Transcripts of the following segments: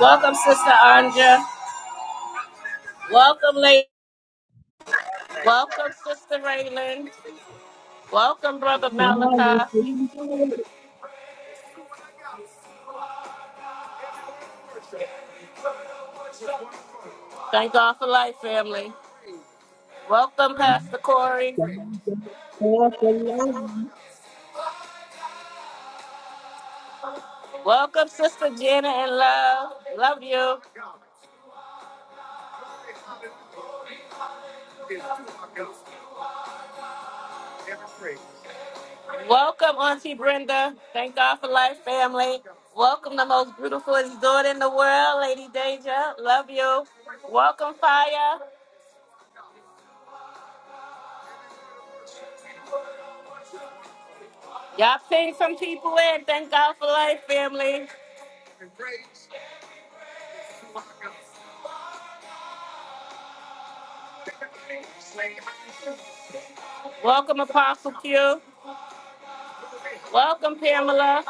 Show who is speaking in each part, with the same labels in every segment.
Speaker 1: Welcome, Sister Anja. Welcome, lady. Welcome, Sister Raylan. Welcome, Brother
Speaker 2: When I was
Speaker 1: Malachi.
Speaker 2: there,
Speaker 1: Thank God for life, family. Welcome, Pastor Corey.
Speaker 3: Lord, for loving.
Speaker 1: Welcome, Sister Jenna and love. Love you. Welcome, Auntie Brenda. Thank God for life, family. Welcome, the most beautiful daughter in the world, Lady Deja. Love you. Welcome, Fire. Y'all ping some people in. Thank God for life, family. Welcome, Apostle Q. Welcome, Pamela.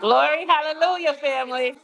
Speaker 1: Glory, hallelujah, family.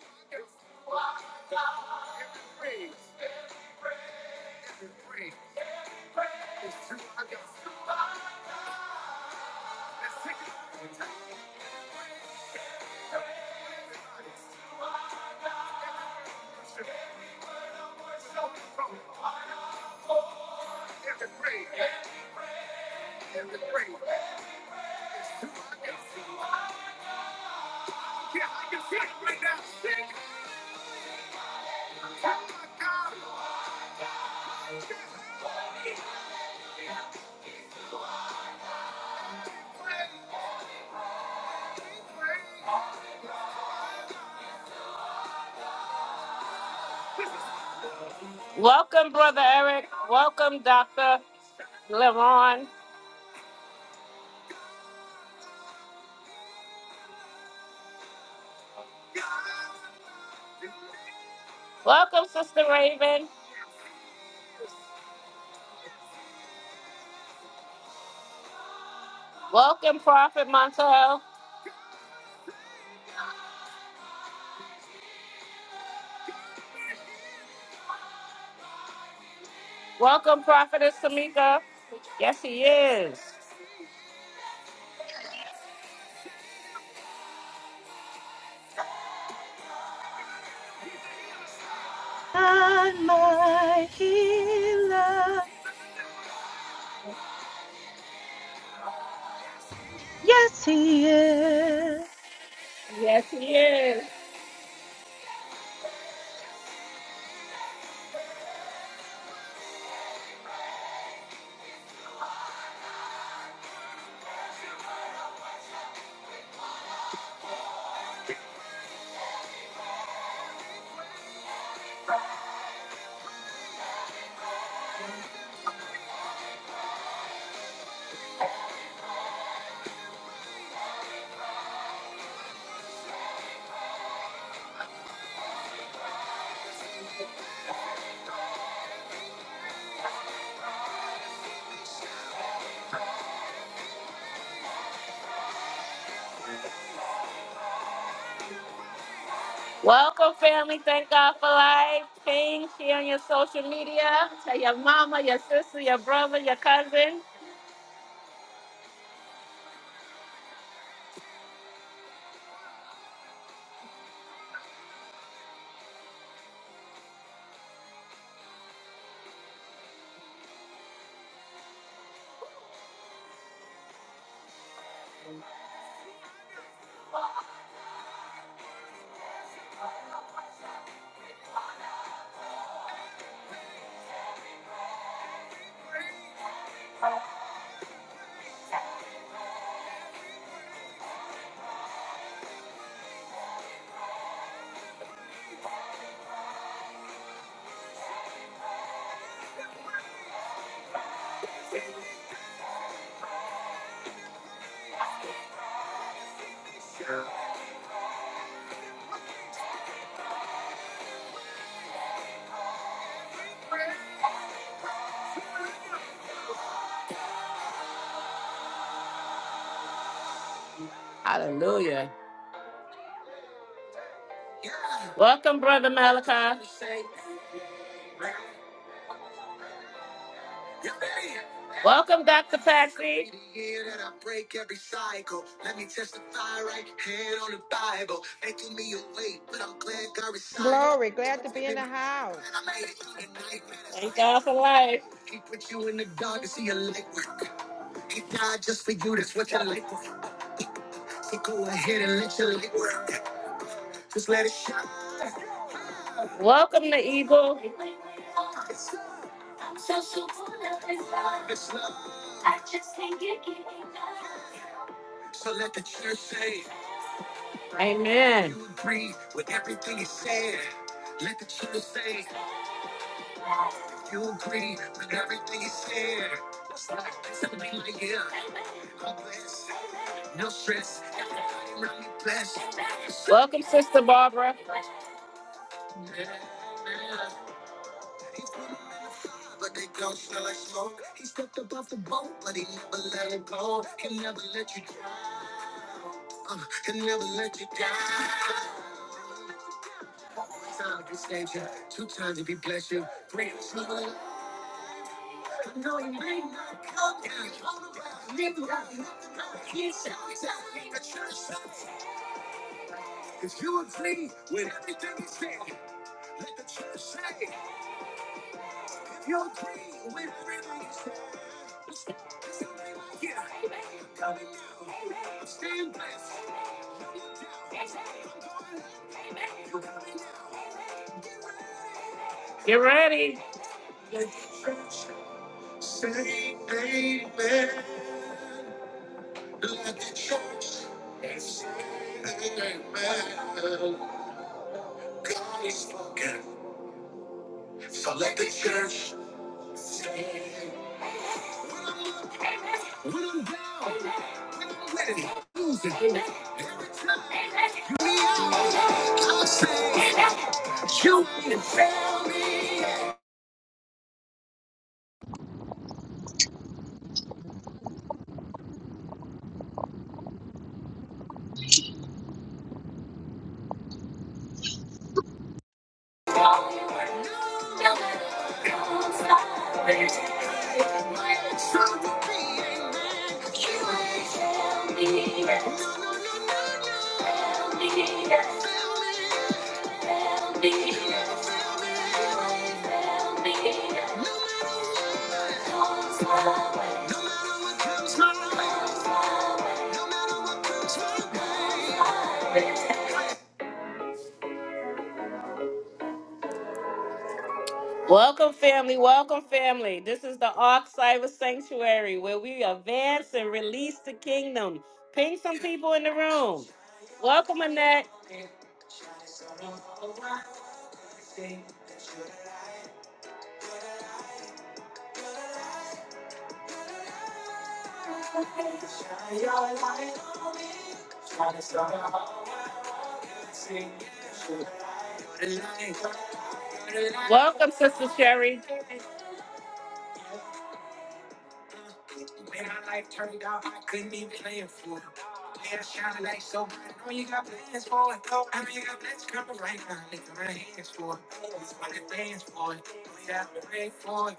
Speaker 1: Welcome, Brother Eric. Welcome, Dr. LeRon. Welcome, Sister Raven. Welcome, Prophet Montel. Welcome, Prophetess Tamika. Yes, he is.
Speaker 4: God, my healer. Yes, he is.
Speaker 1: Yes, he is. Welcome, family. Thank God for life. Ping, share on your social media. Tell your mama, your sister, your brother, your cousin. Hallelujah. Welcome, Brother Malachi. Welcome, Dr. Patsy.
Speaker 5: Glory. Glad to be in the house.
Speaker 1: Thank God for life. Welcome, the Eagle. Amen. Welcome, Sister Barbara. Get ready. Welcome, family. Welcome, family. This is the Ark Cyber Sanctuary where we advance and release the kingdom. Ping some people in the room. Welcome, Annette. Welcome, Sister Sherry. When my life turned out, I couldn't even plan for it. Yeah, shining like so bright. I know you got plans for it. though. I know you got plans coming right now. Look at my hands for it. Just wanna dance for it. We got to pray for it.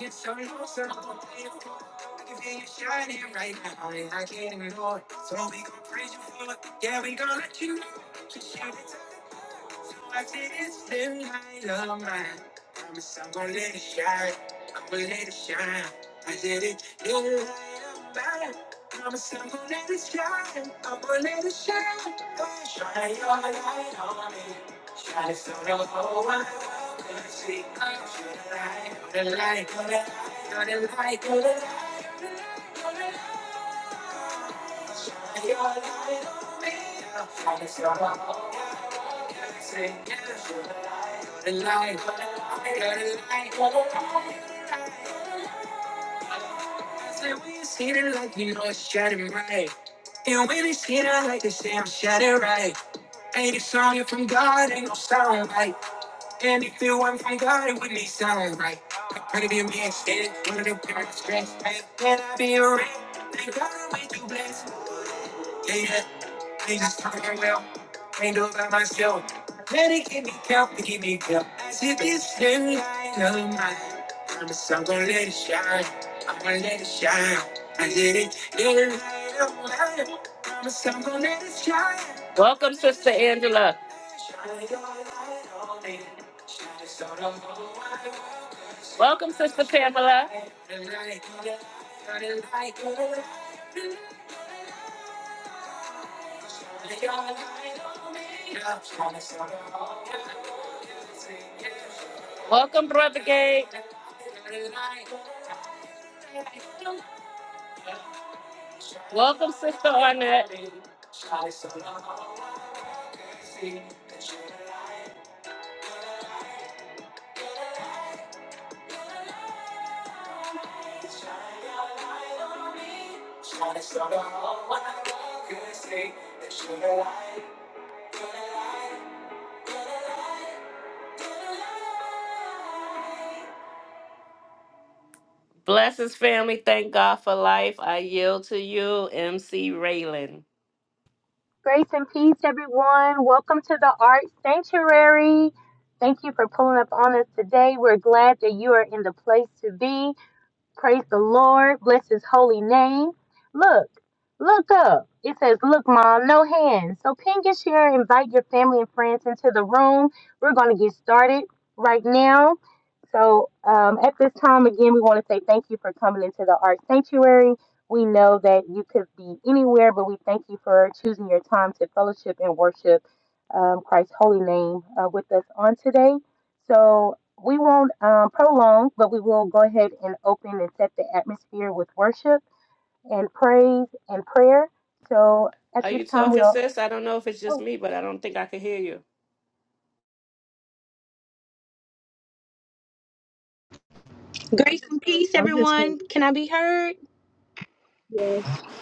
Speaker 1: It's so long, so I'm gonna pay for it. I can feel you shining right now, and I can't ignore it. So we gon' praise you for it. Yeah, we gon' let you know. Just shout it. So I take this little light of mine. Promise I'm gonna let it shine. I'm gonna let it shine. I did it, little light of mine. Promise I'm gonna let it shine. I'm gonna let it shine. Oh, shine your light on me. Shine it so the whole wide world can see. Shine the light, oh, the light, oh, the light, oh, the light, oh, the light, oh, the light, oh, the light. Shine your light on me. Shine it so the whole world can see. a light. I light. I said, we you see the light, you know it's shining bright. And when you see the light, they say I'm shining right. And if song you from God, ain't no sound right. And if it wasn't from God, it wouldn't be sound right. I pray to be instead, one of the parents' stress. And I be a ring, thank God I'm with you blessed. Yeah, yeah. ain't just talking well. Can't do it by myself. Let it give me help, it give me help. As if it's in light of mine. Promise I'm gonna let it shine. I'm gonna let it shine. I did it in light of mine. Promise I'm gonna let it shine. Welcome, Sister Angela. Shine your light on me. Shine it so the whole wide world can see. Welcome, Sister Pamela. Shine it like a light, shine it like a light. Welcome, Brother Gabe. Welcome, Sister Arnett. Blessings, family. Thank God for life. I yield to you, MC Raylan.
Speaker 4: Grace and peace, everyone. Welcome to the Art Sanctuary. Thank you for pulling up on us today. We're glad that you are in the place to be. Praise the Lord. Bless his holy name. Look, look up. It says, Look, Mom, no hands. So pin your share, invite your family and friends into the room. We're going to get started right now. So um, at this time, again, we want to say thank you for coming into the Art Sanctuary. We know that you could be anywhere, but we thank you for choosing your time to fellowship and worship um, Christ's holy name uh, with us on today. So we won't um, prolong, but we will go ahead and open and set the atmosphere with worship and praise and prayer. So at
Speaker 1: Are
Speaker 4: this
Speaker 1: you
Speaker 4: time,
Speaker 1: talking,
Speaker 4: we'll.
Speaker 1: sis? I don't know if it's just
Speaker 4: Oh,
Speaker 1: me, but I don't think I can hear you.
Speaker 4: Grace and peace,
Speaker 2: I just heard it
Speaker 4: everyone.
Speaker 2: say,
Speaker 4: Can I be heard?
Speaker 2: yeah,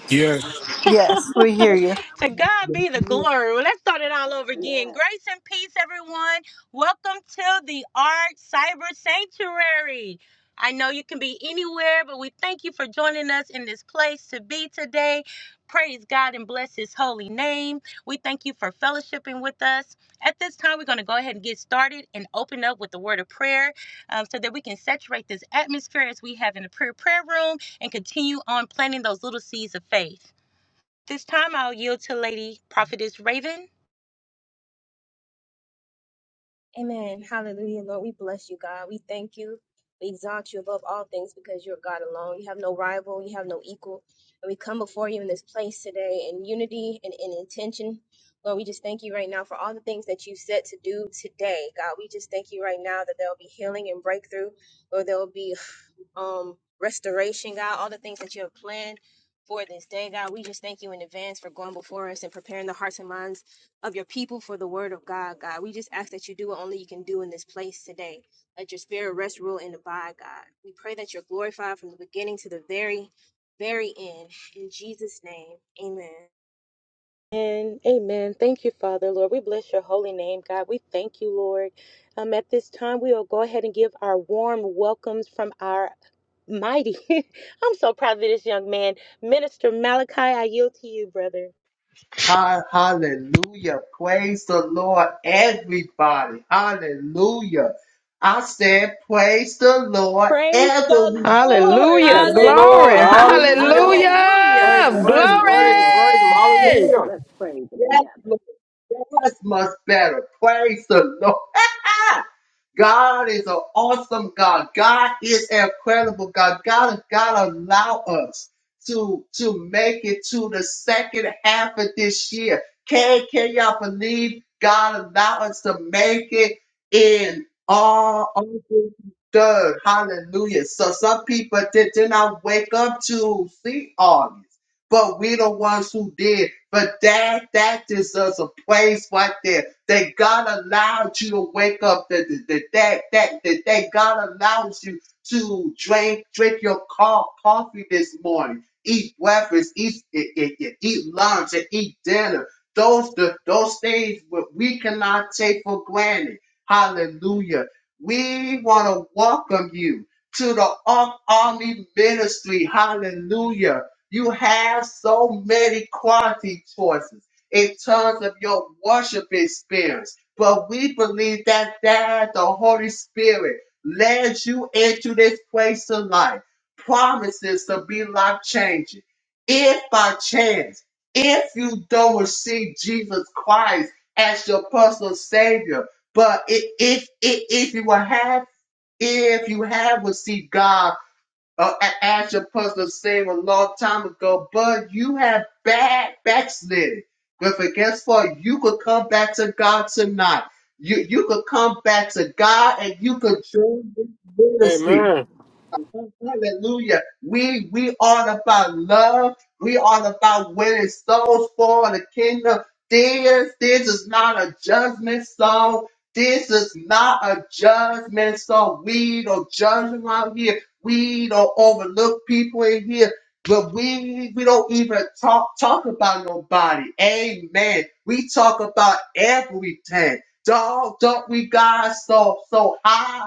Speaker 6: Yes.
Speaker 7: Yes, we hear you.
Speaker 4: To God
Speaker 3: Yes,
Speaker 4: be the glory. Well, let's start it all over again.
Speaker 8: Yeah,
Speaker 4: Grace and peace, everyone. Welcome to the Art Cyber Sanctuary. I know you can be anywhere, but we thank you for joining us in this place to be today. Praise God and bless His holy name. We thank you for fellowshipping with us. At this time, we're going to go ahead and get started and open up with the word of prayer um, so that we can saturate this atmosphere as we have in the prayer prayer room and continue on planting those little seeds of faith. This time I'll yield to Lady Prophetess Raven.
Speaker 9: Amen. Hallelujah. Lord, we bless you, God. We thank you. We exalt you above all things because you're God alone. You have no rival, you have no equal. And we come before you in this place today in unity and in intention. Lord, we just thank you right now for all the things that you set to do today. God, we just thank you right now that there will be healing and breakthrough. Lord, there will be um, restoration, God, all the things that you have planned for this day, God. We just thank you in advance for going before us and preparing the hearts and minds of your people for the word of God, God. We just ask that you do what only you can do in this place today. Let your spirit rest, rule, and abide, God. We pray that you're glorified from the beginning to the very, very end. In Jesus' name, amen.
Speaker 4: And amen. Thank you, Father, Lord. We bless your holy name, God. We thank you, Lord. Um, at this time, we will go ahead and give our warm welcomes from our mighty. I'm so proud of this young man, Minister Malachi. I yield to you, brother.
Speaker 3: Ha- Hallelujah. Praise the Lord, everybody. Hallelujah. I said, praise the Lord,
Speaker 4: Praise
Speaker 3: ever.
Speaker 4: the
Speaker 3: we-
Speaker 4: Lord.
Speaker 10: Praise
Speaker 5: Hallelujah.
Speaker 10: the
Speaker 4: Yes,
Speaker 10: Lord.
Speaker 5: Glory.
Speaker 8: praise
Speaker 4: God.
Speaker 11: Hallelujah.
Speaker 8: the
Speaker 10: Hallelujah.
Speaker 8: Lord.
Speaker 10: Praise
Speaker 11: Hallelujah.
Speaker 10: him,
Speaker 5: Hallelujah.
Speaker 8: Praise
Speaker 2: yeah,
Speaker 10: praise him,
Speaker 8: the
Speaker 10: praise him,
Speaker 8: Lord.
Speaker 10: praise him.
Speaker 2: yeah,
Speaker 5: Glory.
Speaker 10: Hallelujah.
Speaker 8: Let's praise him
Speaker 3: Yes,
Speaker 8: together.
Speaker 3: Lord. Yes, much better. Praise the Lord. God is an awesome God. God is an incredible God. God, God allow us to, to make it to the second half of this year. Can, can y'all believe God allow us to make it in all of this third? Hallelujah. So some people did, did not wake up to see August but we the ones who did. But that that deserves a praise right there. That God allowed you to wake up. That that that that that, that God allows you to drink drink your co- coffee this morning. Eat breakfast, eat, eat, eat, eat lunch, and eat dinner. Those the, those things what we cannot take for granted. Hallelujah. We want to welcome you to the Ark Army Ministry. Hallelujah you have so many quality choices in terms of your worship experience. But we believe that that the Holy Spirit led you into this place of life. Promises to be life changing. If by chance, if you don't receive Jesus Christ as your personal Savior, but i- if if, if you will have if you have received God uh, a- as your pastor said a long time ago, but you have bad backslidden. But for guess what? You could come back to God tonight. You you could come back to God and you could join this ministry.
Speaker 10: Amen.
Speaker 3: Hallelujah. We we all about love. We all about winning souls for the kingdom. This this is not a judgment song. This is not a judgment song. We don't judge around here. We don't overlook people in here. But we we don't even talk talk about nobody. Amen. We talk about everything. Dog, don't we God so so high?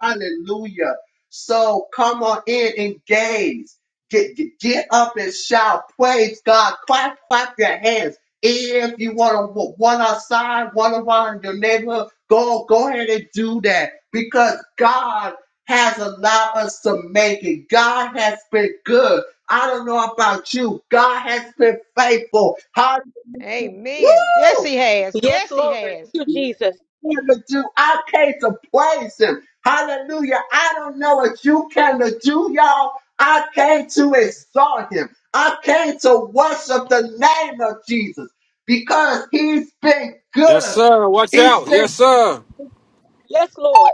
Speaker 3: Hallelujah. So come on in, engage. Get, get, get up and shout. Praise God. Clap, clap your hands. If you want to one outside, one around your neighborhood, go go ahead and do that because God has allowed us to make it. God has been good. I don't know about you. God has been faithful. Hallelujah.
Speaker 5: Amen. Yes, he
Speaker 3: Woo!
Speaker 5: has.
Speaker 4: Yes,
Speaker 5: Yes, he
Speaker 4: Lord. Thank
Speaker 5: has.
Speaker 4: you, Jesus.
Speaker 3: came to do. I came to praise him. Hallelujah. I don't know what you came to do, y'all. I came to exalt him. I came to worship the name of Jesus because he's been
Speaker 10: Yes,
Speaker 3: good.
Speaker 10: sir. Watch
Speaker 3: He's
Speaker 10: out. Yes,
Speaker 3: been,
Speaker 10: sir.
Speaker 4: Yes, Lord.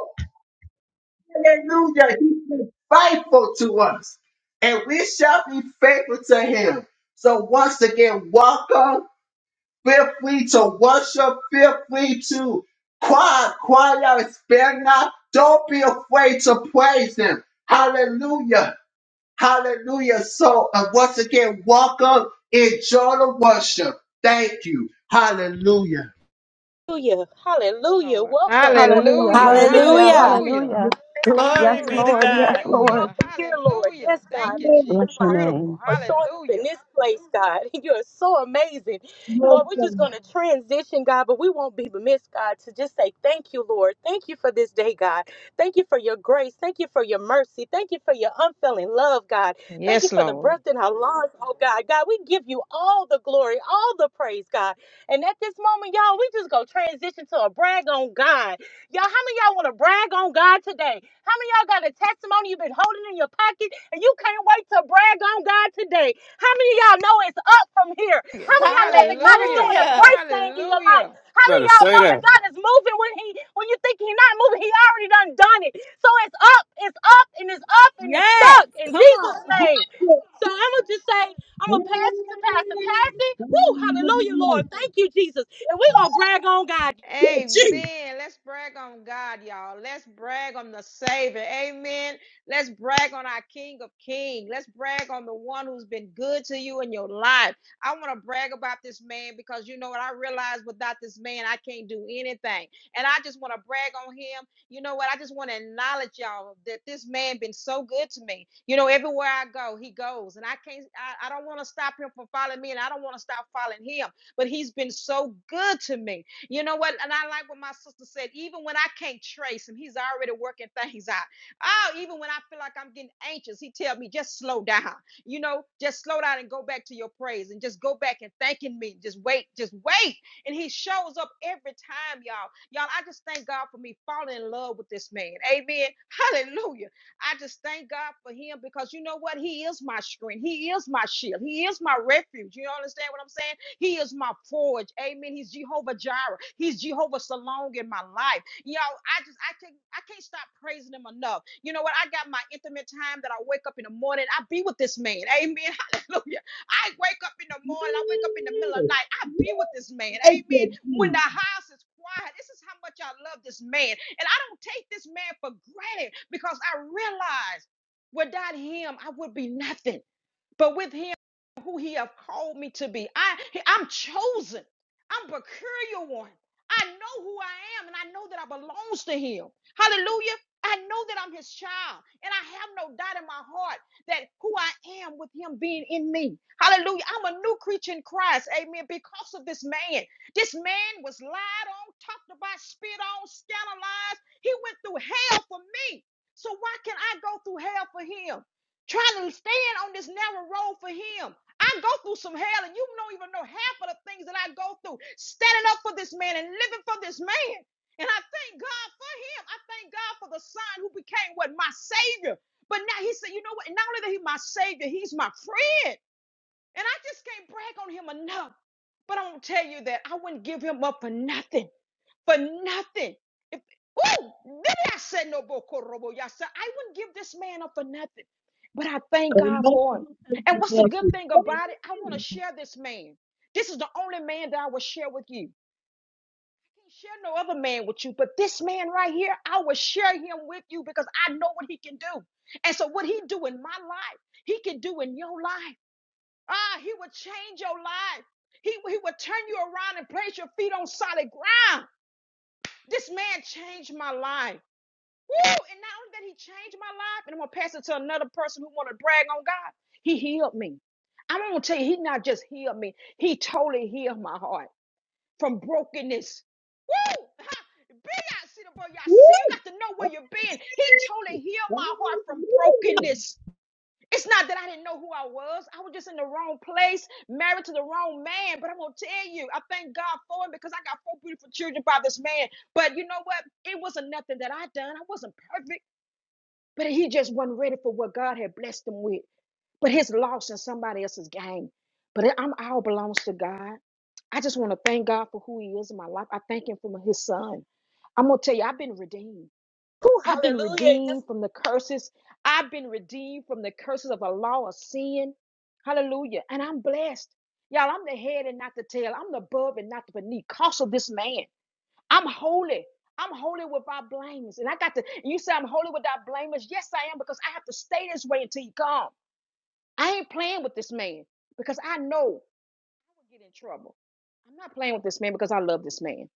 Speaker 3: hallelujah, he's been faithful to us. And we shall be faithful to him. So once again, welcome. fifthly to worship, fifthly to cry, cry out, spare not. Don't be afraid to praise Him. Hallelujah. Hallelujah. So, uh, once again, welcome. Enjoy the worship. Thank you. Hallelujah.
Speaker 4: Hallelujah.
Speaker 5: Yes,
Speaker 4: Hallelujah.
Speaker 5: Lord.
Speaker 4: Welcome. Welcome.
Speaker 5: Hallelujah.
Speaker 7: Hallelujah.
Speaker 4: welcome.
Speaker 5: Hallelujah.
Speaker 2: yeah,
Speaker 1: Glory
Speaker 2: yeah,
Speaker 5: Glory.
Speaker 1: be to
Speaker 2: yeah,
Speaker 4: God,
Speaker 1: God.
Speaker 4: you are
Speaker 5: Hallelujah.
Speaker 4: welcome here, Lord.
Speaker 5: Hallelujah.
Speaker 4: Yes,
Speaker 5: Thank
Speaker 4: God.
Speaker 2: yeah,
Speaker 5: you,
Speaker 2: yeah,
Speaker 4: Thank you,
Speaker 5: Jesus.
Speaker 4: Father,
Speaker 5: Beautiful.
Speaker 4: for showing up in
Speaker 5: Hallelujah.
Speaker 4: this place, God. You are so amazing. Lord, we're
Speaker 2: come
Speaker 4: just going to transition, God, but we won't be remiss, God, to just say thank you, Lord. Thank you for this day, God. Thank you for your grace. Thank you for your mercy. Thank you for your unfailing love, God. Thank you
Speaker 5: Yes,
Speaker 4: for the
Speaker 5: Lord.
Speaker 4: breath in our lungs, oh God. God, we give you all the glory, all the praise, God. And at this moment, y'all, we just go transition to a brag on God. Y'all, how many of y'all want to brag on God today? How many of y'all got a testimony you've been holding in your pocket and you can't wait to brag on God today? How many of y'all know it's up from here? How many of y'all know that God is
Speaker 5: Hallelujah.
Speaker 4: doing a
Speaker 1: Hallelujah.
Speaker 4: great thing in your life?
Speaker 5: Hallelujah.
Speaker 4: How many
Speaker 10: Better
Speaker 4: of y'all
Speaker 10: say
Speaker 4: know that
Speaker 10: that.
Speaker 4: God is moving when He when you think He's not moving? He already done done it. So it's up, it's up, and it's up, and it's
Speaker 11: Yes.
Speaker 4: stuck in
Speaker 11: Come
Speaker 4: Jesus'
Speaker 11: on.
Speaker 4: name. So I'm gonna just say, I'm gonna pass it to Pastor Patsy. Woo, hallelujah, Lord. Thank you, Jesus. And we're gonna brag on God.
Speaker 5: Amen. Let's brag on God, y'all. Let's brag on the Savior. Amen. Let's brag on our King of Kings. Let's brag on the one who's been good to you in your life. I want to brag about this man because you know what? I realize without this man, I can't do anything. And I just want to brag on him. You know what? I just want to acknowledge y'all that this man been so good to me. You know, everywhere I go, he goes. And I can't, I, I don't want to stop him from following me, and I don't want to stop following him. But he's been so good to me. You know what? And I like what my sister said. Even when I can't trace him, he's already working things out. Oh, even when I feel like I'm getting anxious, he tells me just slow down. You know, just slow down and go back to your praise and just go back and thanking me. Just wait, just wait. And he shows up every time, y'all. Y'all, I just thank God for me falling in love with this man. Amen. Hallelujah. I just thank God for him because you know what? He is my strength. He is my shield. He is my refuge. You understand what I'm saying? He is my forge. Amen. He's Jehovah Jireh. He's Jehovah Salong in my life. you Yo, I just I can't I can't stop praising him enough. You know what? I got my intimate time that I wake up in the morning. I be with this man. Amen. Hallelujah. I wake up in the morning. I wake up in the middle of the night. I be with this man. Amen. When the house is quiet, this is how much I love this man. And I don't take this man for granted because I realize without him, I would be nothing but with him who he have called me to be. I I'm chosen. I'm a peculiar one. I know who I am and I know that I belongs to him. Hallelujah. I know that I'm his child and I have no doubt in my heart that who I am with him being in me. Hallelujah. I'm a new creature in Christ. Amen. Because of this man. This man was lied on, talked about, spit on, scandalized. He went through hell for me. So why can I go through hell for him? trying to stand on this narrow road for him. I go through some hell, and you don't even know half of the things that I go through, standing up for this man and living for this man. And I thank God for him. I thank God for the son who became what my savior. But now he said, you know what? Not only that he's my savior, he's my friend. And I just can't brag on him enough. But I'm gonna tell you that I wouldn't give him up for nothing for nothing. If, ooh, maybe I said no bokorobo. I said I wouldn't give this man up for nothing, but I thank God for him. And what's the good thing about it? I want to share this man. This is the only man that I will share with you. I can't share no other man with you, but this man right here, I will share him with you because I know what he can do. And so what he do in my life, he can do in your life. Ah, he will change your life. He, he will turn you around and place your feet on solid ground. This man changed my life. Woo! And not only that he changed my life, and I'm gonna pass it to another person who wanna brag on God, he healed me. I'm gonna tell you, he not just healed me, he totally healed my heart from brokenness. Woo! Ha! Be out, see the boy, y'all. See, you got to know where you're being. He totally healed my heart from brokenness. It's not that I didn't know who I was. I was just in the wrong place, married to the wrong man. But I'm gonna tell you, I thank God for him because I got four beautiful children by this man. But you know what? It wasn't nothing that I done. I wasn't perfect, but he just wasn't ready for what God had blessed him with. But his loss in somebody else's game. But it, I'm all belongs to God. I just want to thank God for who He is in my life. I thank Him for His Son. I'm gonna tell you, I've been redeemed.
Speaker 4: Woo,
Speaker 5: I've been
Speaker 4: hallelujah.
Speaker 5: redeemed from the curses. I've been redeemed from the curses of the law of sin. Hallelujah. And I'm blessed. Y'all, I'm the head and not the tail. I'm the above and not the beneath. Cause of this man. I'm holy. I'm holy without blameless. And I got to, you say I'm holy without blameless. Yes, I am because I have to stay this way until he comes. I ain't playing with this man because I know I will get in trouble. I'm not playing with this man because I love this man.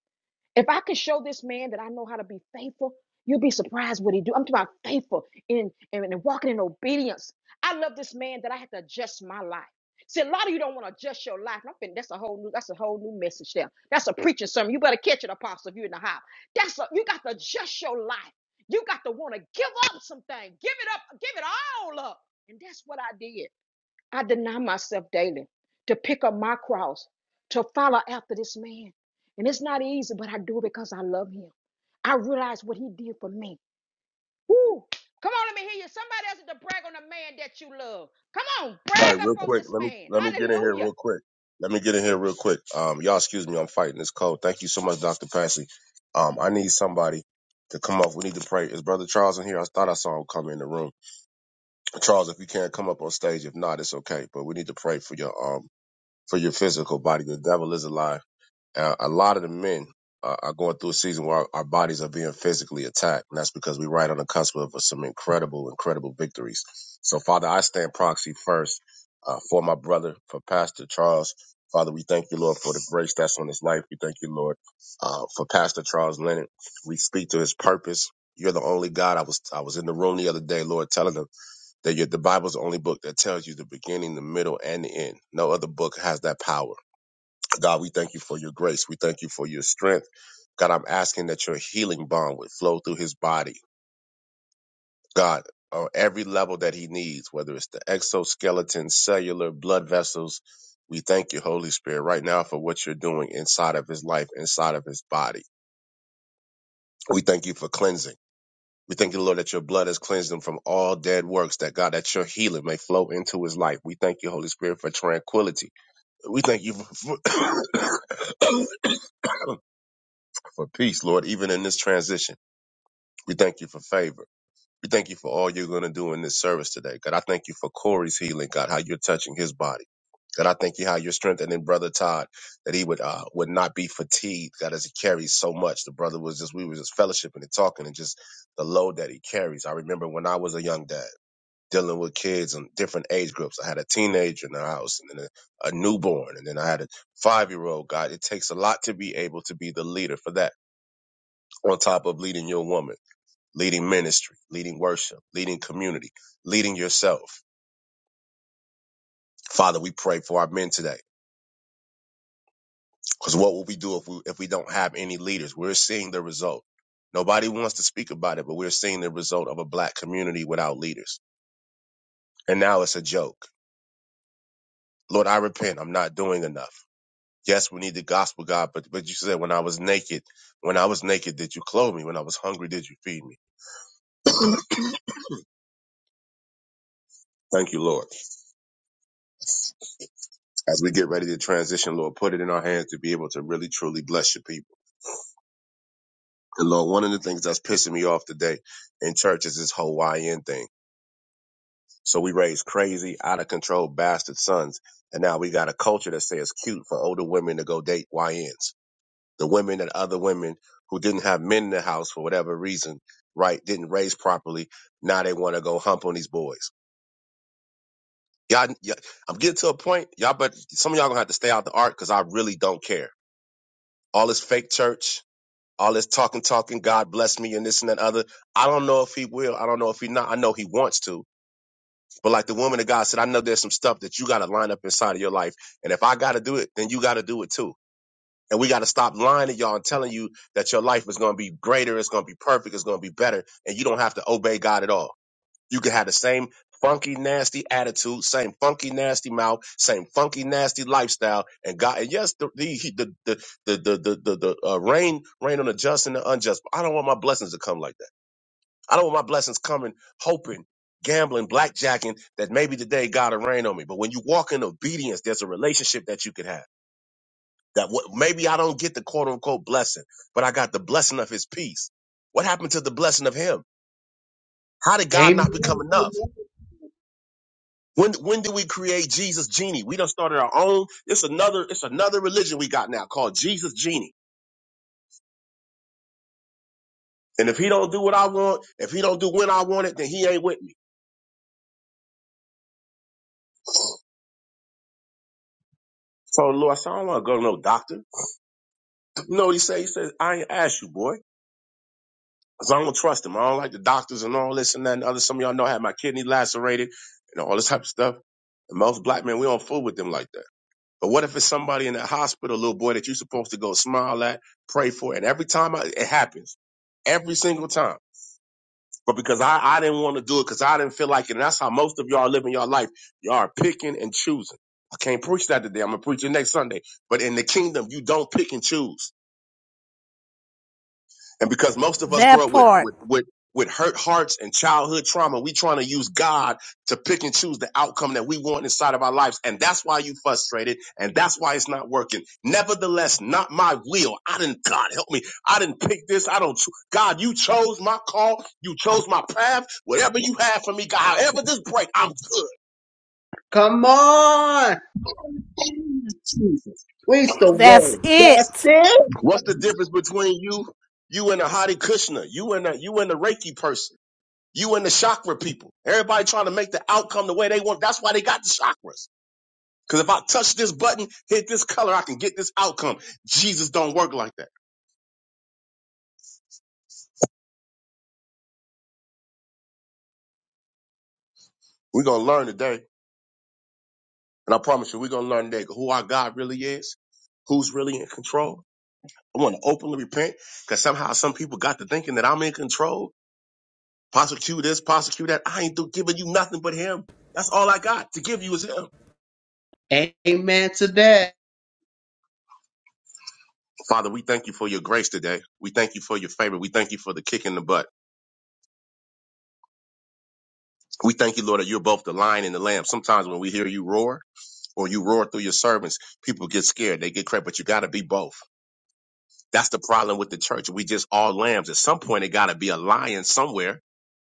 Speaker 5: If I could show this man that I know how to be faithful, you'd be surprised what he do. I'm talking about faithful in and in, in walking in obedience. I love this man that I had to adjust my life. See, a lot of you don't want to adjust your life. and I'm fin- that's a whole new, that's a whole new message there. That's a preaching sermon. You better catch it, apostle, if you're in the house. That's a, you got to adjust your life. You got to want to give up something. Give it up. Give it all up. And that's what I did. I deny myself daily to pick up my cross, to follow after this man. And it's not easy, but I do it because I love him. I realize what he did for me. Woo! Come on, let me hear you. Somebody else to brag on the man that you love. Come on,
Speaker 12: All
Speaker 5: brag
Speaker 12: right,
Speaker 5: up
Speaker 12: real
Speaker 5: on
Speaker 12: quick.
Speaker 5: this
Speaker 12: Let me
Speaker 5: man.
Speaker 12: let me get in here
Speaker 5: Hallelujah.
Speaker 12: real quick. Let me get in here real quick. Um, y'all, excuse me. I'm fighting this cold. Thank you so much, Doctor Passy. Um, I need somebody to come up. We need to pray. Is Brother Charles in here? I thought I saw him come in the room. Charles, if you can't come up on stage, if not, it's okay. But we need to pray for your um for your physical body. The devil is alive. Uh, a lot of the men are, are going through a season where our, our bodies are being physically attacked, and that's because we're right on the cusp of some incredible, incredible victories. So, Father, I stand proxy first uh, for my brother, for Pastor Charles. Father, we thank you, Lord, for the grace that's on his life. We thank you, Lord, uh, for Pastor Charles Leonard. We speak to his purpose. You're the only God. I was I was in the room the other day, Lord, telling them that you're, the Bible's the only book that tells you the beginning, the middle, and the end. No other book has that power. God, we thank you for your grace. We thank you for your strength. God, I'm asking that your healing balm would flow through his body. God, on every level that he needs, whether it's the exoskeleton, cellular, blood vessels, we thank you, Holy Spirit, right now for what you're doing inside of his life, inside of his body. We thank you for cleansing. We thank you, Lord, that your blood has cleansed him from all dead works, that God, that your healing may flow into his life. We thank you, Holy Spirit, for tranquility. We thank you for, for peace, Lord, even in this transition. We thank you for favor. We thank you for all you're going to do in this service today. God, I thank you for Corey's healing, God, how you're touching his body. God, I thank you how you're strengthening Brother Todd, that he would uh, would not be fatigued, God, as he carries so much. The brother was just, we were just fellowshipping and talking and just the load that he carries. I remember when I was a young dad dealing with kids in different age groups. I had a teenager in the house and then a, a newborn and then I had a five year old. God, it takes a lot to be able to be the leader for that on top of leading your woman leading ministry, leading worship, leading community, leading yourself. Father, we pray for our men today. Because what will we do if we if we don't have any leaders? We're seeing the result. Nobody wants to speak about it, but we're seeing the result of a black community without leaders. And now it's a joke. Lord, I repent. I'm not doing enough. Yes, we need the gospel, God, but but you said when I was naked, when I was naked, did you clothe me? When I was hungry, did you feed me? Thank you, Lord. As we get ready to transition, Lord, put it in our hands to be able to really truly bless your people. And Lord, one of the things that's pissing me off today in church is this Hawaiian thing. So we raise crazy, out of control bastard sons. And now we got a culture that says cute for older women to go date YNs. The women that other women who didn't have men in the house for whatever reason, right, didn't raise properly. Now they want to go hump on these boys. Y'all, y'all, I'm getting to a point, y'all, but some of y'all gonna have to stay out the art because I really don't care. All this fake church, all this talking, talking, God bless me and this and that other. I don't know if he will. I don't know if he not. I know he wants to. But like the woman of God said, I know there's some stuff that you got to line up inside of your life. And if I got to do it, then you got to do it too. And we got to stop lying to y'all and telling you that your life is going to be greater. It's going to be perfect. It's going to be better. And you don't have to obey God at all. You can have the same funky, nasty attitude, same funky, nasty mouth, same funky, nasty lifestyle, and God. And yes, the the he- the the the the, the, the, the uh, rain rain on the just and the unjust. But I don't want my blessings to come like that. I don't want my blessings coming hoping. Gambling, blackjacking, that maybe today God will rain on me. But when you walk in obedience, there's a relationship that you can have. That what, maybe I don't get the quote unquote blessing, but I got the blessing of His peace. What happened to the blessing of Him? How did God not become
Speaker 3: Amen.
Speaker 12: enough? When when did we create Jesus Genie? We done started our own. It's another it's another religion we got now called Jesus Genie. And if he don't do what I want, if he don't do when I want it, then he ain't with me. So the Lord, I said, I don't want to go to no doctor. You know what he said? He said, I ain't ask you, boy. Because I don't trust him. I don't like the doctors and all this and that and other. Some of y'all know I had my kidney lacerated and all this type of stuff. And most black men, we don't fool with them like that. But what if it's somebody in that hospital, little boy, that you're supposed to go smile at, pray for, and every time I, it happens, every single time. but because I, I didn't want to do it because I didn't feel like it. And that's how most of y'all are living your life. Y'all are picking and choosing. I can't preach that today. I'm going to preach it next Sunday. But in the kingdom, you don't pick and choose. And because most of us grow
Speaker 13: That
Speaker 12: up with
Speaker 13: part.
Speaker 12: with with with hurt hearts and childhood trauma, we trying to use God to pick and choose the outcome that we want inside of our lives. And that's why you frustrated and that's why it's not working. Nevertheless, not my will. I didn't God help me. I didn't pick this. I don't cho- God, you chose my call. You chose my path. Whatever you have for me, God, however this break, I'm good.
Speaker 3: Come on. Jesus. Preach the
Speaker 13: That's
Speaker 3: word.
Speaker 13: it.
Speaker 3: That's it.
Speaker 12: What's the difference between you, you and a Hare Krishna, you and a you and a Reiki person? You and the chakra people. Everybody trying to make the outcome the way they want. That's why they got the chakras. Because if I touch this button, hit this color, I can get this outcome. Jesus don't work like that. We're going to learn today. And I promise you, we're going to learn today who our God really is, who's really in control. I want to openly repent because somehow some people got to thinking that I'm in control. Prosecute this, prosecute that. I ain't giving you nothing but him. That's all I got to give you is him.
Speaker 3: Amen to that.
Speaker 12: Father, we thank you for your grace today. We thank you for your favor. We thank you for the kick in the butt. We thank you, Lord, that you're both the lion and the lamb. Sometimes when we hear you roar or you roar through your servants, people get scared. They get crazy, but you got to be both. That's the problem with the church. We just all lambs. At some point, it got to be a lion somewhere.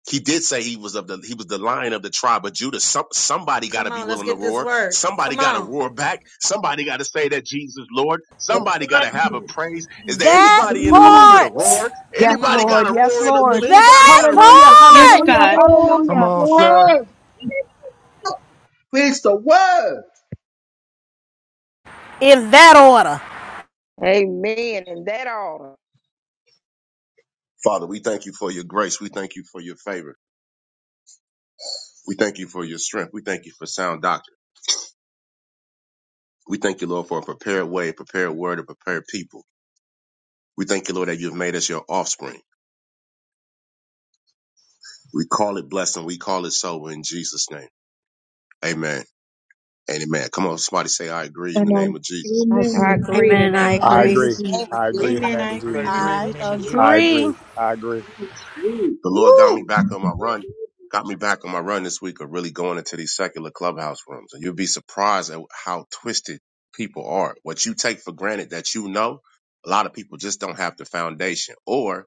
Speaker 12: He did say he was of the he was the lion of the tribe of Judah. Some, somebody got to
Speaker 14: Come
Speaker 12: be
Speaker 14: on, let's
Speaker 12: willing to
Speaker 14: get this
Speaker 12: roar.
Speaker 14: word.
Speaker 12: Somebody
Speaker 14: Come
Speaker 12: got to
Speaker 14: on.
Speaker 12: roar back. Somebody got to say that Jesus Lord. Somebody got to have a praise. Is there
Speaker 13: That
Speaker 12: anybody in the room with
Speaker 2: on,
Speaker 12: a
Speaker 13: part.
Speaker 12: roar?
Speaker 14: Come
Speaker 12: Anybody
Speaker 14: on.
Speaker 12: got a roar in the room? Anybody
Speaker 13: That
Speaker 12: got a roar?
Speaker 2: come
Speaker 4: Yes,
Speaker 13: part.
Speaker 4: God.
Speaker 2: on,
Speaker 6: Come on, sir.
Speaker 2: sir.
Speaker 3: Preach the word.
Speaker 13: In that order.
Speaker 5: Amen. In that order.
Speaker 12: Father, we thank you for your grace. We thank you for your favor. We thank you for your strength. We thank you for sound doctrine. We thank you, Lord, for a prepared way, a prepared word, a prepared people. We thank you, Lord, that you've made us your offspring. We call it blessing. We call it so in Jesus' name. Amen. and Amen. Come on, somebody say, I agree in the name of Jesus.
Speaker 2: And then
Speaker 5: I
Speaker 2: I
Speaker 5: agree in the
Speaker 2: did,
Speaker 7: Amen. I
Speaker 5: name of
Speaker 2: and
Speaker 15: I
Speaker 7: agree.
Speaker 2: then I
Speaker 15: agree.
Speaker 5: Jesus.
Speaker 2: did,
Speaker 15: I agree in the
Speaker 4: Amen.
Speaker 15: name
Speaker 4: I
Speaker 15: of
Speaker 6: I
Speaker 4: agree in the
Speaker 15: Jesus.
Speaker 6: agree in
Speaker 4: name
Speaker 6: the
Speaker 13: I
Speaker 4: of
Speaker 6: name of
Speaker 15: I
Speaker 4: Jesus.
Speaker 6: Jesus.
Speaker 13: agree.
Speaker 15: agree. I agree.
Speaker 3: Woo.
Speaker 12: The Lord got me
Speaker 3: Woo.
Speaker 12: back on my run. Got me back on my run this week of really going into these secular clubhouse rooms. And you'll be surprised at how twisted people are. What you take for granted that you know, a lot of people just don't have the foundation. Or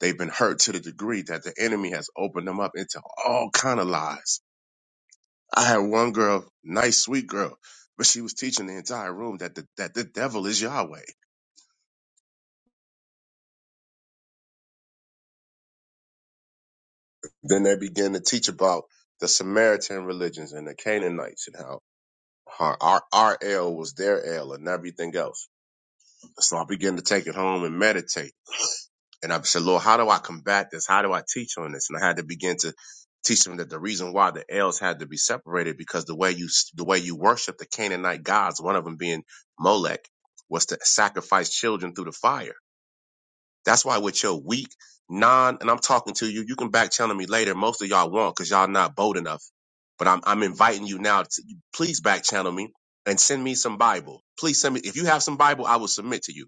Speaker 12: They've been hurt to the degree that the enemy has opened them up into all kind of lies. I had one girl, nice, sweet girl, but she was teaching the entire room that the, that the devil is Yahweh. Then they began to teach about the Samaritan religions and the Canaanites and how her, our, our L was their L and everything else. So I began to take it home and meditate And I said, Lord, how do I combat this? How do I teach on this? And I had to begin to teach them that the reason why the L's had to be separated because the way you the way you worship the Canaanite gods, one of them being Molech, was to sacrifice children through the fire. That's why with your weak non, and I'm talking to you, you can back channel me later. Most of y'all won't because y'all not bold enough. But I'm I'm inviting you now to please back channel me and send me some Bible. Please send me if you have some Bible, I will submit to you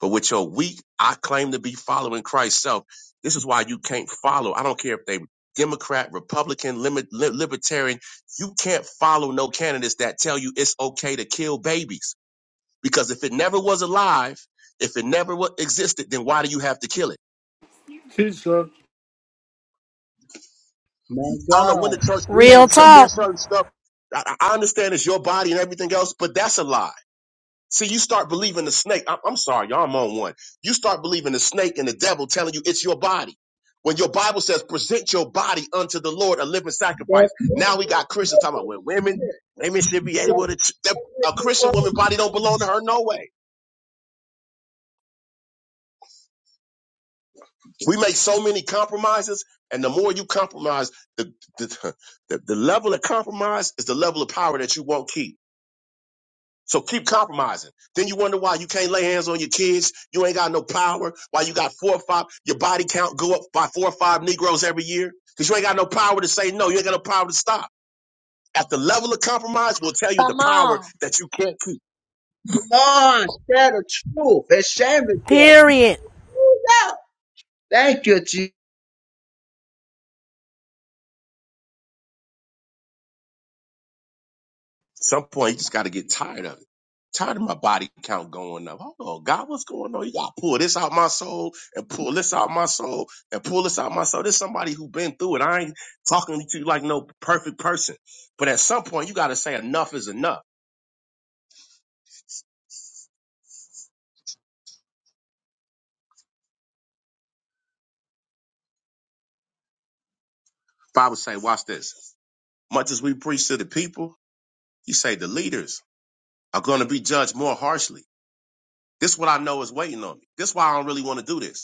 Speaker 12: but with your weak, I claim to be following Christ self. This is why you can't follow. I don't care if they Democrat, Republican, limit, li- Libertarian. You can't follow no candidates that tell you it's okay to kill babies because if it never was alive, if it never wa- existed, then why do you have to kill it?
Speaker 6: Teach, sir.
Speaker 3: My
Speaker 12: I don't know when
Speaker 3: God.
Speaker 12: the church
Speaker 3: Woo.
Speaker 13: Real
Speaker 12: became so.
Speaker 13: talk.
Speaker 12: There's certain stuff. I, I I understand it's your body and everything else, but that's a lie See, you start believing the snake. I- I'm sorry, y'all, I'm on one. You start believing the snake and the devil telling you it's your body. When your Bible says, present your body unto the Lord, a living sacrifice. Now we got Christians talking about, well, women, women should be
Speaker 3: That's
Speaker 12: able to, ch- that- a
Speaker 3: the
Speaker 12: Christian
Speaker 3: word.
Speaker 12: woman body don't belong to her no way. We make so many compromises, and the more you compromise, the, the, the, the level of compromise is the level of power that you won't keep. So keep compromising. Then you wonder why you can't lay hands on your kids. You ain't got no power. Why you got four or five, your body count go up by four or five Negroes every year. Because you ain't got no power to say no. You ain't got no power to stop. At the level of compromise, we will tell you the
Speaker 14: Come
Speaker 12: power
Speaker 14: on.
Speaker 12: that you can't keep.
Speaker 3: Come on. Tell the truth. And shame the devil.
Speaker 13: Period.
Speaker 3: Woo, yeah. Thank you, Jesus.
Speaker 12: some point you just got to get tired of it. Tired of my body count going up. Hold on, God, what's going on? You gotta pull this out my soul and pull this out my soul and pull this out my soul. There's somebody who been through it. I ain't talking to you like no perfect person. But at some point you gotta say enough is enough. If I would say, watch this. Much as we preach to the people, you say the leaders are gonna be judged more harshly. This is what I know is waiting on me. This is why I don't really want to do this.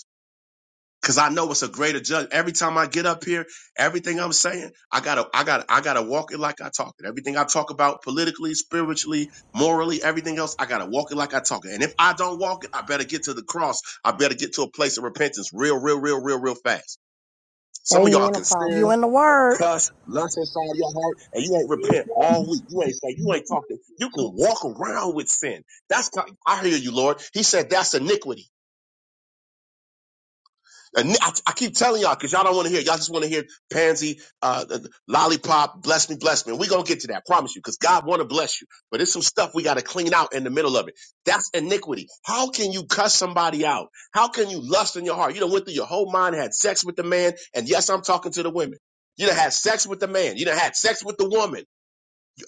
Speaker 12: Cause I know it's a greater judge. Every time I get up here, everything I'm saying, I gotta, I gotta, I gotta walk it like I talk it. Everything I talk about politically, spiritually, morally, everything else, I gotta walk it like I talk it. And if I don't walk it, I better get to the cross. I better get to a place of repentance real, real, real, real, real fast. Some of y'all
Speaker 5: Amen,
Speaker 12: can
Speaker 13: You
Speaker 12: sin,
Speaker 5: Apostle.
Speaker 13: in the word.
Speaker 12: cuss, lust inside your heart, and you ain't repent all week. You ain't say, you ain't talking. You can walk around with sin. That's, not- I hear you, Lord. He said that's iniquity. And I, I keep telling y'all because y'all don't want to hear. Y'all just want to hear pansy, uh, uh, lollipop, bless me, bless me. And we gonna get to that, I promise you, because God want to bless you. But there's some stuff we got to clean out in the middle of it. That's iniquity. How can you cuss somebody out? How can you lust in your heart? You done went through your whole mind, had sex with the man, and yes, I'm talking to the women. You done had sex with the man. You done had sex with the woman.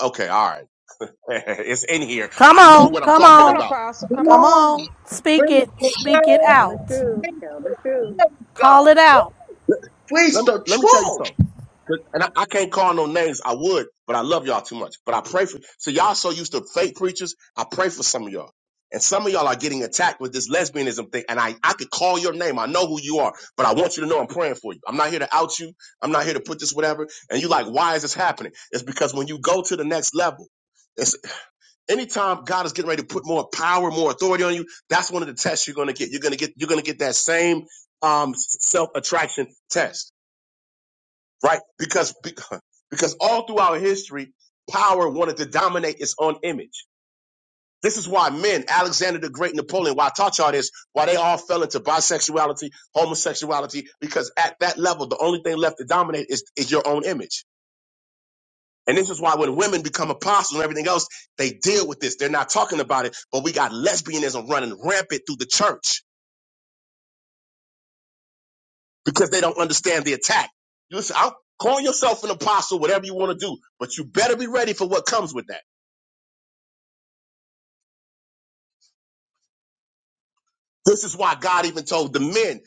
Speaker 12: Okay, all right, it's in here.
Speaker 13: Come
Speaker 12: I know
Speaker 13: on.
Speaker 12: what I'm
Speaker 13: Come
Speaker 12: talking
Speaker 5: Come on,
Speaker 13: on.
Speaker 12: about.
Speaker 5: Apostle.
Speaker 2: come
Speaker 5: Come
Speaker 13: Come
Speaker 5: on.
Speaker 13: on.
Speaker 2: on,
Speaker 13: Speak
Speaker 3: Preach
Speaker 13: it.
Speaker 3: the
Speaker 13: Speak it
Speaker 3: word.
Speaker 8: Tell the
Speaker 13: out.
Speaker 8: truth.
Speaker 3: Preach
Speaker 8: Tell
Speaker 3: the
Speaker 8: the truth.
Speaker 3: word, God.
Speaker 13: Call it out.
Speaker 3: Preach
Speaker 12: Let me,
Speaker 3: the
Speaker 12: let me tell you
Speaker 3: truth.
Speaker 12: something. 'Cause- And I, I can't call no names. I would, but I love y'all too much. But I pray for so y'all so used to fake preachers. I pray for some of y'all. And some of y'all are getting attacked with this lesbianism thing. And I, I could call your name. I know who you are, but I want you to know I'm praying for you. I'm not here to out you. I'm not here to put this whatever. And you like, why is this happening? It's because when you go to the next level, it's anytime God is getting ready to put more power, more authority on you, that's one of the tests you're gonna get. You're gonna get you're gonna get that same um self-attraction test right? Because because all throughout history, power wanted to dominate its own image. This is why men, Alexander the Great, Napoleon, why I taught y'all this, why they all fell into bisexuality, homosexuality, because at that level, the only thing left to dominate is, is your own image. And this is why when women become apostles and everything else, they deal with this. They're not talking about it, but we got lesbianism running rampant through the church because they don't understand the attack. You Listen, I'll call yourself an apostle, whatever you want to do, but you better be ready for what comes with that. This is why God even told the men,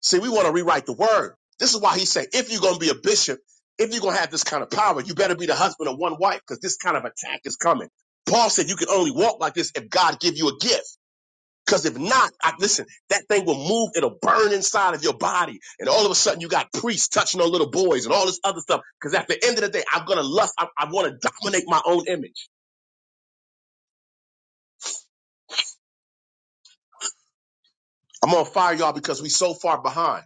Speaker 12: see, we want to rewrite the word. This is why he said, if you're going to be a bishop, if you're going to have this kind of power, you better be the husband of one wife because this kind of attack is coming. Paul said you can only walk like this if God give you a gift. Because if not, I, listen, that thing will move. It'll burn inside of your body. And all of a sudden you got priests touching on little boys and all this other stuff. Because at the end of the day, I'm going to lust. I, I want to dominate my own image. I'm on fire, y'all, because we so far behind.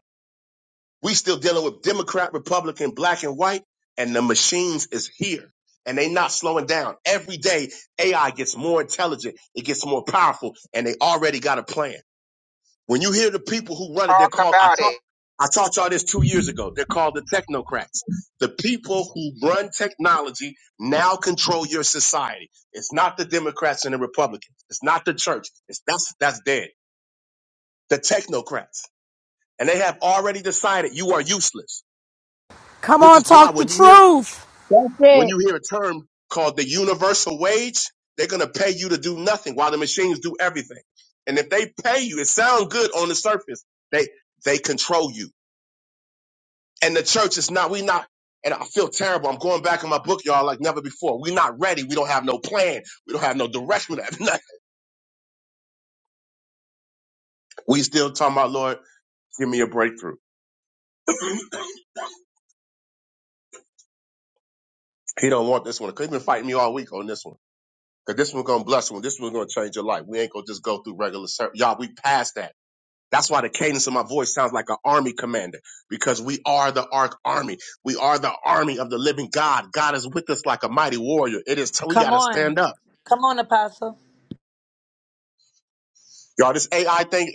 Speaker 12: We still dealing with Democrat, Republican, black and white, and the machines is here. And they not slowing down. Every day, AI gets more intelligent. It gets more powerful, and they already got a plan. When you hear the people who run it, they're
Speaker 16: Talk
Speaker 12: called, I
Speaker 16: about
Speaker 12: taught,
Speaker 16: it.
Speaker 12: I taught y'all this two years ago. They're called the technocrats. The people who run technology now control your society. It's not the Democrats and the Republicans. It's not the church. It's, that's, that's dead. The technocrats. And they have already decided you are useless.
Speaker 13: Come
Speaker 12: Which
Speaker 13: on.
Speaker 12: is why
Speaker 13: Talk the
Speaker 12: when you hear
Speaker 13: truth.
Speaker 2: that's
Speaker 12: when
Speaker 2: it,
Speaker 12: you hear a term called the universal wage, they're gonna pay you to do nothing while the machines do everything. And if they pay you, it sounds good on the surface. They they control you. And the church is not, we not, and I feel terrible. I'm going back in my book, y'all, like never before. We're not ready. We don't have no plan. We don't have no direction. We don't have nothing. We still talking about, Lord, give me a breakthrough. He don't want this one. Cause he has been fighting me all week on this one. Cause this one gonna bless one. This one gonna change your life. We ain't gonna just go through regular service. Y'all, we past that. That's why the cadence of my voice sounds like an army commander because we are the Ark Army. We are the army of the living God. God is with us like a mighty warrior. It is till we got
Speaker 14: Come
Speaker 12: to
Speaker 14: on.
Speaker 12: stand up.
Speaker 14: Come on, Apostle.
Speaker 12: Y'all, this AI thing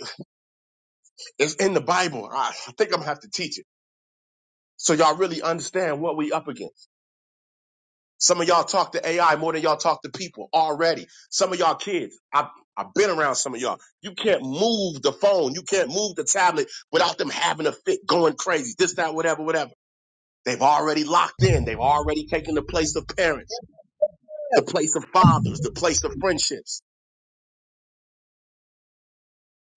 Speaker 12: is in the Bible. I I think I'm going to have to teach it. So y'all really understand what we up against. Some of y'all talk to AI more than y'all talk to people already. Some of y'all kids, I, I've been around some of y'all. You can't move the phone. You can't move the tablet without them having a fit, going crazy, this, that, whatever, whatever. They've already locked in. They've already taken the place of parents, the
Speaker 3: Yes.
Speaker 12: place of fathers, the place of friendships.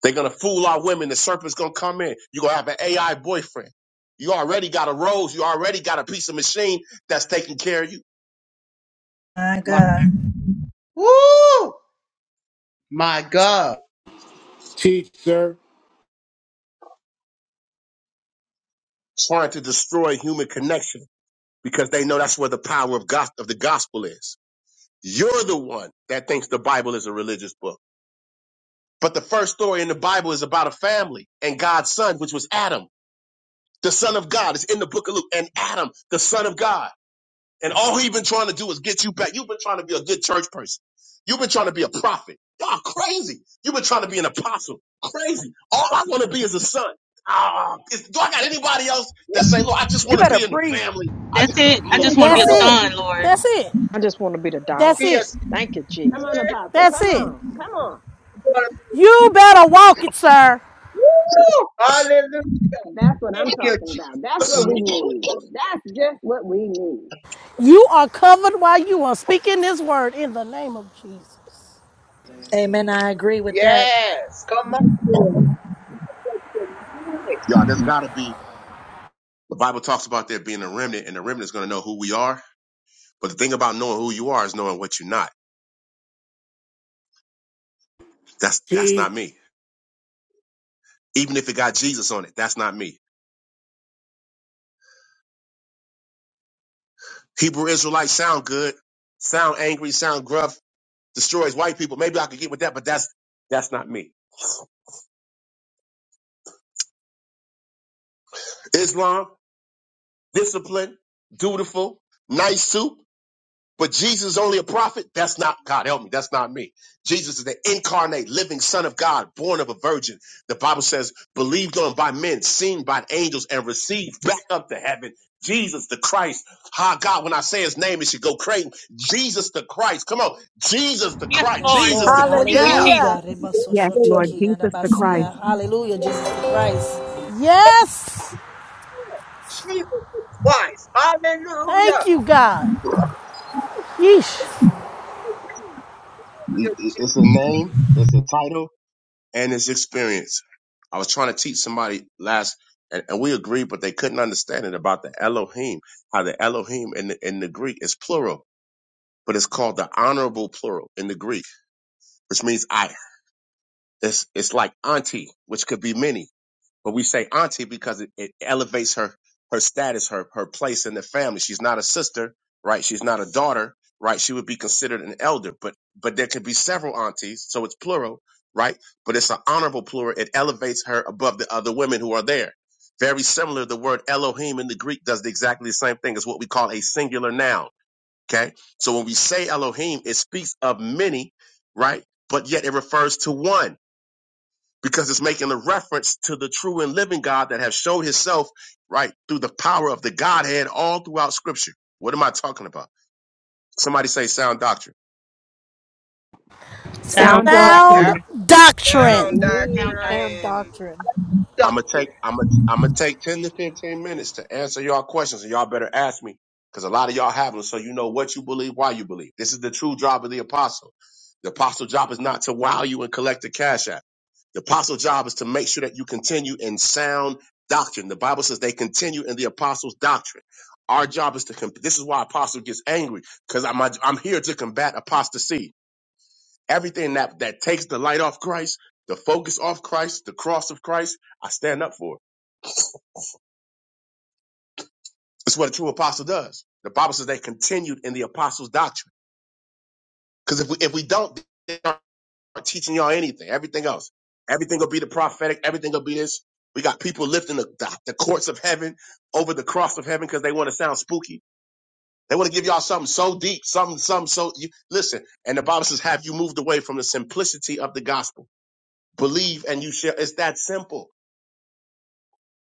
Speaker 12: They're gonna fool our women. The serpent's gonna come in. You're gonna have an AI boyfriend. You already got a rose. You already got a piece of machine that's taking care of you,
Speaker 14: My
Speaker 3: My,
Speaker 14: God.
Speaker 3: woo. My God.
Speaker 6: Teach, sir.
Speaker 12: trying to destroy human connection because they know that's where the power of God of the gospel is. You're the one that thinks the Bible is a religious book. But the first story in the Bible is about a family and God's son, which was Adam, the son of God. It's in the book of Luke. And Adam, the son of God. And all he's been trying to do is get you back. You've been trying to be a good church person. You've been trying to be a prophet. Y'all crazy. You've been trying to be an apostle. Crazy. All I want to be is a son. Ah, is- do I got anybody else that say, Lord, I just want to be in the family? I just,
Speaker 4: That's it. I
Speaker 2: that's
Speaker 12: mm,
Speaker 4: just want to
Speaker 12: God
Speaker 4: be
Speaker 13: That's
Speaker 4: a
Speaker 12: help me,
Speaker 2: it,
Speaker 13: it.
Speaker 4: son, Lord.
Speaker 13: That's it.
Speaker 5: I just want to be the dollar.
Speaker 13: That's
Speaker 3: Be a
Speaker 13: it.
Speaker 3: spirit.
Speaker 5: Thank you,
Speaker 8: Come
Speaker 5: Jesus.
Speaker 8: on, Apostle.
Speaker 13: That's
Speaker 8: Come
Speaker 13: it.
Speaker 8: on. Come on.
Speaker 13: You better walk it, sir.
Speaker 3: Woo! Hallelujah.
Speaker 8: That's what
Speaker 3: Thank
Speaker 8: I'm
Speaker 3: you,
Speaker 8: talking
Speaker 3: Jesus.
Speaker 8: about. That's
Speaker 12: Jesus.
Speaker 8: what we need. That's just what we need.
Speaker 13: You are covered while you are speaking this word in the name of Jesus.
Speaker 14: Amen. I agree with that.
Speaker 3: Yes. Come on.
Speaker 2: that's it,
Speaker 3: tonight.
Speaker 12: Y'all, there's got to be. The Bible talks about there being a remnant, and the remnant is going to know who we are. But the thing about knowing who you are is knowing what you're not. That's that's not
Speaker 6: Teach.
Speaker 12: me. Even if it got Jesus on it, that's not me. Hebrew Israelites sound good, sound angry, sound gruff destroys white people. Maybe I could get with that, but that's that's not me. Islam, disciplined, dutiful, nice soup, but Jesus is only a prophet. That's not God. Help me. That's not me. Jesus is the incarnate, living Son of God, born of a virgin. The Bible says, believed on by men, seen by angels, and received back up to heaven. Jesus the Christ. Ha God, when I say his name, it should go crazy. Jesus the Christ. Come on. Jesus the
Speaker 4: Yes,
Speaker 12: Christ.
Speaker 14: Yes,
Speaker 4: Lord.
Speaker 12: Jesus
Speaker 14: Lord.
Speaker 12: the Christ.
Speaker 4: Thank you,
Speaker 12: Yeah.
Speaker 4: Jesus.
Speaker 7: Hallelujah.
Speaker 14: Hallelujah.
Speaker 2: that's it.
Speaker 14: Rebasoshotiki yadabasia. Hallelujah, Jesus the Christ.
Speaker 13: Yes.
Speaker 3: Jesus Christ. Hallelujah.
Speaker 13: Thank you, God. Yeesh.
Speaker 3: Thank you,
Speaker 12: It's a
Speaker 3: Jesus.
Speaker 12: name. It's a title and his experience. I was trying to teach somebody last, and, and we agreed, but they couldn't understand it about the Elohim, how the Elohim in the, in the Greek is plural, but it's called the honorable plural in the Greek, which means I. It's, it's like auntie, which could be many but we say auntie because it, it elevates her her status, her her place in the family. She's not a sister, right? She's not a daughter, right? She would be considered an elder, but but there could be several aunties, so it's plural, right? But it's an honorable plural. It elevates her above the other women who are there. Very similar, the word Elohim in the Greek does exactly the same thing as what we call a singular noun. Okay, so when we say Elohim, it speaks of many, right? But yet it refers to one because it's making a reference to the true and living God that has showed himself right through the power of the Godhead all throughout scripture. What am I talking about? Somebody say sound doctrine.
Speaker 2: God
Speaker 11: Sound.
Speaker 8: Sound
Speaker 2: got
Speaker 8: doctrine.
Speaker 13: Sound
Speaker 16: Yep.
Speaker 2: me,
Speaker 8: What
Speaker 13: doctrine.
Speaker 8: we
Speaker 16: Sound
Speaker 8: need.
Speaker 4: Sound doctrine.
Speaker 7: Sound
Speaker 16: doctrine.
Speaker 7: doctrine.
Speaker 12: I'm
Speaker 3: Don't
Speaker 12: gonna
Speaker 3: do
Speaker 12: take
Speaker 3: it.
Speaker 12: I'm gonna I'm gonna take ten to fifteen minutes to answer y'all questions, and y'all better ask me because a lot of y'all have them, so you know what you believe, why you believe. This is the true job of the apostle. The apostle job is not to wow you and collect the cash app. The apostle job is to make sure that you continue in sound doctrine. The Bible says they continue in the apostles' doctrine. Our job is to. Com- this is why apostle gets angry because I'm I'm here to combat apostasy. Everything that that takes the light off Christ, the focus off Christ, the cross of Christ, I stand up for. it. That's what a true apostle does. The Bible says they continued in the apostles' doctrine. Because if we if we don't, they aren't teaching y'all anything. Everything else, everything will be the prophetic. Everything will be this. We got people lifting the, the, the courts of heaven over the cross of heaven because they want to sound spooky. They want to give y'all something so deep, something, something so. You, listen, and the Bible says, "Have you moved away from the simplicity of the gospel? Believe and you shall." It's that simple.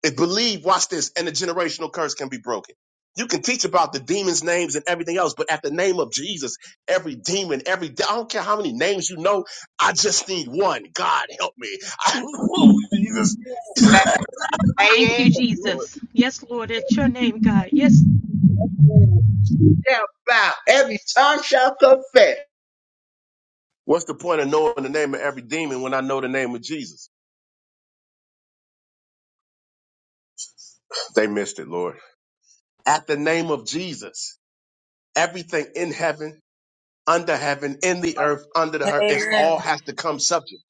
Speaker 12: If believe, watch this, and the generational curse can be broken. You can teach about the demons' names and everything else, but at the name of Jesus, every demon, every de- I don't care how many names you know, I just need one. God help me. I know Jesus.
Speaker 16: Say
Speaker 4: Thank you,
Speaker 16: it.
Speaker 12: Yes, Lord.
Speaker 4: Jesus. Yes, Lord, it's your name, God. Yes,
Speaker 2: God,
Speaker 3: they bow. Every tongue shall confess.
Speaker 12: What's the point of knowing the name of every demon when I know the name of Jesus? They missed it, Lord. At the name of Jesus, everything in heaven, under heaven, in the earth, under the earth, it
Speaker 14: Amen.
Speaker 12: all has to come subject.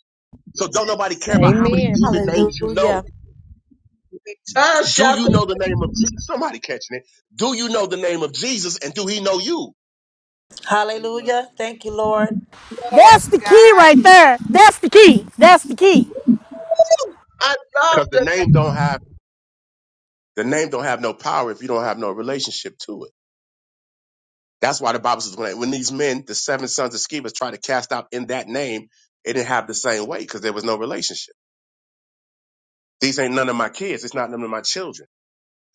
Speaker 12: So don't nobody care about how many
Speaker 5: Amen.
Speaker 12: demon names you know.
Speaker 7: Hallelujah.
Speaker 3: Every tongue
Speaker 12: Do
Speaker 3: shall
Speaker 12: you know the name of Jesus? Somebody catching it. Do you know the name of Jesus and do he know you?
Speaker 14: Hallelujah. Thank you, Lord.
Speaker 3: confess.
Speaker 13: That's
Speaker 16: Yes,
Speaker 13: the key
Speaker 16: God.
Speaker 13: right there. That's the key. That's the key.
Speaker 3: I love
Speaker 12: Because the
Speaker 3: the
Speaker 12: name
Speaker 3: name.
Speaker 12: don't have the name don't have no power if you don't have no relationship to it. That's why the Bible says when, when these men, the seven sons of Sceva, tried to cast out in that name, it didn't have the same weight because there was no relationship. These ain't none of my kids. It's not none of my children.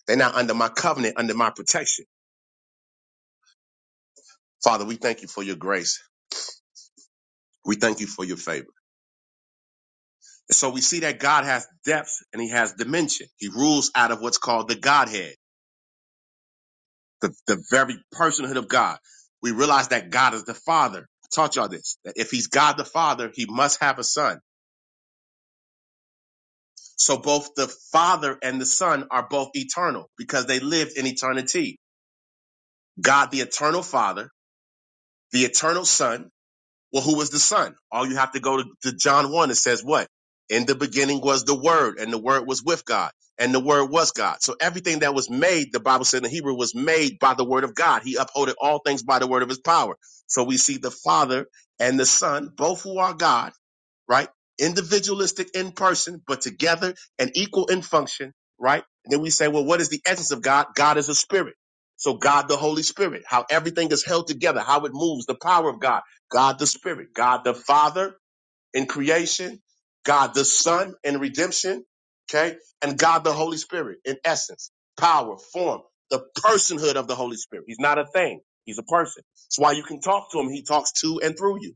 Speaker 12: They're not under my covenant, under my protection. Father, we thank you for your grace. We thank you for your favor. And So we see that God has depth and he has dimension. He rules out of what's called the Godhead. the, the very personhood of God. We realize that God is the Father. I taught y'all this, that if he's God the Father, he must have a son. So both the Father and the Son are both eternal because they lived in eternity. God, the eternal Father, the eternal Son, Well, who was the Son? All you have to go to, to John 1. It says what? In the beginning was the Word, and the Word was with God, and the Word was God. So everything that was made, the Bible said in Hebrew, was made by the Word of God. He upholded all things by the Word of His power. So we see the Father and the Son, both who are God right? Individualistic in person, but together and equal in function, right? And then we say, well, what is the essence of God? God is a spirit. So God, the Holy Spirit, how everything is held together, how it moves, the power of God, God, the Spirit, God, the Father in creation, God, the Son in redemption, okay? And God, the Holy Spirit in essence, power, form, the personhood of the Holy Spirit. He's not a thing. He's a person. That's why you can talk to him. He talks to and through you.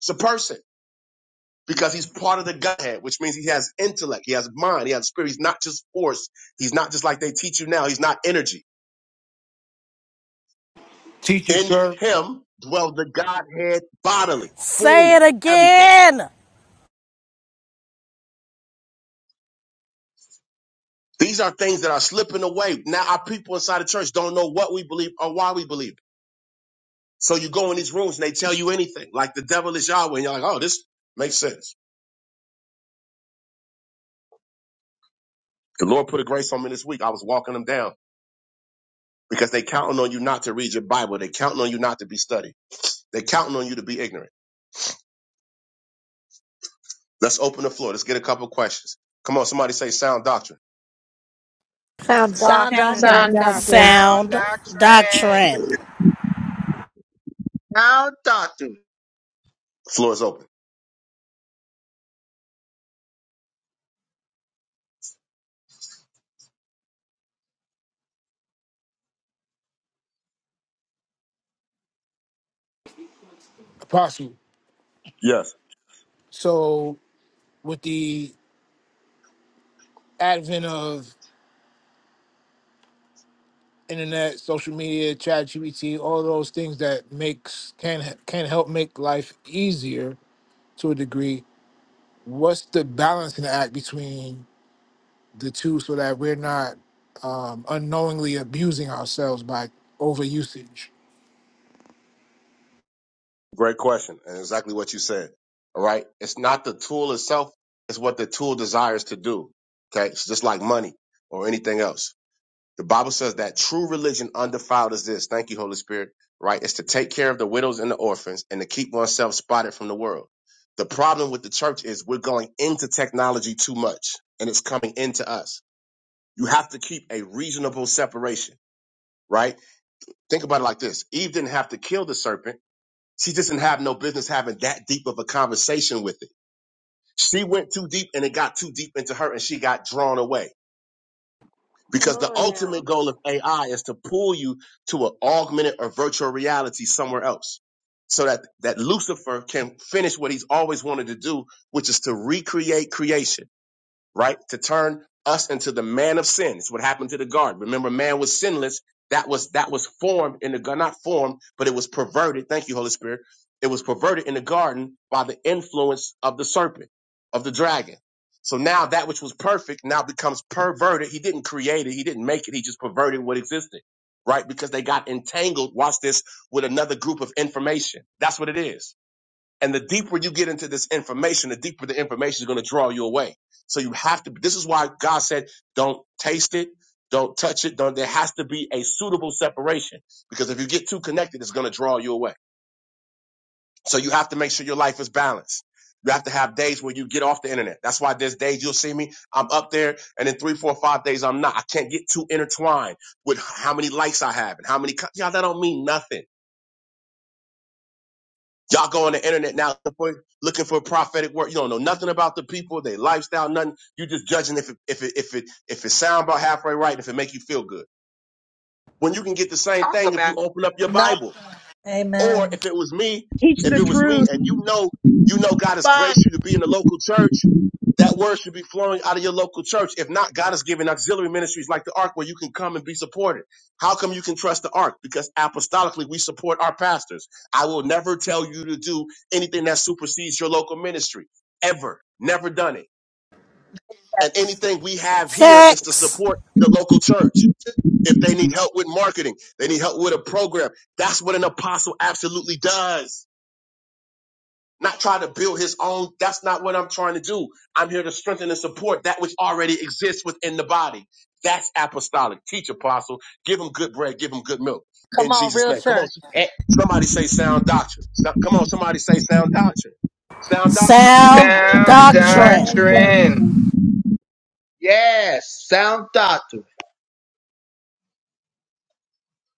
Speaker 12: It's a person because he's part of the Godhead, which means he has intellect, he has mind, he has spirit. He's not just force. He's not just like they teach you now. He's not energy.
Speaker 6: Teach you,
Speaker 12: In
Speaker 6: sir.
Speaker 12: him dwells the Godhead bodily,
Speaker 13: Say
Speaker 12: fullness
Speaker 13: it
Speaker 12: of everything.
Speaker 13: again.
Speaker 12: These are things that are slipping away. Now our people inside the church don't know what we believe or why we believe. it. So you go in these rooms and they tell you anything, like the devil is Yahweh, and you're like, oh, this makes sense. The Lord put a grace on me this week. I was walking them down because they counting on you not to read your Bible. They counting on you not to be studied. They counting on you to be ignorant. Let's open the floor. Let's get a couple questions. Come on, somebody say sound doctrine.
Speaker 7: Sound
Speaker 14: Sound
Speaker 4: sound
Speaker 7: doctrine.
Speaker 14: doctrine.
Speaker 5: Sound
Speaker 4: doctrine.
Speaker 5: doctrine.
Speaker 16: Sound
Speaker 13: Sound
Speaker 16: doctrine.
Speaker 13: doctrine.
Speaker 3: Sound doctrine.
Speaker 12: The Floor is open.
Speaker 6: Apostle.
Speaker 12: Yes.
Speaker 6: So with the advent of internet, social media, chat GPT, all those things that makes can can help make life easier to a degree, what's the balancing act between the two so that we're not um, unknowingly abusing ourselves by over usage?
Speaker 12: Great question. And exactly what you said. All right. It's not the tool itself, it's what the tool desires to do. Okay. It's just like money or anything else. The Bible says that true religion undefiled is this. Thank you, Holy Spirit. Right? It's to take care of the widows and the orphans and to keep oneself spotted from the world. The problem with the church is we're going into technology too much and it's coming into us. You have to keep a reasonable separation right? Think about it like this. Eve didn't have to kill the serpent. She just didn't have no business having that deep of a conversation with it. She went too deep and it got too deep into her and she got drawn away.
Speaker 8: Come
Speaker 12: Because the
Speaker 8: on now.
Speaker 12: ultimate goal of AI is to pull you to an augmented or virtual reality somewhere else. So that, that Lucifer can finish what he's always wanted to do, which is to recreate creation right? To turn us into the man of sin. It's what happened to the garden. Remember, man was sinless. That was that was formed in the garden, not formed, but it was perverted. Thank you, Holy Spirit. It was perverted in the garden by the influence of the serpent, of the dragon. So now that which was perfect now becomes perverted. He didn't create it, he didn't make it, he just perverted what existed. Right? Because they got entangled, watch this, with another group of information. That's what it is and the deeper you get into this information, the deeper the information is going to draw you away. So you have to, this is why God said, don't taste it. Don't touch it. Don't, there has to be a suitable separation because if you get too connected, it's going to draw you away. So you have to make sure your life is balanced. You have to have days where you get off the internet. That's why there's days you'll see me, I'm up there and in three, four, five days I'm not. I can't get too intertwined with how many likes I have and how many, co- y'all, that don't mean nothing. Y'all go on the internet now looking for looking for prophetic word. You don't know nothing about the people, their lifestyle, nothing. You just judging if it, if it if it if it sound about halfway right, and if it make you feel good. When you can get the same
Speaker 16: Talk
Speaker 12: thing if
Speaker 16: about
Speaker 12: you open up your
Speaker 14: Not.
Speaker 12: Bible. Or
Speaker 14: Amen.
Speaker 12: if it was me, if it was me and you know, you know God has
Speaker 3: Bye.
Speaker 12: graced you to be in the local church, that word should be flowing out of your local church. If not, God has given auxiliary ministries like the Ark where you can come and be supported. How come you can trust the Ark? Because apostolically we support our pastors. I will never tell you to do anything that supersedes your local ministry. Ever. Never done it. And anything we have here is to
Speaker 13: Facts.
Speaker 12: support the local church. If they need help with marketing, they need help with a program. That's what an apostle absolutely does not try to build his own. That's not what I'm trying to do. I'm here to strengthen and support that which already exists within the body. That's apostolic. Teach apostle. Give him good bread. Give him good milk.
Speaker 14: Come
Speaker 12: In
Speaker 14: on,
Speaker 12: Jesus'
Speaker 14: real
Speaker 12: name. Come on.
Speaker 14: church.
Speaker 3: Eh,
Speaker 12: Somebody say sound doctrine. So- Come on. Somebody say sound doctrine. Sound doctrine.
Speaker 13: Sound
Speaker 14: Sound
Speaker 16: sound
Speaker 14: doctrine.
Speaker 13: doctrine.
Speaker 2: God got
Speaker 16: doctrine.
Speaker 2: me,
Speaker 3: Yes. Sound doctrine.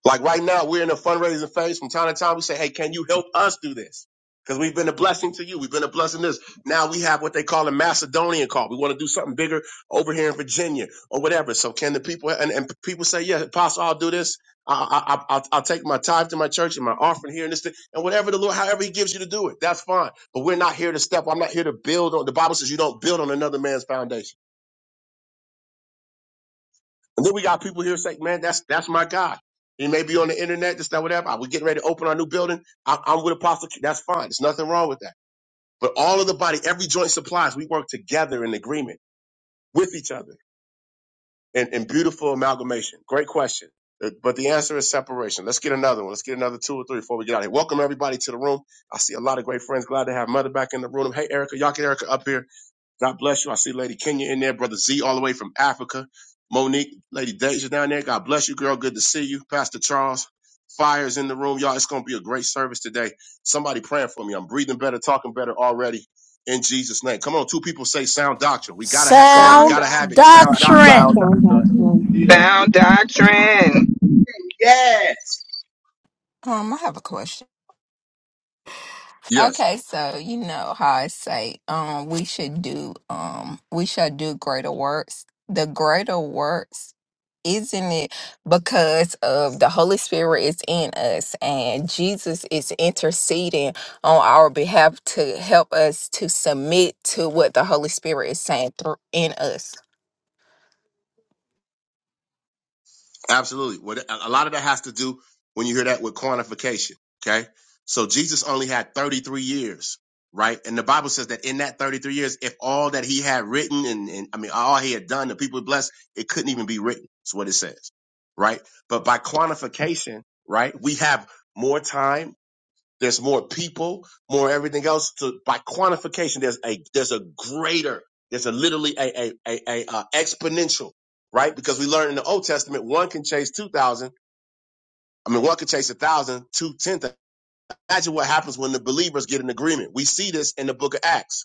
Speaker 12: Like right now, we're in a fundraising phase. From time to time, we say, "Hey, can you help us do this?" Because we've been a blessing to you. We've been a blessing to this. Now we have what they call a Macedonian call. We want to do something bigger over here in Virginia or whatever. So can the people and, and people say, "Yeah, Apostle, I'll do this. I, I, I, I'll, I'll take my tithe to my church and my offering here and this thing and whatever the Lord, however He gives you to do it, that's fine. But we're not here to step. I'm not here to build on. The Bible says you don't build on another man's foundation. And then we got people here saying, man, that's that's my guy." He may be on the internet, this, that, whatever. I are getting ready to open our new building. I, I'm with Apostle. Q. That's fine. There's nothing wrong with that. But all of the body, every joint supplies, we work together in agreement with each other in in beautiful amalgamation. Great question. Uh, But the answer is separation. Let's get another one. Let's get another two or three before we get out of here. Welcome everybody to the room. I see a lot of great friends. Glad to have Mother back in the room. Hey, Erica, y'all get Erica up here. God bless you. I see Lady Kenya in there, Brother Z all the way from Africa. Monique, Lady Deja down there. God bless you, girl. Good to see you. Pastor Charles, fire's in the room. Y'all, it's going to be a great service today. Somebody praying for me. I'm breathing better, talking better already in Jesus' name. Come on, two people say sound doctrine. We got to have, come on, we
Speaker 5: Sound
Speaker 13: Sound
Speaker 12: got to have it.
Speaker 5: doctrine.
Speaker 12: Sound doctrine.
Speaker 13: doctrine.
Speaker 15: Sound doctrine.
Speaker 16: Sound doctrine.
Speaker 3: Yes.
Speaker 17: Um, I have a question.
Speaker 12: Yes.
Speaker 17: Okay, so you know how I say, um, we should do, um, we shall do greater works. The greater works, isn't it because of the Holy Spirit is in us and Jesus is interceding on our behalf to help us to submit to what the Holy Spirit is saying through in us.
Speaker 12: Absolutely. What a lot of that has to do when you hear that with quantification. Okay. So Jesus only had 33 years, right? And the Bible says that in that 33 years, if all that he had written and, and I mean, all he had done, the people he blessed, it couldn't even be written. That's what it says, right? But by quantification, right? We have more time there's more people, more everything else. To, by quantification, there's a there's a greater, there's a literally a a a, a uh, exponential, right? Because we learn in the Old Testament, one can chase two thousand. I mean, one can chase a thousand, two ten thousand. Imagine what happens when the believers get an agreement. We see this in the Book of Acts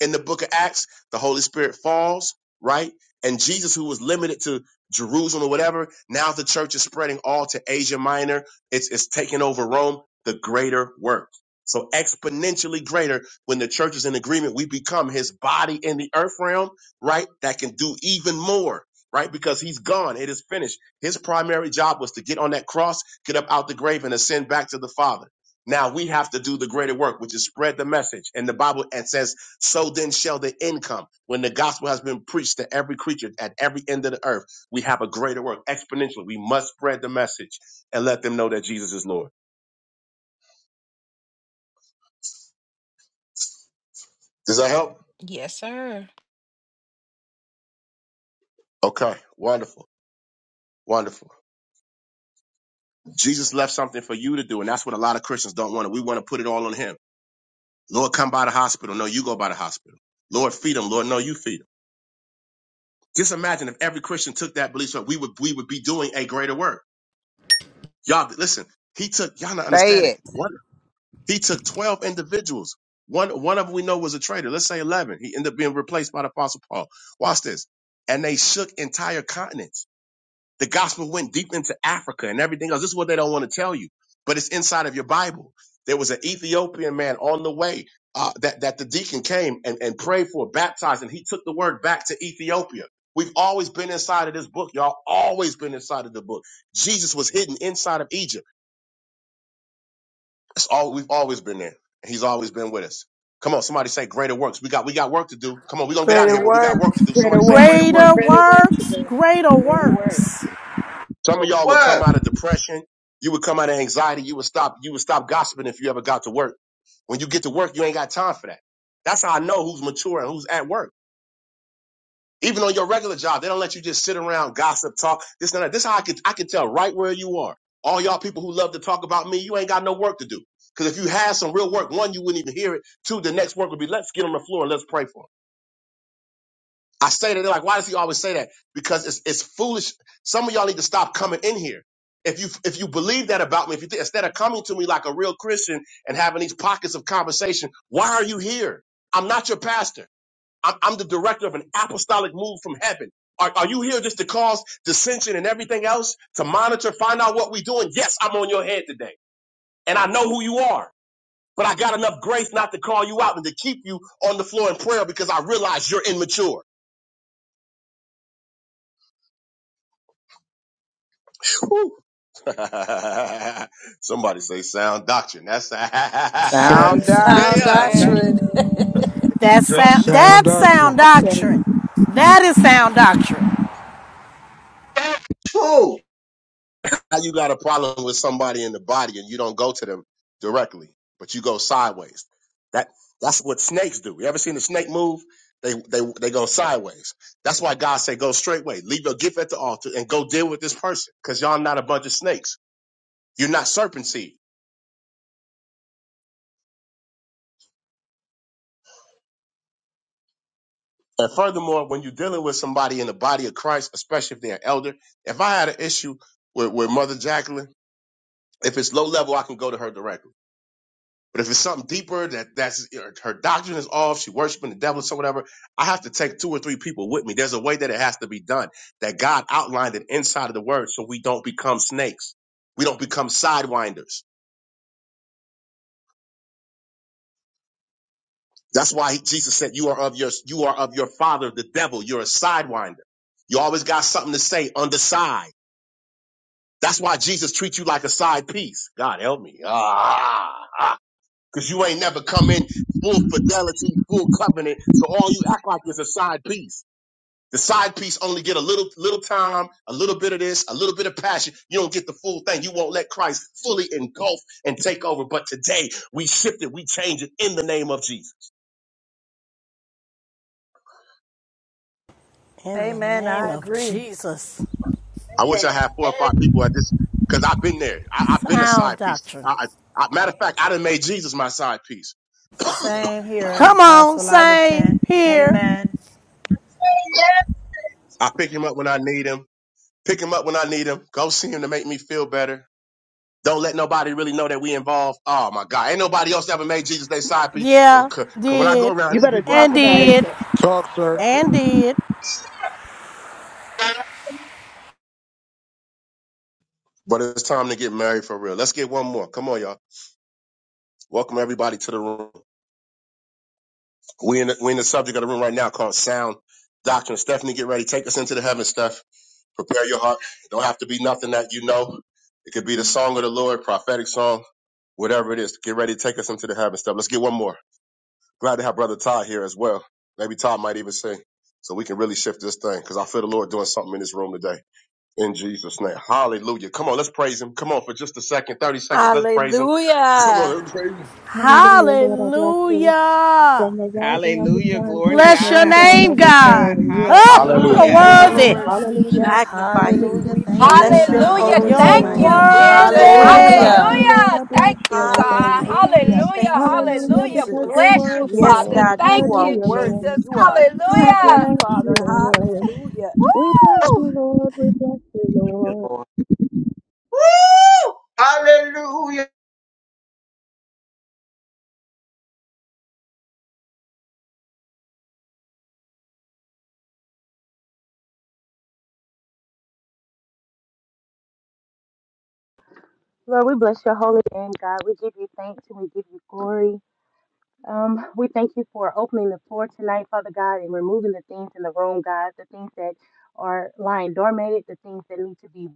Speaker 12: in the book of Acts, the Holy Spirit falls, right? And Jesus, who was limited to Jerusalem or whatever, now the church is spreading all to Asia Minor. It's, it's taking over Rome, the greater work. So exponentially greater when the church is in agreement, we become his body in the earth realm, right? That can do even more, right? Because he's gone. It is finished. His primary job was to get on that cross, get up out the grave and ascend back to the father. Now we have to do the greater work, which is spread the message. And the Bible says so then shall the income. When the gospel has been preached to every creature at every end of the earth, we have a greater work exponentially. We must spread the message and let them know that Jesus is Lord. Does that help?
Speaker 17: Yes, sir.
Speaker 12: Okay, wonderful, wonderful. Jesus left something for you to do, and that's what a lot of Christians don't want. We want to put it all on Him. Lord, come by the hospital. No, you go by the hospital. Lord, feed them. Lord, no, you feed them. Just imagine if every Christian took that belief, so we would we would be doing a greater work. Y'all, listen. He took y'all not
Speaker 16: Say
Speaker 12: understanding.
Speaker 16: it.
Speaker 12: One He took 12 individuals. One, one of them we know was a traitor. Let's say 11. He ended up being replaced by the apostle Paul. Watch this. And they shook entire continents. The gospel went deep into Africa and everything else. This is what they don't want to tell you, but it's inside of your Bible. There was an Ethiopian man on the way uh, that, that the deacon came and, and prayed for, baptized, and he took the word back to Ethiopia. We've always been inside of this book, y'all. Always been inside of the book. Jesus was hidden inside of Egypt. That's all we've always been there. And he's always been with us. Come on, somebody say greater works. We got we got work to do. Come on, we're gonna get out of
Speaker 7: Greater
Speaker 12: here, but we got
Speaker 7: work.
Speaker 12: work to do. Somebody say greater work.
Speaker 13: Greater
Speaker 14: Greater work to
Speaker 13: works.
Speaker 14: do.
Speaker 13: Greater
Speaker 8: Greater work.
Speaker 13: works.
Speaker 12: Some of y'all would
Speaker 3: Word.
Speaker 12: come out of depression, you would come out of anxiety, you would stop, you would stop gossiping if you ever got to work. When you get to work, you ain't got time for that. That's how I know who's mature and who's at work. Even on your regular job, they don't let you just sit around, gossip, talk, this and that. This is how I could I could tell right where you are. All y'all people who love to talk about me, you ain't got no work to do. Because if you had some real work, one, you wouldn't even hear it. Two, the next work would be let's get on the floor and let's pray for him. I say that they're like, why does he always say that? Because it's it's foolish. Some of y'all need to stop coming in here. If you if you believe that about me, if you think, instead of coming to me like a real Christian and having these pockets of conversation, why are you here? I'm not your pastor. I'm, I'm the director of an apostolic move from heaven. Are, are you here just to cause dissension and everything else to monitor, find out what we're doing? Yes, I'm on your head today. And I know who you are, but I got enough grace not to call you out and to keep you on the floor in prayer because I realize you're immature. Whew. Somebody say sound doctrine. That's, yeah,
Speaker 16: Sound
Speaker 6: Sound,
Speaker 14: Sound
Speaker 12: sound
Speaker 16: doctrine.
Speaker 14: doctrine.
Speaker 13: That's sound,
Speaker 6: sound
Speaker 13: that's sound
Speaker 6: doctrine.
Speaker 13: doctrine. That is sound doctrine.
Speaker 3: True.
Speaker 12: Now you got a problem with somebody in the body and you don't go to them directly, but you go sideways. That that's what snakes do. You ever seen a snake move? They they they go sideways. That's why God said go straightway, Leave your gift at the altar and go deal with this person. Cause y'all not a bunch of snakes. You're not serpent seed. And furthermore, when you're dealing with somebody in the body of Christ, especially if they're an elder, if I had an issue with, with Mother Jacqueline, if it's low level, I can go to her directly But if it's something deeper that that's her, her doctrine is off, she worshiping the devil, or so whatever, I have to take two or three people with me. There's a way that it has to be done. That God outlined it inside of the word, so we don't become snakes. We don't become sidewinders. That's why he- Jesus said, "You are of your you are of your father, the devil. You're a sidewinder. You always got something to say on the side. That's why Jesus treats you like a side piece. God help me, ah, because you ain't never come in full fidelity, full covenant. So all you act like is a side piece. The side piece only get a little little time, a little bit of this, a little bit of passion. You don't get the full thing. You won't let Christ fully engulf and take over. But today we shift it, we change it in the name of Jesus.
Speaker 13: In the
Speaker 14: Amen.
Speaker 13: name
Speaker 14: I
Speaker 13: of
Speaker 14: agree.
Speaker 13: Jesus,
Speaker 12: I wish I had four or five people at this because I've been there. I, I've been a side
Speaker 13: sound
Speaker 12: piece.
Speaker 13: doctrine.
Speaker 12: I, I, I, matter of fact, I done made Jesus my side piece.
Speaker 14: Same here,
Speaker 13: Come on,
Speaker 14: Apostle. I
Speaker 13: same
Speaker 14: repent.
Speaker 13: here.
Speaker 14: Amen.
Speaker 12: I pick him up when I need him. Pick him up when I need him. Go see him to make me feel better. Don't let nobody really know that we involved. Oh my God, ain't nobody else ever made Jesus their side piece. Uh,
Speaker 13: Yeah,
Speaker 12: 'cause- 'cause When I go
Speaker 13: did,
Speaker 12: around these people, I.
Speaker 13: and did,
Speaker 6: Talk, sir.
Speaker 13: and did.
Speaker 3: Amen.
Speaker 12: But it's time to get married for real. Let's get one more. Come on, y'all. Welcome everybody to the room. We in the, we in the subject of the room right now called sound doctrine. Stephanie, get ready. Take us into the heavens, Steph. Prepare your heart. It don't have to be nothing that you know. It could be the song of the Lord, prophetic song, whatever it is. Get ready to take us into the heavens, Steph. Let's get one more. Glad to have brother Todd here as well. Maybe Todd might even sing, so we can really shift this thing because I feel the Lord doing something in this room today. in Jesus' name. Hallelujah. Come on, let's praise him. Come on, for just a second, 30 seconds. Let's praise him. Come
Speaker 7: Hallelujah.
Speaker 12: on, let's praise him.
Speaker 13: Hallelujah.
Speaker 18: Thank
Speaker 16: Hallelujah. Glory to
Speaker 13: Bless your
Speaker 16: God. Yes,
Speaker 13: name, God.
Speaker 16: God.
Speaker 13: Huh? You're
Speaker 15: Hallelujah.
Speaker 16: Hallelujah.
Speaker 15: Thank you,
Speaker 13: worthy.
Speaker 15: Lord.
Speaker 7: Lord, we magnify you.
Speaker 14: Hallelujah.
Speaker 7: We
Speaker 14: Thank you, oh
Speaker 7: bless your
Speaker 14: God.
Speaker 17: Hallelujah.
Speaker 14: Glory
Speaker 7: holy
Speaker 14: to your
Speaker 13: You're
Speaker 17: Thank
Speaker 14: mighty
Speaker 7: name.
Speaker 17: you,
Speaker 14: name.
Speaker 7: We
Speaker 17: Jesus.
Speaker 7: glorify
Speaker 13: worthy.
Speaker 14: Hallelujah.
Speaker 7: you.
Speaker 17: Hallelujah. Thank you, God.
Speaker 7: Hallelujah.
Speaker 17: Hallelujah.
Speaker 7: Thank you,
Speaker 17: Hallelujah.
Speaker 7: Jesus.
Speaker 17: Bless you,
Speaker 7: Yes,
Speaker 17: Father.
Speaker 7: God,
Speaker 17: Thank
Speaker 7: you are
Speaker 17: you,
Speaker 7: worthy.
Speaker 17: Jesus.
Speaker 7: You are a good, good
Speaker 17: Hallelujah.
Speaker 7: father. Hallelujah.
Speaker 18: you, Lord.
Speaker 3: Woo! Hallelujah.
Speaker 4: Lord, we bless your holy name, God. We give you thanks and we give you glory. Um, we thank you for opening the floor tonight, Father God, and removing the things in the room, God, the things that are lying dormant, the things that need to be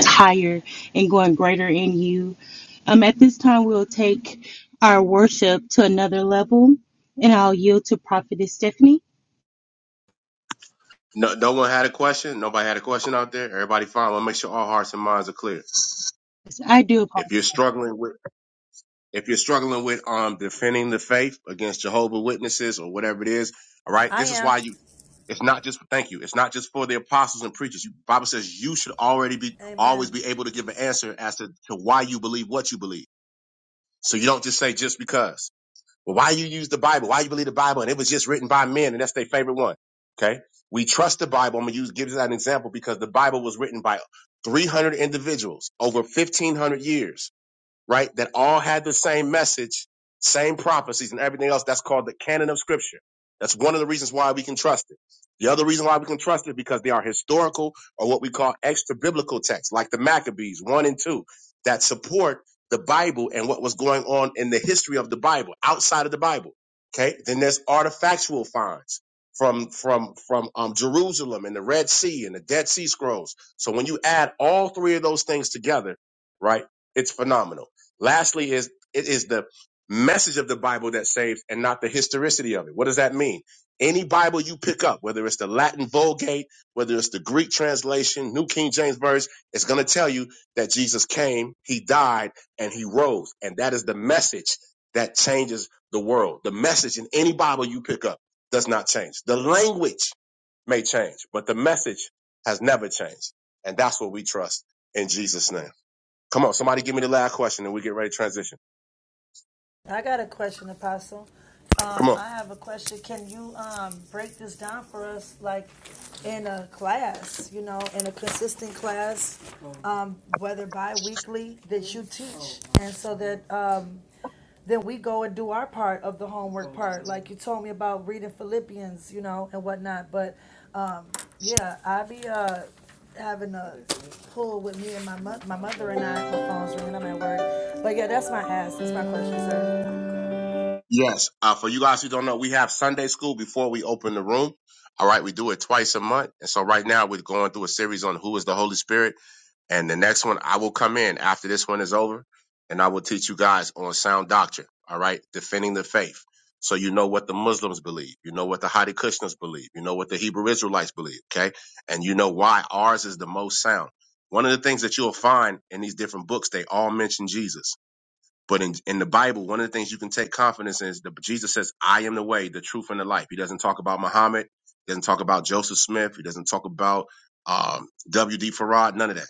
Speaker 4: higher and going greater in you. Um, at this time, we'll take our worship to another level, and I'll yield to Prophetess Stephanie.
Speaker 12: No, no one had a question. Nobody had a question out there. Everybody fine. Let's make sure all hearts and minds are clear.
Speaker 4: Yes, I do. apologize.
Speaker 12: If you're struggling with if you're struggling with um defending the faith against Jehovah Witnesses or whatever it is, all right,
Speaker 14: I
Speaker 12: this is why
Speaker 14: am.
Speaker 12: you it's not just thank you. It's not just for the apostles and preachers. You, Bible says you should already be always
Speaker 14: Amen.
Speaker 12: be able to give an answer as to, to why you believe what you believe. So you don't just say just because. Well, why you use the Bible? Why you believe the Bible? And it was just written by men, and that's their favorite one. Okay, we trust the Bible. I'm gonna use give that an example because the Bible was written by 300 individuals over 1,500 years right? That all had the same message, same prophecies and everything else. That's called the canon of scripture. That's one of the reasons why we can trust it. The other reason why we can trust it because they are historical or what we call extra biblical texts, like the Maccabees one and two, that support the Bible and what was going on in the history of the Bible outside of the Bible. Okay. Then there's artifactual finds from from from um, Jerusalem and the Red Sea and the Dead Sea Scrolls. So when you add all three of those things together, right, it's phenomenal. Lastly, is it is the message of the Bible that saves and not the historicity of it. What does that mean? Any Bible you pick up, whether it's the Latin Vulgate, whether it's the Greek translation, New King James Version, it's going to tell you that Jesus came, he died, and he rose. And that is the message that changes the world. The message in any Bible you pick up does not change. The language may change, but the message has never changed. And that's what we trust in Jesus' name. Come on, somebody give me the last question and we get ready to transition.
Speaker 14: I got a question, Apostle.
Speaker 12: Come
Speaker 14: Um,
Speaker 12: on.
Speaker 14: I have a question. Can you um, break this down for us, like in a class, you know, in a consistent class, um, whether bi weekly that you teach, and so that um, then we go and do our part of the homework oh, part, like you told me about reading Philippians, you know, and whatnot. But um, yeah, I be uh, having a pool with me and my mo- my mother and I. My phone's ringing. I'm at work. But yeah, that's my ask. That's my question, sir.
Speaker 12: Yes. Uh, for you guys who don't know, we have Sunday school before we open the room. All right, we do it twice a month. And so right now we're going through a series on who is the Holy Spirit. And the next one, I will come in after this one is over and I will teach you guys on sound doctrine. All right, defending the faith. So you know what the Muslims believe. You know what the Hare Krishnas believe. You know what the Hebrew Israelites believe. Okay. And you know why ours is the most sound. One of the things that you'll find in these different books, they all mention Jesus But in, in the Bible, one of the things you can take confidence in is that Jesus says, I am the way, the truth, and the life. He doesn't talk about Muhammad. He doesn't talk about Joseph Smith. He doesn't talk about um, W.D. Farad, none of that.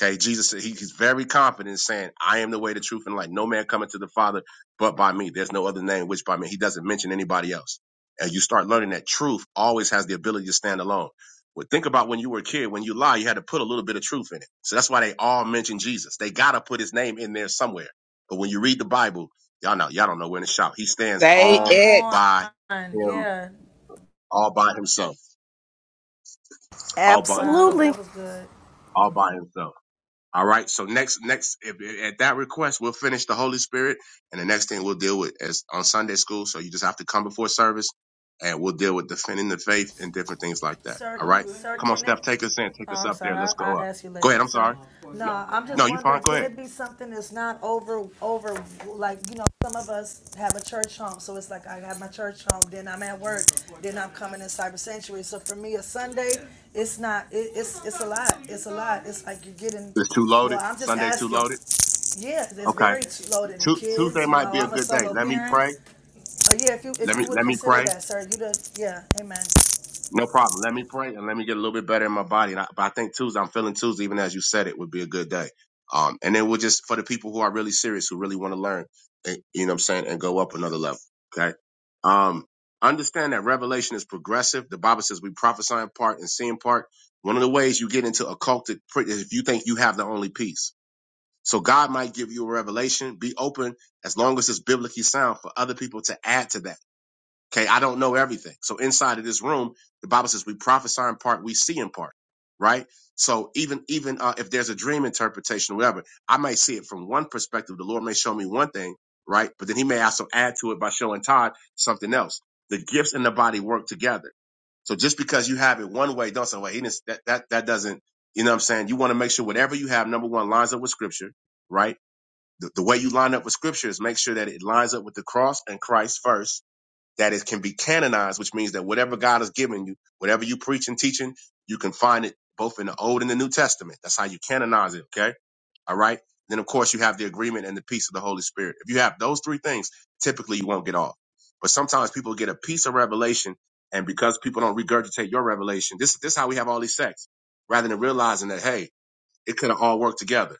Speaker 12: Okay, Jesus said he, he's very confident in saying, I am the way, the truth, and the life. No man coming to the Father but by me. There's no other name which by me. He doesn't mention anybody else. And you start learning that truth always has the ability to stand alone. Well, think about when you were a kid, when you lie, you had to put a little bit of truth in it. So that's why they all mention Jesus. They got to put his name in there somewhere but when you read the Bible, y'all know y'all don't know when to shout. He stands
Speaker 16: Say
Speaker 14: Come
Speaker 12: all
Speaker 16: it.
Speaker 14: on,
Speaker 12: by him,
Speaker 14: yeah.
Speaker 12: all by himself, all by
Speaker 14: Wow,
Speaker 12: himself,
Speaker 13: Absolutely.
Speaker 14: that was good,
Speaker 12: all by himself. All right. So next, next if, if- at that request, we'll finish the Holy Spirit, and the next thing we'll deal with is on Sunday school. So you just have to come before service, and we'll deal with defending the faith and different things like that.
Speaker 14: sir.
Speaker 12: All right.
Speaker 14: Sir
Speaker 12: Come on,
Speaker 14: Kenneth.
Speaker 12: Steph, take us in, take
Speaker 14: Oh,
Speaker 12: us
Speaker 14: I'm
Speaker 12: up there.
Speaker 14: sorry, I,
Speaker 12: Let's go
Speaker 14: I'll
Speaker 12: up.
Speaker 14: ask you
Speaker 12: Go
Speaker 14: later,
Speaker 12: ahead. I'm
Speaker 14: sorry. Uh,
Speaker 12: sorry.
Speaker 14: No,
Speaker 12: No,
Speaker 14: i I'm
Speaker 12: no,
Speaker 14: just
Speaker 12: you fine.
Speaker 14: wondering,
Speaker 12: Go
Speaker 14: can
Speaker 12: ahead.
Speaker 14: it be something that's not over, over, like, you know, some of us have a church home, so it's like I have my church home, then I'm at work, then I'm coming in cyber sanctuary, so for me, a Sunday, it's not, it, it's, it's a lot, it's a lot, it's like you're getting,
Speaker 12: It's too loaded.
Speaker 14: well, I'm just
Speaker 12: Sunday's too
Speaker 14: asking,
Speaker 12: loaded.
Speaker 14: Yeah, it's
Speaker 12: Okay.
Speaker 14: very loaded, the
Speaker 12: Tu-
Speaker 14: kids,
Speaker 12: Tuesday
Speaker 14: you
Speaker 12: might
Speaker 14: know,
Speaker 12: be a
Speaker 14: I'm a
Speaker 12: good day.
Speaker 14: solo
Speaker 12: Let me
Speaker 14: parent,
Speaker 12: pray
Speaker 14: but yeah, if you, if
Speaker 12: Let
Speaker 14: you
Speaker 12: me
Speaker 14: would
Speaker 12: let me
Speaker 14: consider
Speaker 12: pray.
Speaker 14: that, sir, you the, yeah, amen.
Speaker 12: No problem. Let me pray and let me get a little bit better in my body. And I, but I think Tuesday, I'm feeling Tuesday, even as you said it, would be a good day. Um, and then we'll just for the people who are really serious, who really want to learn, eh, you know what I'm saying, and go up another level. Okay. Um, understand that revelation is progressive. The Bible says we prophesy in part and see in part. One of the ways you get into occulted pr- is if you think you have the only piece. So God might give you a revelation. Be open as long as it's biblically sound for other people to add to that Okay, I don't know everything. So inside of this room, the Bible says we prophesy in part, we see in part, right? So even even uh, if there's a dream interpretation, or whatever, I may see it from one perspective. The Lord may show me one thing, right? But then He may also add to it by showing Todd something else. The gifts in the body work together. So just because you have it one way, don't say, "Well, he didn't." That that that doesn't. You know what I'm saying? You want to make sure whatever you have, number one, lines up with Scripture, right? The, the way you line up with Scripture is make sure that it lines up with the cross and Christ first that it can be canonized, which means that whatever God has given you, whatever you preach and teaching, you can find it both in the Old and the New Testament. That's how you canonize it. Okay. All right. Then of course you have the agreement and the peace of the Holy Spirit. If you have those three things, typically you won't get off. But sometimes people get a piece of revelation, and because people don't regurgitate your revelation, this this is how we have all these sects, rather than realizing that hey, it could have all worked together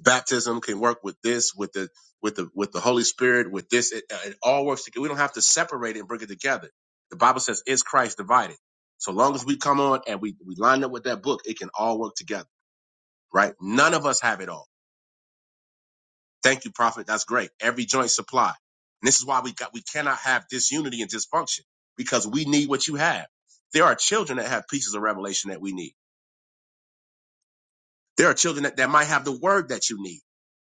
Speaker 12: baptism can work with this with the with the with the holy spirit with this it, uh, it all works together we don't have to separate it and bring it together the bible says is christ divided so long as we come on and we we line up with that book it can all work together right none of us have it all thank you prophet that's great every joint supply and this is why we got we cannot have disunity and dysfunction because we need what you have there are children that have pieces of revelation that we need there are children that, that might have the word that you need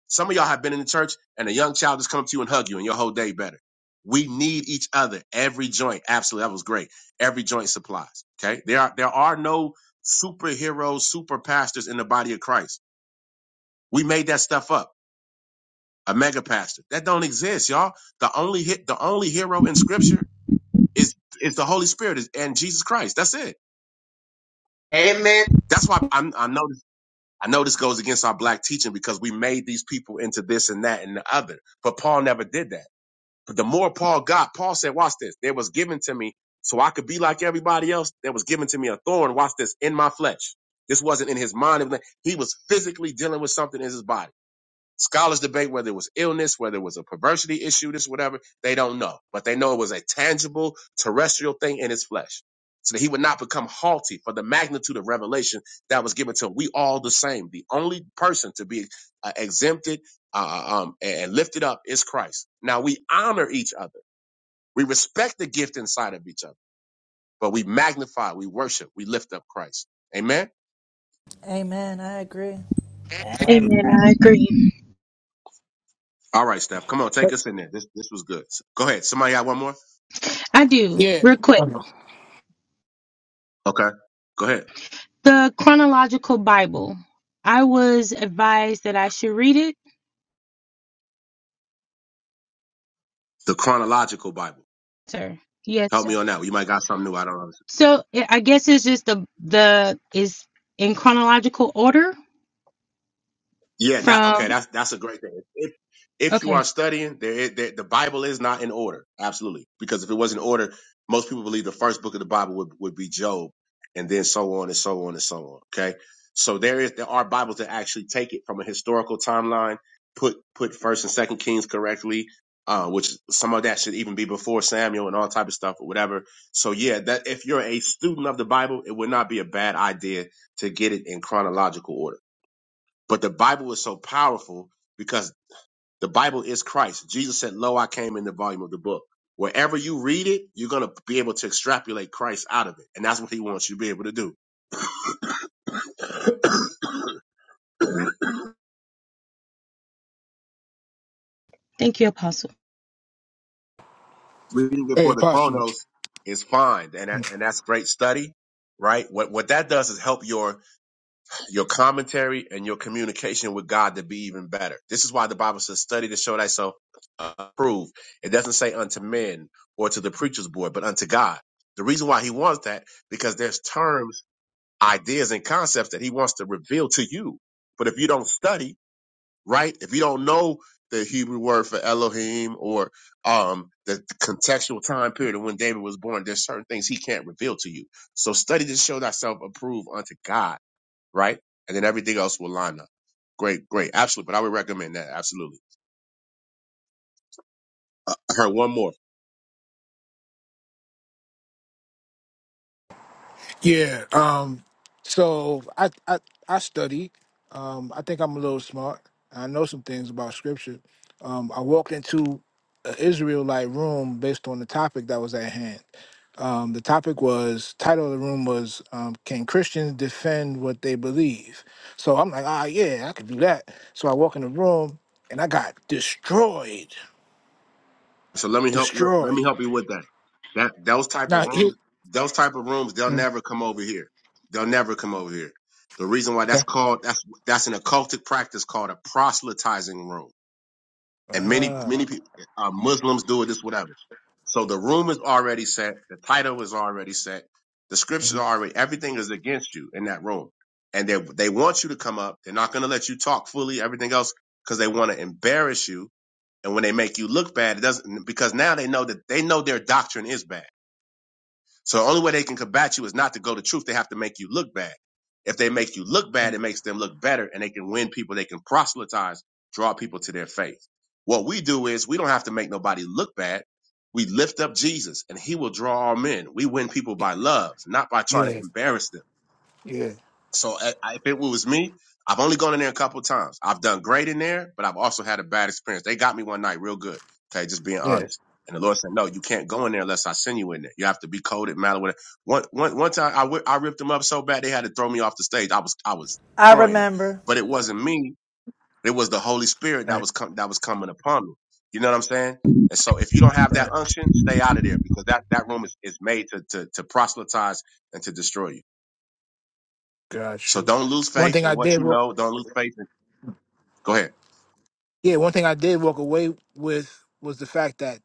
Speaker 12: Some of y'all have been in the church and a young child just come up to you and hug you and your whole day better. We need each other. Every joint. Absolutely. That was great. Every joint supplies. Okay. There are, there are no superheroes, super pastors in the body of Christ. We made that stuff up. A mega pastor. That don't exist, y'all. The only hit, the only hero in scripture is, is the Holy Spirit is, and Jesus Christ. That's it.
Speaker 3: Amen.
Speaker 12: That's why I'm, I know, I know this goes against our black teaching because we made these people into this and that and the other, but Paul never did that. But the more Paul got, Paul said, watch this. There was given to me so I could be like everybody else. There was given to me a thorn. Watch this in my flesh. This wasn't in his mind. He was physically dealing with something in his body. Scholars debate whether it was illness, whether it was a perversity issue, this, whatever. They don't know. But they know it was a tangible terrestrial thing in his flesh. So that he would not become haughty for the magnitude of revelation that was given to him. We all the same. The only person to be uh, exempted uh, uh, um, and lifted up is Christ. Now we honor each other. We respect the gift inside of each other, but we magnify, we worship, we lift up Christ. Amen.
Speaker 14: Amen, I agree.
Speaker 18: Amen.
Speaker 4: Amen. I agree.
Speaker 12: All right, Steph, come on, take us in there. This this was good. Go ahead. Somebody got one more?
Speaker 4: I do.
Speaker 6: Yeah.
Speaker 4: Real quick,
Speaker 6: Um,
Speaker 12: Okay. Go ahead.
Speaker 4: the chronological Bible. I was advised that I should read it,
Speaker 12: The chronological Bible.
Speaker 4: sir. Yes,
Speaker 12: Help
Speaker 4: sir.
Speaker 12: me on that. one. You might got something new. I don't know.
Speaker 4: So I I guess it's just the the is in chronological order
Speaker 12: Yeah, that okay.
Speaker 4: from.
Speaker 12: That's that's a great thing. If if you are
Speaker 4: Okay.
Speaker 12: studying, there, is- there the Bible is not in order. Absolutely, because if it was in order, most people believe the first book of the Bible would would be Job, and then so on and so on and so on. Okay, so there is there are Bibles that actually take it from a historical timeline, put put First and Second Kings correctly. Uh, which some of that should even be before Samuel and all type of stuff or whatever. So yeah, that if you're a student of the Bible, it would not be a bad idea to get it in chronological order. But the Bible is so powerful because the Bible is Christ. Jesus said, Lo, I came in the volume of the book. Wherever you read it, you're going to be able to extrapolate Christ out of it. And that's what he wants you to be able to do.
Speaker 4: Thank you, Apostle.
Speaker 12: Reading it
Speaker 6: Hey,
Speaker 12: for the
Speaker 6: Apostle.
Speaker 12: Chronos is fine. And, that, and that's great study, right? What, what that does is help your your commentary and your communication with God to be even better. This is why the Bible says, study to show thyself approved. It doesn't say unto men or to the preacher's board, but unto God. The reason why he wants that, because there's terms, ideas, and concepts that he wants to reveal to you. But if you don't study, right? If you don't know the Hebrew word for Elohim or um, the contextual time period of when David was born, there's certain things he can't reveal to you. So study to show thyself approved unto God right? And then everything else will line up. Great, great, absolutely. But I would recommend that absolutely. I heard one more,
Speaker 6: Yeah. Um. So I I I study. Um. I think I'm a little smart. I know some things about scripture. Um. I walked into an Israelite room based on the topic that was at hand. Um. The topic was title of the room was um, Can Christians defend what they believe? So I'm like, ah, yeah, I could do that. So I walk in the room and I got destroyed.
Speaker 12: so let me help. Let, let me
Speaker 6: Destroyed.
Speaker 12: help you with that. That those type of
Speaker 6: Now, here,
Speaker 12: rooms, those type of rooms, they'll
Speaker 6: mm,
Speaker 12: never come over here. They'll never come over here. The reason why
Speaker 6: okay.
Speaker 12: that's called that's that's an occultic practice called a proselytizing room and many many
Speaker 6: Ah,
Speaker 12: people, uh, Muslims do it. This whatever. So the room is already set. The title is already set. The scriptures
Speaker 6: mm,
Speaker 12: are already. Everything is against you in that room, and they they want you to come up. They're not going to let you talk fully. Everything else because they want to embarrass you. And when they make you look bad, it doesn't because now they know that they know their doctrine is bad. So the only way they can combat you is not to go to truth. They have to make you look bad. If they make you look bad,
Speaker 6: mm.
Speaker 12: it makes them look better and they can win people. They can proselytize, draw people to their faith. What we do is we don't have to make nobody look bad. We lift up Jesus and he will draw all men. We win people by love, not by trying to
Speaker 6: yeah,
Speaker 12: embarrass them
Speaker 6: yeah,
Speaker 12: so I, I- if it was me, I've only gone in there a couple times. I've done great in there, but I've also had a bad experience. They got me one night real good. Okay, just being
Speaker 6: yeah.
Speaker 12: honest. And the Lord said, "No, you can't go in there unless I send you in there. You have to be coded, mallet. whatever." One, one, one time, I whi- I ripped them up so bad they had to throw me off the stage. I was I was
Speaker 14: I
Speaker 12: destroying them,
Speaker 14: remember.
Speaker 12: but it wasn't me. It was the Holy Spirit that
Speaker 6: Right,
Speaker 12: was com- that was coming upon me. You know what I'm saying? And so, if you don't have that
Speaker 6: right.
Speaker 12: unction, stay out of there because that that room is, is made to to to proselytize and to destroy you.
Speaker 6: Got
Speaker 12: So
Speaker 6: you.
Speaker 12: don't lose
Speaker 6: One
Speaker 12: faith
Speaker 6: thing
Speaker 12: in
Speaker 6: I
Speaker 12: what
Speaker 6: did,
Speaker 12: you
Speaker 6: wa-
Speaker 12: know. Don't lose faith in. Go ahead.
Speaker 6: yeah, one thing I did walk away with was the fact that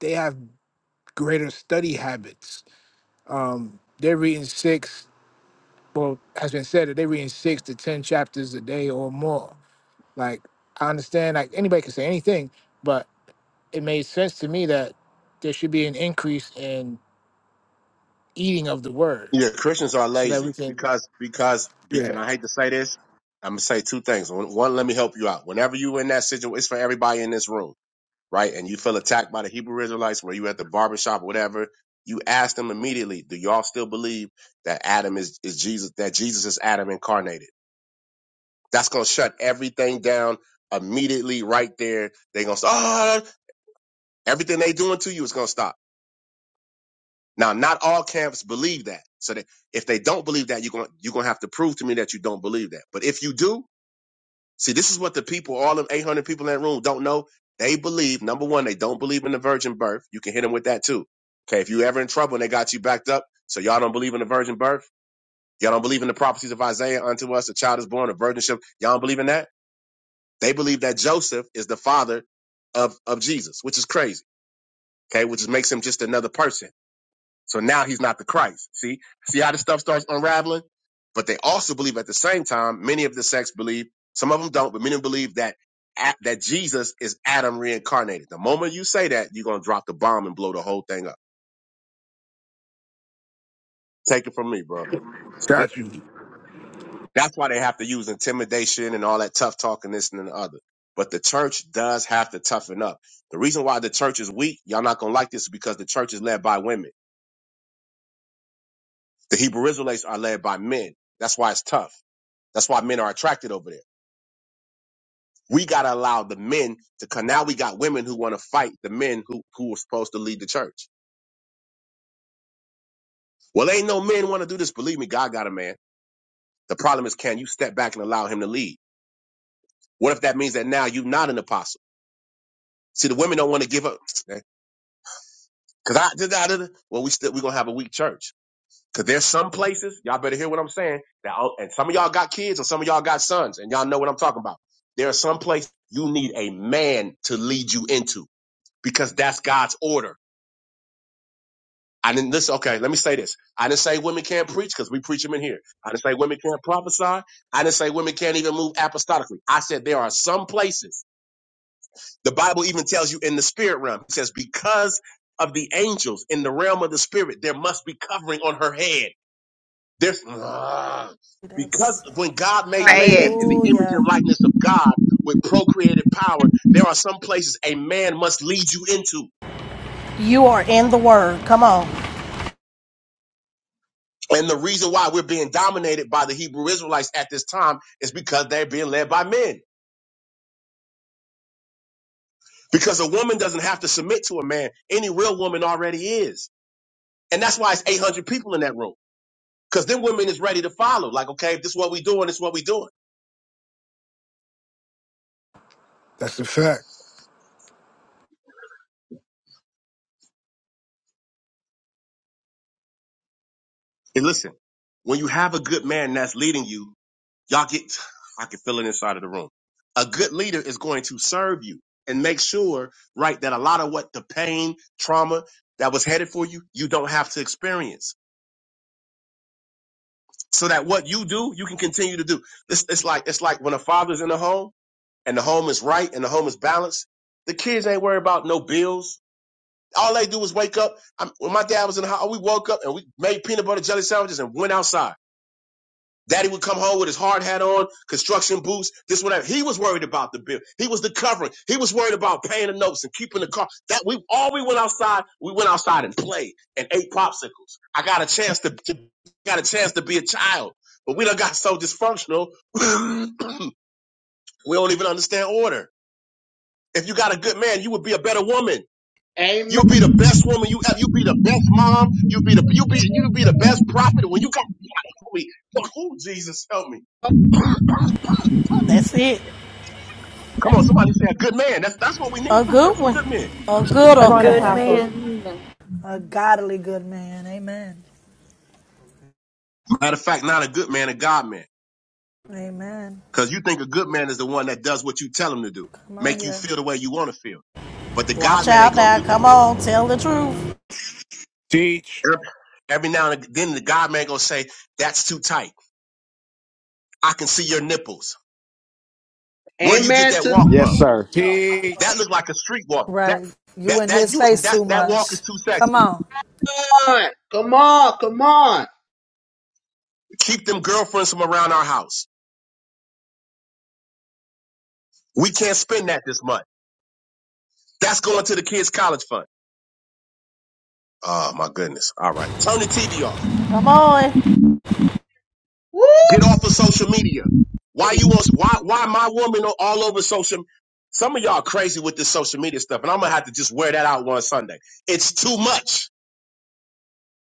Speaker 6: they have greater study habits. Um, they're reading six. Well, has been said that they're reading six to ten chapters a day or more. Like I understand, like anybody can say anything, but it made sense to me that there should be an increase in eating of the word
Speaker 12: Yeah, Christians are
Speaker 6: so that
Speaker 12: lazy
Speaker 6: we can.
Speaker 12: because because be, and
Speaker 6: Yeah,
Speaker 12: I hate to say this. I'm gonna say two things. One, one, let me help you out. Whenever you in that situation, it's for everybody in this room, right? And you feel attacked by the Hebrew Israelites, where you at the barbershop, or whatever. You ask them immediately, do y'all still believe that Adam is, is Jesus, that Jesus is Adam incarnated? That's gonna shut everything down immediately right there. They're gonna stop. Oh, everything they doing to you is gonna stop Now, not all camps believe that. So that if they don't believe that, you're going you're going to have to prove to me that you don't believe that. But if you do, see, this is what the people, all them 800 people in that room, don't know. They believe number one, they don't believe in the virgin birth. You can hit them with that too. Okay, if you ever in trouble and they got you backed up, so y'all don't believe in the virgin birth. Y'all don't believe in the prophecies of Isaiah unto us, a child is born, a virginship. Y'all don't believe in that. They believe that Joseph is the father of of Jesus, which is crazy. Okay, which makes him just another person. So now he's not the Christ. See, see how this stuff starts unraveling. But they also believe at the same time, many of the sects believe, some of them don't, but many believe that that Jesus is Adam reincarnated. The moment you say that, you're gonna drop the bomb and blow the whole thing up. Take it from me, bro. So they,
Speaker 6: got you.
Speaker 12: that's why they have to use intimidation and all that tough talk and this and the other. But the church does have to toughen up. The reason why the church is weak, y'all not gonna like this, is because the church is led by women. The Hebrew Israelites are led by men. That's why it's tough. That's why men are attracted over there. We gotta allow the men to. Cause now we got women who want to fight the men who who are supposed to lead the church. Well, ain't no men want to do this. Believe me, God got a man. The problem is, can you step back and allow him to lead? What if that means that now you're not an apostle? See, the women don't want to give up. Eh, Cause I did that. Well, we still we gonna have a weak church. Cause there's some places y'all better hear what I'm saying. That oh, and some of y'all got kids or some of y'all got sons, and y'all know what I'm talking about. There are some places you need a man to lead you into because that's God's order. I didn't listen. Okay, let me say this. I didn't say women can't preach because we preach them in here. I didn't say women can't prophesy. I didn't say women can't even move apostolically. I said there are some places. The Bible even tells you in the spirit realm. It says because of the angels in the realm of the spirit, there must be covering on her head. There's Ugh. because when God made
Speaker 16: Say
Speaker 12: man
Speaker 16: it.
Speaker 12: in the image and
Speaker 14: Hallelujah.
Speaker 12: likeness of God with procreated power, there are some places a man must lead you into.
Speaker 13: You are in the word. Come on.
Speaker 12: And the reason why we're being dominated by the Hebrew Israelites at this time is because they're being led by men. Because a woman doesn't have to submit to a man. Any real woman already is. And that's why it's 800 people in that room. Because then women is ready to follow. Like, okay, if this is what we doing, this is what we doing.
Speaker 6: That's a fact.
Speaker 12: And listen, when you have a good man that's leading you, y'all get, I can feel it inside of the room. A good leader is going to serve you and make sure, right, that a lot of what the pain, trauma that was headed for you, you don't have to experience so that what you do, you can continue to do. It's, it's like it's like when a father's in a home and the home is right and the home is balanced. The kids ain't worried about no bills. All they do is wake up. i when my dad was in the house, we woke up and we made peanut butter jelly sandwiches and went outside. Daddy would come home with his hard hat on, construction boots, this whatever. He was worried about the bill. He was the covering. He was worried about paying the notes and keeping the car. That we all we went outside, we went outside and played and ate popsicles. I got a chance to, to got a chance to be a child, but we done got so dysfunctional. we don't even understand order. If you got a good man, you would be a better woman. You'd be
Speaker 3: Amen.
Speaker 12: the best woman you ever. You'd be the best mom. You'd be the
Speaker 2: Thank you.
Speaker 12: you'd be
Speaker 2: come on,
Speaker 12: you'd be the
Speaker 2: come
Speaker 12: best
Speaker 2: on,
Speaker 12: prophet. When you got help me, who Jesus help me.
Speaker 13: That's it.
Speaker 12: Come on, somebody say a good man. That's that's what we
Speaker 13: A
Speaker 12: need. Some good,
Speaker 13: good
Speaker 12: some
Speaker 13: one.
Speaker 12: good men.
Speaker 13: A good
Speaker 7: A
Speaker 13: one.
Speaker 7: good
Speaker 2: Good
Speaker 7: man.
Speaker 2: man.
Speaker 14: A godly good man. Amen.
Speaker 12: Matter of fact, not a good man, a God man.
Speaker 14: Amen.
Speaker 12: Because you think a good man is the one that does what you tell him to do,
Speaker 14: Come on
Speaker 12: make you
Speaker 14: here.
Speaker 12: feel the way you want to feel. But the
Speaker 13: Watch
Speaker 12: God man ain't
Speaker 13: out
Speaker 12: gonna
Speaker 13: now.
Speaker 12: do that.
Speaker 13: Come on. Tell the truth.
Speaker 6: Teach,
Speaker 12: Every now and then, the God man gonna say, "That's too tight. I can see your nipples. Where you get
Speaker 3: Amen
Speaker 12: that
Speaker 3: to
Speaker 12: walk
Speaker 15: Yes,
Speaker 12: from?
Speaker 15: sir.
Speaker 6: teach,
Speaker 12: That look like a street walk. That
Speaker 14: Right. You
Speaker 12: that
Speaker 14: in
Speaker 12: that
Speaker 14: his
Speaker 12: you
Speaker 14: face
Speaker 12: that
Speaker 14: too
Speaker 12: that walk is
Speaker 14: much.
Speaker 12: too
Speaker 14: Come
Speaker 12: sexy.
Speaker 14: on.
Speaker 3: God. Come on, come on.
Speaker 12: Keep them girlfriends from around our house. We can't spend that this month. That's going to the kids' college fund. Oh my goodness. All right, turn the TV off.
Speaker 13: Come on.
Speaker 12: Get
Speaker 3: Woo!
Speaker 12: off of social media. Why you on, why why my woman are all over social Some of y'all crazy with this social media stuff, and I'm gonna have to just wear that out one Sunday. It's too much.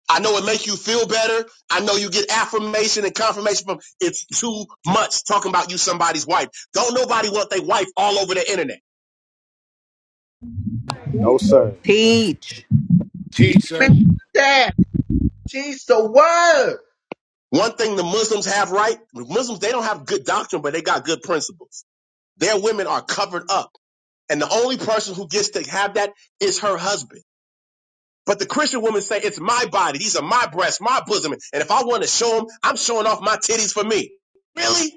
Speaker 12: I know it makes you feel better. I know you get affirmation and confirmation from it's too much talking about you somebody's wife. Don't nobody want their wife all over the internet.
Speaker 2: that's
Speaker 15: No,
Speaker 2: it,
Speaker 15: sir.
Speaker 16: Teach.
Speaker 6: teacher,
Speaker 3: Amen to that. Teach the word.
Speaker 12: One thing the Muslims have right, the Muslims they don't have good doctrine, but they got good principles. Their women are covered up. And the only person who gets to have that is her husband. But the Christian women say, it's my body. These are my breasts, my bosom. And if I want to show them, I'm showing off my titties for me. Really?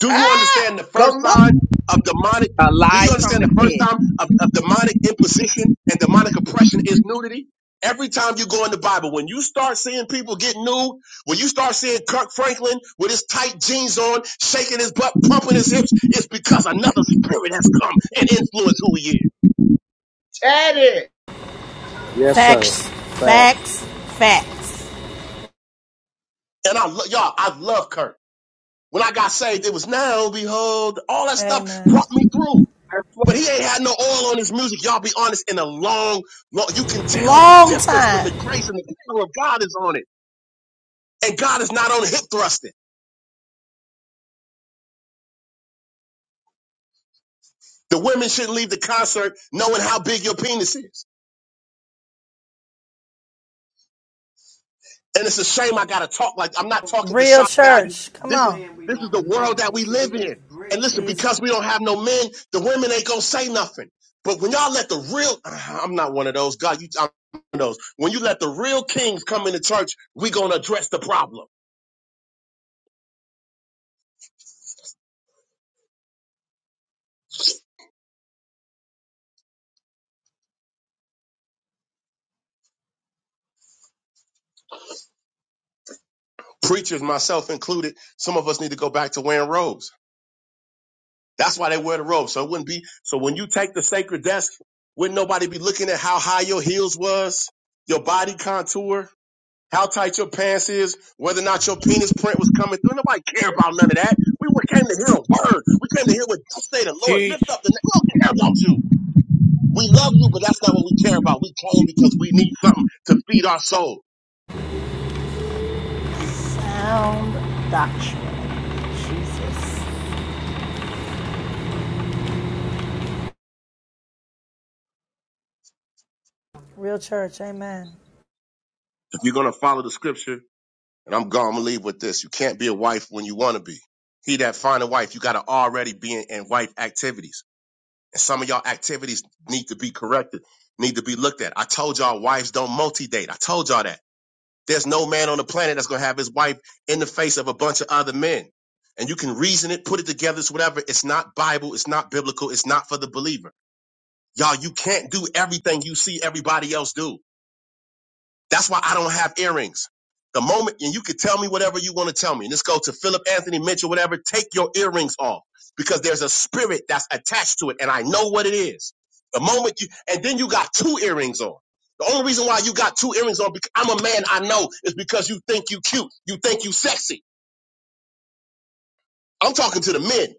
Speaker 12: Do you
Speaker 3: Ah!
Speaker 12: understand the first
Speaker 3: Come on,
Speaker 12: sign of demonic?
Speaker 16: A
Speaker 12: Do you
Speaker 16: lie from
Speaker 12: understand
Speaker 16: the
Speaker 12: the first
Speaker 16: pit.
Speaker 12: time of, of demonic imposition and demonic oppression is nudity? Every time you go in the Bible, when you start seeing people get nude, when you start seeing Kirk Franklin with his tight jeans on, shaking his butt, pumping his hips, it's because another spirit has come and influenced who he is.
Speaker 3: Teddy.
Speaker 15: Yes, sir.
Speaker 13: Facts.
Speaker 15: Facts.
Speaker 13: Facts. Facts.
Speaker 12: And I, lo- y'all, I love Kirk. When I got saved, it was now, behold, all that stuff
Speaker 14: Amen.
Speaker 12: brought me through. But he ain't had no oil on his music. Y'all be honest, in a long, long, you can tell the
Speaker 13: Long
Speaker 12: difference when
Speaker 13: time.
Speaker 12: the grace and the power of God is on it. And God is not on hip thrusting. The women shouldn't leave the concert knowing how big your penis is. And it's a shame I gotta talk like I'm not talking for
Speaker 14: Real
Speaker 12: shock value.
Speaker 14: church. Come
Speaker 12: This is
Speaker 14: on. He
Speaker 12: this is the world that
Speaker 14: he
Speaker 12: we
Speaker 14: said he
Speaker 12: live in.
Speaker 14: gets
Speaker 12: And
Speaker 14: great church.
Speaker 12: listen,
Speaker 14: Jeez.
Speaker 12: because we don't have no men, the women ain't gonna say nothing. But when y'all let the real, uh-huh, I'm not one of those. God, you, I'm one of those. When you let the real kings come into church, we gonna address the problem. Preachers, myself included, some of us need to go back to wearing robes. That's why they wear the robes. So it wouldn't be. So when you take the sacred desk, wouldn't nobody be looking at how high your heels was, your body contour? how tight your pants is, whether or not your penis print was coming through. Nobody care about none of that. We came to hear a word. We came to hear what you say the Lord. Lift
Speaker 6: teach,
Speaker 12: up the name. We don't care about you. We love you, but that's not what we care about. We came because we need something to feed our soul.
Speaker 13: Sound doctrine. Jesus.
Speaker 14: Real church. Amen.
Speaker 12: If you're going to follow the scripture, and I'm going to leave with this. You can't be a wife when you want to be. He that find a wife, you got to already be in, in wife activities. And some of y'all activities need to be corrected, need to be looked at. I told y'all wives don't multi-date. I told y'all that. There's no man on the planet that's going to have his wife in the face of a bunch of other men. And you can reason it, put it together, it's whatever. It's not Bible. It's not biblical. It's not for the believer. Y'all, you can't do everything you see everybody else do. That's why I don't have earrings. The moment, and you can tell me whatever you want to tell me. Let's go to Philip Anthony Mitchell, whatever. Take your earrings off because there's a spirit that's attached to it, and I know what it is. The moment you, and then you got two earrings on. The only reason why you got two earrings on, because I'm a man, I know, is because you think you cute, you think you sexy. I'm talking to the men.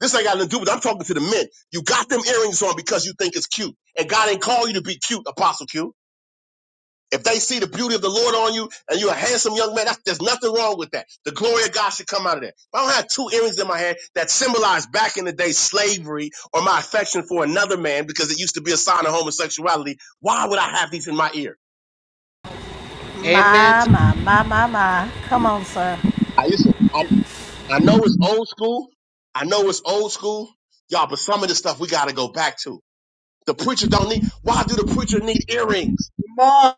Speaker 12: This ain't got nothing to do with. it. I'm talking to the men. You got them earrings on because you think it's cute, and God ain't call you to be cute, Apostle Q. If they see the beauty of the Lord on you and you're a handsome young man, that's, there's nothing wrong with that. The glory of God should come out of that. If I don't have two earrings in my hand that symbolize back in the day slavery or my affection for another man because it used to be a sign of homosexuality, why would I have these in my ear?
Speaker 3: Amen
Speaker 13: My,
Speaker 3: to
Speaker 13: my, my, my, my. Come on, sir.
Speaker 12: I listen, I, I know it's old school. I know it's old school. Y'all, but some of this stuff we got to go back to. The preacher don't need, why do the preacher need earrings?
Speaker 3: come on.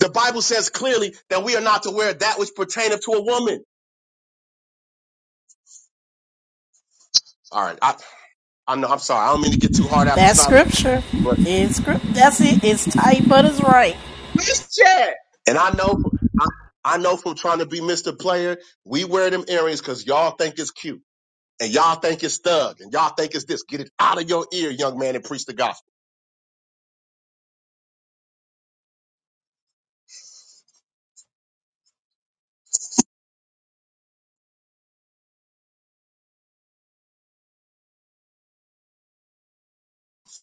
Speaker 12: The Bible says clearly that we are not to wear that which pertaineth to a woman. All right. I, I know. I'm sorry. I don't mean to get too hard
Speaker 13: That's
Speaker 12: apostolic,
Speaker 13: scripture.
Speaker 12: but
Speaker 13: It's script. That's it. It's tight, but it's right.
Speaker 3: Christian,
Speaker 12: and I know, I, I know from trying to be Mr. Player, we wear them earrings because y'all think it's cute and y'all think it's thug and y'all think it's this. Get it out of your ear, young man, and preach the gospel.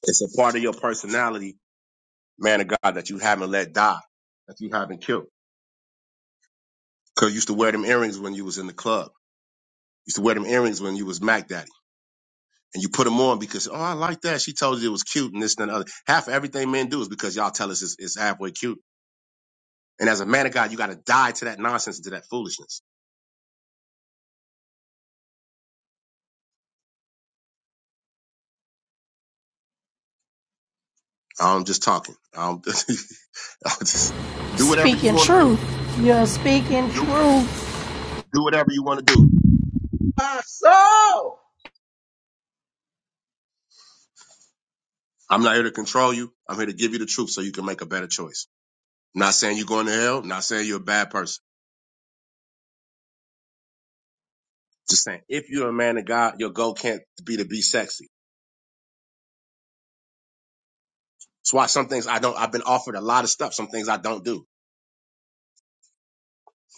Speaker 12: It's a part of your personality, man of God, that you haven't let die, that you haven't killed. Because you used to wear them earrings when you was in the club. You used to wear them earrings when you was Mac Daddy. And you put them on because, oh, I like that. She told you it was cute and this and the other. Half of everything men do is because y'all tell us it's, it's halfway cute And as a man of God, you got to die to that nonsense and to that foolishness. I'm just talking. I'm I'm just do whatever you
Speaker 13: Speaking
Speaker 12: want to
Speaker 13: truth.
Speaker 12: do.
Speaker 13: You're speaking
Speaker 12: Do
Speaker 13: truth.
Speaker 12: do whatever you want to do.
Speaker 3: my soul.
Speaker 12: I'm not here to control you. I'm here to give you the truth so you can make a better choice. I'm not saying you're going to hell. I'm not saying you're a bad person. Just saying, if you're a man of God, your goal can't be to be sexy. That's why some things I don't. I've been offered a lot of stuff. Some things I don't do.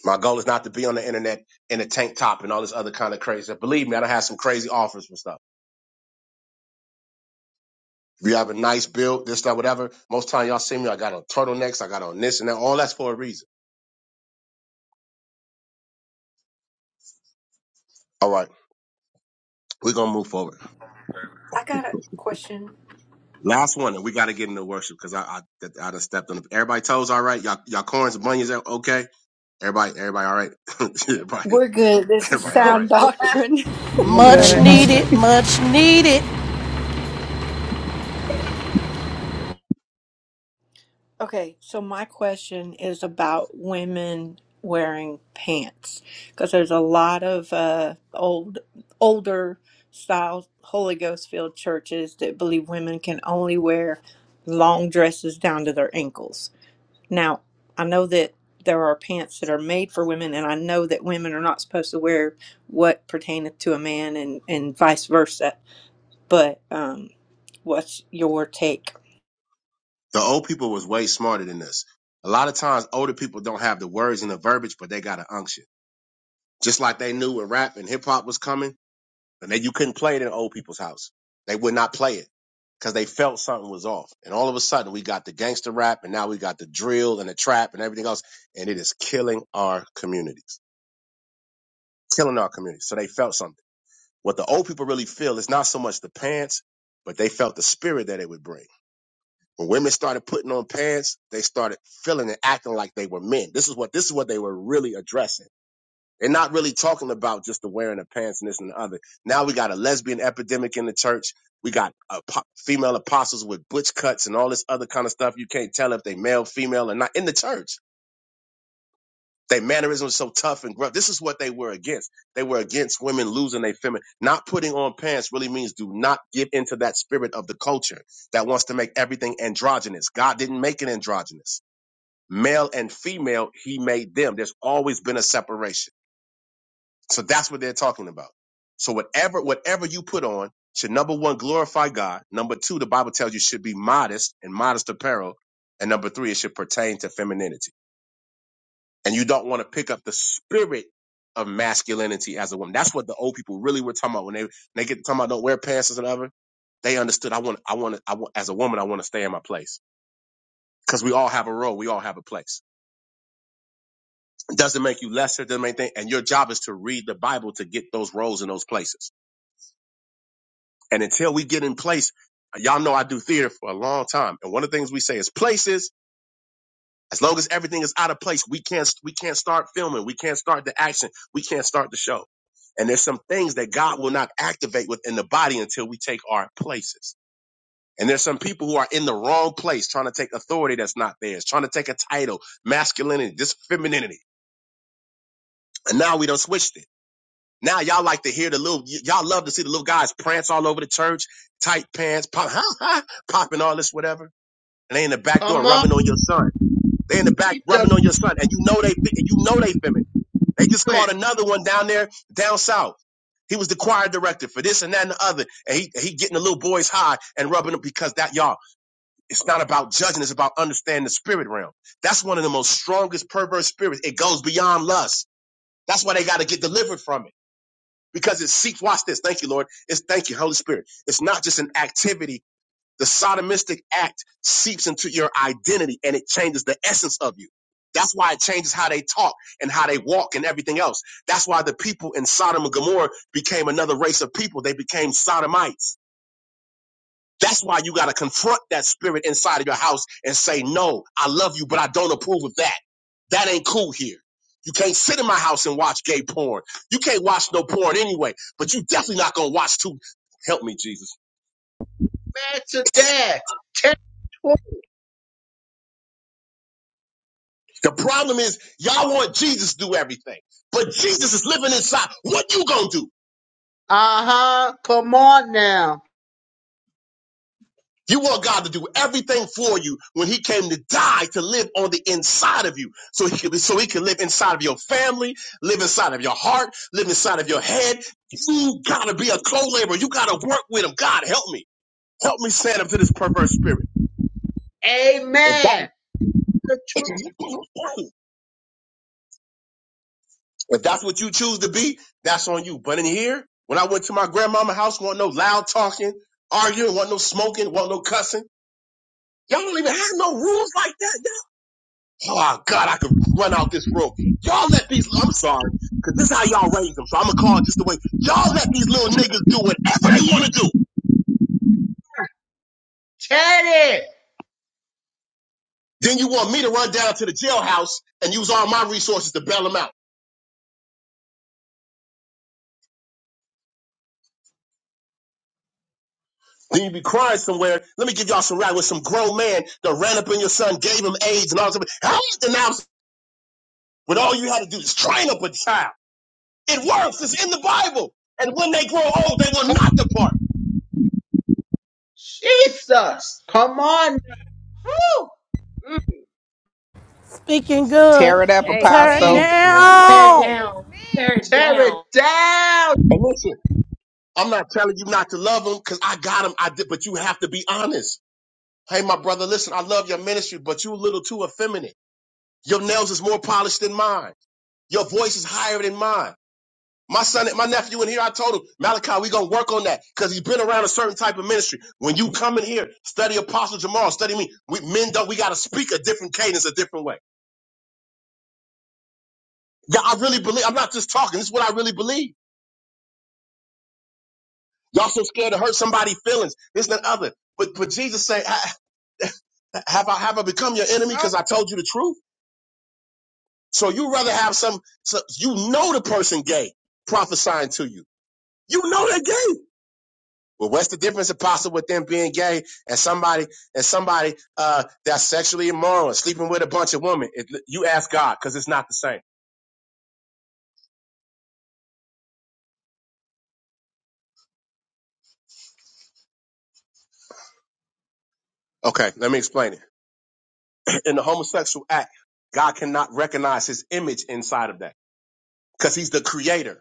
Speaker 12: My goal is not to be on the internet in a tank top and all this other kind of crazy. Believe me, I don't have some crazy offers for stuff. If you have a nice build, this, that, whatever, most time y'all see me, I got on turtlenecks, I got on this and that. All that's for a reason. All right, we're gonna move forward.
Speaker 7: I got a question.
Speaker 12: Last one, and we got to get into worship because I, I, I done stepped on. it. Everybody toes all right. Y'all, y'all corns, bunions, okay? Everybody, everybody all right. everybody,
Speaker 7: We're good. This is
Speaker 12: everybody all right.
Speaker 7: sound doctrine.
Speaker 13: Much needed. Much needed.
Speaker 7: Okay, so my question is about women wearing pants because there's a lot of uh, old, older style Holy Ghost filled churches that believe women can only wear long dresses down to their ankles. Now, I know that there are pants that are made for women, and I know that women are not supposed to wear what pertaineth to a man, and and vice versa. But um, What's your take?
Speaker 12: The old people was way smarter than this. A lot of times, older people don't have the words and the verbiage, but they got an unction. Just like they knew when rap and hip hop was coming And then you couldn't play it in old people's house. They would not play it because they felt something was off. And all of a sudden, we got the gangster rap, and now we got the drill and the trap and everything else, and it is killing our communities, killing our communities. So they felt something. What the old people really feel is not so much the pants, but they felt the spirit that it would bring. When women started putting on pants, they started feeling and acting like they were men. This is what this is what they were really addressing they're not really talking about just the wearing of pants and this and the other. Now we got a lesbian epidemic in the church. We got uh, po- female apostles with butch cuts and all this other kind of stuff. You can't tell if they male, female, or not in the church. Their mannerisms are so tough and gruff. This is what they were against. They were against women losing their feminine. Not putting on pants really means do not give into that spirit of the culture that wants to make everything androgynous. God didn't make it androgynous. Male and female, he made them. There's always been a separation so that's what they're talking about. So whatever whatever you put on should number one glorify God. Number two, the Bible tells you should be modest and modest apparel. And number three, it should pertain to femininity. And you don't want to pick up the spirit of masculinity as a woman. That's what the old people really were talking about when they when they get talking about don't wear pants as an other. They understood I want I want I want as a woman I want to stay in my place because we all have a role. We all have a place. It doesn't make you lesser. Doesn't make anything. And your job is to read the Bible to get those roles in those places. And until we get in place, y'all know I do theater for a long time. And one of the things we say is places, as long as everything is out of place, we can't we can't start filming, we can't start the action, we can't start the show. And there's some things that God will not activate within the body until we take our places. And there's some people who are in the wrong place trying to take authority that's not theirs, trying to take a title, masculinity, this femininity. And now we don't switch it. Now y'all like to hear the little, y- y'all love to see the little guys prance all over the church, tight pants, pop, popping all this whatever. And they in the back door
Speaker 3: Come on,
Speaker 12: rubbing on your son. They in the back
Speaker 3: read the
Speaker 12: rubbing on your son, and you know they, fe- you know they feminine. They just
Speaker 3: room.
Speaker 12: caught another one down there, down south. He was the choir director for this and that and the other, and he he getting the little boys high and rubbing them because that y'all. It's not about judging; it's about understanding the spirit realm. That's one of the most strongest perverse spirits. It goes beyond lust. That's why they got to get delivered from it because it seeks, watch this, thank you, Lord. It's thank you, Holy Spirit. It's not just an activity. The sodomistic act seeps into your identity and it changes the essence of you. That's why it changes how they talk and how they walk and everything else. That's why the people in Sodom and Gomorrah became another race of people. They became sodomites that's why you got to confront that spirit inside of your house and say, No, I love you, but I don't approve of that. That ain't cool here. You can't sit in my house and watch gay porn. You can't watch no porn anyway, but you definitely not going to watch too. Help me, Jesus.
Speaker 3: Amen to that. Teddy.
Speaker 12: The problem is, y'all want Jesus to do everything, but Jesus is living inside. What you going to do?
Speaker 3: Uh-huh. Come on now.
Speaker 12: You want God to do everything for you when He came to die to live on the inside of you, so He could, so He can live inside of your family, live inside of your heart, live inside of your head. You gotta be a co-laborer. You gotta work with Him. God, help me, help me stand up to this perverse spirit. If
Speaker 3: Amen.
Speaker 12: that-
Speaker 3: The truth.
Speaker 12: if that's what you choose to be, that's on you. But in here, when I went to my grandmama house, want no loud talking, arguing, want no smoking, want no cussing. Y'all don't even have no rules like that. Oh God, I could run out this room. Y'all let these. I'm sorry, cause this is how y'all raise them. So I'm gonna call it just the way y'all let these little niggas do whatever they want to do.
Speaker 3: Teddy.
Speaker 12: Then you want me to run down to the jailhouse and use all my resources to bail them out. Then you be crying somewhere. Let me give y'all some rap with some grown man that ran up in your son, gave him AIDS and all that. How is the now? But all you had to do is train up a child. It works. It's in the Bible. And when they grow old, they will
Speaker 3: Come
Speaker 12: not depart.
Speaker 3: Jesus. Come on. Woo! Mm.
Speaker 13: Speaking good.
Speaker 16: Tear it up,
Speaker 13: Turn
Speaker 16: apostle.
Speaker 5: Amen. You
Speaker 6: teacher.
Speaker 5: better say
Speaker 13: down.
Speaker 5: that. Amen.
Speaker 3: Tear it down.
Speaker 12: And listen, I'm not telling you not to love them because I got them. I did, but you have to be honest. Hey, my brother, listen, I love your ministry, but you are a little too effeminate. Your nails is more polished than mine. Your voice is higher than mine. My son, my nephew in here, I told him, Malachi, we gonna work on that because he's been around a certain type of ministry. When you come in here, study Apostle Jamal, study me. We men don't, we gotta speak a different cadence, a different way. Yeah, I really believe, I'm not just talking, this is what I really believe. Y'all so scared to hurt somebody's feelings, this and that other. But, but Jesus said, have I, have I become your enemy
Speaker 5: Oh,
Speaker 12: because I told you the truth? So you rather have some, so you know the person gay prophesying to you. You know they're gay. Well, what's the difference, apostle, with them being gay and somebody and somebody uh, that's sexually immoral and sleeping with a bunch of women? It, you ask God because it's not the same. Okay, let me explain it. In the homosexual act, God cannot recognize His image inside of that because He's the Creator.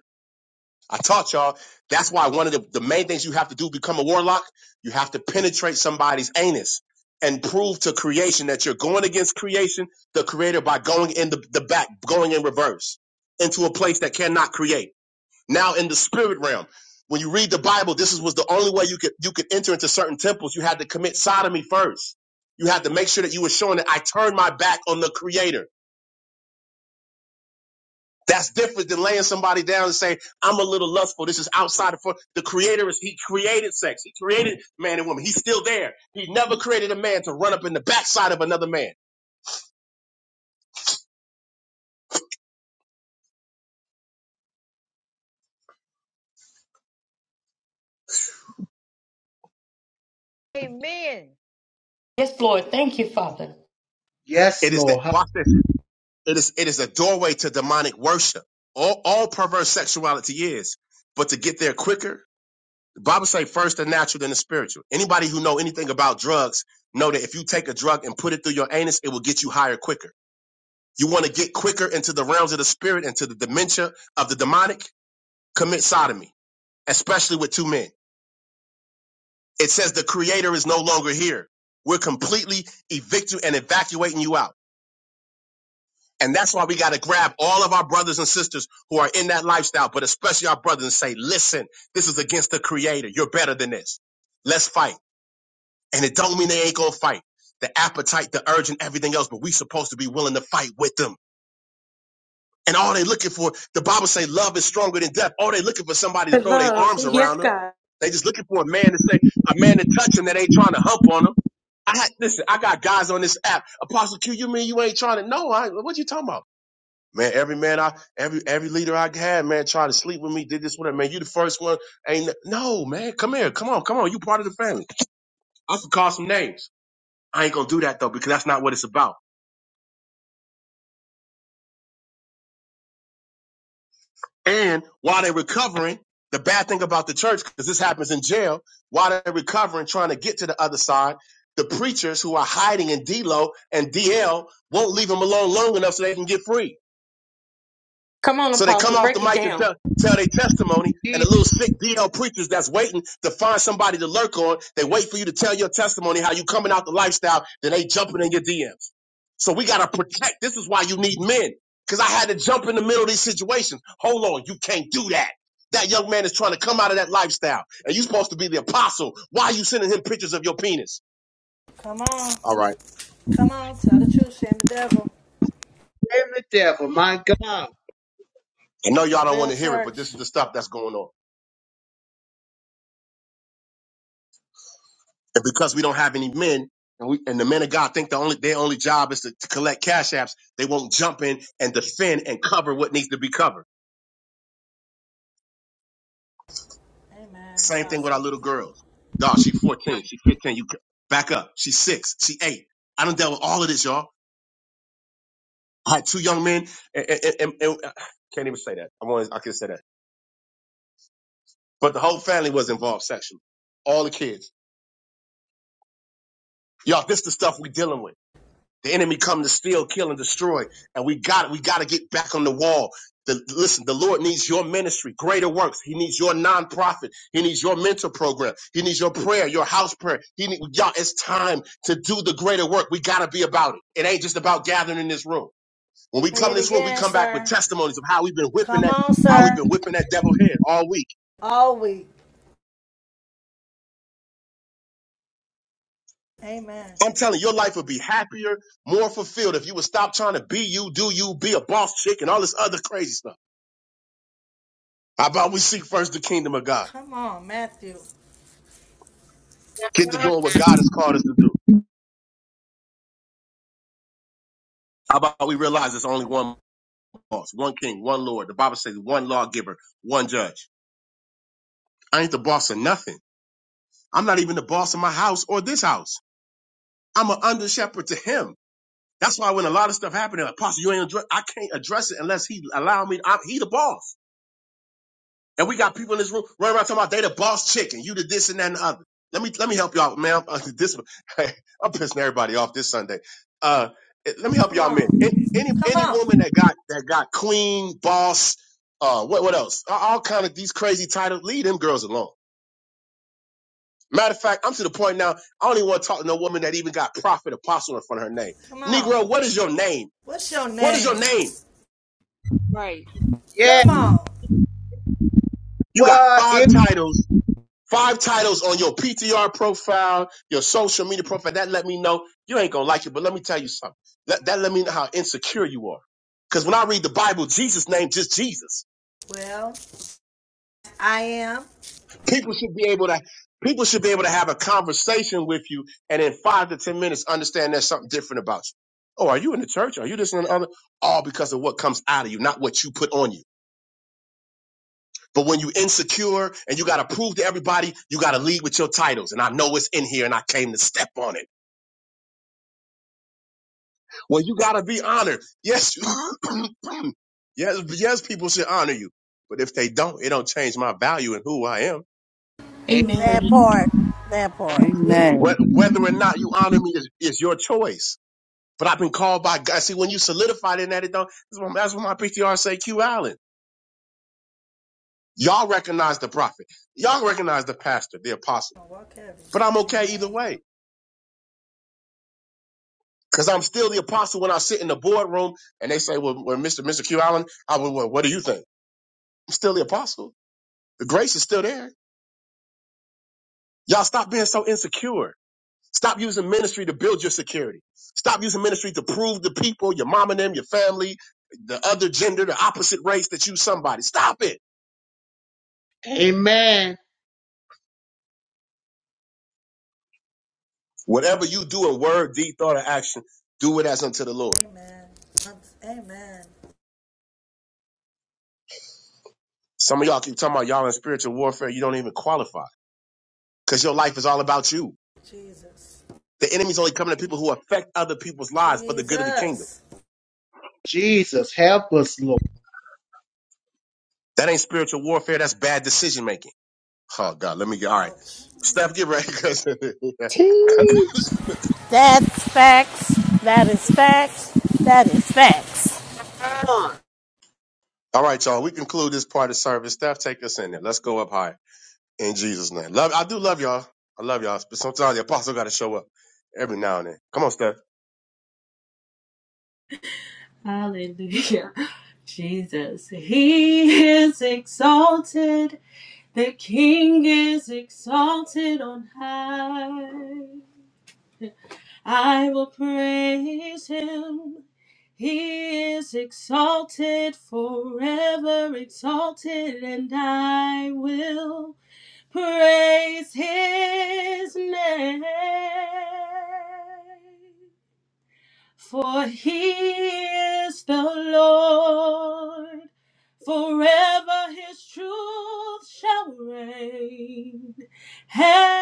Speaker 12: I taught y'all. That's why one of the, the main things you have to do to become a warlock, you have to penetrate somebody's anus and prove to creation that you're going against creation, the creator, by going in the, the back, going in reverse into a place that cannot create. Now in the spirit realm, when you read the Bible, this is, was the only way you could you could enter into certain temples. You had to commit sodomy first. You had to make sure that you were showing that I turned my back on the creator. That's different than laying somebody down and saying, I'm a little lustful. This is outside of for the creator is he created sex. He created man and woman. He's still there. He never created a man to run up in the backside of another man.
Speaker 5: amen.
Speaker 4: Yes, Lord. Thank you, Father.
Speaker 3: Yes,
Speaker 12: It is that
Speaker 3: Lord.
Speaker 12: watch this. It is it is a doorway to demonic worship. All all perverse sexuality is. But to get there quicker, the Bible say first the natural, then the spiritual. Anybody who know anything about drugs know that if you take a drug and put it through your anus, it will get you higher quicker. You want to get quicker into the realms of the spirit, into the dementia of the demonic commit sodomy, especially with two men. It says the creator is no longer here. We're completely evicting and evacuating you out. And that's why we got to grab all of our brothers and sisters who are in that lifestyle, but especially our brothers and say, listen, this is against the creator. You're better than this. Let's fight. And it don't mean they ain't going to fight. The appetite, the urge and everything else, but we supposed to be willing to fight with them And all they looking for, the Bible say love is stronger than death. All they looking for somebody to throw their arms around them. They just looking for a man to say, a man to touch them that ain't trying to hump on them. I had, listen, I got guys on this app. Apostle Q, you mean you ain't trying to? No, I, what you talking about? Man, every man I, every, every leader I had, man, tried to sleep with me, did this, whatever. Man, you the first one. Ain't, no, no, man, come here. Come on, come on. You part of the family. I could call some names. I ain't gonna do that though, because that's not what it's about. And while they're recovering, the bad thing about the church, because this happens in jail, while they're recovering, trying to get to the other side, the preachers who are hiding in D-Lo and DL won't leave them alone long enough so they can get free. So they come off the mic and tell, tell their testimony, and the
Speaker 3: He's
Speaker 12: little sick DL preachers that's waiting to find somebody to lurk on, they wait for you to tell your testimony, how you coming out the lifestyle, then they jumping in your DMs. So we gotta protect. This is why you need men. Cause I had to jump in the middle of these situations. Hold on, you can't do that. That young man is trying to come out of that lifestyle, and you're supposed to be the apostle. Why are you sending him pictures of your penis?
Speaker 14: Come on.
Speaker 12: All right.
Speaker 14: Come on. Tell the truth. Shame the devil.
Speaker 3: the devil. My God.
Speaker 12: I know y'all don't want
Speaker 14: Real
Speaker 12: to hear it, but this is
Speaker 14: church.
Speaker 12: the stuff that's going on. And because we don't have any men, and we and the men of God think the only their only job is to, to collect cash apps, they won't jump in and defend and cover what needs to be covered.
Speaker 14: Amen.
Speaker 12: Same thing with our
Speaker 14: Apostle.
Speaker 12: little girls. Dog, she 14, she 15. You c- back up. She's six, she eight. I done dealt with all of this, y'all. I had two young men, and, and, and, and- I can't even say that. I want I can say that, but the whole family was involved sexually. All the kids, y'all. This the stuff we dealing with. The enemy come to steal, kill, and destroy. And we got we got to get back on the wall. The, listen, the Lord needs your ministry, greater works. He needs your nonprofit. He needs your mentor program. He needs your prayer, your house prayer. He need, y'all, it's time to do the greater work. We got to be about it. It ain't just about gathering in this room. When we
Speaker 14: Say
Speaker 12: come in
Speaker 14: it
Speaker 12: this room, we
Speaker 14: again,
Speaker 12: come back with
Speaker 14: sir.
Speaker 12: testimonies of how we've been whipping
Speaker 14: Come
Speaker 12: that,
Speaker 14: on,
Speaker 12: how we've
Speaker 14: sir.
Speaker 12: been whipping that devil head all week.
Speaker 14: All week. Amen.
Speaker 12: I'm telling you, your life would be happier, more fulfilled if you would stop trying to be you, do you, be a boss chick, and all this other crazy stuff. How about we seek first the kingdom of God?
Speaker 14: Come on, Matthew.
Speaker 12: Get to
Speaker 3: God,
Speaker 12: doing what God has called us to do. How about we realize
Speaker 14: Next
Speaker 12: there's only one boss, one king, one Lord. The Bible says one lawgiver, one judge. I ain't the boss of nothing. I'm not even the boss of my house or this house. I'm an under shepherd to him. That's why when a lot of stuff happened, Apostle, you ain't address, I can't address it unless he allow me. I'm, he the boss. And we got people in this room running around talking about they the boss chicken, you the this and that and the other. Let me let me help y'all, man. I'm, this I'm pissing everybody off this Sunday. Uh, let me help
Speaker 14: Come
Speaker 12: y'all, men.
Speaker 14: on.
Speaker 12: Any any
Speaker 14: Come
Speaker 12: any
Speaker 14: on.
Speaker 12: woman that got that got queen, boss, uh, what what else? All all kind of these crazy titles. Leave them girls alone. Matter of fact, I'm to the point now. I don't even want to talk to no woman that even got prophet apostle in front of her name.
Speaker 14: Come on.
Speaker 12: Negro, what is your name?
Speaker 14: What's your
Speaker 12: What is your
Speaker 14: name?
Speaker 12: name?
Speaker 3: Yeah.
Speaker 14: Come on.
Speaker 12: You got
Speaker 3: What
Speaker 12: five
Speaker 3: if?
Speaker 12: titles Five titles on your PTR profile, your social media profile. That let me know you ain't gonna like it, but let me tell you something. That, that let me know how insecure you are. Because when I read the Bible, Jesus' name just Jesus.
Speaker 14: Well, I am.
Speaker 12: People should be able to people should be able to have a conversation with you, and in five to ten minutes, understand there's something different about you. Oh, are you in the church? Are you this and the other? All because of what comes out of you, not what you put on you. But when you insecure and you got to prove to everybody, you got to lead with your titles. And I know it's in here, and I came to step on it. Well, you gotta be honored. Yes, yes, yes. People should honor you, but if they don't, it don't change my value and who I am.
Speaker 13: That part. That part.
Speaker 19: Amen.
Speaker 12: Wh-
Speaker 2: that's
Speaker 12: Whether or not you honor me is, is your choice. But I've been called by God. See, when you solidified in that, it don't. That's what that's what my PTR say. Q Allen. Y'all recognize the prophet. Y'all recognize the pastor, the apostle.
Speaker 14: going Walk heavy.
Speaker 12: But I'm okay either
Speaker 14: Amen.
Speaker 12: way. Cause I'm still the apostle when I sit in the boardroom and they say, well, well Mr. Mr. Q Allen, I, would, well, what do you think? I'm still the apostle. The grace is still there Y'all stop being so insecure. Stop using ministry to build your security. Stop using ministry to prove to people, your mom and them, your family, the other gender, the opposite race that you somebody. Stop it.
Speaker 3: Amen.
Speaker 12: Whatever you do in word, deed, thought, or action, do it as unto the Lord.
Speaker 14: Amen. Amen.
Speaker 12: Some of y'all keep talking about y'all in spiritual warfare. You don't even qualify because your life is all about you.
Speaker 14: Jesus.
Speaker 12: The enemy's only coming to people who affect other people's lives for the good of the kingdom.
Speaker 14: Jesus.
Speaker 3: Jesus, help us, Lord.
Speaker 12: That ain't spiritual warfare. That's bad decision making. Oh God, let me get all right.
Speaker 14: Ouch.
Speaker 12: Steph, get ready because
Speaker 16: Teach.
Speaker 13: That's facts. That is facts. That is facts.
Speaker 3: Come on.
Speaker 12: All right, y'all. We conclude this part of service. Steph, take us in there. Let's go up high in Jesus' name. Love. I do love y'all. I love y'all. But sometimes the apostle got to show up every now and then. Come on, Steph.
Speaker 11: Hallelujah. Jesus, He is exalted. The King is exalted on high. I will praise Him. He is exalted forever, exalted, and I will. Praise his name, for he is the Lord. Forever his truth shall reign. Heaven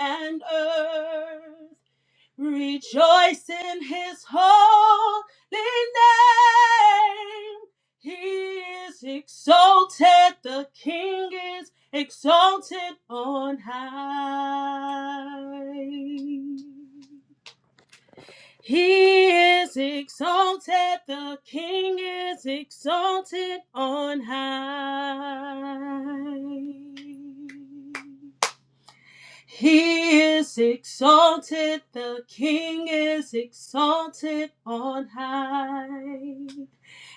Speaker 11: and earth Rejoice in his holy name. He is exalted. The king is exalted on high. He is exalted. The king is exalted on high. He is exalted, the King is exalted on high.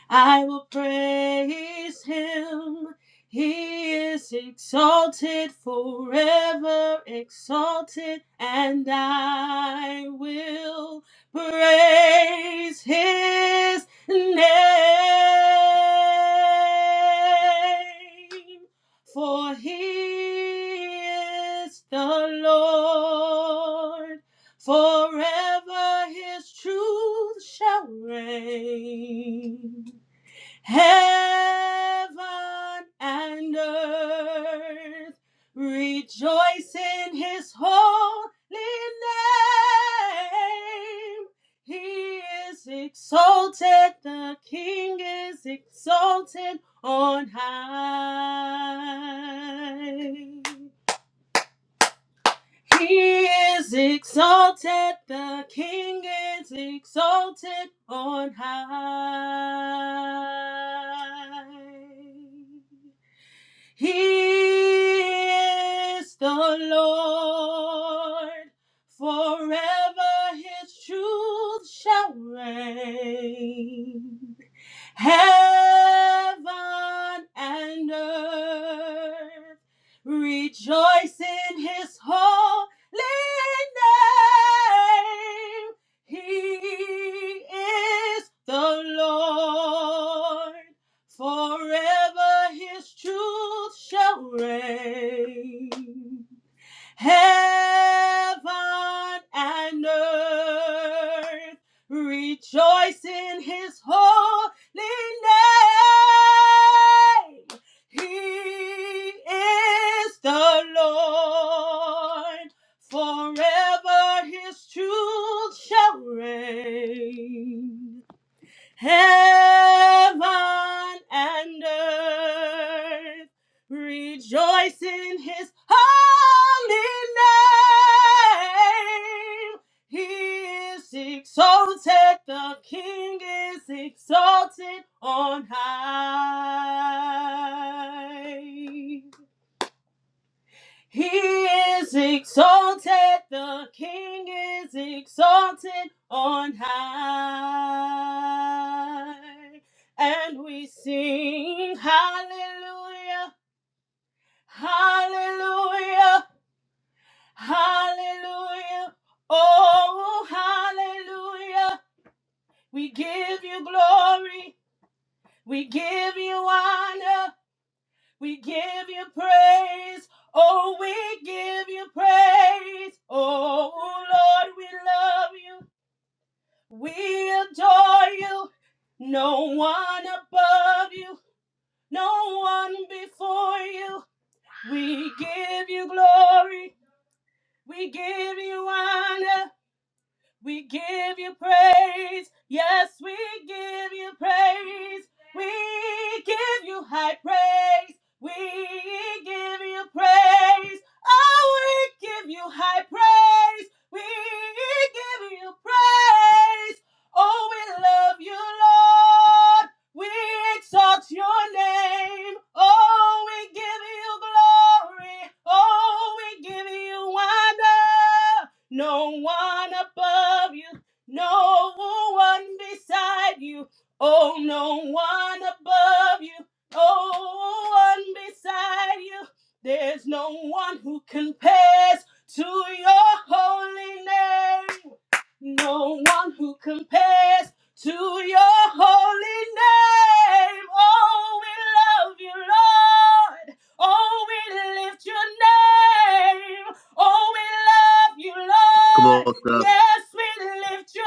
Speaker 11: I will praise him. He is exalted forever, exalted, and I will praise his name. For he is the Lord, forever his truth shall reign. Heaven and earth rejoice in his holy name. He is exalted, the King is exalted on high. He is exalted, the King is exalted on high. He is the Lord, forever his truth shall reign. Heaven and earth rejoice in his holy name. He is the Lord. Forever his truth shall reign. Heaven and earth rejoice in his holy name. He is the Lord. Forever his truth shall reign. Heaven and earth rejoice in his holy name. He is exalted, the King is exalted on high. He is exalted, the King is exalted on high. And we sing hallelujah, hallelujah, hallelujah, oh hallelujah. We give you glory, we give you honor. We give you praise. Oh, we give you praise. Oh, Lord, we love you. We adore you. No one above you. No one before you. We give you glory. We give you honor. We give you praise. Yes, we give you praise. We give you high praise. We give you praise. Oh, we give you high praise. We give you praise. Oh, we love you, Lord. We exalt your name. Oh, we give you glory. Oh, we give you honor no one above you, no one beside you, oh, no one above you, no one beside you. There's no one who compares to your holy name. No one who compares to your holy name. Oh, we love you, Lord. Oh, we lift your name. Oh, we love you,
Speaker 12: Come
Speaker 11: Lord.
Speaker 12: on, Steph.
Speaker 11: Yes, we lift your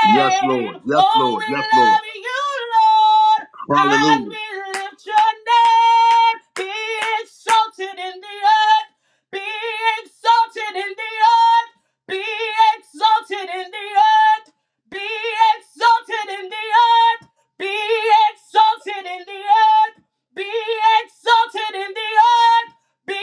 Speaker 12: Yes, Lord. Yes,
Speaker 11: Oh,
Speaker 12: Lord.
Speaker 11: we
Speaker 12: Yes, Lord.
Speaker 11: love you, Lord. And
Speaker 12: Hallelujah.
Speaker 11: we lift your name. Be exalted in the earth. Be exalted in the earth. Be exalted in the earth. Be exalted in the earth. Be exalted in the earth. Be exalted in the earth. Be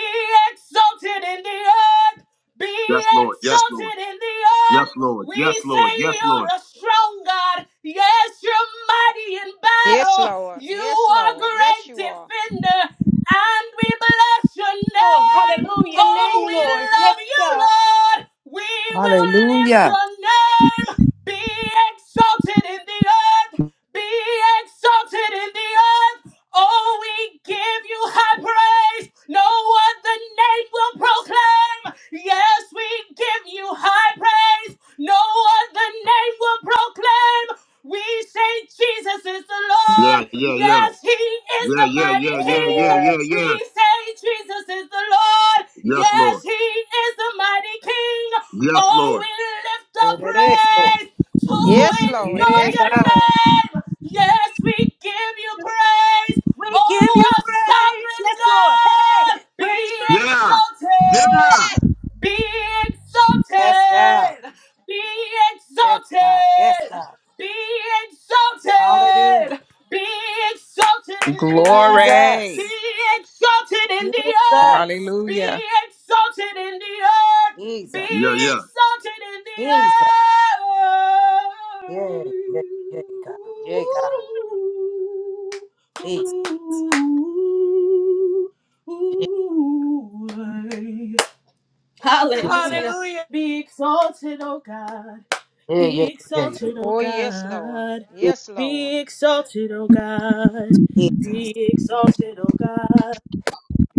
Speaker 11: exalted in the earth. Be
Speaker 12: Yes, Lord. Yes, Lord.
Speaker 11: exalted in the
Speaker 12: Yes,
Speaker 11: earth.
Speaker 12: Lord.
Speaker 11: We
Speaker 12: Yes,
Speaker 11: say
Speaker 12: Lord. Yes,
Speaker 11: you're
Speaker 12: Lord.
Speaker 11: a strong God. Yes, you're mighty in
Speaker 5: Yes,
Speaker 11: battle.
Speaker 5: Lord.
Speaker 11: You
Speaker 5: Yes,
Speaker 11: are
Speaker 5: Lord. Yes,
Speaker 11: great
Speaker 5: you are.
Speaker 11: defender. And we bless your
Speaker 4: Lord.
Speaker 11: name.
Speaker 4: Hallelujah. Your
Speaker 11: Oh,
Speaker 4: name,
Speaker 11: we
Speaker 4: Lord. Yes,
Speaker 11: love you,
Speaker 4: God.
Speaker 11: Lord. We will lift
Speaker 19: Hallelujah.
Speaker 11: your name. Be exalted in the earth. Be exalted in the earth. Oh, we give you high praise. No other name will proclaim. Yes, we give you high praise. No other name will proclaim. We say Jesus is the
Speaker 12: Yeah,
Speaker 11: Lord.
Speaker 12: yeah, yeah.
Speaker 11: Yes, he is
Speaker 12: Yeah,
Speaker 11: the
Speaker 12: yeah,
Speaker 11: mighty
Speaker 12: yeah, yeah,
Speaker 11: King.
Speaker 12: yeah, yeah,
Speaker 18: Yes,
Speaker 11: We
Speaker 12: yeah.
Speaker 11: say Jesus is the Lord.
Speaker 12: Yes, Lord.
Speaker 11: Yes, he is the mighty King.
Speaker 12: Yes,
Speaker 11: Oh,
Speaker 12: Lord.
Speaker 11: we lift up
Speaker 18: it is so.
Speaker 11: praise to
Speaker 5: Yes, Lord.
Speaker 11: endure
Speaker 18: Yeah,
Speaker 5: Yes,
Speaker 11: your
Speaker 18: God.
Speaker 5: Lord.
Speaker 11: name. Yes, we give you praise.
Speaker 4: We give
Speaker 11: Oh,
Speaker 4: you
Speaker 11: our
Speaker 4: praise.
Speaker 11: sovereign
Speaker 4: Yes, Lord. Hey,
Speaker 11: God, be
Speaker 4: praise you.
Speaker 12: Yeah,
Speaker 11: exalted,
Speaker 12: yeah.
Speaker 11: be
Speaker 18: Yes, God.
Speaker 11: exalted, be
Speaker 18: Yes, God. Yes,
Speaker 11: exalted,
Speaker 18: God.
Speaker 11: be
Speaker 18: Hallelujah.
Speaker 11: exalted, be exalted in the
Speaker 18: Jesus.
Speaker 11: earth,
Speaker 16: Glory.
Speaker 11: be exalted in the earth,
Speaker 18: Jesus.
Speaker 11: be
Speaker 16: Hallelujah.
Speaker 11: exalted in the earth,
Speaker 18: Jesus.
Speaker 11: be
Speaker 12: Yeah, yeah.
Speaker 11: exalted in the
Speaker 18: Jesus. Yeah, yeah, yeah, God. Yeah, God.
Speaker 11: earth.
Speaker 18: Jesus.
Speaker 11: Ooh, ooh, ay.
Speaker 18: Jesus.
Speaker 11: Hallelujah. Be exalted, O God.
Speaker 18: Yeah, yeah,
Speaker 11: Be
Speaker 18: yeah, yeah.
Speaker 11: exalted, O
Speaker 5: Oh, yes, Lord.
Speaker 11: God.
Speaker 18: yeah.
Speaker 5: Yes, Lord.
Speaker 11: Be exalted, O God.
Speaker 18: Jesus.
Speaker 11: Be exalted, O God.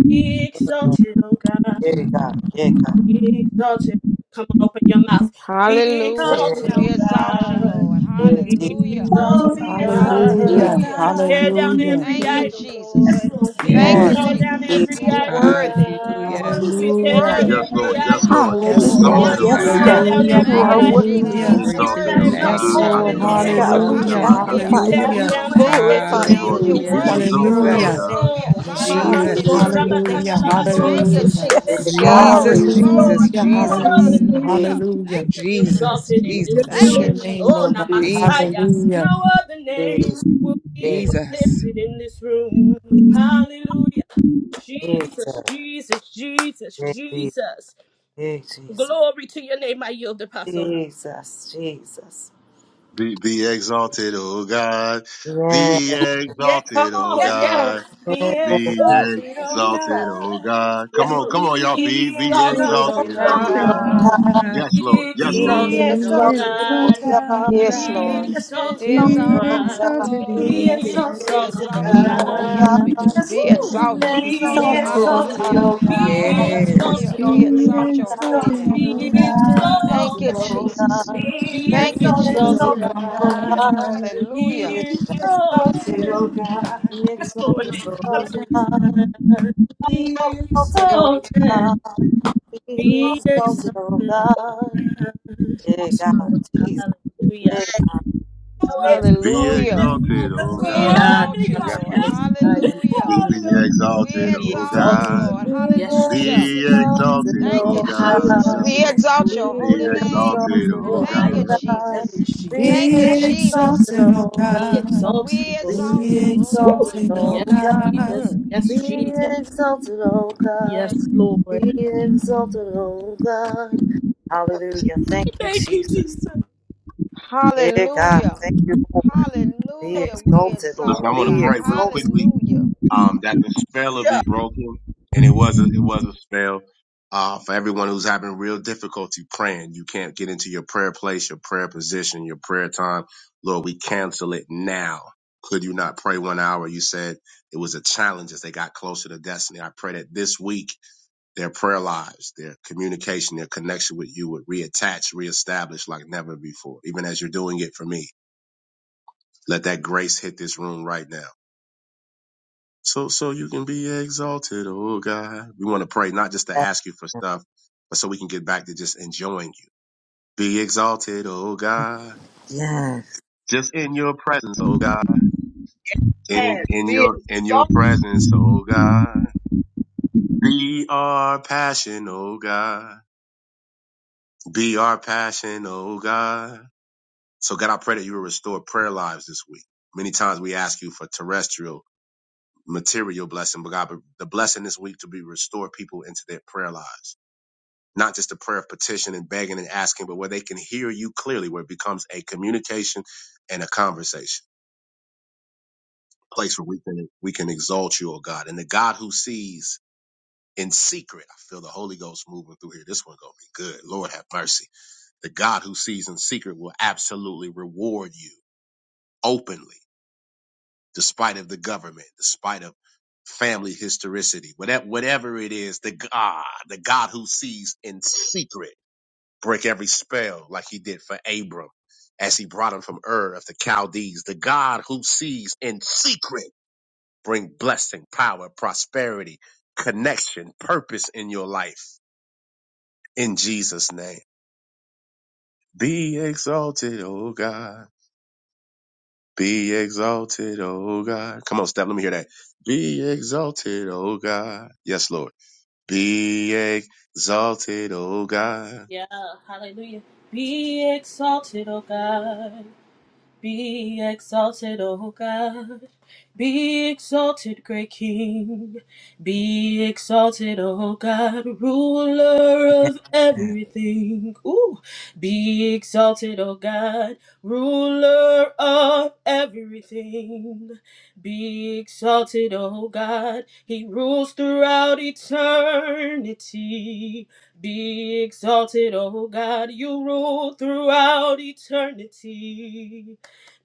Speaker 11: Be exalted, O God.
Speaker 18: Yeah, God. Yeah, God.
Speaker 11: Be exalted. Come on, open your mouth. Be
Speaker 5: Hallelujah.
Speaker 18: Yeah,
Speaker 11: exalted, O
Speaker 5: We exalt you,
Speaker 11: God.
Speaker 5: Lord.
Speaker 18: yeah, Jesus.
Speaker 11: Be
Speaker 5: Hallelujah.
Speaker 16: Be
Speaker 11: exalted, O
Speaker 16: exalted, O
Speaker 18: Jesus.
Speaker 11: God.
Speaker 16: God.
Speaker 19: Hallelujah.
Speaker 5: Hallelujah.
Speaker 11: We tear down
Speaker 19: Hallelujah.
Speaker 11: every
Speaker 5: Thank you,
Speaker 16: Be-
Speaker 2: it.
Speaker 11: idol,
Speaker 4: Yes,
Speaker 5: Jesus.
Speaker 11: Lord.
Speaker 4: Lord. Be
Speaker 11: We
Speaker 5: Thank you,
Speaker 19: Lord.
Speaker 16: Yes.
Speaker 18: Jesus.
Speaker 11: tear
Speaker 4: exalted.
Speaker 11: down
Speaker 5: Jesus.
Speaker 11: every
Speaker 5: He's
Speaker 2: Oh,
Speaker 11: idol,
Speaker 18: Jesus.
Speaker 5: worthy.
Speaker 11: God.
Speaker 4: Lord,
Speaker 2: my
Speaker 16: Hallelujah.
Speaker 4: you
Speaker 11: We
Speaker 18: Jesus.
Speaker 5: He's
Speaker 11: tear
Speaker 19: Hallelujah.
Speaker 11: down
Speaker 2: God!
Speaker 12: Yes,
Speaker 5: worthy.
Speaker 4: are
Speaker 11: every
Speaker 12: Lord. Yes,
Speaker 4: worthy.
Speaker 11: idol,
Speaker 5: Hallelujah.
Speaker 12: Lord. Be
Speaker 19: Yes,
Speaker 18: Jesus.
Speaker 11: Lord.
Speaker 7: Hallelujah.
Speaker 12: exalted,
Speaker 4: Lord,
Speaker 19: Lord.
Speaker 16: Yes,
Speaker 5: Yes,
Speaker 12: oh
Speaker 4: you
Speaker 11: We
Speaker 7: Yes,
Speaker 5: Lord.
Speaker 4: are
Speaker 12: God.
Speaker 18: Jesus.
Speaker 11: tear
Speaker 2: Yes,
Speaker 4: worthy.
Speaker 16: God.
Speaker 7: God,
Speaker 11: down
Speaker 19: Hallelujah.
Speaker 12: Yes,
Speaker 7: you
Speaker 12: Lord.
Speaker 11: every
Speaker 5: Thank
Speaker 7: are
Speaker 5: you,
Speaker 11: idol,
Speaker 5: Jesus.
Speaker 7: worthy.
Speaker 12: Be
Speaker 5: He's
Speaker 19: Hallelujah.
Speaker 16: Glory
Speaker 11: God.
Speaker 4: We
Speaker 16: to
Speaker 12: exalted,
Speaker 16: your
Speaker 5: worthy.
Speaker 12: O
Speaker 4: bless your
Speaker 16: name,
Speaker 11: Everything
Speaker 19: Yes,
Speaker 12: God.
Speaker 11: that's
Speaker 18: Jesus.
Speaker 4: holy
Speaker 16: Father.
Speaker 19: Lord.
Speaker 11: been
Speaker 12: Hallelujah.
Speaker 16: We
Speaker 7: Yes,
Speaker 4: name.
Speaker 5: Hallelujah.
Speaker 12: Glory
Speaker 11: erected,
Speaker 7: God,
Speaker 12: to
Speaker 11: oh
Speaker 7: we
Speaker 12: God.
Speaker 16: exalt
Speaker 19: Hallelujah.
Speaker 11: Lord.
Speaker 16: you.
Speaker 12: Abakan,
Speaker 11: We
Speaker 5: Hallelujah.
Speaker 12: get
Speaker 7: magnify
Speaker 12: it,
Speaker 7: you.
Speaker 11: tear
Speaker 4: Have
Speaker 11: it
Speaker 7: We
Speaker 19: Hallelujah.
Speaker 4: your
Speaker 12: also.
Speaker 11: down, we
Speaker 5: Thank
Speaker 4: way.
Speaker 5: you,
Speaker 11: tear it
Speaker 7: glorify
Speaker 12: Yes,
Speaker 11: down,
Speaker 7: you.
Speaker 5: Jesus.
Speaker 12: Lord.
Speaker 11: oh
Speaker 12: Be,
Speaker 5: You're
Speaker 7: We
Speaker 16: Hallelujah.
Speaker 12: be
Speaker 5: worthy
Speaker 11: God.
Speaker 5: to
Speaker 7: bless
Speaker 5: be
Speaker 7: your
Speaker 12: exalted, O
Speaker 7: holy
Speaker 5: praised,
Speaker 19: Hallelujah.
Speaker 16: Jesus.
Speaker 12: God.
Speaker 5: Lord.
Speaker 7: name.
Speaker 5: We
Speaker 11: Oh,
Speaker 5: exalt
Speaker 19: Bless your
Speaker 5: your holy
Speaker 19: name.
Speaker 18: Jesus.
Speaker 16: Jesus.
Speaker 5: name.
Speaker 11: Hanamasorra
Speaker 7: Hallelujah. Thank
Speaker 16: Jesus.
Speaker 19: Hallelujah.
Speaker 11: Bakandala
Speaker 7: you,
Speaker 11: Bakorre
Speaker 16: Jesus.
Speaker 5: Thank you,
Speaker 7: Jesus.
Speaker 19: Hallelujah.
Speaker 18: Praise
Speaker 7: Yes,
Speaker 5: Jesus.
Speaker 11: Bekeseya.
Speaker 18: God,
Speaker 7: God.
Speaker 16: Jesus.
Speaker 5: Glory,
Speaker 11: yes,
Speaker 18: Jesus,
Speaker 11: Lord.
Speaker 5: glory,
Speaker 16: Jesus.
Speaker 19: Hallelujah.
Speaker 11: No
Speaker 5: glory.
Speaker 16: Jesus.
Speaker 11: other
Speaker 19: Hallelujah.
Speaker 11: name
Speaker 18: Jesus,
Speaker 5: Hallelujah.
Speaker 11: will
Speaker 5: Thank
Speaker 19: Hallelujah.
Speaker 5: you,
Speaker 11: be
Speaker 5: Jesus.
Speaker 16: Jesus.
Speaker 11: exalted in
Speaker 2: yes, yes, yes,
Speaker 11: this
Speaker 16: Jesus.
Speaker 19: Bless
Speaker 5: Thank you,
Speaker 19: your
Speaker 11: room.
Speaker 19: name,
Speaker 11: Oh,
Speaker 5: Jesus.
Speaker 19: Lord God.
Speaker 18: Jesus,
Speaker 11: Namasaya.
Speaker 16: Jesus.
Speaker 19: Hallelujah.
Speaker 11: No other name
Speaker 18: Jesus,
Speaker 11: will be
Speaker 16: Jesus.
Speaker 11: lifted in this room. Hallelujah.
Speaker 18: Jesus,
Speaker 11: Jesus,
Speaker 18: Jesus,
Speaker 11: Jesus, Jesus, Jesus.
Speaker 18: Jesus,
Speaker 11: Glory to your name, I yield, Apostle.
Speaker 18: Jesus. Jesus.
Speaker 12: Be, be exalted, O God.
Speaker 18: Yeah.
Speaker 12: Be
Speaker 11: Yeah, come
Speaker 12: exalted, O
Speaker 11: on,
Speaker 4: Yes,
Speaker 11: yes.
Speaker 4: Lord.
Speaker 12: God.
Speaker 18: yeah.
Speaker 4: Be
Speaker 12: Be
Speaker 11: Woo!
Speaker 4: exalted, oh
Speaker 12: exalted,
Speaker 11: Jesus.
Speaker 12: O
Speaker 4: God.
Speaker 12: God. Come
Speaker 4: Yes,
Speaker 2: yes,
Speaker 12: on,
Speaker 4: Lord.
Speaker 12: come on, y'all.
Speaker 11: Be
Speaker 12: Be,
Speaker 4: Be
Speaker 12: be
Speaker 18: We
Speaker 11: exalted, oh
Speaker 4: exalted,
Speaker 12: exalted,
Speaker 4: oh
Speaker 12: O
Speaker 11: God.
Speaker 18: exalted, oh
Speaker 12: God.
Speaker 18: God.
Speaker 4: God.
Speaker 11: Be
Speaker 12: Yes, Lord. Yes,
Speaker 18: We
Speaker 12: Lord.
Speaker 4: Be
Speaker 11: exalted,
Speaker 16: Be
Speaker 11: oh
Speaker 18: exalted,
Speaker 4: exalted, oh
Speaker 18: oh
Speaker 11: God.
Speaker 16: exalted, O
Speaker 4: God.
Speaker 18: God.
Speaker 5: Yes,
Speaker 18: We
Speaker 11: Be
Speaker 5: Lord.
Speaker 16: God.
Speaker 4: Yes, Lord.
Speaker 5: Be
Speaker 11: exalted, oh
Speaker 18: exalted,
Speaker 16: Be
Speaker 18: oh
Speaker 5: exalted,
Speaker 11: God.
Speaker 5: oh
Speaker 18: God.
Speaker 16: exalted
Speaker 5: Lord.
Speaker 2: yes,
Speaker 4: Be
Speaker 16: in the
Speaker 11: Be
Speaker 2: yes!
Speaker 16: earth.
Speaker 18: We
Speaker 5: We
Speaker 4: exalted, oh
Speaker 11: exalted, oh
Speaker 5: exalt
Speaker 18: exalted,
Speaker 5: you,
Speaker 16: Be
Speaker 4: God.
Speaker 5: Lord.
Speaker 18: oh
Speaker 5: Yes,
Speaker 11: God.
Speaker 5: we
Speaker 18: God.
Speaker 5: do.
Speaker 4: Just
Speaker 5: Be
Speaker 18: We
Speaker 11: Woo!
Speaker 16: exalted, O
Speaker 5: exalted.
Speaker 7: Be
Speaker 4: Be
Speaker 11: Woo,
Speaker 18: exalted,
Speaker 16: God.
Speaker 7: Exalted,
Speaker 18: oh
Speaker 11: Jesus.
Speaker 7: oh
Speaker 4: exalted,
Speaker 5: Hallelujah.
Speaker 18: God.
Speaker 4: O
Speaker 7: God.
Speaker 11: Be
Speaker 4: God.
Speaker 16: Yes,
Speaker 5: Hallelujah.
Speaker 11: exalted,
Speaker 5: We
Speaker 11: oh
Speaker 18: exalted,
Speaker 16: be
Speaker 4: Be
Speaker 18: O
Speaker 5: exalt your
Speaker 11: God.
Speaker 5: holy
Speaker 18: God.
Speaker 16: exalted,
Speaker 4: exalted,
Speaker 5: name.
Speaker 4: O
Speaker 11: Be
Speaker 16: O
Speaker 18: Be
Speaker 16: God.
Speaker 4: God.
Speaker 5: Thank
Speaker 18: exalted,
Speaker 5: you,
Speaker 4: Yes,
Speaker 11: exalted.
Speaker 18: O
Speaker 4: Lord.
Speaker 5: Jesus.
Speaker 18: God.
Speaker 4: Be
Speaker 11: Be
Speaker 5: Thank you,
Speaker 18: Be
Speaker 4: exalted,
Speaker 5: Jesus.
Speaker 4: O
Speaker 11: exalted,
Speaker 16: Exalted,
Speaker 11: O
Speaker 18: exalted,
Speaker 16: O
Speaker 4: God.
Speaker 18: O
Speaker 4: Yes, Lord.
Speaker 11: God.
Speaker 18: God.
Speaker 16: God.
Speaker 11: Be
Speaker 5: Hallelujah.
Speaker 18: Yeah.
Speaker 4: Be exalted, O
Speaker 11: exalted.
Speaker 4: God.
Speaker 18: Be
Speaker 11: Be
Speaker 4: Yes, Lord.
Speaker 18: exalted, O
Speaker 4: Hallelujah,
Speaker 11: exalted, O
Speaker 18: God.
Speaker 11: God.
Speaker 18: Be
Speaker 11: Be
Speaker 18: exalted, O
Speaker 11: exalted.
Speaker 18: God. Be
Speaker 11: Be
Speaker 18: exalted, O
Speaker 11: exalted, O
Speaker 18: God.
Speaker 11: God.
Speaker 18: Yeah,
Speaker 11: Yes,
Speaker 18: God,
Speaker 11: Lord.
Speaker 18: Jesus.
Speaker 11: Hallelujah.
Speaker 18: Yeah, God, Jesus.
Speaker 12: Be
Speaker 4: Lord.
Speaker 5: Hallelujah.
Speaker 4: Yes,
Speaker 12: exalted,
Speaker 4: God. Yes,
Speaker 12: O
Speaker 5: We
Speaker 12: God.
Speaker 11: Yeah,
Speaker 5: exalt
Speaker 4: worthy
Speaker 11: I
Speaker 5: you,
Speaker 12: Yes,
Speaker 4: God.
Speaker 5: Lord.
Speaker 12: Lord.
Speaker 4: Yes, Lord.
Speaker 11: am
Speaker 5: Hallelujah.
Speaker 12: Be, be
Speaker 4: Hallelujah.
Speaker 5: We
Speaker 12: exalted,
Speaker 11: be
Speaker 12: O
Speaker 5: exalt
Speaker 11: exalted,
Speaker 5: you,
Speaker 12: God.
Speaker 11: O
Speaker 5: Lord.
Speaker 11: God.
Speaker 18: Be
Speaker 11: Yes,
Speaker 5: Hallelujah.
Speaker 12: Be
Speaker 11: Jesus.
Speaker 18: exalted,
Speaker 12: exalted,
Speaker 5: Thank
Speaker 12: O
Speaker 5: you,
Speaker 18: O
Speaker 11: High
Speaker 12: God.
Speaker 5: Jesus.
Speaker 11: above
Speaker 12: Yes,
Speaker 18: God.
Speaker 5: We
Speaker 11: the
Speaker 12: Lord.
Speaker 11: earth,
Speaker 5: exalt
Speaker 11: Lord.
Speaker 5: your
Speaker 12: Be
Speaker 5: holy
Speaker 18: Be
Speaker 5: name.
Speaker 12: exalted,
Speaker 18: exalted,
Speaker 11: Oh,
Speaker 12: oh
Speaker 18: O
Speaker 12: God.
Speaker 5: Thank
Speaker 11: high
Speaker 5: you,
Speaker 11: above the
Speaker 18: God.
Speaker 5: Jesus.
Speaker 11: heavens, Jesus.
Speaker 18: Be
Speaker 5: Thank you,
Speaker 19: Be
Speaker 18: exalted,
Speaker 5: Jesus.
Speaker 19: exalted, O
Speaker 18: O
Speaker 11: Be
Speaker 18: God.
Speaker 19: God.
Speaker 11: exalted,
Speaker 5: We
Speaker 18: Be
Speaker 11: Lord.
Speaker 5: exalt you,
Speaker 19: Be
Speaker 11: Woo.
Speaker 18: exalted,
Speaker 5: O
Speaker 19: exalted, oh
Speaker 18: O
Speaker 11: Yes,
Speaker 18: God.
Speaker 5: Lord.
Speaker 19: God.
Speaker 11: Jesus.
Speaker 5: hmm
Speaker 11: Yes,
Speaker 18: Be
Speaker 11: Jesus.
Speaker 18: exalted, O
Speaker 11: Yes,
Speaker 18: God. Be
Speaker 11: Lord.
Speaker 18: exalted, O God. Hallelujah. Thank you,
Speaker 4: Thank you,
Speaker 18: Jesus.
Speaker 4: Jesus.
Speaker 18: Yeah, God.
Speaker 5: Hallelujah.
Speaker 18: Thank you, Lord. Be
Speaker 5: Hallelujah. We
Speaker 18: exalted,
Speaker 5: exalt,
Speaker 12: Listen,
Speaker 18: Lord.
Speaker 12: I
Speaker 5: O
Speaker 12: want to
Speaker 18: Be
Speaker 5: God.
Speaker 12: pray real
Speaker 18: exalted.
Speaker 12: quickly
Speaker 5: Hallelujah.
Speaker 12: um, that the spell will
Speaker 3: Yeah.
Speaker 12: be broken, and it was a, it was a spell uh, for everyone who's having real difficulty praying. You can't get into your prayer place, your prayer position, your prayer time. Lord, we cancel it now. Could you not pray one hour? You said it was a challenge as they got closer to destiny. I pray that this week their prayer lives, their communication, their connection with you would reattach, reestablish like never before, even as you're doing it for me. Let that grace hit this room right now. So, so you can be exalted, oh God. We want to pray, not just to ask you for stuff, but so we can get back to just enjoying you. Be exalted, oh God.
Speaker 18: Yes,
Speaker 12: Just in your presence, oh God. In,
Speaker 3: Yes.
Speaker 12: in
Speaker 3: Be
Speaker 12: your, in your
Speaker 3: exalted.
Speaker 12: presence, oh God. Be our passion, oh God. Be our passion, oh God. So God, I pray that you will restore prayer lives this week. Many times we ask you for terrestrial material blessing, but God, but the blessing this week to be restore people into their prayer lives. Not just a prayer of petition and begging and asking, but where they can hear you clearly, where it becomes a communication and a conversation. a Place where we can we can exalt you, oh God. And the God who sees in secret, I feel the Holy Ghost moving through here. This one gonna be good. Lord have mercy. The God who sees in secret will absolutely reward you openly despite of the government, despite of family historicity, whatever, whatever it is, the God, the God who sees in secret, break every spell like he did for Abram as he brought him from Ur of the Chaldees, the God who sees in secret, bring blessing, power, prosperity, connection, purpose in your life in Jesus name. Be exalted, O God. Be exalted, O God. Come on, step. Let me hear that. Be exalted, O God. Yes, Lord. Be exalted, O God.
Speaker 11: Yeah, hallelujah. Be exalted, O God. Be exalted, O God. Be exalted, great King. Be exalted, O God, ruler of everything. Ooh. Be exalted, O God, ruler of everything. Be exalted, O God. He rules throughout eternity. Be exalted, O God. You rule throughout eternity.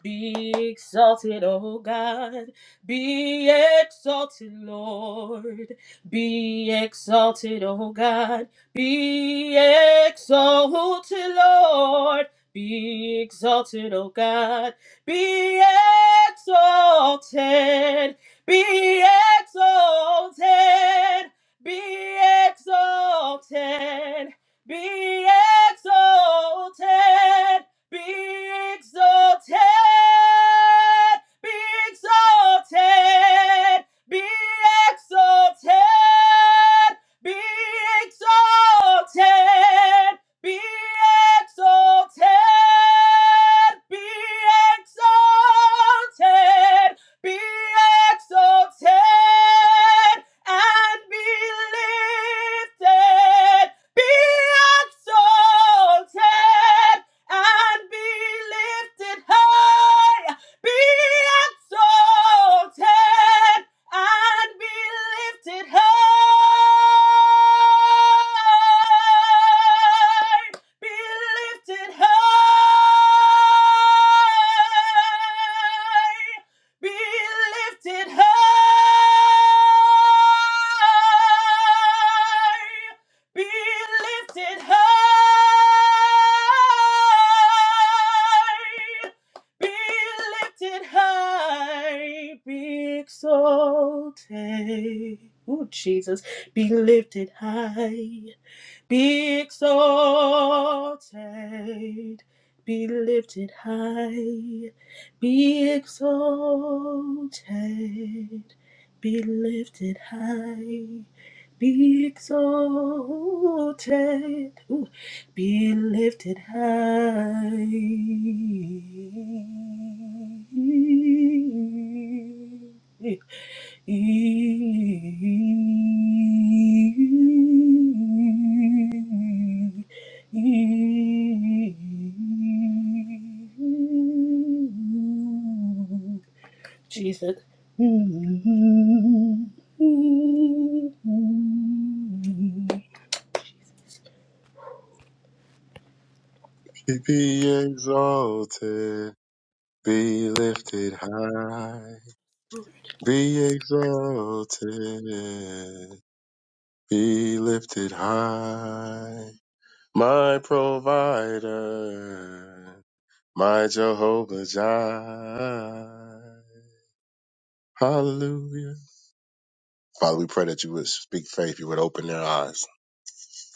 Speaker 11: Be exalted, O God. Be exalted, Lord. Be exalted, O God. Be exalted, Lord. Be exalted, O God. Be exalted. Be exalted. Be exalted. Be exalted. Be exalted. Be exalted. Be exalted. Be exalted. Be exalted. Be exalted. Be exalted and be lifted. Be exalted and be lifted high, be exalted and be lifted high, be lifted high, be lifted high be lifted high, be lifted high, be exalted. Ooh, Jesus, be lifted high. Be exalted, be lifted high, be exalted, be lifted high, be exalted, Ooh. be lifted high. Jesus.
Speaker 12: Be exalted. Be lifted high. Be exalted. Be lifted high. My provider. My Jehovah Jireh. Hallelujah. Father, we pray that you would speak faith, you would open their eyes.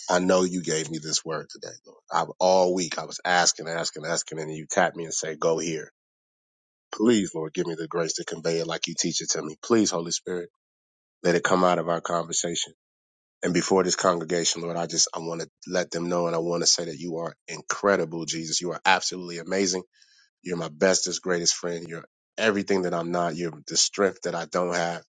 Speaker 12: I know you gave me this word today, Lord. I've all week I was asking, asking, asking, and you tapped me and say, Go here. Please, Lord, give me the grace to convey it like you teach it to me. Please, Holy Spirit, let it come out of our conversation. And before this congregation, Lord, I just I want to let them know and I want to say that you are incredible, Jesus. You are absolutely amazing. You're my bestest, greatest friend. You're everything that I'm not. You're the strength that I don't have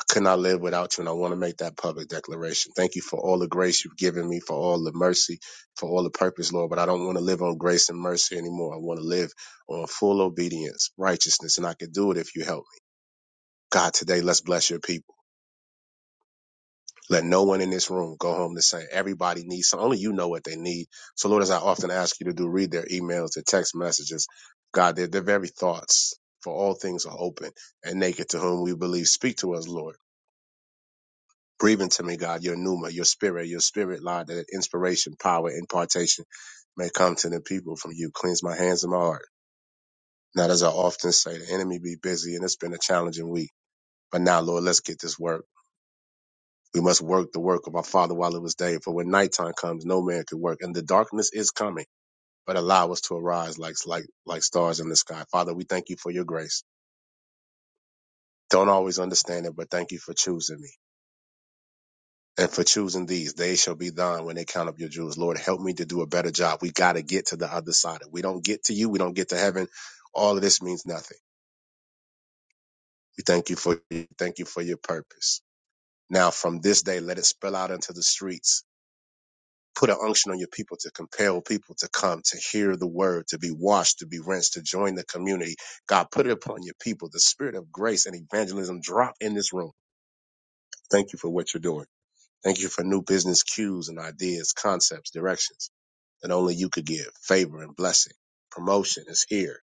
Speaker 12: I could not live without you, and I want to make that public declaration. Thank you for all the grace you've given me, for all the mercy, for all the purpose, Lord. But I don't want to live on grace and mercy anymore. I want to live on full obedience, righteousness, and I can do it if you help me. God, today, let's bless your people. Let no one in this room go home the same. Everybody needs something. Only you know what they need. So, Lord, as I often ask you to do, read their emails, their text messages. God, their, their very thoughts, for all things are open and naked to whom we believe. Speak to us, Lord. Breathe into me, God, your pneuma, your spirit, your spirit, Lord, that inspiration, power, impartation may come to the people from you. Cleanse my hands and my heart. Not as I often say, the enemy be busy and it's been a challenging week. But now, Lord, let's get this work. We must work the work of our Father while it was day. For when nighttime comes, no man can work. And the darkness is coming, but allow us to arise like, like, like stars in the sky. Father, we thank you for your grace. Don't always understand it, but thank you for choosing me. and for choosing these. They shall be thine when they count up your jewels. Lord, help me to do a better job. We got to get to the other side. If we don't get to you, we don't get to heaven. All of this means nothing. We thank you for thank you for your purpose. Now, from this day, let it spill out into the streets. Put an unction on your people to compel people to come, to hear the word, to be washed, to be rinsed, to join the community. God, put it upon your people. The spirit of grace and evangelism drop in this room. Thank you for what you're doing. Thank you for new business cues and ideas, concepts, directions. that only you could give favor and blessing. Promotion is here,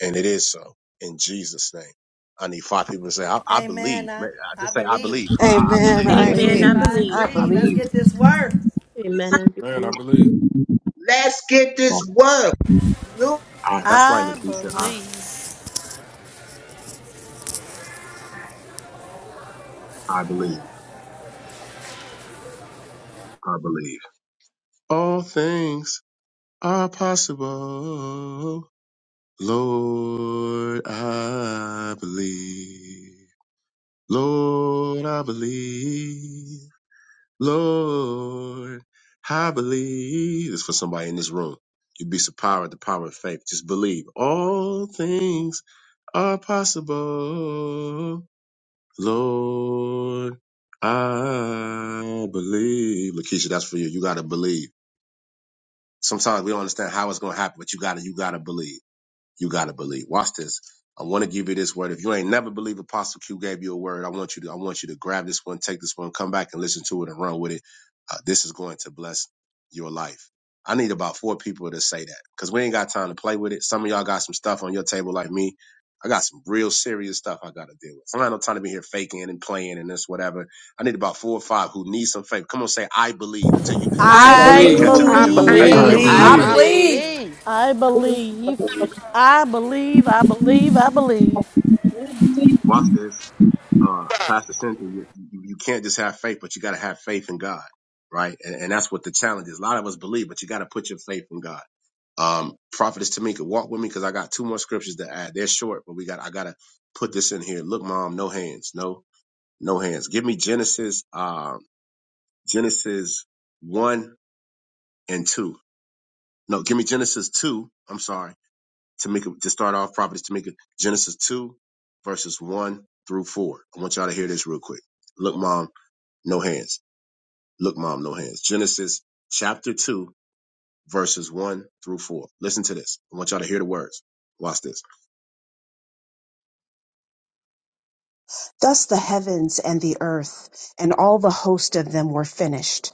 Speaker 12: and it is so in Jesus' name. I need five people to say, I, I
Speaker 14: Amen.
Speaker 12: believe. Ma-
Speaker 14: I,
Speaker 12: I
Speaker 14: I
Speaker 12: just say, I
Speaker 14: believe.
Speaker 12: believe. Come on, I, I
Speaker 19: I
Speaker 7: Amen.
Speaker 12: believe.
Speaker 14: I
Speaker 7: I
Speaker 12: I
Speaker 4: Amen.
Speaker 12: believe.
Speaker 14: believe.
Speaker 4: I
Speaker 19: believe.
Speaker 7: agree.
Speaker 14: I
Speaker 4: believe.
Speaker 7: I
Speaker 12: I
Speaker 14: agree. Let's
Speaker 7: believe.
Speaker 12: believe.
Speaker 14: get this work.
Speaker 10: Man, I believe.
Speaker 3: Let's get
Speaker 12: Oh,
Speaker 3: this word. Hallelujah.
Speaker 12: I, that's right,
Speaker 13: I
Speaker 12: Lakeisha. I,
Speaker 13: believe.
Speaker 12: I believe. I believe. All things are possible. Lord, I believe. Lord, I believe. Lord, I believe. It's for somebody in this room. You'd be surprised at the power of faith. Just believe. All things are possible. Lord, I believe. Lakeisha, that's for you. You gotta believe. Sometimes we don't understand how it's gonna happen, but you gotta, you gotta believe. You got to believe. Watch this. I want to give you this word. If you ain't never believe Apostle Q gave you a word, I want you to I want you to grab this one, take this one, come back and listen to it and run with it. Uh, this is going to bless your life. I need about four people to say that because we ain't got time to play with it. Some of y'all got some stuff on your table like me. I got some real serious stuff I got to deal with. I ain't no time to be here faking and playing and this whatever. I need about four or five who need some faith. Come on, say I believe until you
Speaker 10: I
Speaker 12: until
Speaker 7: I
Speaker 12: your
Speaker 18: yes.
Speaker 12: faith
Speaker 13: I
Speaker 12: catch
Speaker 10: believe.
Speaker 12: up
Speaker 10: I
Speaker 12: with
Speaker 5: I
Speaker 12: your
Speaker 7: believe.
Speaker 19: I
Speaker 10: believe.
Speaker 12: confession.
Speaker 6: I
Speaker 10: I
Speaker 12: Come
Speaker 13: believe.
Speaker 5: believe.
Speaker 12: on, I
Speaker 1: I
Speaker 19: believe.
Speaker 14: I
Speaker 6: believe.
Speaker 5: I
Speaker 10: believe.
Speaker 12: believe.
Speaker 1: believe.
Speaker 14: believe.
Speaker 5: believe.
Speaker 13: I believe. I believe. I believe. I believe.
Speaker 2: I believe.
Speaker 12: Watch this. uh, Pastor Cynthia, you, you can't just have faith, but you got to have faith in God, right? And, and that's what the challenge is. A lot of us believe, but you got to put your faith in God. Um, Prophetess Tamika, walk with me because I got two more scriptures to add. They're short, but we got I got to put this in here. Look, Mom, no hands, no no hands. Give me Genesis, um, Genesis one and two. No, give me Genesis two. I'm sorry, Tamika. To start off, Prophetess Tamika, Genesis two, verses one through four. I want y'all to hear this real quick. Look, Mom. No hands. Look, mom, no hands. Genesis chapter 2, verses 1 through 4. Listen to this. I want y'all to hear the words. Watch this.
Speaker 20: Thus the heavens and the earth and all the host of them were finished.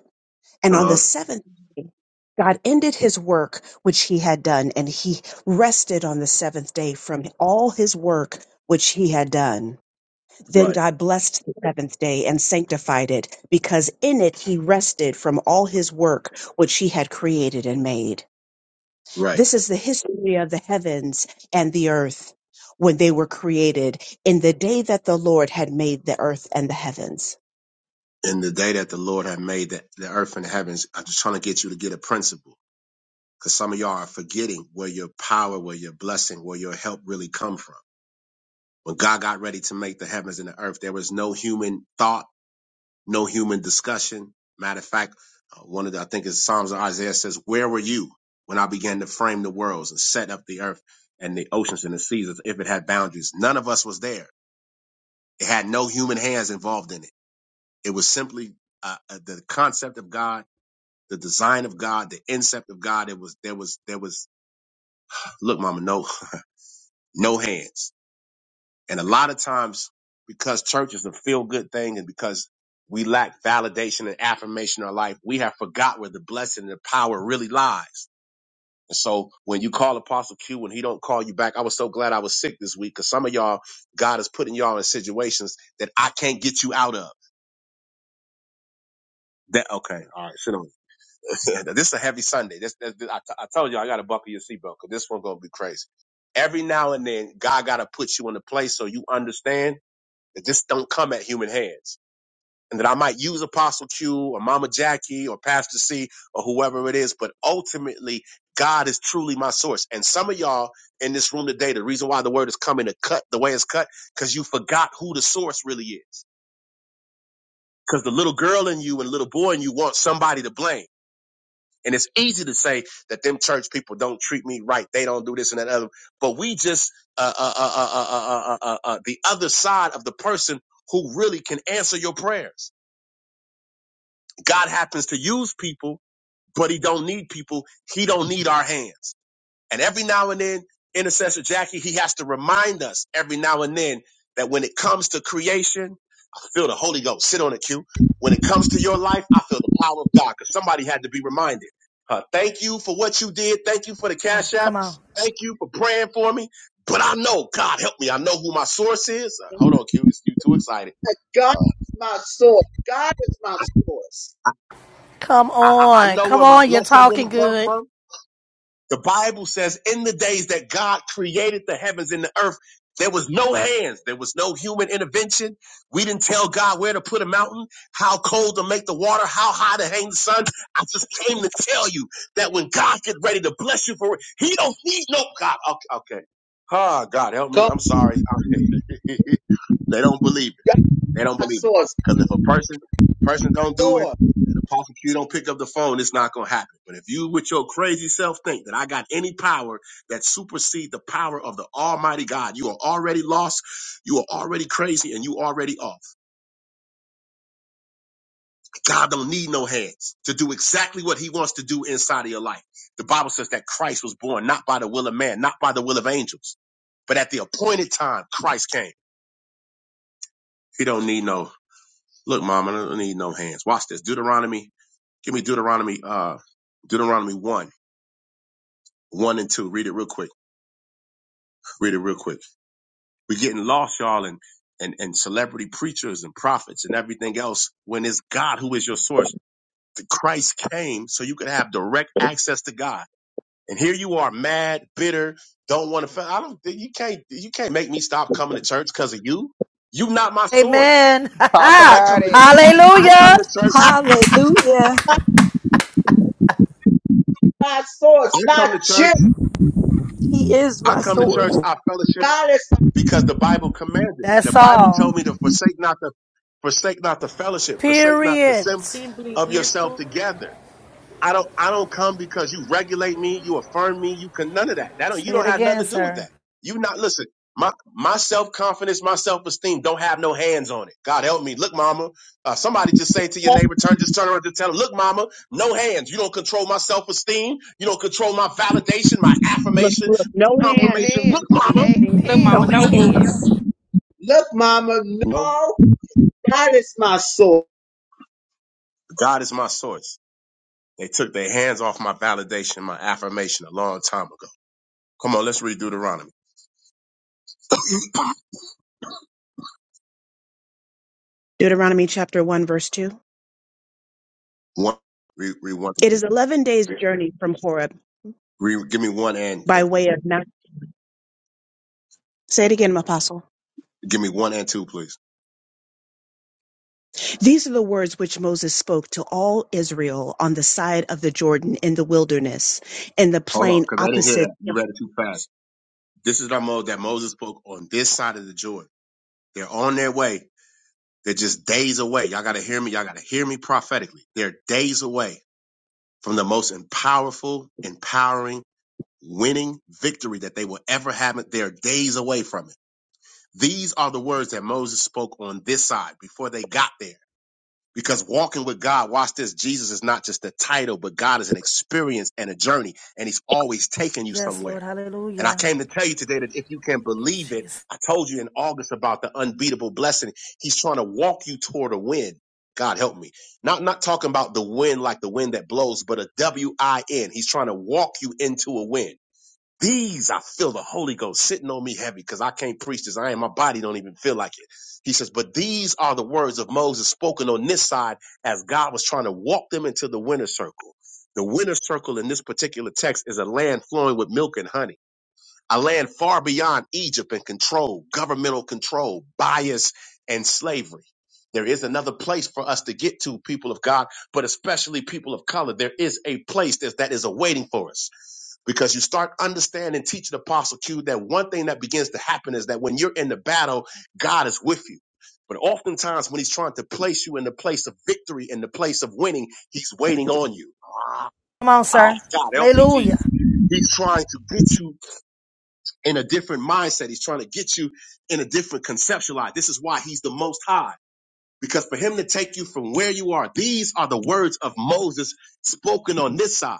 Speaker 20: And on the
Speaker 12: Uh huh.
Speaker 20: seventh, God ended his work which he had done, and he rested on the seventh day from all his work which he had done. Then
Speaker 12: Right.
Speaker 20: God blessed the seventh day and sanctified it, because in it he rested from all his work which he had created and made.
Speaker 12: Right.
Speaker 20: This is the history of the heavens and the earth when they were created in the day that the Lord had made the earth and the heavens.
Speaker 12: In the day that the Lord had made the, the earth and the heavens, I'm just trying to get you to get a principle. Because some of y'all are forgetting where your power, where your blessing, where your help really come from. When God got ready to make the heavens and the earth, there was no human thought no human discussion. Matter of fact, uh, one of the, I think it's Psalms of Isaiah says, where were you when I began to frame the worlds and set up the earth and the oceans and the seas as if it had boundaries? None of us was there. It had no human hands involved in it. It was simply uh, uh, the concept of God, the design of God, the incept of God. It was, there was, there was, look, mama, no, no hands. And a lot of times, because church is a feel good thing and because we lack validation and affirmation in our life, we have forgot where the blessing and the power really lies. And so when you call Apostle Q when he don't call you back, I was so glad I was sick this week because some of y'all, God is putting y'all in situations that I can't get you out of. That okay, all right, sit on. this is a heavy Sunday. This, this, this I, t- I told you I got to buckle your seatbelt because this one's gonna be crazy. Every now and then, God got to put you in a place so you understand that this don't come at human hands and that I might use Apostle Q or Mama Jackie or Pastor C or whoever it is, but ultimately God is truly my source. And some of y'all in this room today, the reason why the word is coming to cut the way it's cut, because you forgot who the source really is. Because the little girl in you and little boy in you want somebody to blame. And it's easy to say that them church people don't treat me right. They don't do this and that other. But we just, uh, uh, uh, uh, uh, uh, uh, uh, uh, uh, the other side of the person who really can answer your prayers. God happens to use people but he don't need people. He don't need our hands. And every now and then, intercessor Jackie, he has to remind us every now and then that when it comes to creation, feel the Holy Ghost. Sit on it, Q. When it comes to your life, I feel the power of God because somebody had to be reminded. Uh, thank you for what you did. Thank you for the
Speaker 14: Oh,
Speaker 12: cash app.
Speaker 14: come on.
Speaker 12: Thank you for praying for me. But I know, God help me. I know who my source is. Uh, hold on, Q. You too excited.
Speaker 3: God
Speaker 12: Uh,
Speaker 3: is my source. God is my source.
Speaker 13: Come
Speaker 12: I, I I
Speaker 13: on.
Speaker 12: know
Speaker 13: Come
Speaker 12: where my
Speaker 13: on. You're
Speaker 12: blessing
Speaker 13: talking
Speaker 12: really comes
Speaker 13: good.
Speaker 12: from. The Bible says in the days that God created the heavens and the earth, there was no hands. There was no human intervention. We didn't tell God where to put a mountain, how cold to make the water, how high to hang the sun. I just came to tell you that when God get ready to bless you for it, he don't need no God. Okay. okay. Ah, God, help me.
Speaker 3: Come,
Speaker 12: I'm sorry. they don't believe. me.
Speaker 3: God is
Speaker 12: They don't
Speaker 3: my
Speaker 12: believe it.
Speaker 3: source.
Speaker 12: Because if a person person don't do it
Speaker 3: Lord,
Speaker 12: and the prosecutor don't pick up the phone, it's not gonna happen. But if you with your crazy self think that I got any power that supersede the power of the Almighty God, you are already lost, you are already crazy, and you already off. God don't need no hands to do exactly what he wants to do inside of your life. The Bible says that Christ was born not by the will of man, not by the will of angels, but at the appointed time, Christ came. He don't need no look, Mama. I don't need no hands. Watch this. Deuteronomy Give me Deuteronomy, uh, Deuteronomy one, one and two. Read it real quick. Read it real quick. We're getting lost, y'all, and and and celebrity preachers and prophets and everything else. When it's God who is your source, The Christ came so you could have direct access to God. And here you are, mad, bitter, don't want to. I don't. You can't. You can't make me stop coming to church because of you. You are not my source.
Speaker 14: Amen.
Speaker 16: Talk
Speaker 12: I
Speaker 16: about
Speaker 12: come to.
Speaker 16: it.
Speaker 12: I come to
Speaker 14: Hallelujah.
Speaker 12: church.
Speaker 7: Hallelujah.
Speaker 3: God is my source,
Speaker 12: I
Speaker 3: not
Speaker 12: come to
Speaker 3: you.
Speaker 12: church.
Speaker 7: He is
Speaker 12: I
Speaker 7: my
Speaker 12: come to
Speaker 7: sword.
Speaker 12: church. I fellowship.
Speaker 3: God is my
Speaker 12: because the Bible commanded. it. The
Speaker 14: That's
Speaker 12: Bible told
Speaker 14: all.
Speaker 12: me to forsake not the forsake not the fellowship, forsake not the
Speaker 13: Period.
Speaker 12: assembly
Speaker 4: Simply,
Speaker 12: of
Speaker 4: yes,
Speaker 12: yourself
Speaker 4: Lord.
Speaker 12: together. I don't I don't come because you regulate me, you affirm me, you can none of that. That don't you
Speaker 14: Say
Speaker 12: don't
Speaker 14: it
Speaker 12: have nothing
Speaker 14: again,
Speaker 12: to do with
Speaker 14: sir.
Speaker 12: that. You not listen. My my self confidence, my self esteem don't have no hands on it. God help me. Look, mama. Uh, somebody just say to your
Speaker 3: source.
Speaker 12: neighbor, turn just turn around and tell them, look, mama, no hands. You don't control my self esteem. You don't control my validation, my affirmation, confirmation. Look,
Speaker 5: Amen.
Speaker 12: mama.
Speaker 4: Look,
Speaker 5: Amen.
Speaker 7: No
Speaker 4: Mama, no hand.
Speaker 7: hands.
Speaker 3: Look, Mama,
Speaker 12: No.
Speaker 3: no, God is my source.
Speaker 12: God is my source. They took their hands off my validation, my affirmation a long time ago. Come on, let's read Deuteronomy.
Speaker 20: Deuteronomy chapter 1, verse 2.
Speaker 12: One, read, read one,
Speaker 20: It is 11 days' journey from Horeb
Speaker 12: read, give me one and,
Speaker 20: by
Speaker 12: and
Speaker 20: way of Mount. Say it again, Apostle.
Speaker 12: give me one and two, please.
Speaker 20: These are the words which Moses spoke to all Israel on the side of the Jordan in the wilderness, in the
Speaker 12: Hold on,
Speaker 20: plain
Speaker 12: because I didn't hear
Speaker 20: opposite.
Speaker 12: that. You read it too fast. This is the mode that Moses spoke on this side of the Jordan. They're on their way. They're just days away. Y'all gotta hear me. Y'all gotta hear me prophetically. They're days away from the most powerful, empowering, winning victory that they will ever have. They're days away from it. These are the words that Moses spoke on this side before they got there. Because walking with God, watch this, Jesus is not just a title, but God is an experience and a journey, and He's always taking you
Speaker 14: Yes,
Speaker 12: somewhere.
Speaker 14: Lord.
Speaker 12: And I
Speaker 14: Hallelujah.
Speaker 12: came to tell you today that if you can
Speaker 14: Thank you,
Speaker 12: believe it,
Speaker 14: Jesus.
Speaker 12: I told you in August about the unbeatable blessing. He's trying to walk you toward a win. God help me. Not not talking about the wind like the wind that blows, but a W I N. He's trying to walk you into a win. These I feel the Holy Ghost sitting on me heavy because I can't preach this. I ain't my body don't even feel like it. He says, but these are the words of Moses spoken on this side as God was trying to walk them into the winter circle. The winter circle in this particular text is a land flowing with milk and honey a land far beyond Egypt and control, governmental control, bias, and slavery. There is another place for us to get to, people of God, but especially people of color. There is a place that, that is awaiting for us because you start understanding, teaching Apostle Q that one thing that begins to happen is that when you're in the battle, God is with you. But oftentimes, when He's trying to place you in the place of victory, in the place of winning, He's waiting on you. Ah,
Speaker 14: Come on,
Speaker 12: ah,
Speaker 14: sir.
Speaker 12: God, help me,
Speaker 14: Hallelujah.
Speaker 12: Jesus. He's trying to get you in a different mindset. He's trying to get you in a different conceptual eye. This is why he's the most high. Because for him to take you from where you are, these are the words of Moses spoken on this side.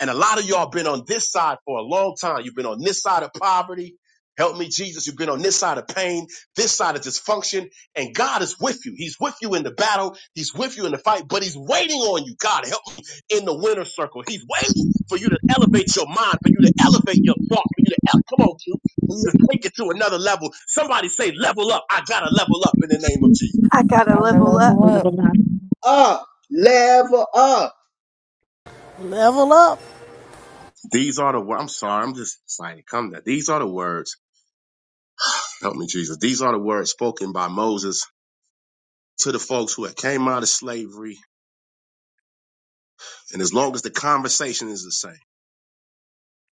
Speaker 12: And a lot of y'all been on this side for a long time. You've been on this side of poverty. Help me, Jesus. You've been on this side of pain, this side of dysfunction, and God is with you. He's with you in the battle. He's with you in the fight, but he's waiting on you. God, help me in the winner's circle. He's waiting for you to elevate your mind, for you to elevate your thoughts, for you to, el- come on, Q, for you to take it to another level. Somebody say, level up. I gotta level up in the name of Jesus.
Speaker 7: I gotta
Speaker 19: I'm a
Speaker 7: level up.
Speaker 19: level up.
Speaker 3: up, level up.
Speaker 13: Level up.
Speaker 12: These are the, wo- I'm sorry, I'm just excited. Come now. These are the words. Help me, Jesus. These are the words spoken by Moses to the folks who had came out of slavery, and as long as the conversation is the same,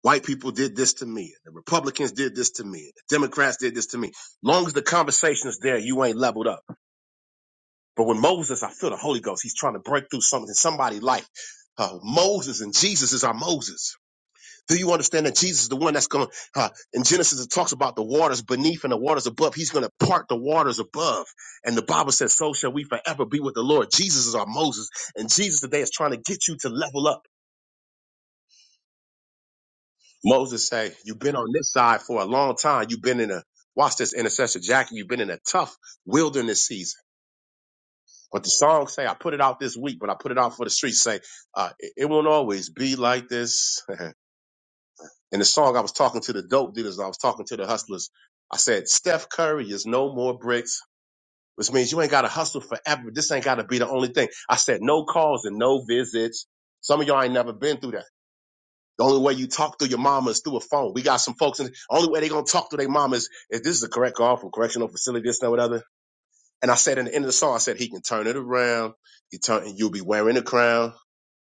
Speaker 12: white people did this to me, the Republicans did this to me, the Democrats did this to me. Long as the conversation is there, you ain't leveled up. But with Moses, I feel the Holy Ghost. He's trying to break through something in somebody's life. Uh, Moses and Jesus is our Moses. Do you understand that Jesus is the one that's going to, uh, in Genesis, it talks about the waters beneath and the waters above. He's going to part the waters above. And the Bible says, so shall we forever be with the Lord. Jesus is our Moses. And Jesus today is trying to get you to level up. Moses say, you've been on this side for a long time. You've been in a, watch this intercessor, Jackie, you've been in a tough wilderness season. But the song say, I put it out this week, but I put it out for the streets. Say, uh, it it won't always be like this. In the song, I was talking to the dope dealers. I was talking to the hustlers. I said, Steph Curry is no more bricks, which means you ain't got to hustle forever. This ain't got to be the only thing. I said, no calls and no visits. Some of y'all ain't never been through that. The only way you talk to your mama is through a phone. We got some folks in the only way they gonna talk to their mama is if this is the correct call from correctional facility, this and that, whatever. And I said in the end of the song, I said he can turn it around. He turn and you'll be wearing a crown.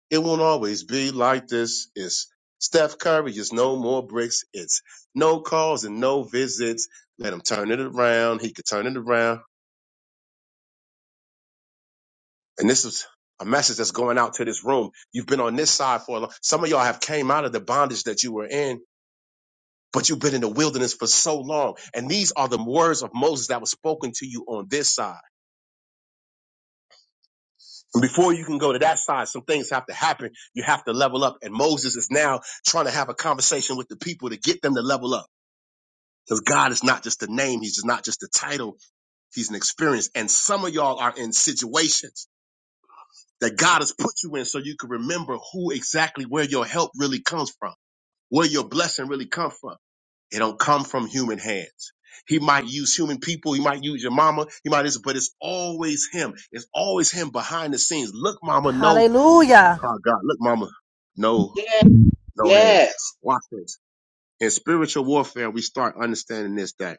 Speaker 12: It won't always be like this. It's Steph Curry, it's no more bricks. It's no calls and no visits. Let him turn it around. He could turn it around. And this is a message that's going out to this room. You've been on this side for a long. Some of y'all have came out of the bondage that you were in, but you've been in the wilderness for so long. And these are the words of Moses that was spoken to you on this side. And before you can go to that side, some things have to happen. You have to level up. And Moses is now trying to have a conversation with the people to get them to level up Because God is not just a name, He's just not just a title, He's an experience. And some of y'all are in situations that God has put you in so you can remember who exactly where your help really comes from, where your blessing really comes from. It don't come from human hands. He might use human people, he might use your mama, he might use, but it's always him. It's always him behind the scenes. Look, mama, no.
Speaker 14: Hallelujah.
Speaker 12: Oh God, look, mama, no,
Speaker 3: Yeah,
Speaker 12: no hands.
Speaker 3: yes.
Speaker 12: Watch this. In spiritual warfare, we start understanding this that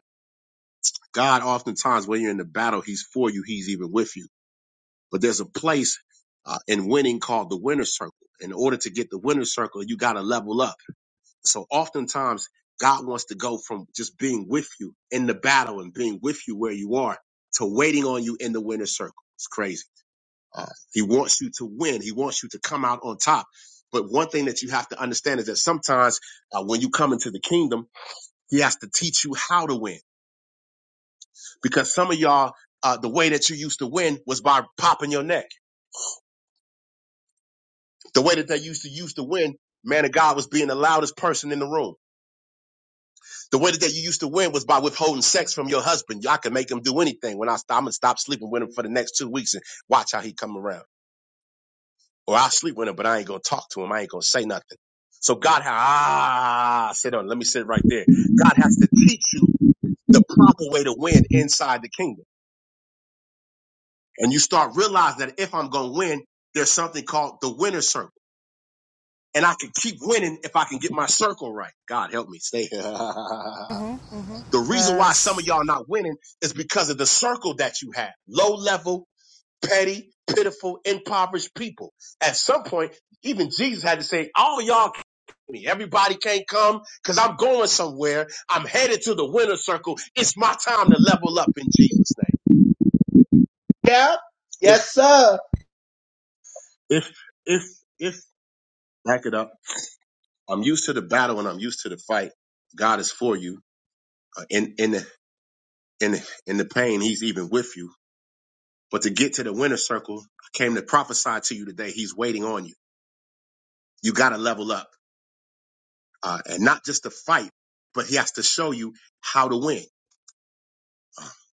Speaker 12: God, oftentimes, when you're in the battle, He's for you, He's even with you. But there's a place uh, in winning called the winner's circle. In order to get the winner's circle, you got to level up. So, oftentimes, God wants to go from just being with you in the battle and being with you where you are to waiting on you in the winner's circle. It's crazy. Uh, he wants you to win, He wants you to come out on top. But one thing that you have to understand is that sometimes uh, when you come into the kingdom, He has to teach you how to win. because some of y'all, uh, the way that you used to win was by popping your neck. The way that they used to used to win, man of God was being the loudest person in the room. The way that they, you used to win was by withholding sex from your husband. Y'all can make him do anything. When I st- I'm gonna stop sleeping with him for the next two weeks and watch how he come around. Or I'll sleep with him, but I ain't gonna talk to him. I ain't gonna say nothing. So God has ah sit on. Let me sit right there. God has to teach you the proper way to win inside the kingdom, and you start realizing that if I'm gonna win, there's something called the winner's circle. and I can keep winning if I can get my circle right. God help me stay. the
Speaker 14: Mm-hmm.
Speaker 12: reason why some of
Speaker 14: Yes.
Speaker 12: y'all not winning is because of the circle that you have. Low level, petty, pitiful, impoverished people. At some point, even Jesus had to say, all y'all can't me. Everybody can't come because I'm going somewhere. I'm headed to the winner circle. It's my time to level up in Jesus' name.
Speaker 3: Yep.
Speaker 12: If,
Speaker 3: Yes, sir.
Speaker 12: if, if, if, back it up. I'm used to the battle and I'm used to the fight. God is for you. Uh, in, in, in in the pain, he's even with you. But to get to the winner circle, I came to prophesy to you today. He's waiting on you. You got to level up, uh, and not just to fight, but he has to show you how to win.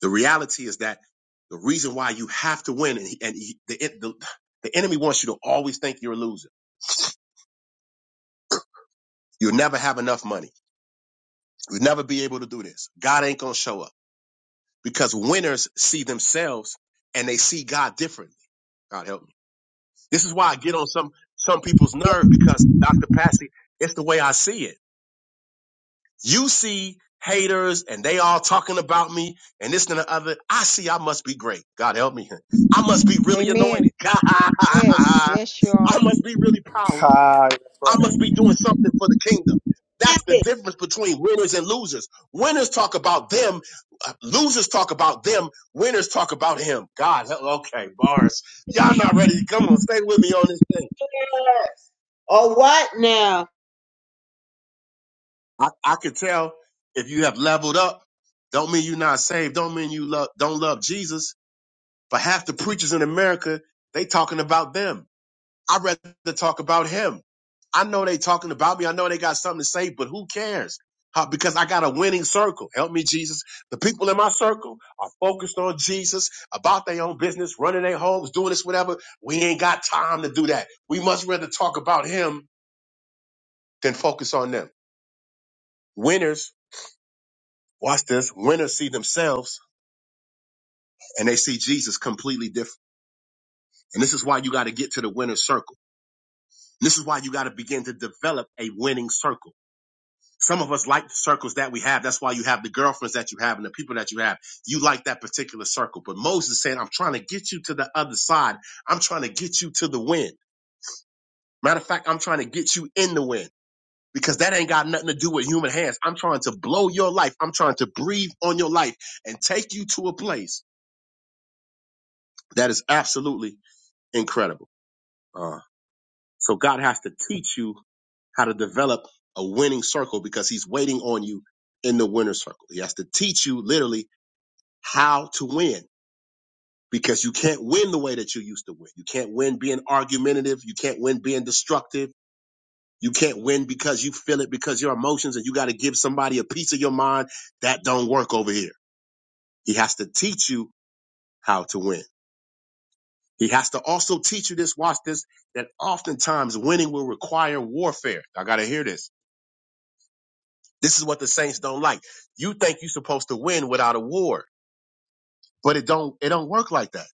Speaker 12: The reality is that the reason why you have to win, and, he, and he, the, the the enemy wants you to always think you're a loser. You'll never have enough money. You'll never be able to do this. God ain't gonna show up because winners see themselves and they see God differently. God help me. This is why I get on some some people's
Speaker 3: Yes.
Speaker 12: nerve because Dr. Passy, it's the way I see it. You see haters and they all talking about me and this and the other. I see I must be great. God help me. I must be really
Speaker 5: Amen.
Speaker 12: anointed.
Speaker 5: Yes.
Speaker 12: I
Speaker 5: Yes, y'all.
Speaker 12: must be really powerful.
Speaker 15: Hi. That's
Speaker 12: I
Speaker 15: right.
Speaker 12: must be doing something for the kingdom. That's the difference between winners and losers. Winners talk about them. uh, Losers talk about them. Winners talk about him. God, help- okay, bars. Y'all not ready. Come on, stay with me on this. thing.
Speaker 3: yes. All right now.
Speaker 12: I, I could tell if you have leveled up, don't mean you're not saved. Don't mean you love, don't love Jesus. But half the preachers in America, they talking about them. I'd rather talk about him. I know they talking about me. I know they got something to say, but who cares? How- because I got a winning circle. Help me, Jesus. The people in my circle are focused on Jesus, about their own business, running their homes, doing this, whatever. We ain't got time to do that. We much rather talk about him than focus on them. Winners Watch this. Winners see themselves and they see Jesus completely different. And this is why you got to get to the winner's circle. This is why you got to begin to develop a winning circle. Some of us like the circles that we have. That's why you have the girlfriends that you have and the people that you have. You like that particular circle. But Moses said, I'm trying to get you to the other side. I'm trying to get you to the wind. Matter of fact, I'm trying to get you in the wind because that ain't got nothing to do with human hands. I'm trying to blow your life. I'm trying to breathe on your life and take you to a place that is absolutely incredible. Uh, so God has to teach you how to develop a winning circle because He's waiting on you in the winner circle. He has to teach you literally how to win because you can't win the way that you used to win. You can't win being argumentative. You can't win being destructive. You can't win because you feel it because your emotions and you got to give somebody a piece of your mind. That don't work over here. He has to teach you how to win. He has to also teach you this, watch this, that oftentimes winning will require warfare. I got to hear this. This is what the saints don't like. You think you're supposed to win without a war, but it don't, it don't work like that.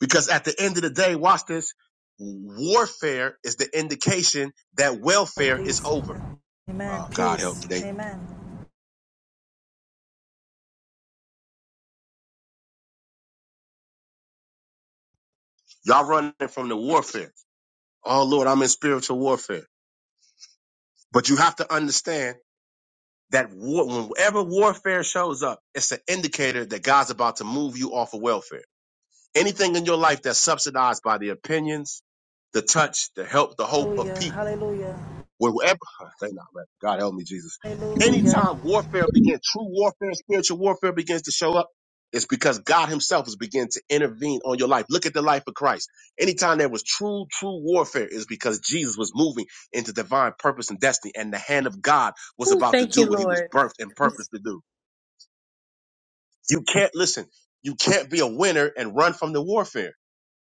Speaker 12: Because at the end of the day, watch this, warfare is the indication that
Speaker 14: Uh,
Speaker 12: welfare is
Speaker 14: Peace.
Speaker 12: over. Oh,
Speaker 14: Amen.
Speaker 12: God help me.
Speaker 14: Peace.
Speaker 12: They,
Speaker 14: Amen.
Speaker 12: y'all running from the warfare. Oh Lord, I'm in spiritual warfare. But you have to understand That war, whenever warfare shows up, it's an indicator that God's about to move you off of welfare. Anything in your life that's subsidized by the opinions, the touch, the help, the hope of
Speaker 14: Hallelujah.
Speaker 12: people
Speaker 14: Hallelujah.
Speaker 12: Wherever, thank God, God help me, Jesus.
Speaker 14: Hallelujah.
Speaker 12: Anytime warfare begins, true warfare, spiritual warfare begins to show up, it's because God Himself is beginning to intervene on your life. Look at the life of Christ. Anytime there was true, true warfare, is because Jesus was moving into divine purpose and destiny, and the hand of God was about to
Speaker 4: Thank
Speaker 12: do
Speaker 4: you,
Speaker 12: what He was
Speaker 4: Lord.
Speaker 12: birthed and purposed to do. You can't listen. You can't be a winner and run from the warfare.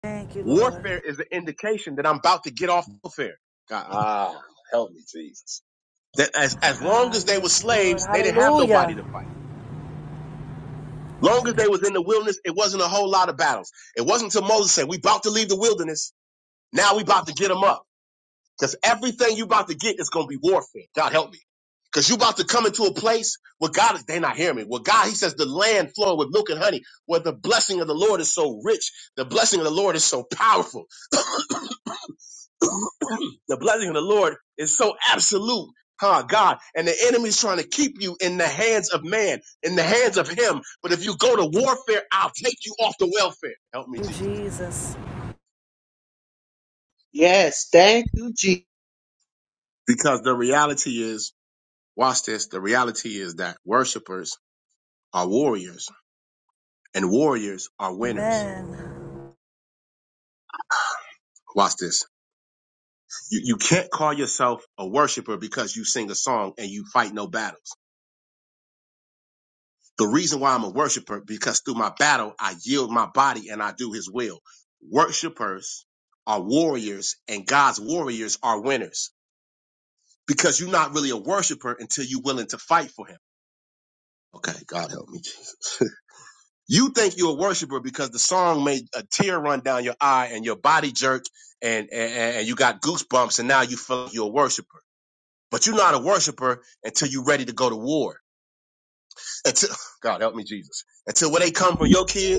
Speaker 14: Thank you, Lord.
Speaker 12: Warfare is an indication that I'm about to get off warfare. God, ah, help me, Jesus. That as, as long
Speaker 14: Ah,
Speaker 12: as they were
Speaker 14: yes, Lord.
Speaker 12: slaves, they didn't have nobody
Speaker 14: Hallelujah.
Speaker 12: to fight. Long as they was in the wilderness, it wasn't a whole lot of battles. It wasn't until Moses said, we about to leave the wilderness. Now we about to get them up. Cause everything you about to get is going to be warfare. God help me. Cause you about to come into a place where God is, they not hearing me. Where God, he says the land flowing with milk and honey, where the blessing of the Lord is so rich. The blessing of the Lord is so powerful. The blessing of the Lord is so absolute. Huh, God. And the enemy's trying to keep you in the hands of man, in the hands of him. But if you go to warfare, I'll take you off the welfare. Help
Speaker 14: Thank
Speaker 12: me,
Speaker 14: you,
Speaker 12: Jesus.
Speaker 14: Jesus.
Speaker 3: Yes, thank you, G.
Speaker 12: Because the reality is, watch this, the reality is that worshipers are warriors and warriors are winners.
Speaker 14: Amen.
Speaker 12: Watch this. You, you can't call yourself a worshiper because you sing a song and you fight no battles. The reason why I'm a worshiper, because through my battle, I yield my body and I do his will. Worshipers are warriors and God's warriors are winners because you're not really a worshiper until you're willing to fight for him. Okay, God help me. Jesus. You think you're a worshiper because the song made a tear run down your eye and your body jerk and, and, and you got goosebumps and now you feel like you're a worshiper. But you're not a worshiper until you're ready to go to war. Until, God help me, Jesus. Until when they come for your kids,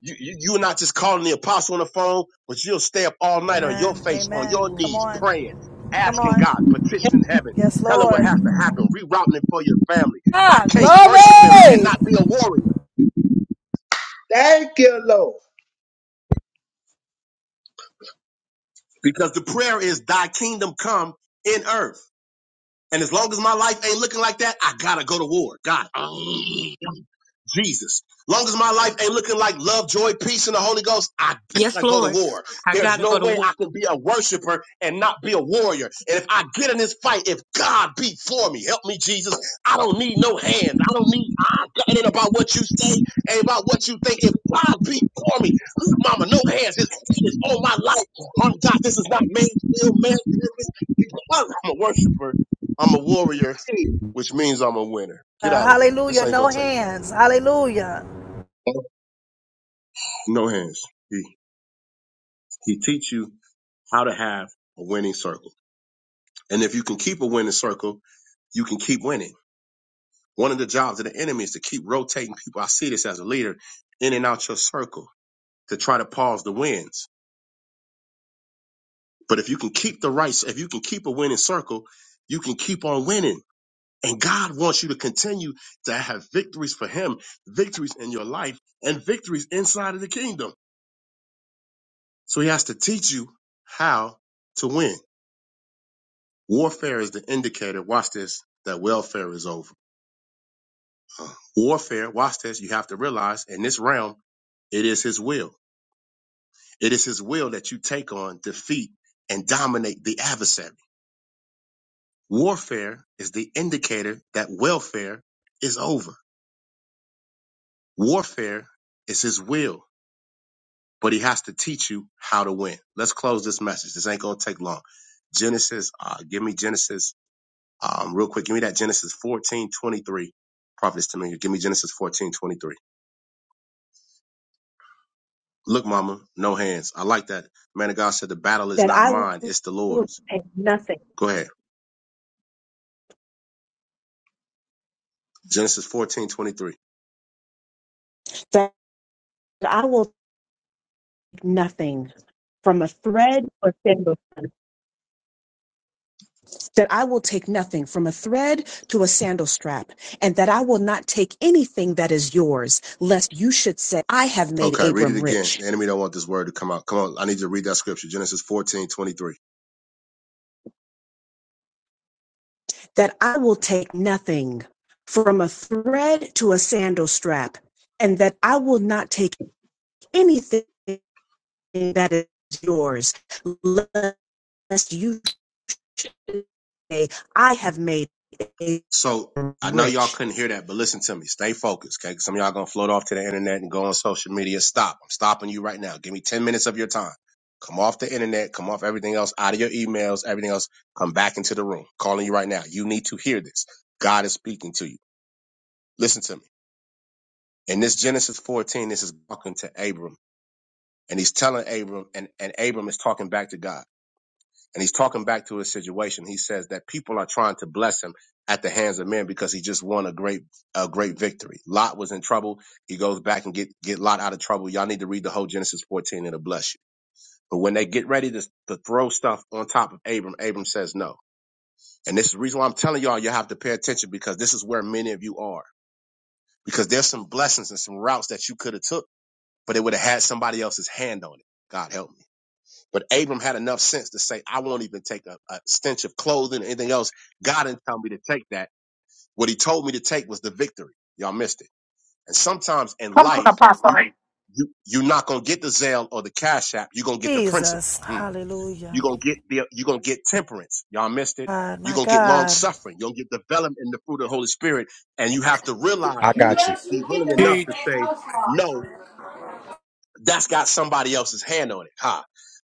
Speaker 12: You, you, you're not just calling the apostle on the phone, but you'll stay up all night on your
Speaker 14: Amen.
Speaker 12: face, on
Speaker 14: Amen.
Speaker 12: your
Speaker 14: Come
Speaker 12: knees,
Speaker 14: on.
Speaker 12: praying,
Speaker 14: Come
Speaker 12: asking God,
Speaker 14: on.
Speaker 12: petitioning heaven,
Speaker 14: Yes,
Speaker 12: telling what
Speaker 14: Lord.
Speaker 12: has to happen, rerouting it for your family. I
Speaker 14: Ah,
Speaker 12: can't worship him and
Speaker 14: glory.
Speaker 12: not be a warrior
Speaker 3: Thank you, Lord.
Speaker 12: because the prayer is, Thy kingdom come in earth. And as long as my life ain't looking like that, I gotta go to war. God. Jesus. Long as my life ain't looking like love, joy, peace, and the Holy Ghost, I
Speaker 4: Yes,
Speaker 12: gotta go to
Speaker 4: Lord.
Speaker 12: war.
Speaker 4: I
Speaker 12: There's
Speaker 4: gotta
Speaker 12: no
Speaker 4: go to
Speaker 12: way
Speaker 4: war.
Speaker 12: I can be a worshiper and not be a warrior. And if I get in this fight, if God be for me, help me, Jesus. I don't need no hands. I don't need. I, it ain't about what you say. Ain't about what you think. If God be for me, look, Mama, no hands. His hand is on my life. Oh God, this is not man's will, man's purpose. Because I'm a worshiper, I'm a warrior,
Speaker 3: Thank
Speaker 12: which means I'm a winner. Get
Speaker 14: Uh,
Speaker 12: out of here. This
Speaker 14: hallelujah.
Speaker 12: ain't
Speaker 14: No
Speaker 12: gonna take long.
Speaker 14: hands. Hallelujah.
Speaker 12: No hands. He he teach you how to have a winning circle. And if you can keep a winning circle, you can keep winning. One of the jobs of the enemy is to keep rotating people. I see this as a leader in and out your circle to try to pause the wins. But if you can keep the right, if you can keep a winning circle, you can keep on winning. And God wants you to continue to have victories for Him, victories in your life, and victories inside of the kingdom. So He has to teach you how to win. Warfare is the indicator, watch this, that welfare is over. Warfare, watch this, you have to realize in this realm, it is his will. It is his will that you take on, defeat, and dominate the adversary. Warfare is the indicator that welfare is over. Warfare is his will, but he has to teach you how to win. Let's close this message. This ain't gonna take long. Genesis, uh, give me Genesis, um, real quick. Give me that Genesis fourteen twenty three. Prophets to me. Give me Genesis fourteen twenty three. Look, mama, no hands. I like that. Man of God said the battle is not mine, it's the Lord's. Go ahead. Genesis fourteen twenty three.
Speaker 20: That I will take nothing from a thread, that I will take nothing from a thread to a sandal strap, and that I will not take anything that is yours, lest you should say, I have made
Speaker 12: Okay, read it
Speaker 20: Abram
Speaker 12: again.
Speaker 20: rich.
Speaker 12: The enemy don't want this word to come out. Come on, I need you to read that scripture. Genesis fourteen twenty three.
Speaker 20: that I will take nothing from a thread to a sandal strap, and that I will not take anything that is yours, lest you say, I have made Abram
Speaker 12: So I know y'all
Speaker 20: rich.
Speaker 12: couldn't hear that, but listen to me. Stay focused, okay? 'Cause Some of y'all gonna float off to the internet and go on social media. Stop. I'm stopping you right now. Give me 10 minutes of your time. Come off the internet, come off everything else, out of your emails, everything else. Come back into the room. Calling you right now. You need to hear this. God is speaking to you. Listen to me. In this Genesis 14, this is talking to Abram. And he's telling Abram, and, and Abram is talking back to God. And he's talking back to his situation. He says that people are trying to bless him at the hands of men because he just won a great, a great victory. Lot was in trouble. He goes back and get, get Lot out of trouble. Y'all need to read the whole Genesis 14. It'll bless you. But when they get ready to, to throw stuff on top of Abram, Abram says no. And this is the reason why I'm telling y'all, you have to pay attention because this is where many of you are because there's some blessings and some routes that you could have took but it would have had somebody else's hand on it. God help me. But Abram had enough sense to say, I won't even take a, a stench of clothing or anything else. God didn't tell me to take that. What he told me to take was the victory. Y'all missed it. And sometimes in
Speaker 21: Come on,
Speaker 12: life, you,
Speaker 21: Apostle.
Speaker 12: you, you're not going to get the zeal or the cash app. You're going to get the principle.
Speaker 14: Jesus.
Speaker 12: Mm. You're
Speaker 14: Hallelujah.
Speaker 12: going to get the, you're going to get temperance. Y'all missed it.
Speaker 14: God,
Speaker 12: You're
Speaker 14: my
Speaker 12: going to get long
Speaker 14: God.
Speaker 12: suffering. You're going to get development in the fruit of the Holy Spirit. And you have to realize
Speaker 15: I
Speaker 12: and
Speaker 15: got
Speaker 12: be, be
Speaker 15: you.
Speaker 12: willing enough to
Speaker 6: Teach.
Speaker 12: say, no, that's got somebody else's hand on it. Ha.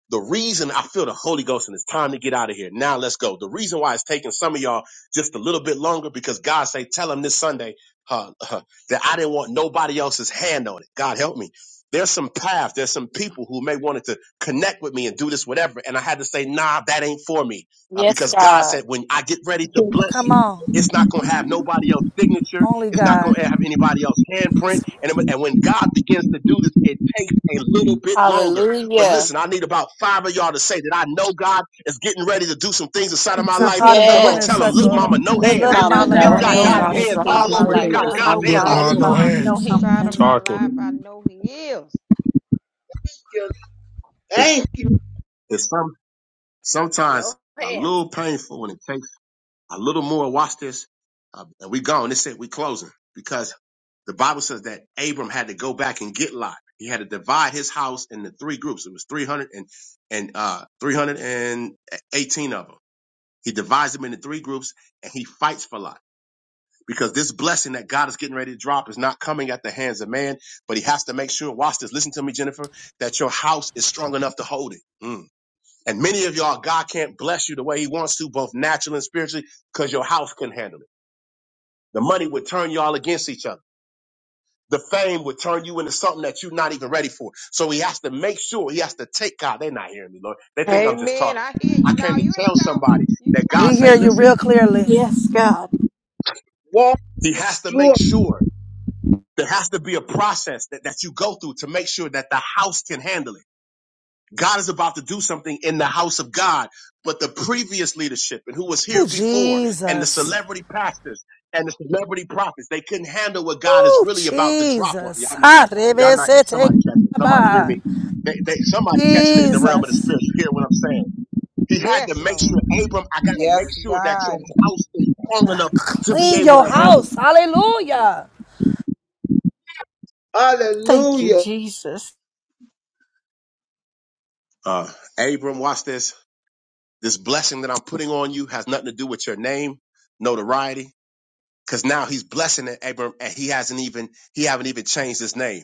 Speaker 12: The reason I feel the Holy Ghost and it's time to get out of here. Now let's go. The reason why it's taking some of y'all just a little bit longer because God say, tell them this Sunday huh, huh, that I didn't want nobody else's hand on it. God help me. There's some path. There's some people who may wanted to connect with me and do this, whatever. And I had to say, nah, that ain't for me. Uh,
Speaker 22: Yes,
Speaker 12: because God
Speaker 22: God.
Speaker 12: said, when I get ready to bless
Speaker 14: Come
Speaker 12: you,
Speaker 14: on.
Speaker 12: it's not going to have nobody else's signature.
Speaker 14: Only
Speaker 12: It's not
Speaker 14: God.
Speaker 12: going to have anybody else's handprint.
Speaker 14: Yes,
Speaker 12: And,
Speaker 14: Lord.
Speaker 12: and when God begins to do this, it takes a little bit longer. But
Speaker 22: Hallelujah.
Speaker 12: listen, I need about five of y'all to say that I know God is getting ready to do some things inside of my
Speaker 14: It's not
Speaker 12: life.
Speaker 14: part of the
Speaker 12: Come on,
Speaker 14: winner's
Speaker 12: tell him,
Speaker 22: Yes.
Speaker 12: look,
Speaker 14: circle.
Speaker 12: mama, no
Speaker 22: Look,
Speaker 12: hands.
Speaker 4: I
Speaker 14: Look,
Speaker 12: This,
Speaker 22: Mama,
Speaker 4: know
Speaker 14: Mama,
Speaker 12: this
Speaker 14: no
Speaker 22: no
Speaker 19: I
Speaker 4: God
Speaker 12: got
Speaker 19: know
Speaker 12: God's
Speaker 4: is
Speaker 19: God
Speaker 4: doing
Speaker 19: is
Speaker 22: hands.
Speaker 12: hands
Speaker 14: hands.
Speaker 4: some
Speaker 19: about to
Speaker 4: things in
Speaker 12: all
Speaker 19: do
Speaker 4: my
Speaker 12: over. It's
Speaker 4: life.
Speaker 19: something
Speaker 7: Hallelujah.
Speaker 12: got
Speaker 7: I
Speaker 4: Look,
Speaker 19: inside
Speaker 12: God's
Speaker 7: know
Speaker 19: of my
Speaker 12: hands
Speaker 6: Look,
Speaker 7: God
Speaker 5: Good
Speaker 12: all
Speaker 7: is
Speaker 6: ma,
Speaker 19: life.
Speaker 12: over.
Speaker 6: no
Speaker 7: about to
Speaker 4: ma,
Speaker 7: do
Speaker 4: no
Speaker 6: hands.
Speaker 4: hands.
Speaker 10: I'm
Speaker 5: Inside of
Speaker 7: something.
Speaker 5: my
Speaker 10: talking.
Speaker 5: life, I know He is.
Speaker 3: you.
Speaker 12: It's,
Speaker 3: Thank you.
Speaker 12: it's some, sometimes
Speaker 8: No
Speaker 12: a
Speaker 8: hands.
Speaker 12: little painful when it takes. A little more, watch this, uh, and we gone. This it, we closing because the Bible says that Abram had to go back and get Lot. He had to divide his house into three groups. It was 300 and, and uh, 318 of them. He divides them into three groups and he fights for Lot because this blessing that God is getting ready to drop is not coming at the hands of man, but he has to make sure, watch this, listen to me, Jennifer, that your house is strong enough to hold it. Mm. And many of y'all, God can't bless you the way he wants to, both naturally and spiritually, because your house can handle it. The money would turn y'all against each other. The fame would turn you into something that you're not even ready for. So he has to make sure he has to take God. They're not hearing me, Lord. They think I'm just
Speaker 5: Amen.
Speaker 12: talking.
Speaker 5: I hear
Speaker 12: I
Speaker 5: you. No,
Speaker 12: came to
Speaker 5: you ain't
Speaker 12: tell
Speaker 5: talking.
Speaker 12: somebody
Speaker 5: You
Speaker 12: that God
Speaker 14: We
Speaker 12: say,
Speaker 14: hear
Speaker 5: talking.
Speaker 14: you
Speaker 12: listen,
Speaker 14: real clearly.
Speaker 7: Yes, God.
Speaker 3: Walk
Speaker 12: he has
Speaker 3: this
Speaker 12: to
Speaker 3: through.
Speaker 12: make sure there has to be a process that, that you go through to make sure that the house can handle it God is about to do something in the house of God. But the previous leadership and who was here
Speaker 14: Oh,
Speaker 12: before and the
Speaker 14: Jesus.
Speaker 12: celebrity pastors and the celebrity prophets, they couldn't handle what God is
Speaker 14: Oh,
Speaker 12: really about to drop on.
Speaker 14: Jesus.
Speaker 12: Y'all not,
Speaker 14: Ha,
Speaker 12: y'all not, somebody catching, somebody hear me. They, they, somebody catching it in the realm of the
Speaker 14: Jesus.
Speaker 12: spirit. You hear what I'm saying? He had to
Speaker 5: Yes,
Speaker 12: make sure,
Speaker 5: Lord.
Speaker 12: Abram, I got to make
Speaker 16: Yes,
Speaker 12: sure that your
Speaker 16: God.
Speaker 12: house is strong enough to be
Speaker 14: Clean
Speaker 12: able
Speaker 14: your
Speaker 12: to handle it.
Speaker 14: house. Hallelujah.
Speaker 7: Thank you,
Speaker 3: Hallelujah.
Speaker 7: Jesus.
Speaker 12: Uh, Abram, watch this. This blessing that I'm putting on you has nothing to do with your name, notoriety. Because now he's blessing Abram and he hasn't even he haven't even changed his name.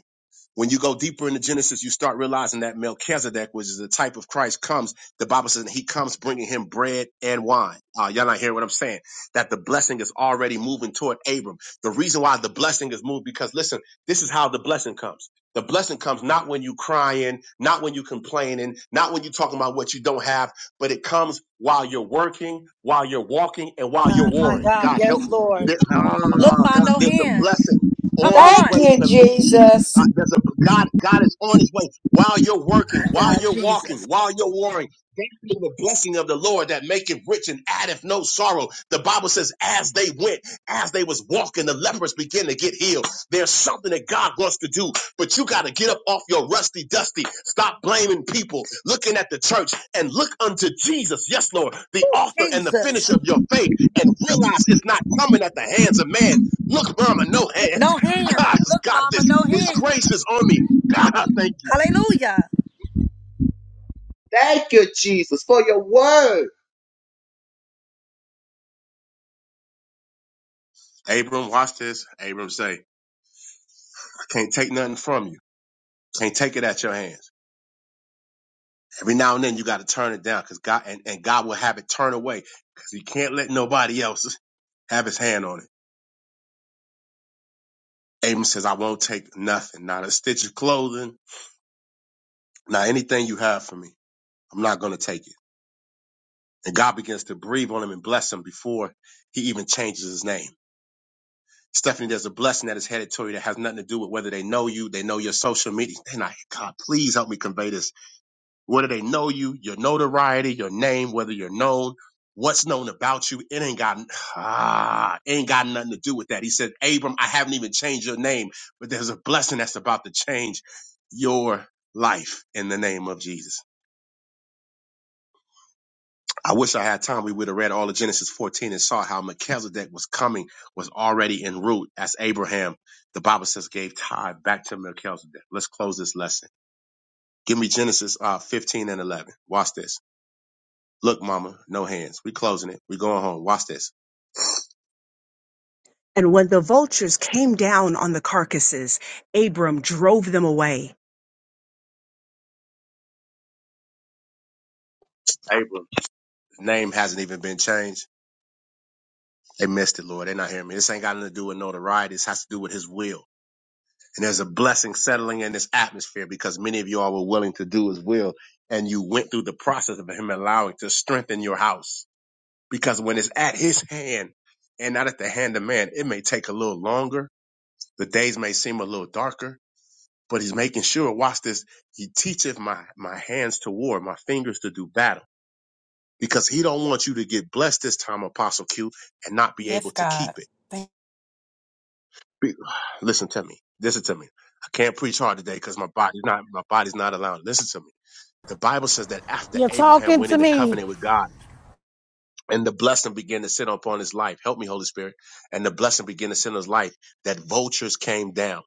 Speaker 12: When you go deeper into Genesis, you start realizing that Melchizedek, which is the type of Christ, comes. The Bible says he comes bringing him bread and wine. Uh, y'all not hearing what I'm saying? That the blessing is already moving toward Abram. The reason why the blessing is moved, because listen, this is how the blessing comes. The blessing comes not when you crying, not when you complaining, not when you talking about what you don't have, but it comes while you're working, while you're walking, and while you're
Speaker 14: God, my
Speaker 12: warring.
Speaker 14: God.
Speaker 12: God help
Speaker 14: Yes,
Speaker 12: me.
Speaker 14: Lord.
Speaker 12: There,
Speaker 14: Look,
Speaker 12: ah,
Speaker 14: Ma,
Speaker 12: God,
Speaker 14: no
Speaker 12: there's a
Speaker 14: hands.
Speaker 12: blessing
Speaker 14: Come
Speaker 12: on its
Speaker 14: on.
Speaker 17: Thank
Speaker 12: way
Speaker 17: you,
Speaker 12: to meet you. Uh,
Speaker 17: Jesus.
Speaker 12: there's a God. God is on His way while you're
Speaker 14: My
Speaker 12: working, while
Speaker 14: God,
Speaker 12: you're walking,
Speaker 14: Jesus.
Speaker 12: while you're warring. that's the blessing of the Lord that maketh rich and addeth no sorrow. The Bible says, as they went, as they was walking, the lepers began to get healed. There's something that God wants to do, but you got to get up off your rusty dusty. Stop blaming people, looking at the church, and look unto Jesus. Yes, Lord, the author and the
Speaker 14: Jesus.
Speaker 12: finisher of your faith, and realize it's not coming at the hands of man. Look, Mama, no hands.
Speaker 14: No hands.
Speaker 12: God has
Speaker 14: Look,
Speaker 12: got this.
Speaker 14: mama, no
Speaker 12: His
Speaker 14: hands.
Speaker 12: grace is on me. God, I thank you.
Speaker 14: Hallelujah.
Speaker 3: Thank you, Jesus, for your word.
Speaker 12: Abram, watch this. Abram say, I can't take nothing from you. Can't take it at your hands. Every now and then you got to turn it down because God and, and God will have it turn away because he can't let nobody else have his hand on it. Abram says, I won't take nothing, not a stitch of clothing, not anything you have for me. I'm not going to take it. And God begins to breathe on him and bless him before he even changes his name. Stephanie, there's a blessing that is headed toward you that has nothing to do with whether they know you, they know your social media. They're not, God, please help me convey this. Whether they know you, your notoriety, your name, whether you're known, what's known about you, it ain't got ah, ain't got nothing to do with that. He said, Abram, I haven't even changed your name, but there's a blessing that's about to change your life in the name of Jesus. I wish I had time. We would have read all of Genesis 14 and saw how Melchizedek was coming, was already en route as Abraham, the Bible says, gave tithe back to Melchizedek. Let's close this lesson. Give me Genesis uh, 15 and 11. Watch this. Look, mama, no hands. We closing it. We going home. Watch this.
Speaker 20: And when the vultures came down on the carcasses, Abram drove them away.
Speaker 12: Abraham's Name hasn't even been changed. They missed it, Lord. They're not hearing me. This ain't got nothing to do with notoriety. This has to do with his will. And there's a blessing settling in this atmosphere because many of you all were willing to do his will and you went through the process of him allowing to strengthen your house. Because when it's at his hand and not at the hand of man, it may take a little longer. The days may seem a little darker, but he's making sure, watch this, he teacheth my, my hands to war, my fingers to do battle. Because he don't want you to get blessed this time, Apostle Q, and not be
Speaker 22: Yes,
Speaker 12: able to keep
Speaker 22: God.
Speaker 12: it.
Speaker 22: Thank
Speaker 12: Be- Listen to me. Listen to me. I can't preach hard today because my body's not my body's not allowing. Listen to me. The Bible says that after
Speaker 13: You're
Speaker 12: Abraham
Speaker 13: talking
Speaker 12: went
Speaker 13: to
Speaker 12: into
Speaker 13: me.
Speaker 12: covenant with God and the blessing began to sit upon his life. Help me, Holy Spirit. And the blessing began to sit on his life that vultures came down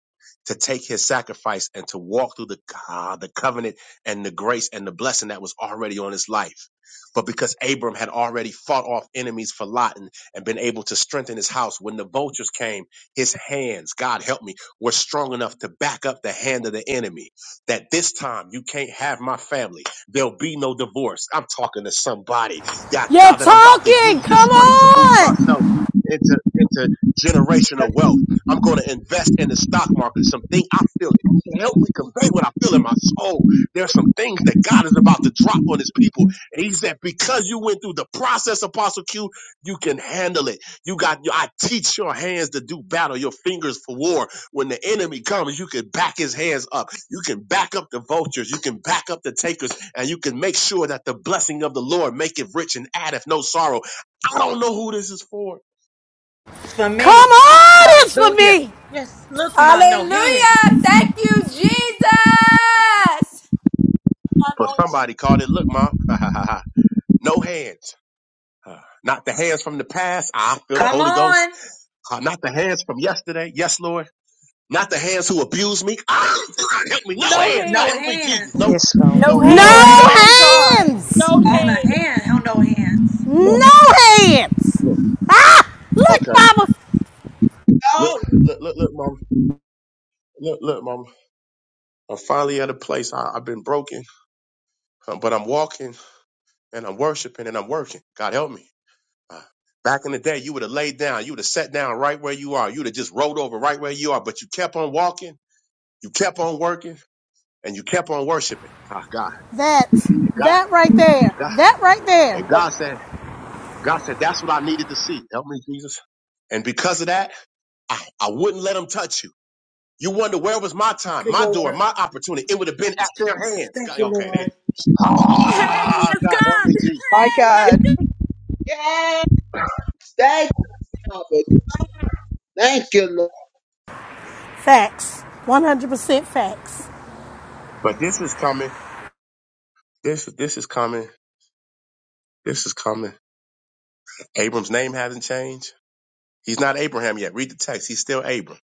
Speaker 12: to take his sacrifice and to walk through the, ah, the covenant and the grace and the blessing that was already on his life. But because Abram had already fought off enemies for Lot and, and been able to strengthen his house, when the vultures came, his hands, God help me, were strong enough to back up the hand of the enemy. That this time you can't have my family. There'll be no divorce. I'm talking to somebody yeah,
Speaker 13: You're
Speaker 12: God, that I'm about to
Speaker 13: talking.
Speaker 12: use this
Speaker 13: Come
Speaker 12: money to move
Speaker 13: on.
Speaker 12: myself into into generational wealth. I'm going to invest in the stock market. Some thing I feel help me convey what I feel in my soul. There's some things that God is about to drop on His people, and He said, because you went through the process, Apostle Q, you can handle it. You got. I teach your hands to do battle, your fingers for war. When the enemy comes, you can back his hands up you can back up the vultures, you can back up the takers, and you can make sure that the blessing of the Lord make it rich and addeth no sorrow. I don't know who this is for,
Speaker 14: It's for
Speaker 13: Come
Speaker 14: me.
Speaker 13: on. It's for
Speaker 4: Hallelujah.
Speaker 13: me.
Speaker 4: Yes, look, ma, no hands.
Speaker 17: Hallelujah. Thank you, Jesus.
Speaker 12: but somebody called it. Look, mom, no hands. Uh, Not the hands from the past. I feel the
Speaker 14: Come
Speaker 12: Holy Ghost.
Speaker 14: on.
Speaker 12: Uh, Not the hands from yesterday. Yes, Lord. Not the hands who abused me. Ah, God, help me. No hands. God,
Speaker 14: No
Speaker 12: help me, Jesus.
Speaker 14: hands.
Speaker 12: No,
Speaker 5: Yes, Lord.
Speaker 7: No
Speaker 12: no hands.
Speaker 5: No
Speaker 12: Look,
Speaker 7: hands
Speaker 13: No
Speaker 7: on
Speaker 5: hands. No
Speaker 7: God.
Speaker 5: hands.
Speaker 13: hands.
Speaker 4: No
Speaker 14: On a
Speaker 4: hands.
Speaker 14: hand. Hell, no hands.
Speaker 12: look,
Speaker 13: No hands.
Speaker 12: look.
Speaker 13: Ah, look,
Speaker 12: Okay.
Speaker 13: mama.
Speaker 12: Look,
Speaker 3: Oh,
Speaker 12: look, look, look, mom. Look, look, mom. I'm finally at a place. I, I've been broken, uh, but I'm walking. and I'm worshiping and I'm working. God help me. Uh, Back in the day, you would have laid down, you would have sat down right where you are, you would have just rolled over right where you are, but you kept on walking, you kept on working, and you kept on worshiping. Ah, God.
Speaker 13: That's
Speaker 12: And God,
Speaker 13: that right there.
Speaker 12: God,
Speaker 13: That right there.
Speaker 12: and God said, God said, that's what I needed to see. Help me, Jesus. And because of that, I, I wouldn't let them touch you. You wonder where was my time,
Speaker 14: Thank you,
Speaker 12: my door,
Speaker 14: Lord.
Speaker 12: my opportunity. It would have been at their hands.
Speaker 14: Thank
Speaker 12: God,
Speaker 14: you,
Speaker 12: okay, they,
Speaker 14: Lord.
Speaker 12: ah, God, help me, Jesus.
Speaker 3: yes. yes. Thank you, Lord. Thank you, Lord.
Speaker 13: Facts. 100% facts.
Speaker 12: But this is coming. This, this is coming. This is coming Abram's name hasn't changed. He's not Abraham yet. Read the text. He's still Abram.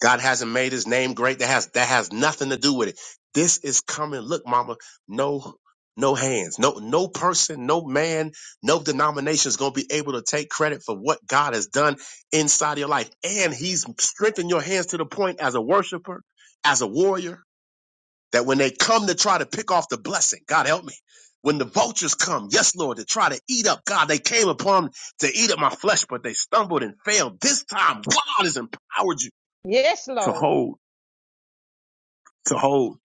Speaker 12: God hasn't made his name great. That has that has nothing to do with it. This is coming. Look, mama, no no hands. No no person, no man, no denomination is going to be able to take credit for what God has done inside of your life. And he's strengthened your hands to the point as a worshiper, as a warrior that when they come to try to pick off the blessing, God help me. When the vultures come, yes, Lord, to try to eat up, God, they came upon to eat up my flesh, but they stumbled and failed. This time, God has empowered you
Speaker 5: Yes,
Speaker 12: to
Speaker 5: Lord.
Speaker 12: hold, to hold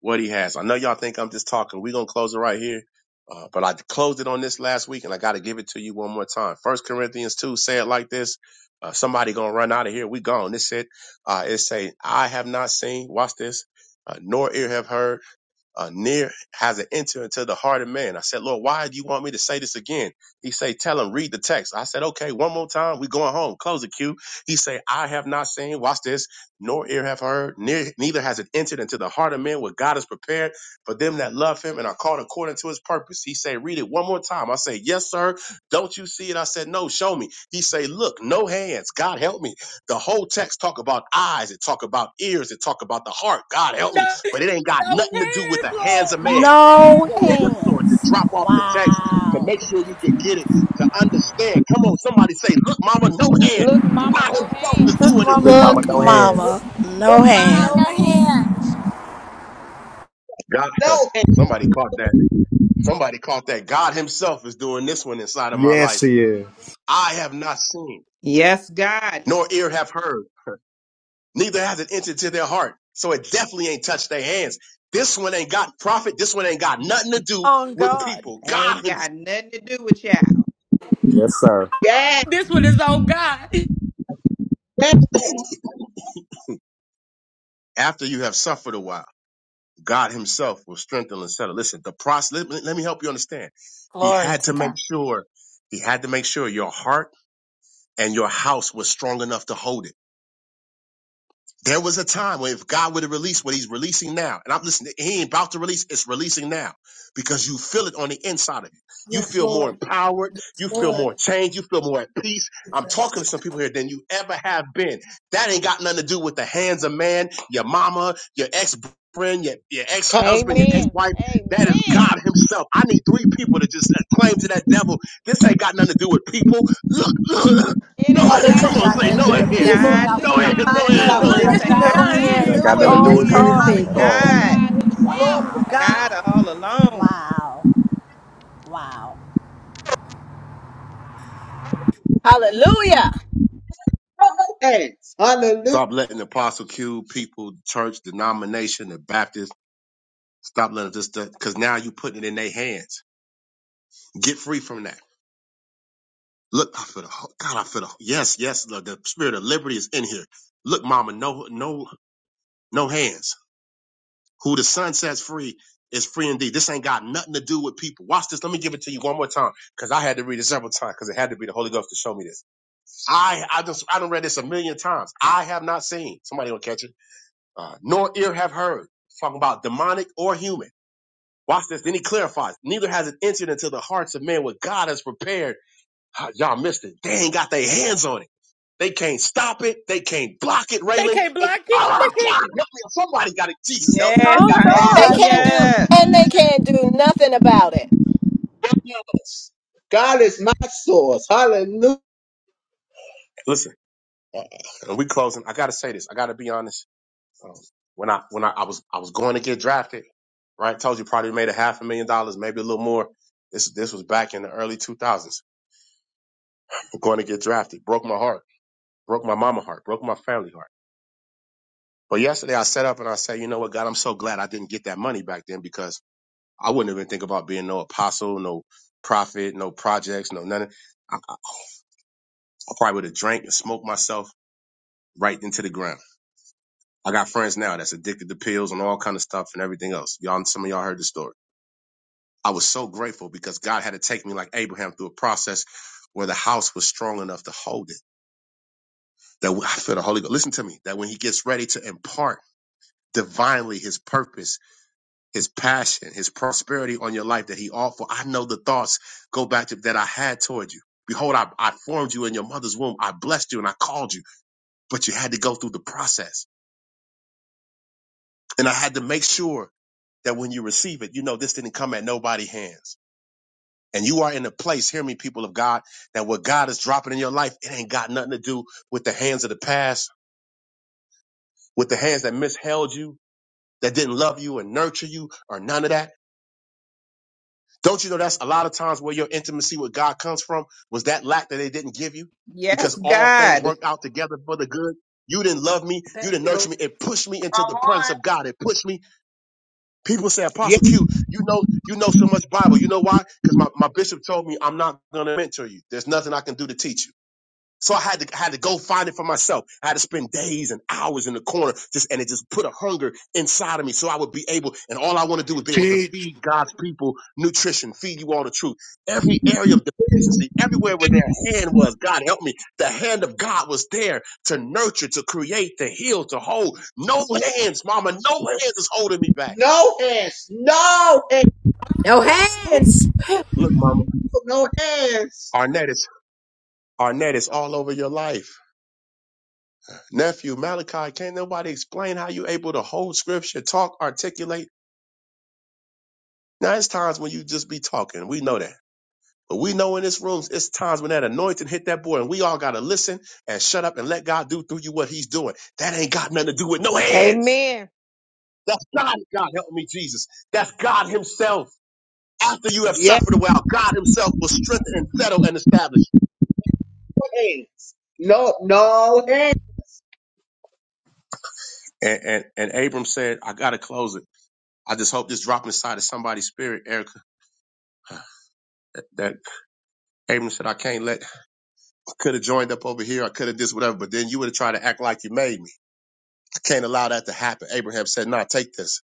Speaker 12: what he has. I know y'all think I'm just talking. We're going to close it right here. Uh, but I closed it on this last week and I got to give it to you one more time. First Corinthians 2 say it like this. Uh, somebody going to run out of here. We gone. This it. Uh, it say, I have not seen, watch this, uh, nor ear have heard uh, near has an enter into the heart of man. I said, Lord, why do you want me to say this again? He say, tell him, read the text. I said, okay, one more time. We going home. Close the queue. He say, I have not seen, watch this, nor ear have heard, near, neither has it entered into the heart of man what God has prepared for them that love him and are called according to his purpose. He say, read it one more time. I say, yes, sir. Don't you see it? I said, no, show me. He say, look, no hands. God help me. The whole text talk about eyes. It talk about ears. It talk about the heart. God help me
Speaker 4: No,
Speaker 12: but it ain't got
Speaker 4: no
Speaker 12: nothing to do with
Speaker 4: hands,
Speaker 12: the hands
Speaker 4: Lord.
Speaker 12: of man.
Speaker 4: No hands.
Speaker 13: No
Speaker 12: Boom, yes, Lord, to
Speaker 13: hands.
Speaker 12: drop off the text, to
Speaker 13: Wow.
Speaker 12: make sure you can get it, to understand. Come on, somebody say, look, mama, no hand.
Speaker 5: Look, Mama,
Speaker 12: God
Speaker 5: no
Speaker 12: himself is
Speaker 5: hands.
Speaker 7: Look,
Speaker 12: doing this
Speaker 7: Mama,
Speaker 15: Look,
Speaker 7: no
Speaker 15: mama,
Speaker 13: Look,
Speaker 15: no
Speaker 12: inside
Speaker 7: hands
Speaker 13: mama.
Speaker 15: hands.
Speaker 13: No
Speaker 14: My no,
Speaker 13: hands.
Speaker 14: hands.
Speaker 12: of my life. God,
Speaker 3: No hands.
Speaker 12: somebody caught that. Somebody caught that. God himself is doing this one inside of my
Speaker 15: Yes,
Speaker 12: life.
Speaker 15: he is.
Speaker 12: I have not seen,
Speaker 16: Yes, God.
Speaker 12: nor ear have heard, neither has it entered to their heart. So it definitely ain't touched their hands. This one ain't got profit. This one ain't got nothing to do
Speaker 7: on
Speaker 12: with
Speaker 7: God.
Speaker 12: people.
Speaker 16: Ain't
Speaker 12: God himself.
Speaker 16: got nothing to do with y'all.
Speaker 15: Yes, sir.
Speaker 3: Yes.
Speaker 4: This one is on God. They
Speaker 3: Thank
Speaker 12: After you have suffered a while. God Himself will strengthen and settle. Listen, the process. Let, me let me help you understand. He
Speaker 22: glory
Speaker 12: had
Speaker 22: to
Speaker 12: to
Speaker 22: God.
Speaker 12: make sure. He had to make sure your heart and your house was strong enough to hold it. There was a time where if God would have released what he's releasing now, and I'm listening, he ain't about to release, it's releasing now because you feel it on the inside of you. You
Speaker 14: Yes,
Speaker 12: feel more
Speaker 14: Lord.
Speaker 12: empowered,
Speaker 14: Yes,
Speaker 12: you feel
Speaker 14: Lord.
Speaker 12: more changed, you feel more at peace. I'm talking
Speaker 14: Jesus.
Speaker 12: to some people here than you ever have been. That ain't got nothing to do with the hands of man, your mama, your ex friend, your, your ex
Speaker 3: you.
Speaker 12: husband, your ex
Speaker 5: Amen.
Speaker 12: wife. That is
Speaker 5: Amen.
Speaker 12: God Himself. I need three people to just claim to that devil, this ain't got nothing to do with people. Look, look,
Speaker 5: It
Speaker 12: no,
Speaker 5: ain't
Speaker 12: hands.
Speaker 14: This
Speaker 5: got
Speaker 12: come
Speaker 14: ain't
Speaker 12: on,
Speaker 5: nothing
Speaker 14: got
Speaker 5: to
Speaker 12: say
Speaker 14: nothing
Speaker 16: This
Speaker 14: to
Speaker 12: no
Speaker 5: do
Speaker 14: do with
Speaker 16: is
Speaker 5: with
Speaker 12: hands.
Speaker 5: people.
Speaker 14: people,
Speaker 16: God
Speaker 7: It's
Speaker 14: not
Speaker 12: No
Speaker 14: with
Speaker 5: It's
Speaker 14: my
Speaker 12: hands,
Speaker 5: all
Speaker 12: no
Speaker 14: mama,
Speaker 12: hands,
Speaker 14: not
Speaker 5: God.
Speaker 16: Himself.
Speaker 12: no
Speaker 13: No
Speaker 14: with
Speaker 12: hands.
Speaker 14: my
Speaker 16: This
Speaker 5: It's
Speaker 16: ain't
Speaker 13: hands.
Speaker 16: got
Speaker 5: all
Speaker 7: no
Speaker 14: job,
Speaker 16: nothing
Speaker 5: God
Speaker 15: It
Speaker 16: to
Speaker 7: hands
Speaker 15: ain't
Speaker 16: do
Speaker 15: got
Speaker 14: not with
Speaker 16: with
Speaker 15: nothing
Speaker 19: Got
Speaker 15: to
Speaker 5: Himself.
Speaker 15: do
Speaker 7: on
Speaker 19: nothing
Speaker 15: with
Speaker 19: to
Speaker 16: people.
Speaker 19: do
Speaker 14: man.
Speaker 16: This
Speaker 19: with
Speaker 15: people
Speaker 16: is
Speaker 7: God.
Speaker 5: It's
Speaker 15: at
Speaker 14: Hallelujah.
Speaker 19: people.
Speaker 5: all
Speaker 15: all.
Speaker 16: God.
Speaker 5: God Himself.
Speaker 14: Glory to
Speaker 13: Wow.
Speaker 14: God.
Speaker 16: God all alone.
Speaker 13: Wow. Wow.
Speaker 8: Hallelujah.
Speaker 3: No hands. Hallelujah.
Speaker 12: Stop letting the apostle cube people, church, denomination, the Baptist. Stop letting this stuff because now you putting it in their hands. Get free from that. Look, I feel the God. I feel the yes, yes. The, the spirit of liberty is in here. Look, Mama, no, no, no hands. Who the Son sets free is free indeed. This ain't got nothing to do with people. Watch this. Let me give it to you one more time because I had to read it several times because it had to be the Holy Ghost to show me this. I I just I done read this a million times. I have not seen somebody gonna catch it. uh, nor ear have heard. It's talking about demonic or human. Watch this. Then he clarifies, neither has it entered into the hearts of men what God has prepared. Ah, y'all missed it. They ain't got their hands on it. They can't stop it. They can't block it, Raylan.
Speaker 4: can't
Speaker 12: They,
Speaker 4: block it.
Speaker 12: oh,
Speaker 4: They
Speaker 12: God,
Speaker 4: can't.
Speaker 12: help me. Somebody got it. Jesus,
Speaker 7: It's
Speaker 12: help me.
Speaker 16: Yes,
Speaker 7: on
Speaker 12: Ah, oh,
Speaker 8: They
Speaker 7: God.
Speaker 12: yes,
Speaker 8: can't
Speaker 12: Lord.
Speaker 8: do,
Speaker 16: hallelujah.
Speaker 8: and they can't do nothing about it.
Speaker 3: source. God is my source. Hallelujah.
Speaker 12: Listen, and we closing. I gotta say this. I gotta be honest. Um, when I when I, I was I was going to get drafted, right? Told you probably made a half a million dollars, maybe a little more. This this was back in the early 2000s. going to get drafted. Broke my heart. Broke my mama heart. Broke my family heart. But yesterday I sat up and I said, you know what, God, I'm so glad I didn't get that money back then because I wouldn't even think about being no apostle, no prophet, no projects, no nothing. I, I probably would have drank and smoked myself right into the ground. I got friends now that's addicted to pills and all kind of stuff and everything else. Y'all, some of y'all heard the story. I was so grateful because God had to take me like Abraham through a process where the house was strong enough to hold it. That I feel the Holy Ghost. Listen to me. That when He gets ready to impart divinely his purpose, his passion, his prosperity on your life that he offered. I know the thoughts go back to that I had toward you. Behold, I, I formed you in your mother's womb. I blessed you and I called you, but you had to go through the process. And I had to make sure that when you receive it, you know, this didn't come at nobody's hands. And you are in a place, hear me, people of God, that what God is dropping in your life, it ain't got nothing to do with the hands of the past, with the hands that misheld you, that didn't love you and nurture you, or none of that Don't you know that's a lot of times where your intimacy with God comes from was that lack that they didn't give you? Because
Speaker 16: Yes,
Speaker 12: all things
Speaker 16: God.
Speaker 12: work out together for the good. You didn't love me. You didn't nurture me. It pushed me into the presence of God. It pushed me. People say,
Speaker 3: Yeah.
Speaker 12: Apostle Q, you know, you know so much Bible. You know why? Because my, my bishop told me I'm not going to mentor you. There's nothing I can do to teach you. So I had to I had to go find it for myself. I had to spend days and hours in the corner, just and it just put a hunger inside of me. So I would be able, and all I want to do is be able to
Speaker 6: Teach,
Speaker 12: feed God's people nutrition, feed you all the truth. Every area of deficiency, everywhere where their hand was, God help me. The hand of God was there to nurture, to create, to heal, to hold. No hands, Mama, no hands is holding me back.
Speaker 3: No hands. No hands.
Speaker 17: No hands.
Speaker 12: Look, Mama,
Speaker 3: No hands.
Speaker 12: Arnett is Arnett is all over your life. Nephew, Malachi, can't nobody explain how you able to hold scripture, talk, articulate? Now, it's times when you just be talking. We know that. But we know in this room, it's times when that anointing hit that boy, and we all got to listen and shut up and let God do through you what he's doing. That ain't got nothing to do with no hands.
Speaker 5: Amen.
Speaker 12: That's God. God help me, Jesus. That's God himself. After you have
Speaker 3: Yeah,
Speaker 12: suffered a while, God himself will strengthen and settle and establish you.
Speaker 3: hands. No, no hands.
Speaker 12: And, and, and Abram said, I got to close it. I just hope this dropping inside of somebody's spirit, Erica, that Abram said, I can't let Could have joined up over here. I could have this, whatever. But then you would have tried to act like you made me. I can't allow that to happen. Abraham said, no, nah, take this.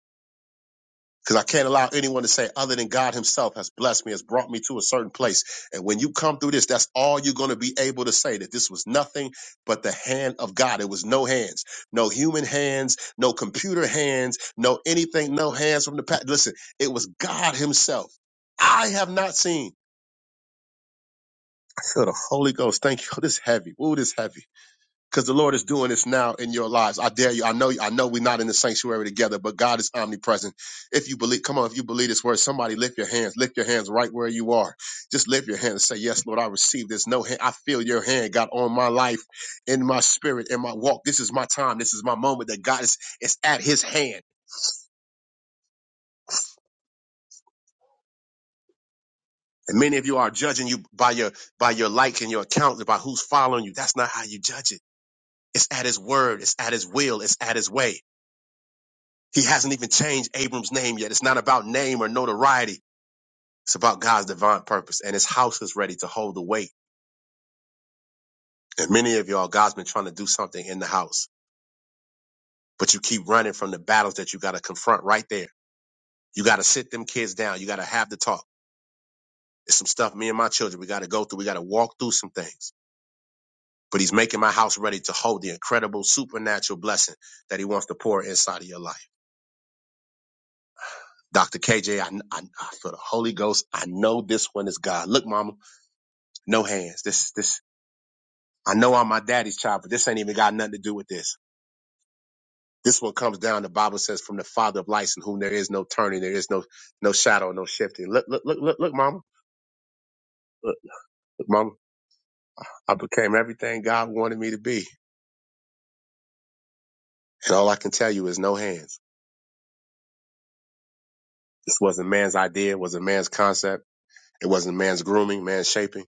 Speaker 12: Because I can't allow anyone to say other than God himself has blessed me, has brought me to a certain place. And when you come through this, that's all you're going to be able to say that this was nothing but the hand of God. It was no hands, no human hands, no computer hands, no anything, no hands from the past. Listen, it was God himself. I have not seen. Oh, the Holy Ghost. Thank you. Oh, this heavy. Ooh, this heavy. because the Lord is doing this now in your lives. I dare you. I know. I know we're not in the sanctuary together, but God is omnipresent. If you believe, come on. If you believe this word, somebody lift your hands. Lift your hands right where you are. Just lift your hands and say, "Yes, Lord, I receive this. No, hand, I feel your hand, God, on my life, in my spirit, in my walk. This is my time. This is my moment. That God is is at His hand." And many of you are judging you by your by your like and your account, by who's following you. That's not how you judge it. It's at His word. It's at His will. It's at His way. He hasn't even changed Abram's name yet. It's not about name or notoriety. It's about God's divine purpose. And his house is ready to hold the weight. And many of y'all, God's been trying to do something in the house, but you keep running from the battles that you got to confront right there. You got to sit them kids down. You got to have the talk. It's some stuff me and my children, we got to go through. We got to walk through some things. But he's making my house ready to hold the incredible supernatural blessing that he wants to pour inside of your life. Dr. KJ, I, I, I feel the Holy Ghost. I know this one is God. Look, mama, no hands. This, this, I know I'm my daddy's child, but this ain't even got nothing to do with this. This one comes down. The Bible says, "From the Father of lights, in whom there is no turning, there is no no shadow, no shifting." Look, look, look, look, look, Mama, look, look, Mama. I became everything God wanted me to be, and all I can tell you is no hands. This wasn't man's idea. It wasn't man's concept. It wasn't man's grooming, man's shaping.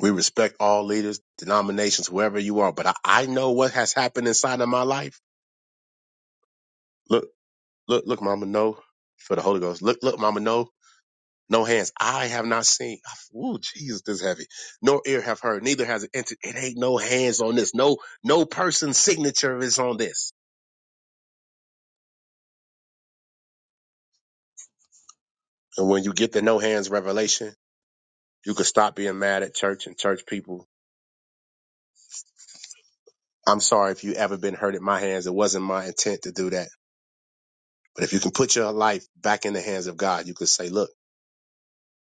Speaker 12: We respect all leaders, denominations, whoever you are. But I, I know what has happened inside of my life. Look, look, look, Mama. No, for the Holy Ghost. Look, look, Mama. No, No hands I have not seen. Ooh, Jesus, this is heavy. Nor ear have heard. Neither has it entered. It ain't no hands on this. No, no person's signature is on this. And when you get the no hands revelation, you can stop being mad at church and church people. I'm sorry if you ever been hurt at my hands. It wasn't my intent to do that. But if you can put your life back in the hands of God, you could say, look,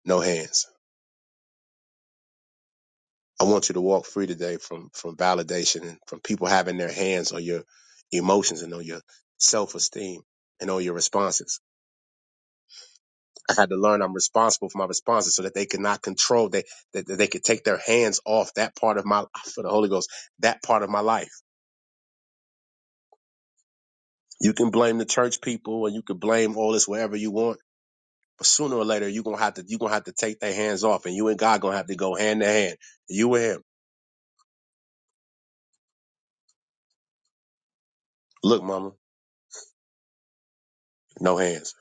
Speaker 12: no hands. I want you to walk free today from, from validation and from people having their hands on your emotions and on your self esteem and on your responses I had to learn I'm responsible for my responses so that they could not control they that that they could take their hands off that part of my for the Holy Ghost, that part of my life. You can blame the church people and you can blame all this wherever you want, but sooner or later you're gonna have to you're gonna have to take their hands off and you and God gonna have to go hand to hand. You and him. Look, mama, no hands.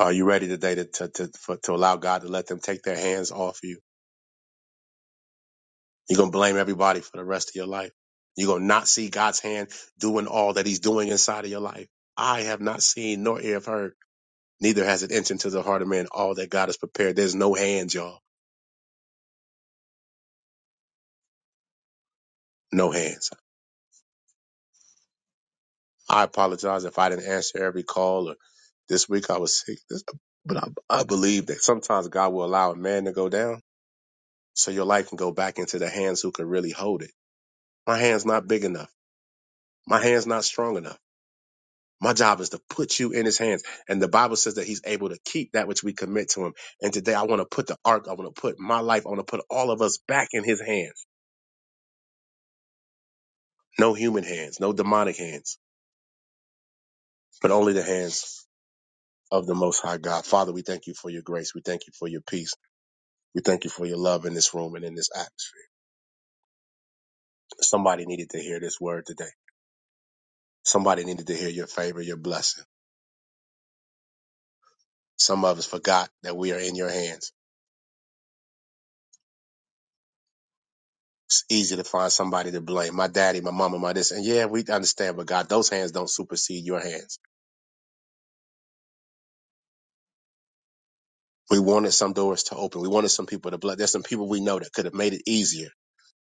Speaker 12: Are you ready today to to, to, for, to allow God to let them take their hands off you? You're going to blame everybody for the rest of your life. You're going to not see God's hand doing all that he's doing inside of your life. I have not seen nor ear have heard, neither has it entered into the heart of man all that God has prepared. There's no hands, y'all. No hands. I apologize if I didn't answer every call or this week I was sick. This, but I, I believe that sometimes God will allow a man to go down so your life can go back into the hands who can really hold it. My hand's not big enough. My hand's not strong enough. My job is to put you in his hands. And the Bible says that he's able to keep that which we commit to him. And today I want to put the ark, I want to put my life, I want to put all of us back in his hands. No human hands, no demonic hands, but only the hands of the Most High God. Father, we thank you for your grace. We thank you for your peace. We thank you for your love in this room and in this atmosphere. Somebody needed to hear this word today. Somebody needed to hear your favor, your blessing. Some of us forgot that we are in your hands. it's easy to find somebody to blame. My daddy, my mama, my this. And yeah, we understand, but God, those hands don't supersede your hands. We wanted some doors to open. We wanted some people to bless. There's some people we know that could have made it easier,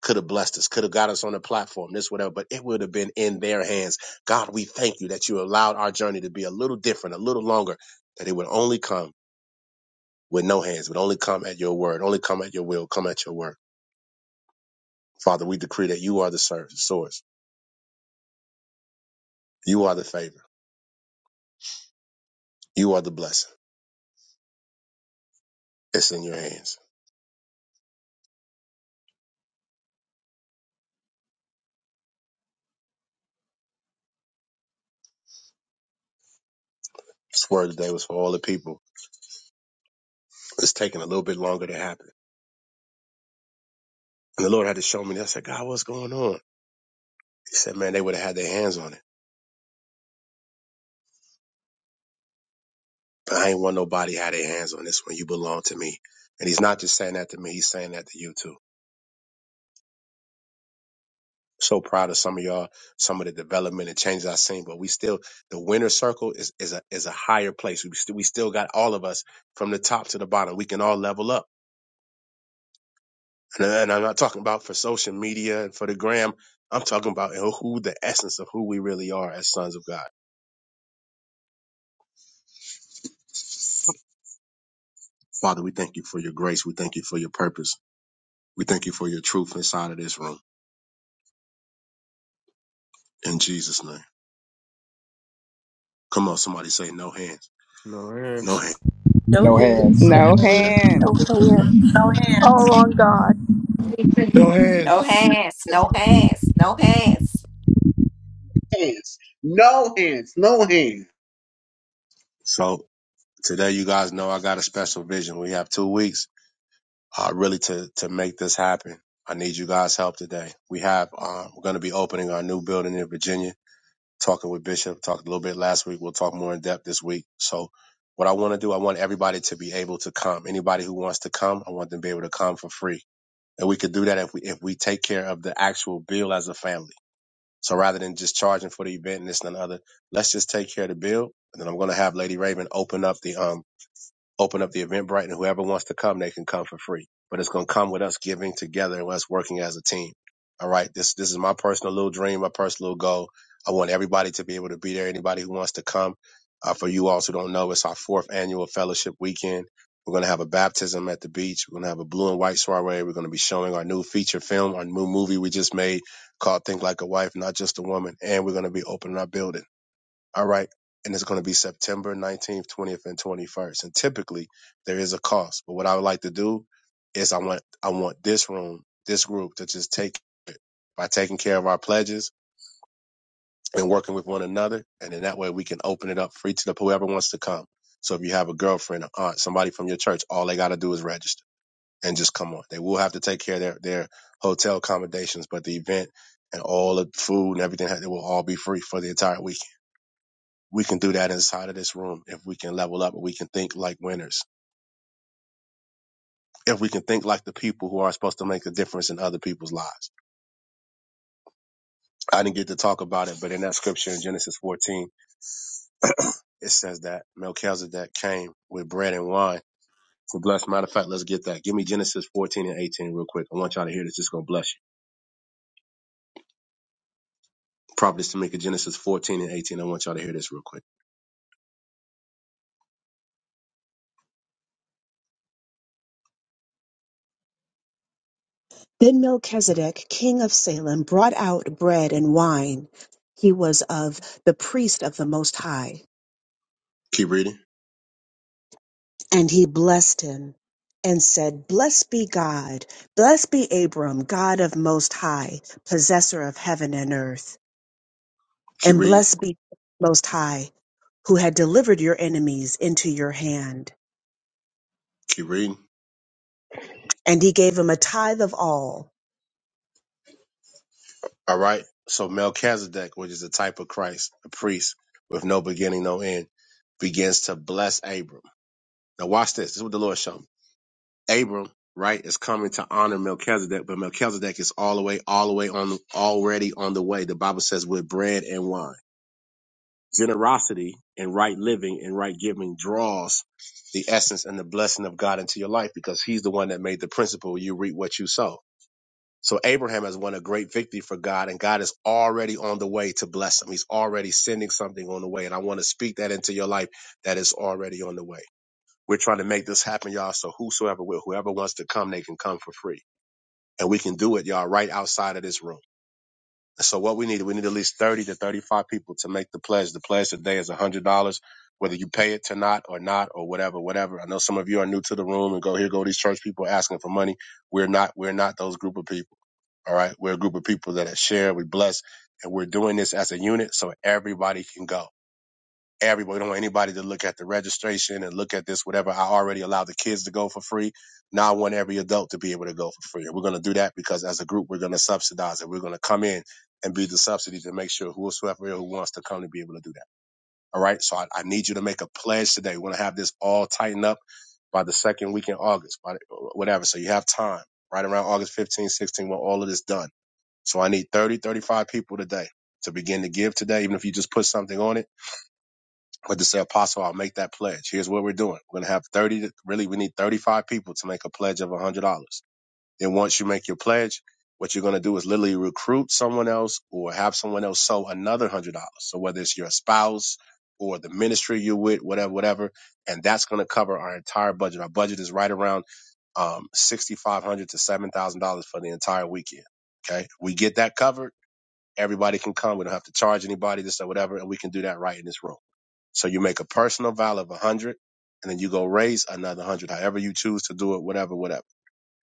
Speaker 12: could have blessed us, could have got us on the platform, this, whatever, but it would have been in their hands. God, we thank you that you allowed our journey to be a little different, a little longer, that it would only come with no hands, would only come at your word, only come at your will, come at your word. Father, we decree that you are the source. source. You are the favor. You are the blessing. It's in your hands. This word today was for all the people. It's taking a little bit longer to happen. And the Lord had to show me. I said, God, what's going on? He said, man, they would have had their hands on it. But I ain't want nobody had their hands on this one. You belong to me. And he's not just saying that to me. He's saying that to you too. So proud of some of y'all, some of the development and changes I've seen, but we still, the winner circle is, is a, is a higher place. We, still we still got all of us from the top to the bottom. We can all level up. And, and I'm not talking about for social media and for the gram. I'm talking about who the essence of who we really are as sons of God. Father, we thank you for your grace. We thank you for your purpose. We thank you for your truth inside of this room. In Jesus' name. Come on, somebody say no hands.
Speaker 10: No hands.
Speaker 12: No hands.
Speaker 4: No
Speaker 15: No
Speaker 4: hands.
Speaker 15: hands.
Speaker 16: No
Speaker 7: No
Speaker 16: hands.
Speaker 7: hands. All on God.
Speaker 6: no
Speaker 17: No
Speaker 6: hands.
Speaker 17: hands. No hands. No
Speaker 3: Hands. No hands. No hands.
Speaker 12: So today you guys know I got a special vision. We have two weeks uh really to to make this happen. I need you guys' help today. We have uh, we're gonna be opening our new building in Virginia, talking with Bishop, talked a little bit last week. We'll talk more in depth this week. So what I want to do, I want everybody to be able to come. Anybody who wants to come, I want them to be able to come for free And we could do that if we if we take care of the actual bill as a family. So rather than just charging for the event and this and another, let's just take care of the bill. And then I'm gonna have Lady Raven open up the um Open up the Eventbrite, and whoever wants to come, they can come for free. But it's going to come with us giving together and us working as a team. All right. This this is my personal little dream, my personal goal. I want everybody to be able to be there. Anybody who wants to come. Uh, for you all who don't know, it's our fourth annual fellowship weekend. We're going to have a baptism at the beach. We're going to have a blue and white soiree. We're going to be showing our new feature film, our new movie we just made called Think Like a Wife, Not Just a Woman. And we're going to be opening our building. All right. And it's going to be September 19th, 20th, and 21st. And typically there is a cost. But what I would like to do is I want I want this room, this group to just take it by taking care of our pledges and working with one another. And then that way we can open it up free to the whoever wants to come. So if you have a girlfriend, an aunt, somebody from your church, all they got to do is register and just come on. They will have to take care of their, their hotel accommodations, but the event and all the food and everything, it will all be free for the entire weekend we can do that inside of this room if we can level up and we can think like winners. If we can think like the people who are supposed to make a difference in other people's lives. I didn't get to talk about it, but in that scripture in Genesis 14, it says that Melchizedek came with bread and wine to bless. Matter of fact, let's get that. Give me Genesis 14 and 18 real quick. I want y'all to hear this. It's going to bless you. Prophetess Tamika, Genesis 14 and 18. I want y'all to hear this real quick.
Speaker 20: Then Melchizedek, king of Salem, brought out bread and wine. He was of the priest of the Most High.
Speaker 12: Keep reading.
Speaker 20: And he blessed him and said, Blessed be God, blessed be Abram, God of Most High, possessor of heaven and earth,
Speaker 12: Keep
Speaker 20: and
Speaker 12: reading.
Speaker 20: blessed be Most High, who had delivered your enemies into your hand.
Speaker 12: Keep reading.
Speaker 20: And he gave him a tithe of all.
Speaker 12: All right. So Melchizedek, which is a type of Christ, a priest with no beginning, no end, begins to bless Abram. Now watch this. This is what the Lord showed me. Abram, right, is coming to honor Melchizedek, but Melchizedek is all the way, all the way on, already on the way. The Bible says with bread and wine. Generosity and right living and right giving draws the essence and the blessing of God into your life because He's the one that made the principle you reap what you sow so Abraham has won a great victory for God, and God is already on the way to bless him. He's already sending something on the way. And I want to speak that into your life that is already on the way. We're trying to make this happen, y'all. So whosoever will, whoever wants to come, they can come for free. And we can do it, y'all, right outside of this room. So what we need, we need at least 30 to 35 people to make the pledge. The pledge today is $100, whether you pay it to not, or not or whatever, whatever. I know some of you are new to the room and go, here go these church people asking for money. We're not, we're not those group of people. All right. We're a group of people that share, we bless, and we're doing this as a unit so everybody can go. Everybody, we don't want anybody to look at the registration and look at this, whatever. I already allowed the kids to go for free. Now I want every adult to be able to go for free. And we're going to do that because as a group, we're going to subsidize it. We're going to come in and be the subsidy to make sure whosoever who wants to come to be able to do that. All right. So I, I need you to make a pledge today. We want to have this all tightened up by the second week in August, by whatever. So you have time right around August 15, 16 when all of this done so I need 30, 35 people today to begin to give today, even if you just put something on it. But to say, Apostle, I'll make that pledge. Here's what we're doing. We're going to have 30, to- really, we need 35 people to make a pledge of $100. Then once you make your pledge, what you're going to do is literally recruit someone else or have someone else sow another $100. So whether it's your spouse or the ministry you're with, whatever, whatever. And that's going to cover our entire budget. Our budget is right around um, sixty five hundred dollars to seven thousand dollars for the entire weekend. Okay, we get that covered Everybody can come. We don't have to charge anybody, this or whatever, and we can do that right in this room. So you make a personal vow of a hundred, and then you go raise another hundred, however you choose to do it, whatever, whatever.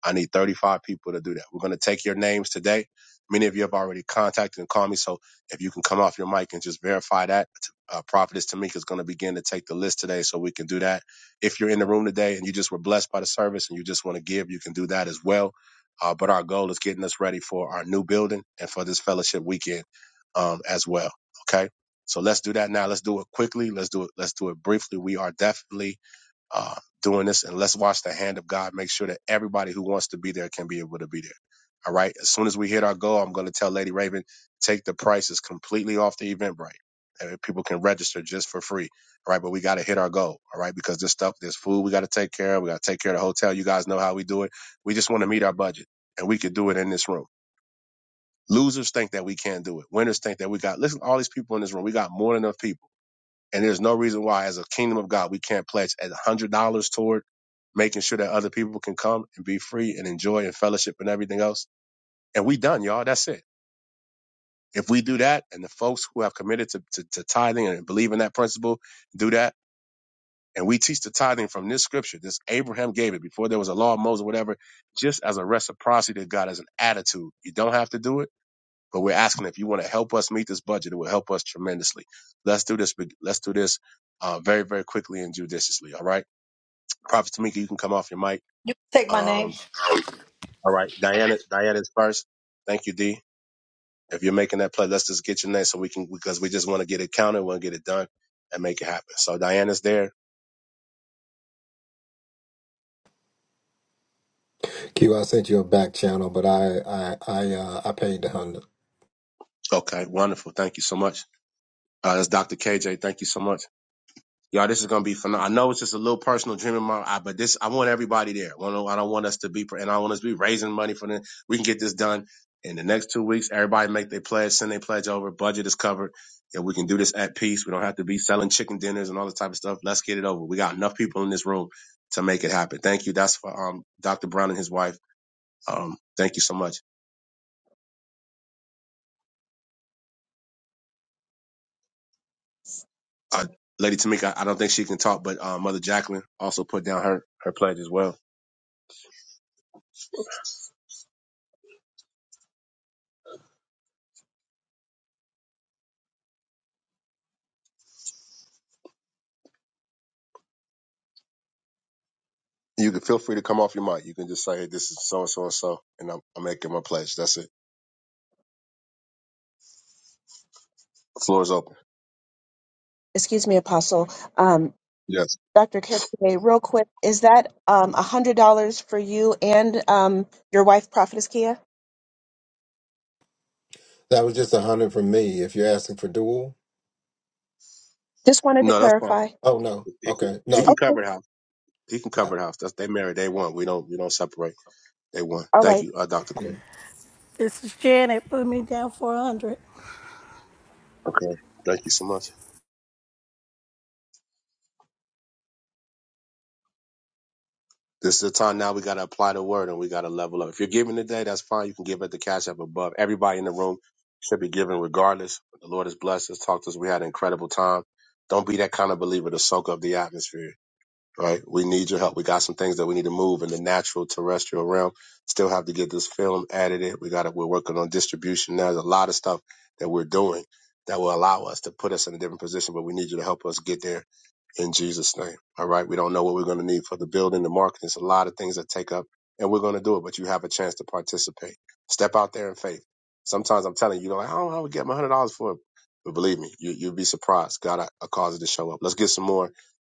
Speaker 12: I need 35 people to do that. We're going to take your names today. Many of you have already contacted and called me. So if you can come off your mic and just verify that, uh, Prophetess Tamika is going to begin to take the list today so we can do that. If you're in the room today and you just were blessed by the service and you just want to give, you can do that as well. Uh, but our goal is getting us ready for our new building and for this fellowship weekend um, as well. Okay. So let's do that now. Let's do it quickly. Let's do it. Let's do it briefly. We are definitely uh, doing this and let's watch the hand of God make sure that everybody who wants to be there can be able to be there. All right. As soon as we hit our goal, I'm going to tell Lady Raven, take the prices completely off the Eventbrite. And people can register just for free. All right. But we got to hit our goal. All right. Because this stuff, there's food we got to take care of. We got to take care of the hotel. You guys know how we do it. We just want to meet our budget and we could do it in this room. Losers think that we can't do it. Winners think that we got, listen, all these people in this room, we got more than enough people and there's no reason why, as a kingdom of God, we can't pledge a hundred dollars toward making sure that other people can come and be free and enjoy and fellowship and everything else. And we done, y'all. That's it. If we do that, and the folks who have committed to, to, to tithing and believe in that principle do that, and we teach the tithing from this scripture, this Abraham gave it before there was a law of Moses, whatever, just as a reciprocity to God, as an attitude. You don't have to do it but we're asking if you want to help us meet this budget, it will help us tremendously. Let's do this. big- Let's do this uh, very, very quickly and judiciously. All right, Prophet Tamika, you can come off your mic.
Speaker 14: Take my name.
Speaker 12: Um, all right, Diana, Diana's first. Thank you, D. If you're making that play, let's just get your name so we can because we just want to get it counted, want to get it done, and make it happen. So Diana's there.
Speaker 23: Q, I sent you a back channel, but I I I uh, I paid the hundred.
Speaker 12: Okay, wonderful. Thank you so much. Uh, that's Dr. KJ. Thank you so much. Y'all, this is gonna be phenomenal. I know it's just a little personal dream of mine, I, but this I want everybody there. I don't, I don't want us to be, and I want us to be raising money for them. We can get this done in the next two weeks. Everybody make their pledge, send their pledge over. Budget is covered, and we can do this at peace. We don't have to be selling chicken dinners and all this type of stuff. Let's get it over. We got enough people in this room to make it happen. Thank you. That's for um Dr. Brown and his wife. Um, thank you so much, uh, Lady Tamika. I don't think she can talk, but uh, Mother Jacqueline also put down her her pledge as well. You can feel free to come off your mic. You can just say, hey, this is so and so and so, and I'm, I'm making my pledge. That's it. The floor is open.
Speaker 20: Excuse me, Apostle. Um,
Speaker 12: Yes.
Speaker 20: Dr. K. K, real quick, is that um, $100 for you and um, your wife, Prophetess Kia?
Speaker 23: That was just a hundred from me. If you're asking for dual,
Speaker 20: Just wanted to
Speaker 12: No, that's fine.
Speaker 20: clarify.
Speaker 23: oh no,
Speaker 12: He can,
Speaker 23: okay,
Speaker 12: he
Speaker 23: no,
Speaker 12: can cover the house. He can
Speaker 23: yeah.
Speaker 12: cover the house. That's, they married. They won. We don't. We don't separate. They won. Thank you, uh, Doctor
Speaker 23: Mm-hmm.
Speaker 12: Quinn.
Speaker 13: This is Janet. Put me down for a 100.
Speaker 12: Okay. Thank you so much. This is the time now we got to apply the word and we got to level up. If you're giving today, that's fine. You can give at the cash up above. Everybody in the room should be giving regardless. The Lord has blessed us, talked to us. We had an incredible time. Don't be that kind of believer to soak up the atmosphere. right? We need your help. We got some things that we need to move in the natural terrestrial realm. Still have to get this film added in. We got to, we're working on distribution now. There's a lot of stuff that we're doing that will allow us to put us in a different position, but we need you to help us get there in Jesus' name. All right. We don't know what we're going to need for the building, the marketing. There's a lot of things that take up, and we're going to do it, but you have a chance to participate. Step out there in faith. Sometimes I'm telling you, you're like, I don't know, how we get my hundred dollars for it. But believe me, you, you'll be surprised. God, I, I cause it to show up. Let's get some more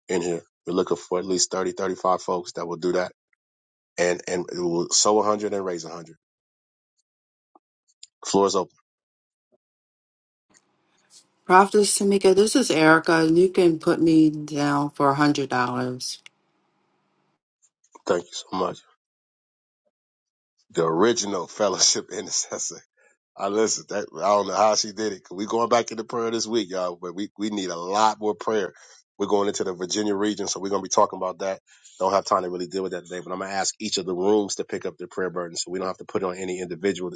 Speaker 12: in here. We're looking for at least 30, 35 folks that will do that and, and we will sow 100 and raise 100. Floor is open.
Speaker 19: Prophetess Tamika, this is Erica. You can put me down for a $100.
Speaker 12: Thank you so much. The original fellowship intercessor. I listen. That, I don't know how she did it. 'Cause We going back into prayer this week, y'all. But we we need a lot more prayer. We're going into the Virginia region, so we're gonna be talking about that. Don't have time to really deal with that today, but I'm gonna ask each of the rooms to pick up their prayer burden, so we don't have to put it on any individual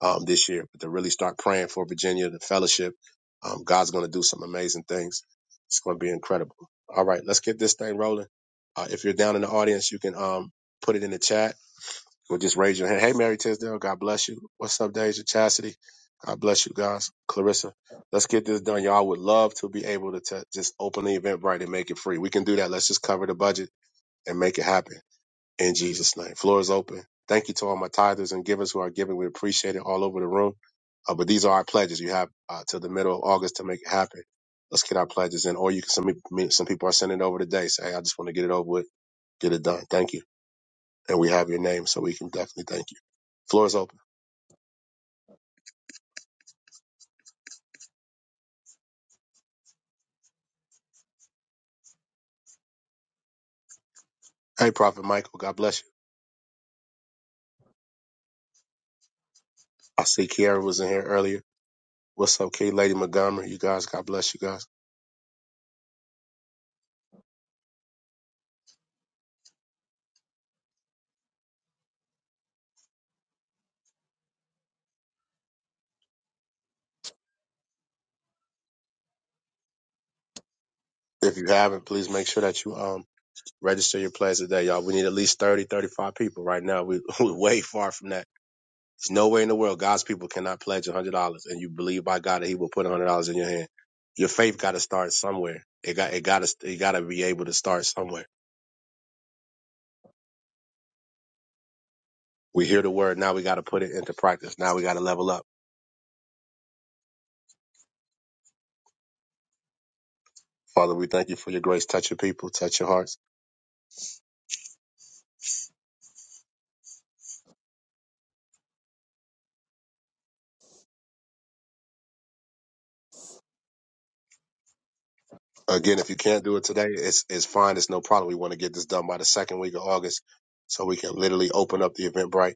Speaker 12: um, this year, but to really start praying for Virginia, the fellowship. Um, God's gonna do some amazing things. It's gonna be incredible. All right, let's get this thing rolling. Uh, if you're down in the audience, you can um, put it in the chat or just raise your hand. Hey, Mary Tisdale, God bless you. What's up, Deja Chastity? God bless you guys. Clarissa, let's get this done. Y'all would love to be able to t- just open the event right and make it free. We can do that. Let's just cover the budget and make it happen in Jesus' name. Floor is open. Thank you to all my tithers and givers who are giving. We appreciate it all over the room. Uh, but these are our pledges. You have uh, till the middle of August to make it happen. Let's get our pledges in. Or you can, some, me- some people are sending it over today. Say, hey, I just want to get it over with, get it done. Thank you. And we have your name, so we can definitely thank you. Floor is open. Hey, Prophet Michael, God bless you. I see Kiara was in here earlier. What's up, K Lady Montgomery? You guys, God bless you guys. If you haven't, please make sure that you um register your pledge today, y'all. We need at least 30, 35 people right now. We, we're way far from that. There's no way in the world God's people cannot pledge $100 and you believe by God that he will put $100 in your hand. Your faith got to start somewhere. It got, it got to, you got to be able to start somewhere. We hear the word. Now we got to put it into practice. Now we got to level up. Father, we thank you for your grace. Touch your people, touch your hearts. Again, if you can't do it today, it's it's fine. It's no problem. We want to get this done by the second week of August, so we can literally open up the Eventbrite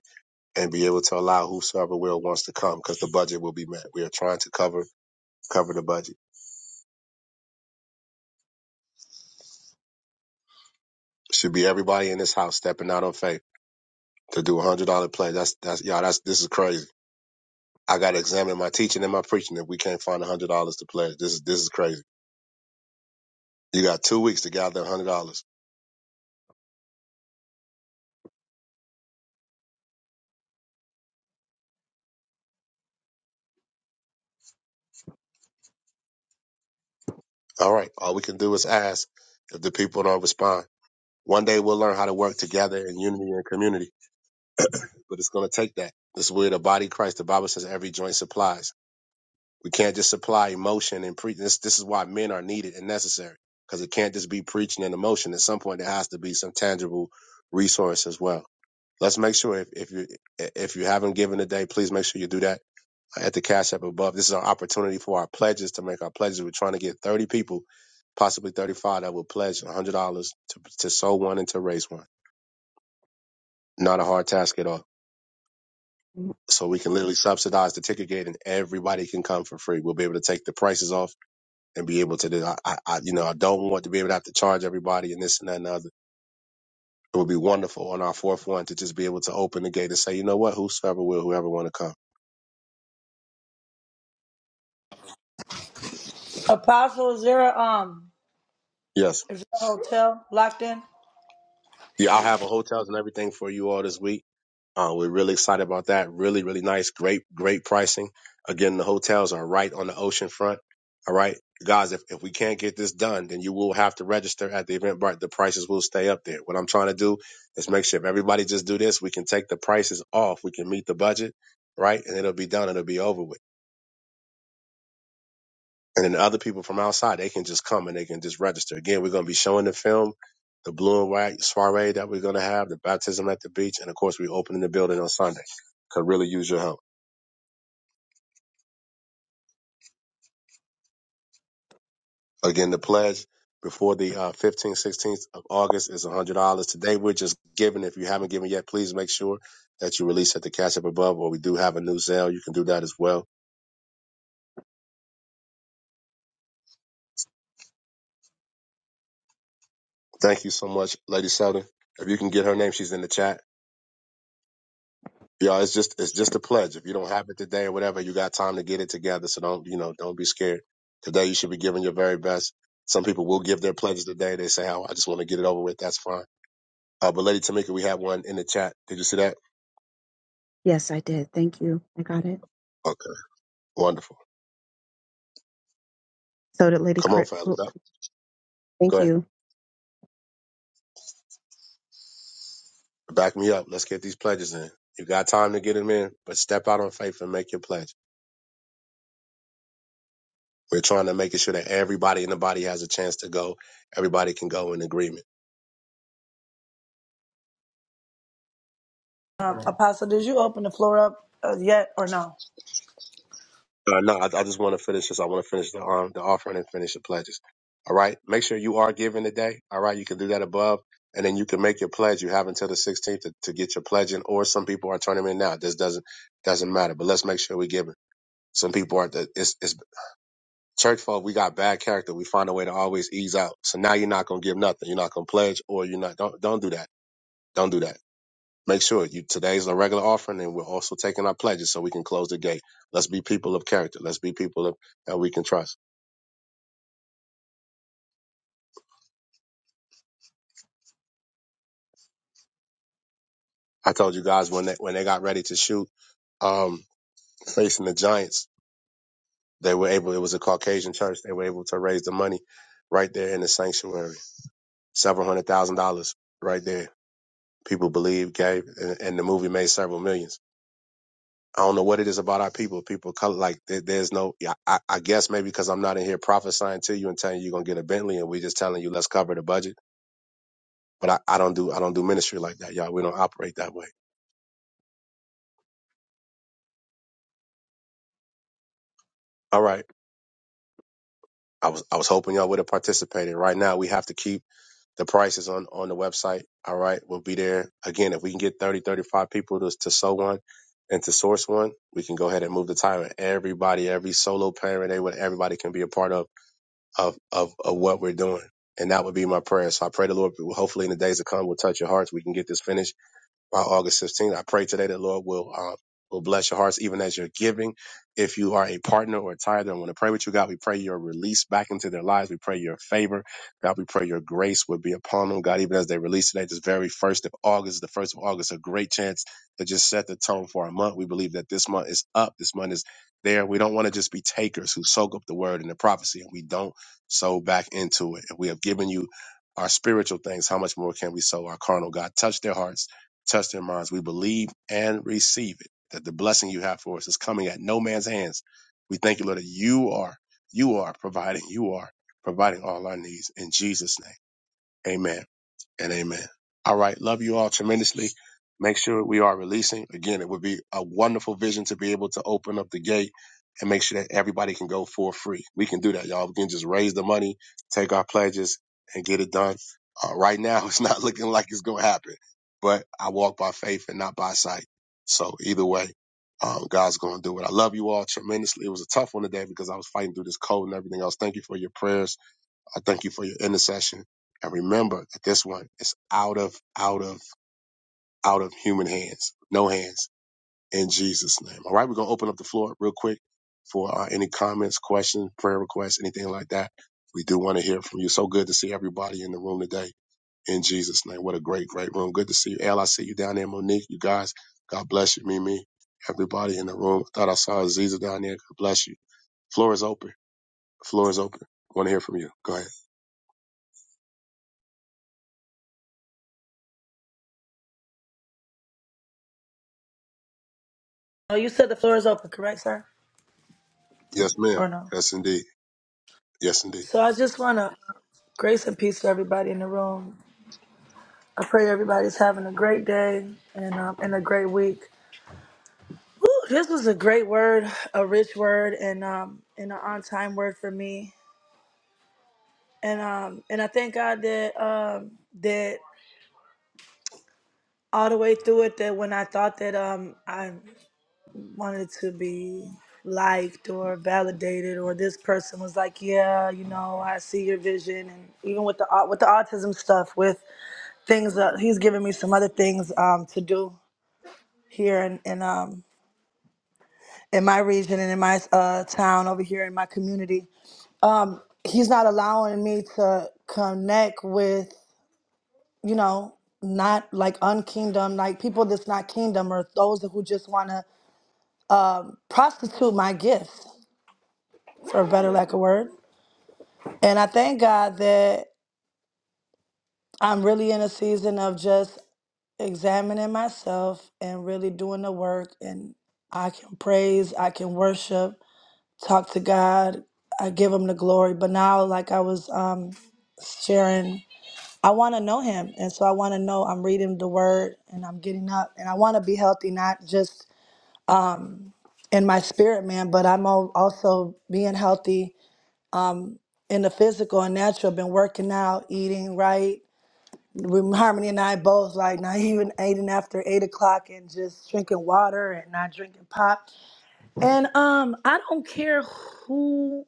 Speaker 12: and be able to allow whosoever will wants to come, because the budget will be met. We are trying to cover cover the budget. Should be everybody in this house stepping out on faith to do a hundred dollar pledge. That's that's y'all. That's this is crazy. I got to examine my teaching and my preaching if we can't find a hundred dollars to pledge. This is this is crazy. You got two weeks to gather a hundred dollars. All right. All we can do is ask. If the people don't respond, One day we'll learn how to work together in unity and community, but it's going to take that. This is where the body of Christ, the Bible says every joint supplies. We can't just supply emotion and preach. This, this is why men are needed and necessary because it can't just be preaching and emotion. At some point, there has to be some tangible resource as well. Let's make sure if, if you if you haven't given today, please make sure you do that at the cash app above. This is our opportunity for our pledges to make our pledges. We're trying to get 30 people, possibly 35, that will pledge $100 to to sow one and to raise one. Not a hard task at all.
Speaker 20: Mm.
Speaker 12: So we can literally subsidize the ticket gate, and everybody can come for free. We'll be able to take the prices off and be able to do. I, I, I- you know, I don't want to be able to have to charge everybody and this and that and the other. It would be wonderful on our fourth one to just be able to open the gate and say, you know what, whosoever will, whoever want to come.
Speaker 14: Apostle, is there a, um,
Speaker 12: Yes.
Speaker 14: is there a hotel locked in?
Speaker 12: Yeah, I'll have a hotels and everything for you all this week. Uh, we're really excited about that. Really, really nice. Great, great pricing. Again, the hotels are right on the ocean front. All right. Guys, if, if we can't get this done, then you will have to register at the Eventbrite. The prices will stay up there. What I'm trying to do is make sure if everybody just do this, we can take the prices off. We can meet the budget, right? And it'll be done. It'll be over with. And then the other people from outside, they can just come and they can just register. Again, we're going to be showing the film, the blue and white soiree that we're going to have, the baptism at the beach. And of course, we open in the building on Sunday. Could really use your help. Again, the pledge before the uh, 15th, 16th of August is $100. Today, we're just giving. If you haven't given yet, please make sure that you release at the cash up above, or we do have a new Zelle. You can do that as well. Thank you so much, Lady Sheldon. If you can get her name, she's in the chat. Y'all, it's just it's just a pledge. If you don't have it today or whatever, you got time to get it together. So don't you know? Don't be scared. Today, you should be giving your very best. Some people will give their pledges today. They say, "Oh, I just want to get it over with." That's fine. Uh, but Lady Tamika, we have one in the chat. Did you see that?
Speaker 20: Yes.
Speaker 12: Okay, wonderful. Come on, fellas. Back- Go ahead. Back me up. Let's get these pledges in. You got time to get them in, but step out on faith and make your pledge. We're trying to make it sure that everybody in the body has a chance to go. Everybody can go in agreement.
Speaker 14: Um, Apostle, did you open the floor up uh, yet or no?
Speaker 12: Uh, no, I, I just want to finish this. I want to finish the um, the offering and finish the pledges. All right. Make sure you are giving today. All right. You can do that above, and then you can make your pledge. You have until the 16th to, to get your pledge in, or some people are turning them in now. This doesn't doesn't matter. But let's make sure we give it. Some people are. It's it's Church folk, we got bad character. We find a way to always ease out. So now you're not gonna give nothing. You're not gonna pledge, or you're not. Don't don't do that. Don't do that. Make sure you today's a regular offering, and we're also taking our pledges so we can close the gate. Let's be people of character. Let's be people of, that we can trust. I told you guys when they when they got ready to shoot um, facing the Giants, they were able. It was a Caucasian church. They were able to raise the money right there in the sanctuary, several hundred thousand dollars right there. People believed, gave, and, and the movie made several millions I don't know what it is about our people. People of color, like there, there's no. yeah, I, I guess maybe because I'm not in here prophesying to you and telling you you're gonna get a Bentley, and we're just telling you let's cover the budget. But I, I don't do I don't do ministry like that, y'all. We don't operate that way. All right. I was I was hoping y'all would have participated. Right now, we have to keep the prices on on the website. All right, we'll be there again if we can get 30, 35 people to to sew one and to source one. We can go ahead and move the title. Everybody, every solo parent, everybody everybody can be a part of. of, of, of what we're doing. And that would be my prayer. So I pray the Lord, hopefully in the days to come, will touch your hearts. We can get this finished by August 15th. I pray today that Lord will uh, will bless your hearts even as you're giving. If you are a partner or a tither and want to pray with you, God, we pray your release back into their lives. We pray your favor. God, we pray your grace would be upon them. God, even as they release today, this very first of August, the first of August, a great chance to just set the tone for our month. We believe that this month is up. This month is there. We don't want to just be takers who soak up the word and the prophecy and we don't sow back into it. If we have given you our spiritual things, how much more can we sow our carnal? God, touch their hearts Touch their minds. We believe and receive it, that the blessing you have for us is coming at no man's hands. We thank you, Lord, that you are, you are providing, you are providing all our needs in Jesus' name. Amen and amen. All right. Love you all tremendously. Make sure we are releasing. Again, it would be a wonderful vision to be able to open up the gate and make sure that everybody can go for free. We can do that, y'all. We can just raise the money, take our pledges, and get it done. Uh, right now, it's not looking like it's going to happen, but I walk by faith and not by sight. So either way, um, God's going to do it. I love you all tremendously. It was a tough one today because I was fighting through this cold and everything else. Thank you for your prayers I thank you for your intercession. And remember that this one is out of, out of, out of human hands, no hands in Jesus' name. All right, we're going to open up the floor real quick for uh, any comments, questions, prayer requests, anything like that. We do want to hear from you. So good to see everybody in the room today in Jesus' name. What a great, great room. Good to see you. Al, I see you down there, Monique. You guys, God bless you, Mimi. Everybody in the room. I thought I saw Aziza down there. God bless you. Floor is open. Floor is open. Want to hear from you. Go ahead.
Speaker 14: No, you said the floor is open, correct, sir?
Speaker 12: Yes, ma'am.
Speaker 14: Or no?
Speaker 12: Yes, indeed. Yes, indeed.
Speaker 14: So I just want to grace and peace to everybody in the room. I pray everybody's having a great day and um, and a great week. Woo, this was a great word, a rich word, and um, and an on time word for me. And um, and I thank God that um, that all the way through it that when I thought that um, I wanted to be liked or validated or this person was like yeah you know i see your vision and even with the au- with the autism stuff with things that he's given me some other things um, to do here in, in um in my region and in my uh, town over here in my community um he's not allowing me to connect with you know not like unkingdom like people that's not kingdom or those who just want to prostitute my gifts for a better lack of word And I thank God that I'm really in a season of just examining myself and really doing the work. And I can praise, I can worship, talk to God, I give Him the glory. But now, like I was um, sharing, I want to know Him. And so I want to know I'm reading the Word and I'm getting up. And I want to be healthy, not just in my spirit, man, but I'm al- also being healthy in the physical and natural. Been working out, eating right when Harmony and I both like not even eating after eight o'clock and just drinking water and not drinking pop. And um, I don't care who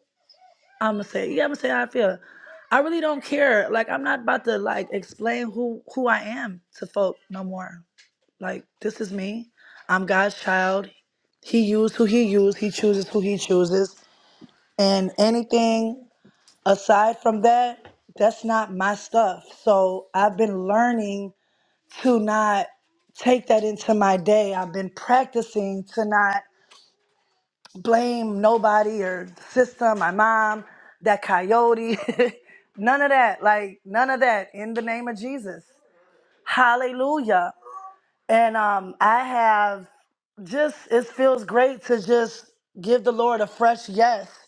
Speaker 14: I'm gonna say. Yeah, I'm gonna say how I feel. I really don't care. Like I'm not about to like explain who who I am to folk no more. Like this is me. I'm God's child. He used who he used. He chooses who he chooses. And anything aside from that, that's not my stuff. So I've been learning to not take that into my day. I've been practicing to not blame nobody or the system, my mom, that coyote, none of that. Like none of that in the name of Jesus. Hallelujah. And um I have just it feels great to just give the Lord a fresh yes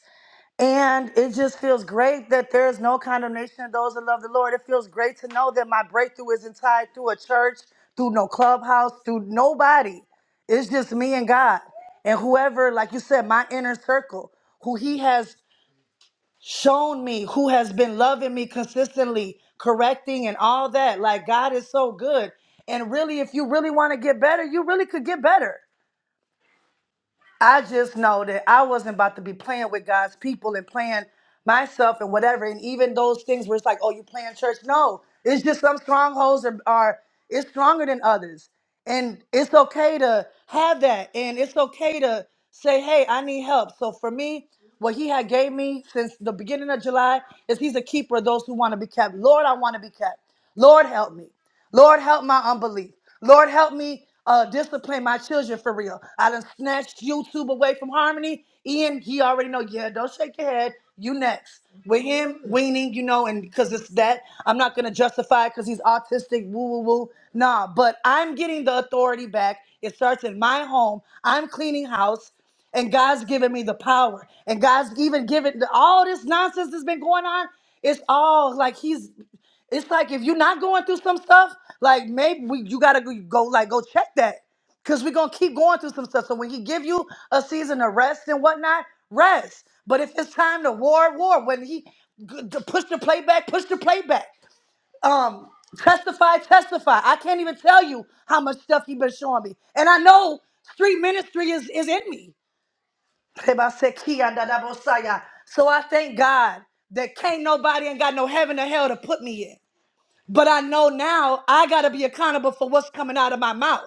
Speaker 14: and it just feels great that there is no condemnation of those that love the Lord. It feels great to know that my breakthrough isn't tied through a church, through no clubhouse, through nobody. It's just me and God. And whoever, like you said, my inner circle, who He has shown me, who has been loving me consistently, correcting and all that. Like, God is so good. And really, if you really want to get better, you really could get better. I just know that I wasn't about to be playing with God's people and playing myself and whatever. And even those things where it's like, oh, you playing church. No, it's just some strongholds are, are it's stronger than others. And it's okay to have that. And it's okay to say, hey, I need help. So for me, what he had gave me since the beginning of July is he's a keeper of those who want to be kept. Lord, I want to be kept. Lord, help me. Lord, help my unbelief. Lord, help me uh, discipline my children for real. I done snatched YouTube away from Harmony. Ian, he already know. Yeah, don't shake your head. You next. With him weaning, you know, and because it's that, I'm not gonna justify it because he's autistic. Woo, woo, woo. Nah, but I'm getting the authority back. It starts in my home. I'm cleaning house and God's given me the power, and God's even given all this nonsense that's been going on. It's all like He's. It's like if you're not going through some stuff, like maybe we, you gotta go, go like go check that, cause we're gonna keep going through some stuff. So when he give you a season of rest and whatnot, rest. But if it's time to war, war. When he g- to push the playback, push the playback. Um, testify, testify. I can't even tell you how much stuff he been showing me, and I know street ministry is is in me. So I thank God that can't nobody ain't got no heaven or hell to put me in. But I know now I got to be accountable for what's coming out of my mouth.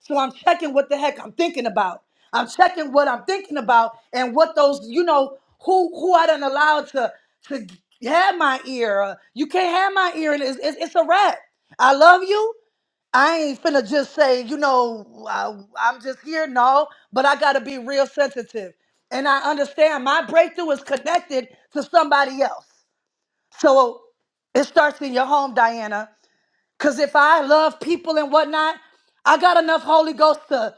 Speaker 14: So I'm checking what the heck I'm thinking about. I'm checking what I'm thinking about and what those, you know, who who I done allowed to to have my ear. Uh, You can't have my ear, and it's, it's, it's a wrap. I love you. I ain't finna just say, you know, I, I'm just here. No, but I gotta be real sensitive, and I understand my breakthrough is connected to somebody else. So it starts in your home, Diana. Because if I love people and whatnot, I got enough Holy Ghost to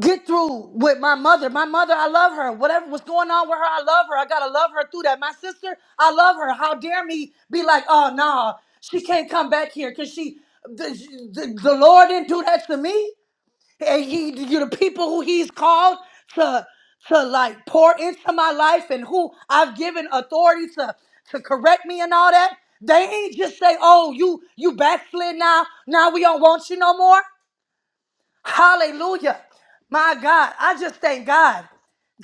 Speaker 14: get through with my mother. My mother, I love her. Whatever was going on with her, I love her. I got to love her through that. My sister, I love her. How dare me be like, oh, no, she can't come back here because she, the, the, the Lord didn't do that to me. And he, you the people who he's called to to like pour into my life and who I've given authority to to correct me and all that. They ain't just say, "Oh, you you backslid now. Now we don't want you no more." Hallelujah. My God, I just thank God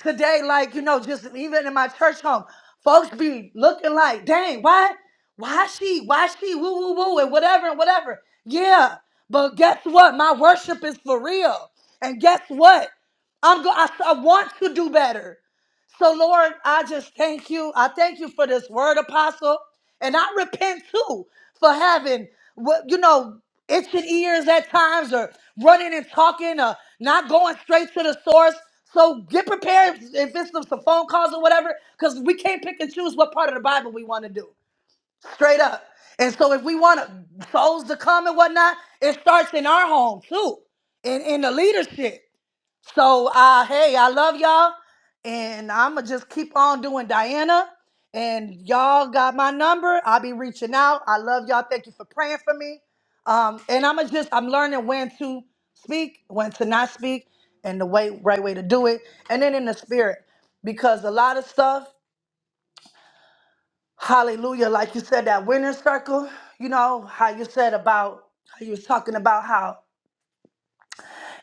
Speaker 14: today, like, you know, just even in my church home, folks be looking like, dang, why, why she, why she, woo, woo, woo, and whatever, and whatever. Yeah, but guess what? My worship is for real. And guess what? I'm go- I, I want to do better. So, Lord, I just thank you. I thank you for this word, Apostle. And I repent too for having what you know, itching ears at times or running and talking or not going straight to the source. So get prepared if it's some some phone calls or whatever, because we can't pick and choose what part of the Bible we want to do. Straight up. And so if we want souls to come and whatnot, it starts in our home too. In in the leadership. So uh hey, I love y'all. And I'ma just keep on doing Diana. And y'all got my number. I'll be reaching out. I love y'all. Thank you for praying for me. Um, and I'ma just I'm learning when to speak, when to not speak, and the way right way to do it. And then in the spirit. Because a lot of stuff, hallelujah, like you said, that winner's circle, you know, how you said about how you was talking about how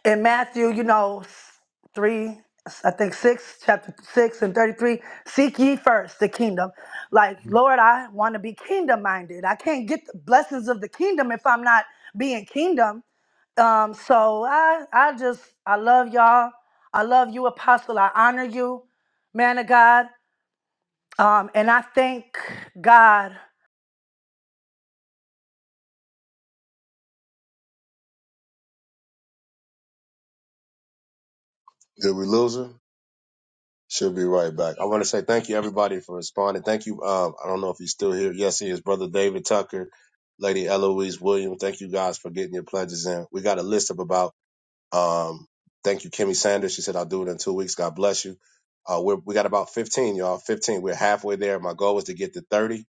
Speaker 14: in Matthew, you know, s- three, I think six, chapter six and 33, seek ye first the kingdom. Like, Lord, I want to be kingdom minded. I can't get the blessings of the kingdom if I'm not being kingdom. Um, so I, I just, I love y'all. I love you, apostle. I honor you, man of God. Um, and I thank God
Speaker 12: Did we lose her? She'll be right back. I want to say thank you, everybody, for responding. Thank you. Um, I don't know if he's still here. Yes, he is. Brother David Tucker, Lady Eloise William. Thank you guys for getting your pledges in. We got a list of about. Um, thank you, Kimmy Sanders. She said I'll do it in two weeks. God bless you. Uh, we're, we got about 15, y'all. 15. We're halfway there. My goal was to get to 30.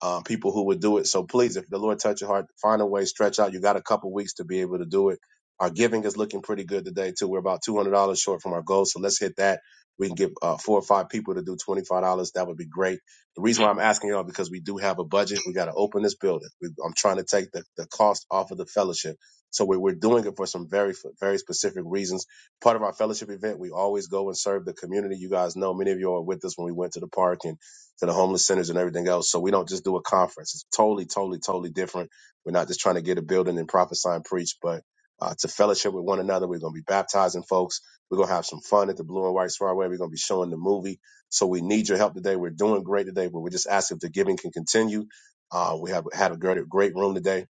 Speaker 12: um, people who would do it. So please, if the Lord touch your heart, find a way, stretch out. You got a couple weeks to be able to do it. Our giving is looking pretty good today too. We're about two hundred dollars short from our goal, so let's hit that. We can get uh, four or five people to do twenty five dollars. That would be great. The reason why I'm asking y'all because we do have a budget. We got to open this building. We, I'm trying to take the, the cost off of the fellowship. So we, we're doing it for some very very specific reasons. Part of our fellowship event, we always go and serve the community. You guys know many of you are with us when we went to the park and to the homeless centers and everything else. So we don't just do a conference. It's totally, totally, totally different. We're not just trying to get a building and prophesy and preach, but uh, to fellowship with one another. We're going to be baptizing folks. We're going to have some fun at the Blue and White Sprawway. We're going to be showing the movie. So we need your help today. We're doing great today, but we're just asking if the giving can continue. Uh, we have had a great, great room today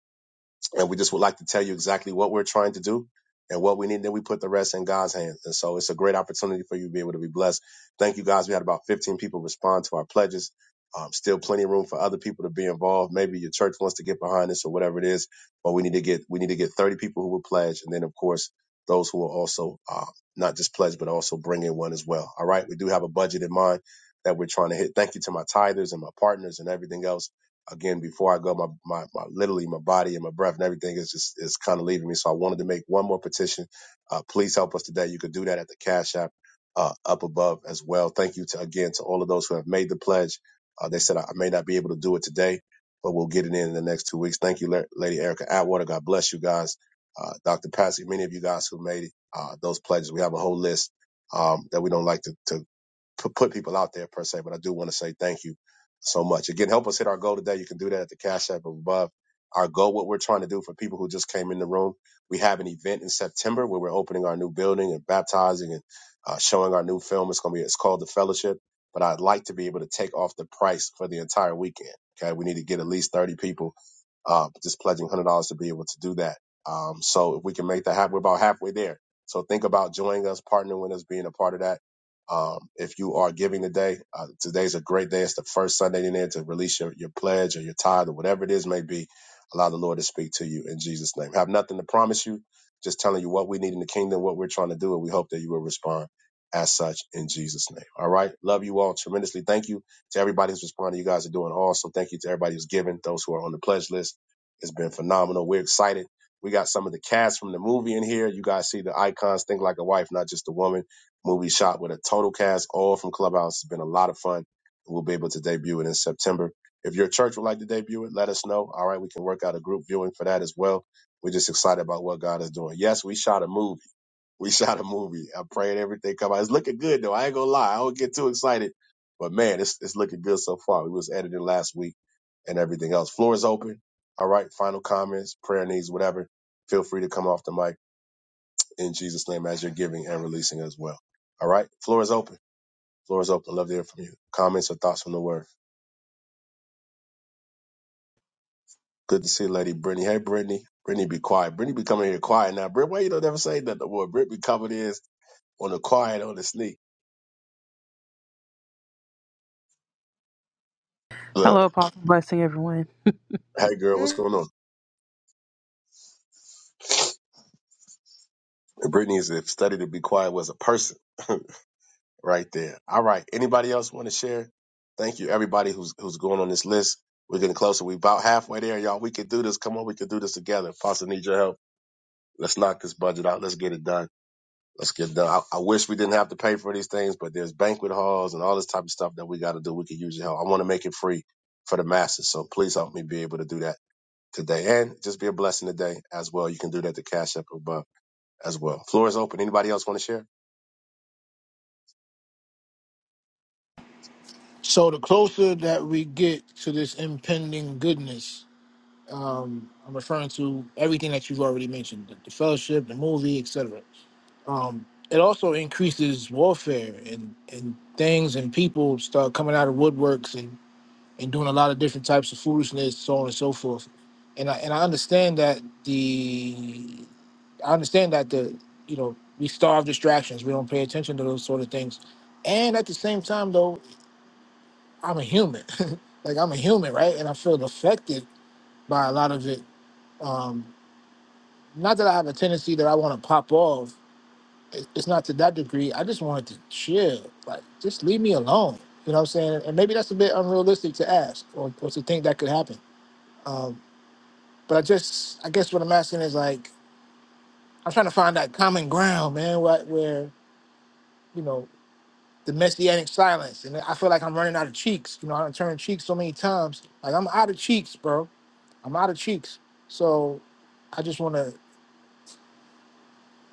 Speaker 12: and we just would like to tell you exactly what we're trying to do and what we need. Then we put the rest in God's hands. And so it's a great opportunity for you to be able to be blessed. Thank you guys. We had about 15 people respond to our pledges. Um, still plenty of room for other people to be involved. Maybe your church wants to get behind this or whatever it is, but we need to get, we need to get 30 people who will pledge. And then of course, those who will also, um, not just pledge, but also bring in one as well. All right. We do have a budget in mind that we're trying to hit. Thank you to my tithers and my partners and everything else again before I go, my, my, my literally my body and my breath and everything is just is kind of leaving me. So I wanted to make one more petition. Uh, please help us today. You could do that at the Cash App uh, up above as well. Thank you to again to all of those who have made the pledge. Uh, they said I, may not be able to do it today, but we'll get it in in the next two weeks. Thank you, La- Lady Erica Atwater. God bless you guys. Uh, Dr. Patsy, many of you guys who made uh, those pledges. We have a whole list um, that we don't like to, to p- put people out there per se, but I do want to say thank you so much. Again, help us hit our goal today. You can do that at the Cash App above. Our goal, what we're trying to do for people who just came in the room, we have an event in September where we're opening our new building and baptizing and uh, showing our new film. It's going to be, it's called The Fellowship, but I'd like to be able to take off the price for the entire weekend. Okay. We need to get at least 30 people uh, just pledging one hundred dollars to be able to do that. Um, so if we can make that happen, we're about halfway there. So think about joining us, partnering with us, being a part of that um, if you are giving today, uh, today's a great day. It's the first Sunday in there to release your, your pledge or your tithe or whatever it is may be. Allow the Lord to speak to you in Jesus' name. Have nothing to promise you, just telling you what we need in the kingdom, what we're trying to do, and we hope that you will respond as such in Jesus' name. All right. Love you all tremendously. Thank you to everybody who's responding. You guys are doing awesome. Thank you to everybody who's giving, those who are on the pledge list. It's been phenomenal. We're excited. We got some of the cast from the movie in here. You guys see the icons, think like a wife, not just a woman movie shot with a total cast, all from Clubhouse. It's been a lot of fun. We'll be able to debut it in September. If your church would like to debut it, let us know. All right, we can work out a group viewing for that as well. We're just excited about what God is doing. Yes, we shot a movie. We shot a movie. I'm praying everything come out. It's looking good though. I ain't gonna lie. I don't get too excited, but man, it's it's looking good so far. We was editing last week and everything else. Floor is open. All right, final comments, prayer needs, whatever. Feel free to come off the mic in Jesus' name as you're giving and releasing as well. All right. Floor is open. Floor is open. I Love to hear from you. Comments or thoughts from the word. Good to see you, Lady Brittany. Hey, Brittany. Brittany, be quiet. Brittany be coming here quiet now. Britt, why you don't ever say nothing? Boy, Britt be coming in on the quiet, on the sneak. Look,
Speaker 24: Hello, Apostle. Blessing, everyone.
Speaker 12: hey, girl, what's going on? And Brittany is a study to be quiet was a person right there. All right. Anybody else want to share? Thank you, everybody who's who's going on this list. We're getting closer. we about halfway there, y'all. We can do this. Come on, we can do this together. Pastor needs your help. Let's knock this budget out. Let's get it done Let's get done. I, I wish we didn't have to pay for these things, but there's banquet halls and all this type of stuff that we got to do. We can use your help. I want to make it free for the masses. So please help me be able to do that today and just be a blessing today as well. You can do that to Cash App above as well. Floor is open. Anybody else want to share?
Speaker 6: So the closer that we get to this impending goodness, um, I'm referring to everything that you've already mentioned, the, the fellowship, the movie, etc. Um, it also increases warfare and, and things and people start coming out of woodworks and. and doing a lot of different types of foolishness, so on and so forth. And I and I understand that the I understand that the you know we starve distractions. We don't pay attention to those sort of things. And at the same time, though, I'm a human. like I'm a human, right? And I feel affected by a lot of it. Um, not that I have a tendency that I want to pop off. It- It's not to that degree. I just wanted to chill. Like just leave me alone. You know what I'm saying? And maybe that's a bit unrealistic to ask or, or to think that could happen. Um, But I just, I guess what I'm asking is like, I'm trying to find that common ground, man. What where you know the messianic silence, and I feel like I'm running out of cheeks. You know, I done turned cheeks so many times. Like I'm out of cheeks, bro. I'm out of cheeks. So I just want to.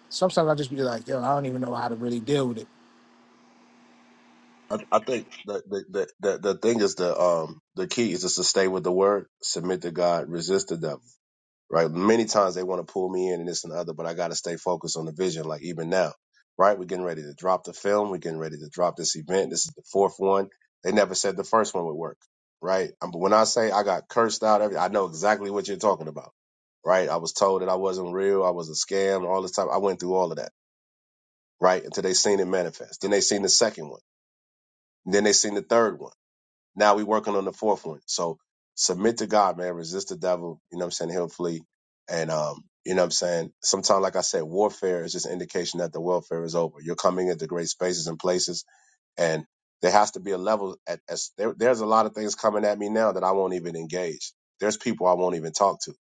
Speaker 6: Sometimes I just be like, yo, I don't even know how to really deal with it.
Speaker 12: I, I think the, the, the, the, the thing is the, um, the key is just to stay with the word, submit to God, resist the devil. right? Many times they want to pull me in and this and the other, but I got to stay focused on the vision. Like even now, right? We're getting ready to drop the film. We're getting ready to drop this event. This is the fourth one. They never said the first one would work, right? Um, But when I say I got cursed out, every I know exactly what you're talking about, right? I was told that I wasn't real. I was a scam. All this time, I went through all of that, right? Until they seen it manifest. Then they seen the second one. And then they seen the third one now we working on the fourth one. So submit to God, man. Resist the devil. You know what I'm saying? He'll flee. And um, you know what I'm saying? Sometimes, like I said, warfare is just an indication that the welfare is over. You're coming into great spaces and places, and there has to be a level at as there, there's a lot of things coming at me now that I won't even engage. There's people I won't even talk to.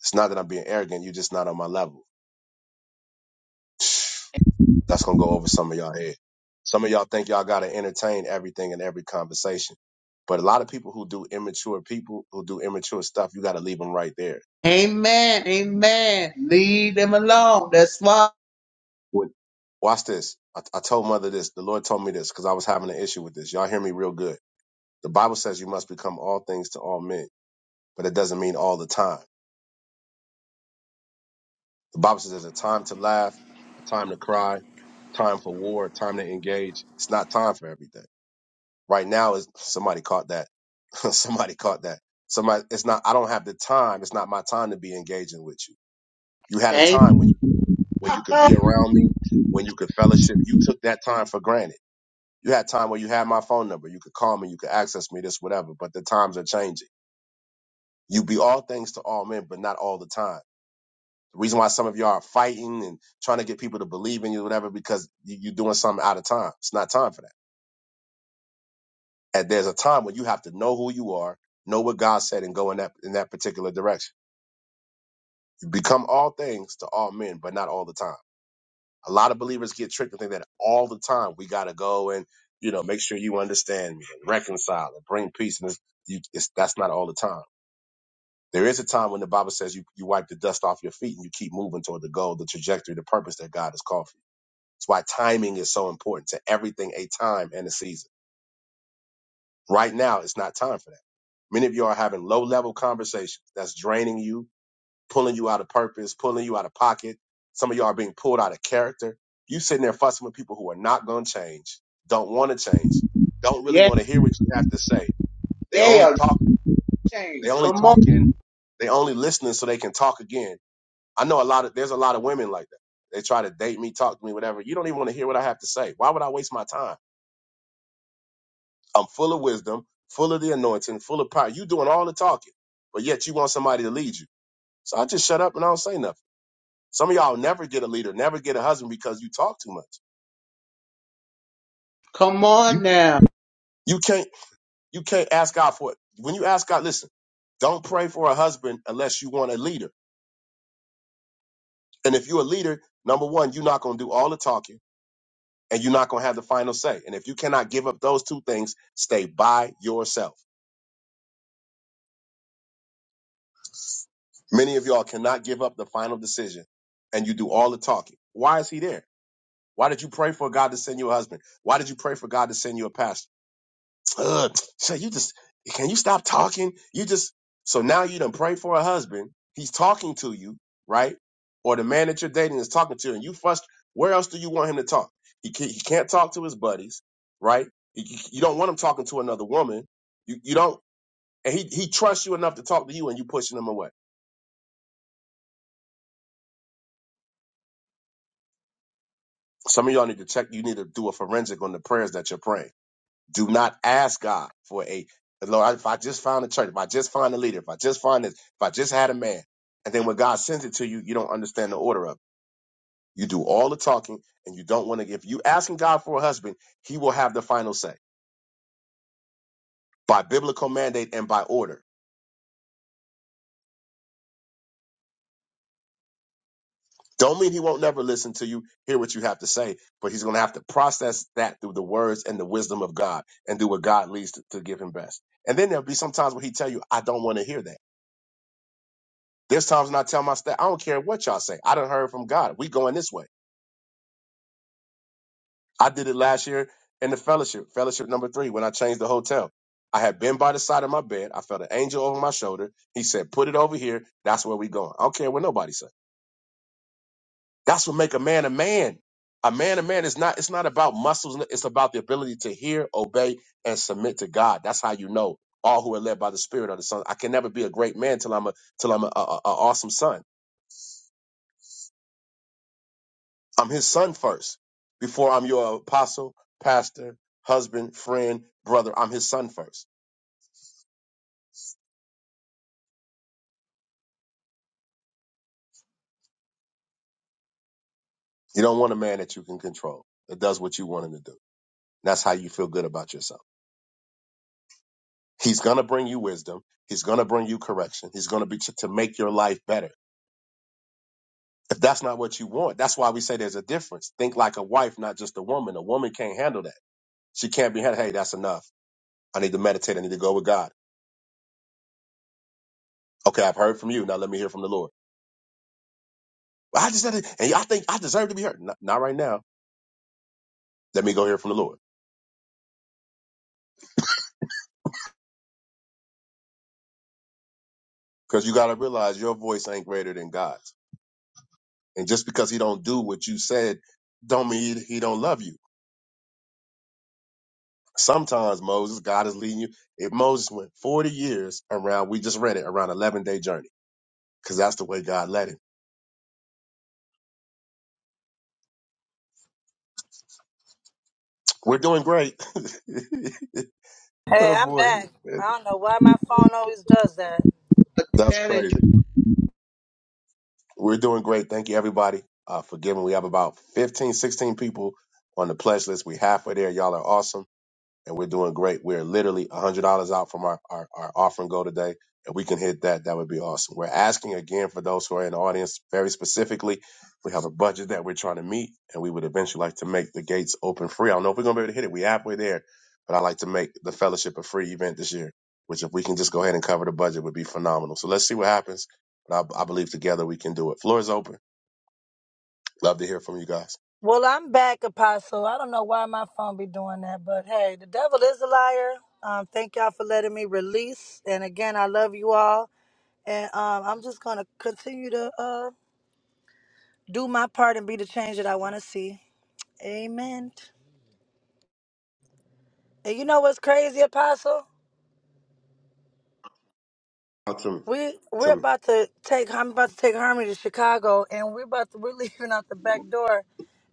Speaker 12: It's not that I'm being arrogant, you're just not on my level. That's gonna go over some of y'all head. Some of y'all think y'all got to entertain everything in every conversation. But a lot of people who do immature people, who do immature stuff, you got to leave them right there.
Speaker 3: Amen. Amen. Leave them alone. That's why.
Speaker 12: What- Watch this. I, I told mother this. The Lord told me this because I was having an issue with this. Y'all hear me real good. The Bible says you must become all things to all men, but it doesn't mean all the time. The Bible says there's a time to laugh, a time to cry, time for war, time to engage. It's not time for everything. Right now is somebody caught that. somebody caught that. Somebody it's not I don't have the time. It's not my time to be engaging with you. You had a
Speaker 3: Amen.
Speaker 12: time when you could when you could be around me, when you could fellowship. You took that time for granted. You had time where you had my phone number. You could call me, you could access me, this, whatever, but the times are changing. You be all things to all men, but not all the time. The reason why some of y'all are fighting and trying to get people to believe in you, whatever, because you, you're doing something out of time. It's not time for that. And there's a time when you have to know who you are, know what God said, and go in that in that particular direction. You become all things to all men, but not all the time. A lot of believers get tricked and think that all the time we gotta go and you know make sure you understand me and reconcile and bring peace. And it's, you, it's, that's not all the time. There is a time when the Bible says you you wipe the dust off your feet and you keep moving toward the goal, the trajectory, the purpose that God has called for you. That's why timing is so important to everything. A time and a season. Right now, it's not time for that. Many of you are having low level conversations that's draining you, pulling you out of purpose, pulling you out of pocket. Some of you are being pulled out of character. You sitting there fussing with people who are not going to change, don't want to change, don't really
Speaker 3: Yeah,
Speaker 12: want to hear what you have to say. They
Speaker 3: they
Speaker 12: only
Speaker 3: are
Speaker 12: talking, they
Speaker 3: chains.
Speaker 12: only
Speaker 3: Come on.
Speaker 12: talking, they only listening so they can talk again. I know a lot of, there's a lot of women like that. They try to date me, talk to me, whatever. You don't even want to hear what I have to say. Why would I waste my time? I'm full of wisdom, full of the anointing, full of power. You doing all the talking, but yet you want somebody to lead you. So I just shut up and I don't say nothing. Some of y'all never get a leader, never get a husband because you talk too much.
Speaker 3: Come on
Speaker 12: You
Speaker 3: now.
Speaker 12: you can't you can't ask God for it. When you ask God, listen, don't pray for a husband unless you want a leader. And if you're a leader, number one, you're not gonna do all the talking and you're not gonna have the final say. And if you cannot give up those two things, stay by yourself. Many of y'all cannot give up the final decision and you do all the talking. Why is he there? Why did you pray for God to send you a husband? Why did you pray for God to send you a pastor? Ugh, Shay, you just can you stop talking? You just so now you done pray for a husband. He's talking to you, right? Or the man that you're dating is talking to you, and you frust. Where else do you want him to talk? He can't, he can't talk to his buddies, right? You, you you don't want him talking to another woman. You you don't, and he he trusts you enough to talk to you, and you pushing him away. Some of y'all need to check. You need to do a forensic on the prayers that you're praying Do not ask God for a Lord. If I just found a church, if I just find a leader, if I just find this, if I just had a man, and then when God sends it to you, you don't understand the order of. it. You do all the talking, and you don't want to. If you asking God for a husband, He will have the final say by biblical mandate and by order. Don't mean He won't never listen to you, hear what you have to say, but He's going to have to process that through the words and the wisdom of God, and do what God leads to, to give Him best. And then there'll be some times where He tell you, "I don't want to hear that." There's times when I tell my staff, I don't care what y'all say. I done heard from God. We going this way. I did it last year in the fellowship, fellowship number three, when I changed the hotel. I had been by the side of my bed. I felt an angel over my shoulder. He said, put it over here. That's where we going. I don't care what nobody said. That's what make a man a man. A man a man is not, it's not about muscles. It's about the ability to hear, obey, and submit to God. That's how you know all who are led by the spirit of the son. I can never be a great man till I'm a, till I'm a, a a awesome son. I'm his son first. Before I'm your apostle, pastor, husband, friend, brother, I'm his son first. You don't want a man that you can control, that does what you want him to do. That's how you feel good about yourself. He's going to bring you wisdom. He's going to bring you correction. He's going to be to, to make your life better. If that's not what you want, that's why we say there's a difference. Think like a wife, not just a woman. A woman can't handle that. She can't be Hey, that's enough. I need to meditate. I need to go with God. Okay, I've heard from you. Now let me hear from the Lord. Well, I just, and I think I deserve to be heard. Not, not right now. Let me go hear from the Lord. Because you got to realize your voice ain't greater than God's. And just because he don't do what you said, don't mean he don't love you. Sometimes Moses, God is leading you. If Moses went 40 years around, we just read it, around 11 day journey, because that's the way God led him. We're doing great. oh
Speaker 14: Hey, I'm
Speaker 12: boy,
Speaker 14: back. I don't know why my phone always does that.
Speaker 12: that's crazy. We're doing great. Thank you everybody uh, for giving. We have about 15, 16 people on the pledge list. We halfway there. Y'all are awesome. and we're doing great. We're literally $100 out from our, our, our offering goal today. and we can hit that, that would be awesome. We're asking again for those who are in the audience very specifically. We have a budget that we're trying to meet, and we would eventually like to make the gates open free. I don't know if we're going to be able to hit it. We're halfway there, but I'd like to make the fellowship a free event this year, which if we can just go ahead and cover the budget would be phenomenal. So let's see what happens. But I, I believe together we can do it. Floor is open. Love to hear from you guys.
Speaker 14: Well, I'm back, Apostle. I don't know why my phone be doing that, but hey, the devil is a liar. Um, thank y'all for letting me release. And again, I love you all. And um, I'm just gonna continue to uh, do my part and be the change that I want to see. Amen. And you know what's crazy, Apostle?
Speaker 12: Out to me.
Speaker 14: We
Speaker 12: To
Speaker 14: we're
Speaker 12: me.
Speaker 14: about to take I'm about to take Harmony to Chicago and we're about to we're leaving out the back door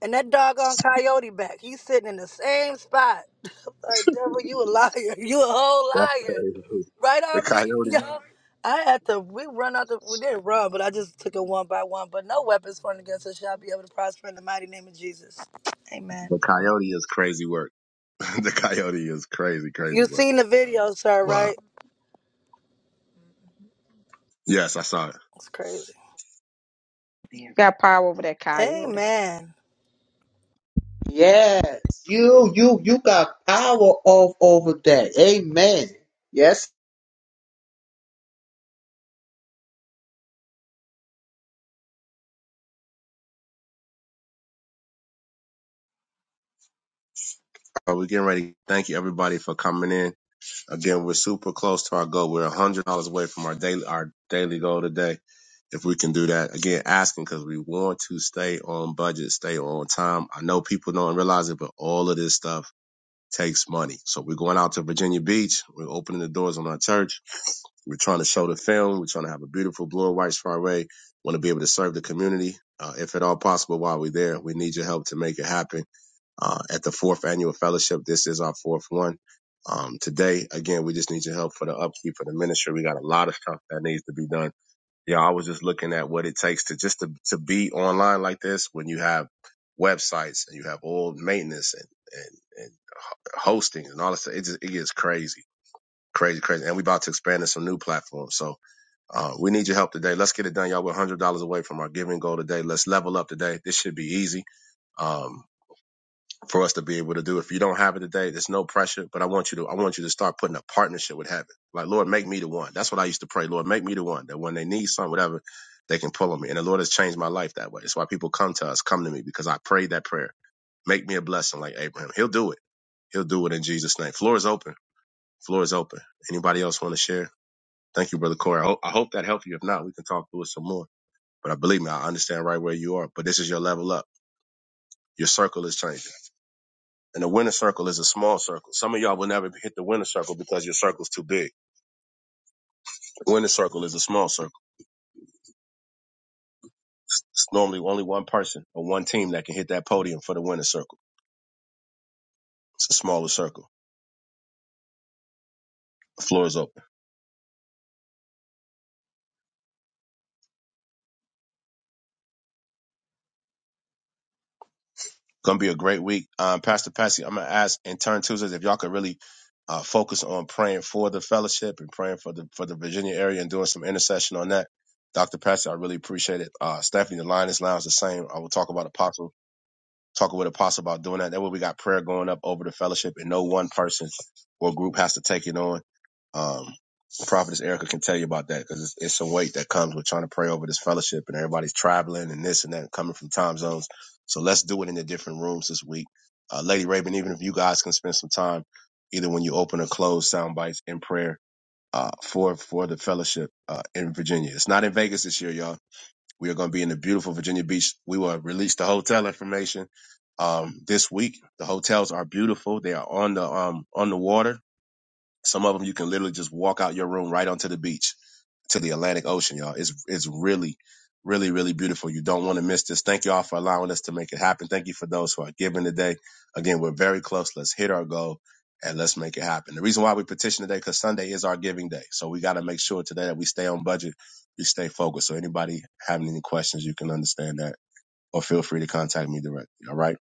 Speaker 14: and that doggone coyote back. He's sitting in the same spot. I'm like, devil, you a liar. You a whole
Speaker 12: That's
Speaker 14: liar.
Speaker 12: crazy.
Speaker 14: Right,
Speaker 12: The
Speaker 14: Harmony?
Speaker 12: coyote.
Speaker 14: Yo. I had to we run out the we didn't run, but I just took it one by one. But no weapons formed against us shall be able to prosper in the mighty name of Jesus.
Speaker 12: The
Speaker 14: Amen.
Speaker 12: coyote is crazy work. the coyote is crazy, crazy
Speaker 14: You
Speaker 12: work.
Speaker 14: seen the video, sir,
Speaker 12: Wow.
Speaker 14: right?
Speaker 12: Yes, I saw it.
Speaker 14: It's crazy.
Speaker 5: You got power over that coyote.
Speaker 14: Amen.
Speaker 3: Yes. You, you, you got power all over that. Amen. Yes.
Speaker 12: Uh, We're getting ready. Thank you everybody for coming in. Again, we're super close to our goal. We're one hundred dollars away from our daily our daily goal today. If we can do that, again, asking because we want to stay on budget, stay on time. I know people don't realize it, but all of this stuff takes money. So we're going out to Virginia Beach. We're opening the doors on our church We're trying to show the film. We're trying to have a beautiful blue and white soiree. Want to be able to serve the community. Uh, if at all possible, while we're there, we need your help to make it happen. Uh, at the fourth annual fellowship, this is our fourth one. Um, today, again, we just need your help for the upkeep of the ministry. We got a lot of stuff that needs to be done. Yeah, I was just looking at what it takes to just to, to be online like this when you have websites and you have all maintenance and, and, and hosting and all this. It just, it gets crazy, crazy, crazy. And we are about to expand to some new platforms. So uh, we need your help today. Let's get it done, y'all. We're one hundred dollars away from our giving goal today. Let's level up today. This should be easy um, for us to be able to do. If you don't have it today, there's no pressure. But I want you to, I want you to start putting a partnership with heaven. Like, Lord, make me the one. That's what I used to pray. Lord, make me the one that when they need something, whatever, they can pull on me. And the Lord has changed my life that way. It's why people come to us, come to me because I prayed that prayer. Make me a blessing like Abraham. He'll do it. He'll do it in Jesus' name. Floor is open. Floor is open. Anybody else want to share? Thank you, brother Corey. I, hope I hope that helped you. If not, we can talk through it some more. But I believe me, I understand right where you are. But this is your level up. Your circle is changing. And the winner circle is a small circle. Some of y'all will never hit the winner circle because your circle's too big. The Winner circle is a small circle. it's normally only one person or one team that can hit that podium for the winner circle. It's a smaller circle. The floor is open. Gonna be a great week. Um, Pastor Patsy, I'm gonna ask intern turn Tuesdays if y'all could really uh, focus on praying for the fellowship and praying for the for the Virginia area and doing some intercession on that. Dr. Patsy, I really appreciate it. Uh, Stephanie, the Lioness Lounge, the same. I will talk about Apostle talking with apostle about doing that. That way we got prayer going up over the fellowship and no one person or group has to take it on. Um, prophetess Erica can tell you about that because it's, it's some weight that comes with trying to pray over this fellowship and everybody's traveling and this and that coming from time zones. So let's do it in the different rooms this week. Uh, Lady Raven, even if you guys can spend some time, either when you open or close sound bites in prayer, uh, for, for the fellowship, uh, in Virginia. It's not in Vegas this year, y'all we are going to be in the beautiful Virginia Beach. We will release the hotel information um, this week. The hotels are beautiful. They are on the um, on the water. Some of them you can literally just walk out your room right onto the beach to the Atlantic Ocean, y'all. It's it's really, really, really beautiful. You don't want to miss this. Thank y'all for allowing us to make it happen. Thank you for those who are giving today. Again, we're very close. Let's hit our goal and let's make it happen. The reason why we petition today because Sunday is our giving day, so we got to make sure today that we stay on budget, we stay focused. So anybody having any questions, you can understand that, or feel free to contact me directly. All right,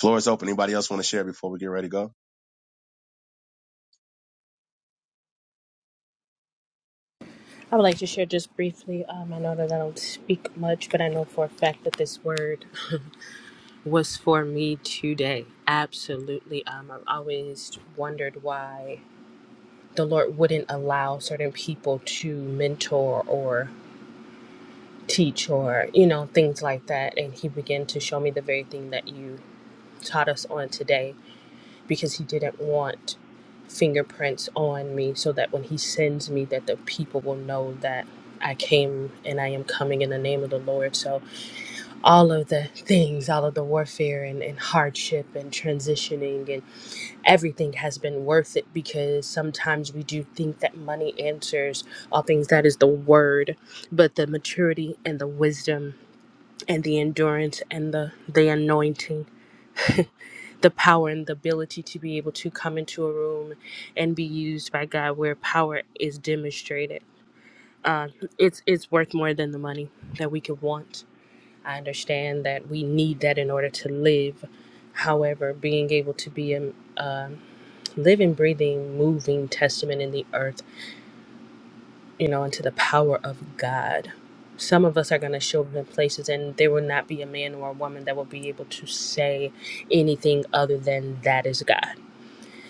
Speaker 12: floor is open. Anybody else want to share before we get ready to go?
Speaker 11: I would like to share just briefly. Um, I know that I don't speak much, but I know for a fact that this word was for me today. Absolutely. Um, I've always wondered why the Lord wouldn't allow certain people to mentor or teach or, you know, things like that. And He began to show me the very thing that you taught us on today because He didn't want fingerprints on me so that when He sends me that the people will know that I came and I am coming in the name of the Lord. So all of the things, all of the warfare and, and hardship and transitioning and everything has been worth it because sometimes we do think that money answers all things that is the word but the maturity and the wisdom and the endurance and the the anointing the power and the ability to be able to come into a room and be used by God where power is demonstrated uh, it's it's worth more than the money that we could want I understand that we need that in order to live however being able to be a um living, breathing, moving testament in the earth, you know, into the power of God. Some of us are going to show up in places, and there will not be a man or a woman that will be able to say anything other than that is God.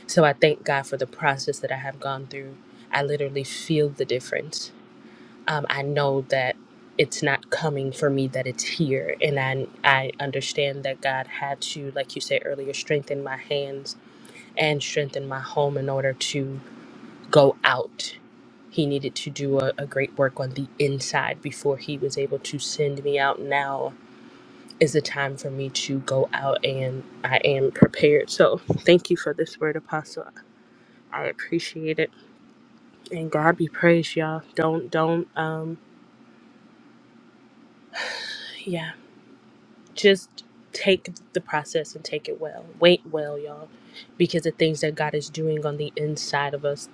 Speaker 11: So I thank God for the process that I have gone through. I literally feel the difference. Um, I know that it's not coming for me; that it's here, and I I understand that God had to, like you said earlier, strengthen my hands and strengthen my home in order to go out. He needed to do a, a great work on the inside before he was able to send me out. Now is the time for me to go out, and I am prepared. So, thank you for this word, Apostle. I appreciate it, and God be praised, y'all. Don't, don't, um, yeah, just take the process and take it well. Wait well, y'all, because the things that God is doing on the inside of us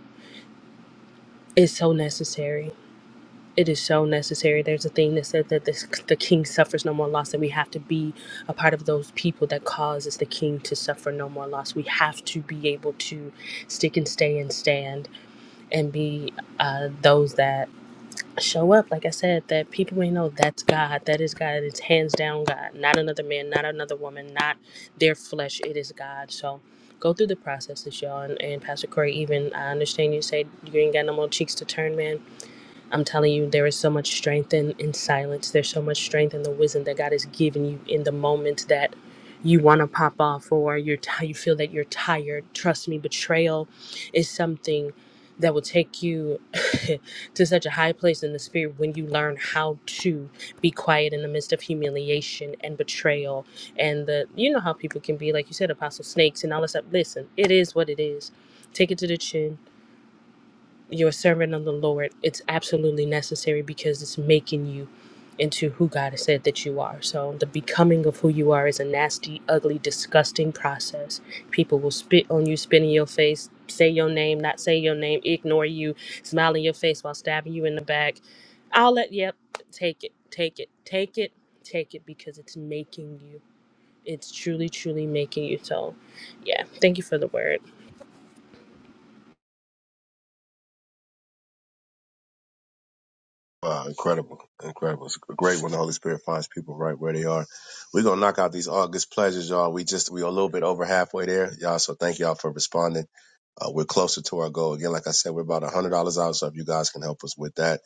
Speaker 11: is so necessary it is so necessary. There's a thing that says that this, the king suffers no more loss, and we have to be a part of those people that causes the king to suffer no more loss. We have to be able to stick and stay and stand and be uh, those that show up. Like I said, that people may know that's God, that is God, it's hands down God, not another man, not another woman, not their flesh. It is God. So go through the processes, y'all. And, and Pastor Corey, even I understand you say you ain't got no more cheeks to turn, man I'm telling you, there is so much strength in, in silence. There's so much strength in the wisdom that God has given you in the moment that you want to pop off or you're ti you feel that you're tired. Trust me, betrayal is something that will take you to such a high place in the spirit when you learn how to be quiet in the midst of humiliation and betrayal and the you know how people can be like you said apostle snakes and all this stuff listen it is what it is take it to the chin you're a servant of the Lord. It's absolutely necessary because it's making you into who God has said that you are. So the becoming of who you are is a nasty, ugly, disgusting process. People will spit on you, spit in your face, say your name, not say your name, ignore you, smile in your face while stabbing you in the back. I'll let yep, take it, take it, take it, take it because it's making you. It's truly, truly making you. So yeah, thank you for the word.
Speaker 12: Wow, incredible. Incredible. It's great when the Holy Spirit finds people right where they are. We're gonna knock out these August pleasures, y'all. We just we a little bit over halfway there, y'all. So thank y'all for responding. Uh, we're closer to our goal. Again, like I said, we're about one hundred dollars out. So if you guys can help us with that.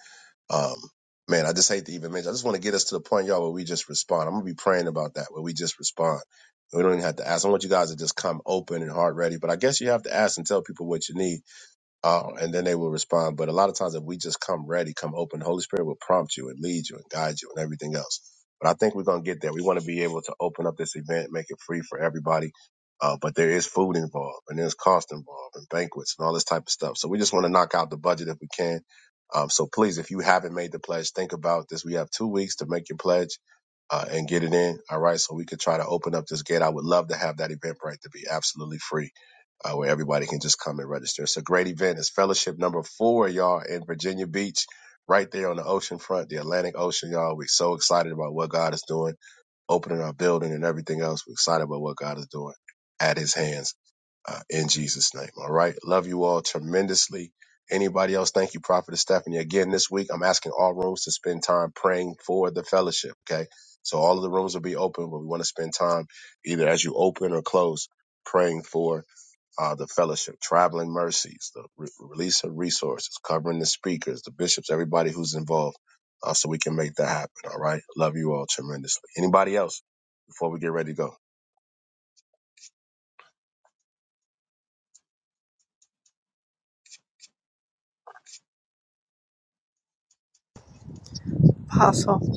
Speaker 12: Um man, I just hate to even mention I just want to get us to the point, y'all, where we just respond. I'm gonna be praying about that, where we just respond. We don't even have to ask. I want you guys to just come open and heart ready. But I guess you have to ask and tell people what you need uh, and then they will respond. But a lot of times, if we just come ready, come open, the Holy Spirit will prompt you and lead you and guide you and everything else. But I think we're going to get there. We want to be able to open up this event, make it free for everybody. Uh, but there is food involved and there's cost involved and banquets and all this type of stuff. So we just want to knock out the budget if we can. Um, so please, if you haven't made the pledge, think about this. We have two weeks to make your pledge uh, and get it in. All right. So we could try to open up this gate. I would love to have that event right to be absolutely free uh, where everybody can just come and register. It's a great event. It's fellowship number four, y'all, in Virginia Beach, right there on the ocean front, the Atlantic Ocean, y'all. We're so excited about what God is doing, opening our building and everything else. We're excited about what God is doing at his hands uh, in Jesus' name. All right. Love you all tremendously. Anybody else? Thank you, Prophet Stephanie. Again, this week, I'm asking all rooms to spend time praying for the fellowship. Okay. So all of the rooms will be open, but we want to spend time either as you open or close praying for uh, the fellowship, traveling mercies, the re- release of resources, covering the speakers, the bishops, everybody who's involved, uh, so we can make that happen. All right. Love you all tremendously. Anybody else before we get ready to go?
Speaker 7: Apostle,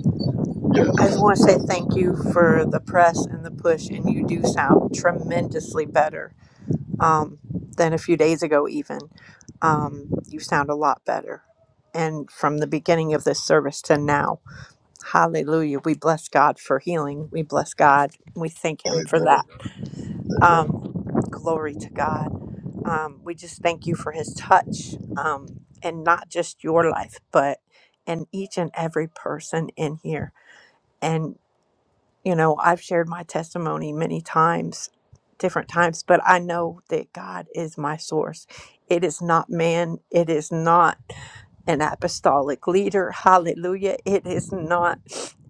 Speaker 12: Yes.
Speaker 7: I just want to say thank you for the press and the push, and you do sound tremendously better. um, than a few days ago, even. Um, you sound a lot better. And from the beginning of this service to now, hallelujah. We bless God for healing. We bless God. We thank Him for
Speaker 12: Amen.
Speaker 7: that.
Speaker 12: Amen.
Speaker 7: Um, glory to God. Um, we just thank you for His touch um, and not just your life, but in each and every person in here. and you know, I've shared my testimony many times, different times, but I know that God is my source. It is not man, it is not an apostolic leader. Hallelujah. It is not,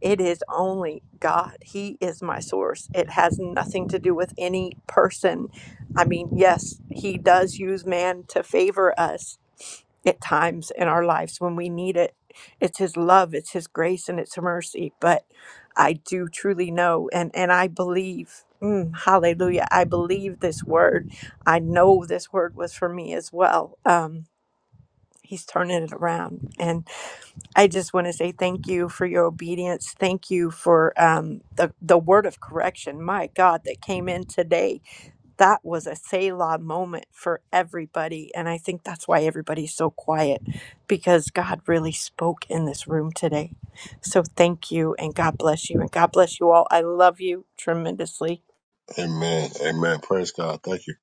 Speaker 7: it is only God. He is my source. It has nothing to do with any person. I mean, yes, He does use man to favor us at times in our lives when we need it. It's His love, it's His grace, and it's mercy. But I do truly know and, and I believe. mm, hallelujah. I believe this word. I know this word was for me as well. Um, He's turning it around. And I just want to say thank you for your obedience. Thank you for um, the the word of correction. My God, that came in today. That was a Selah moment for everybody, and I think that's why everybody's so quiet because God really spoke in this room today. So thank you, and God bless you, and God bless you all. I love you tremendously
Speaker 12: Amen. Amen. Praise God. Thank you.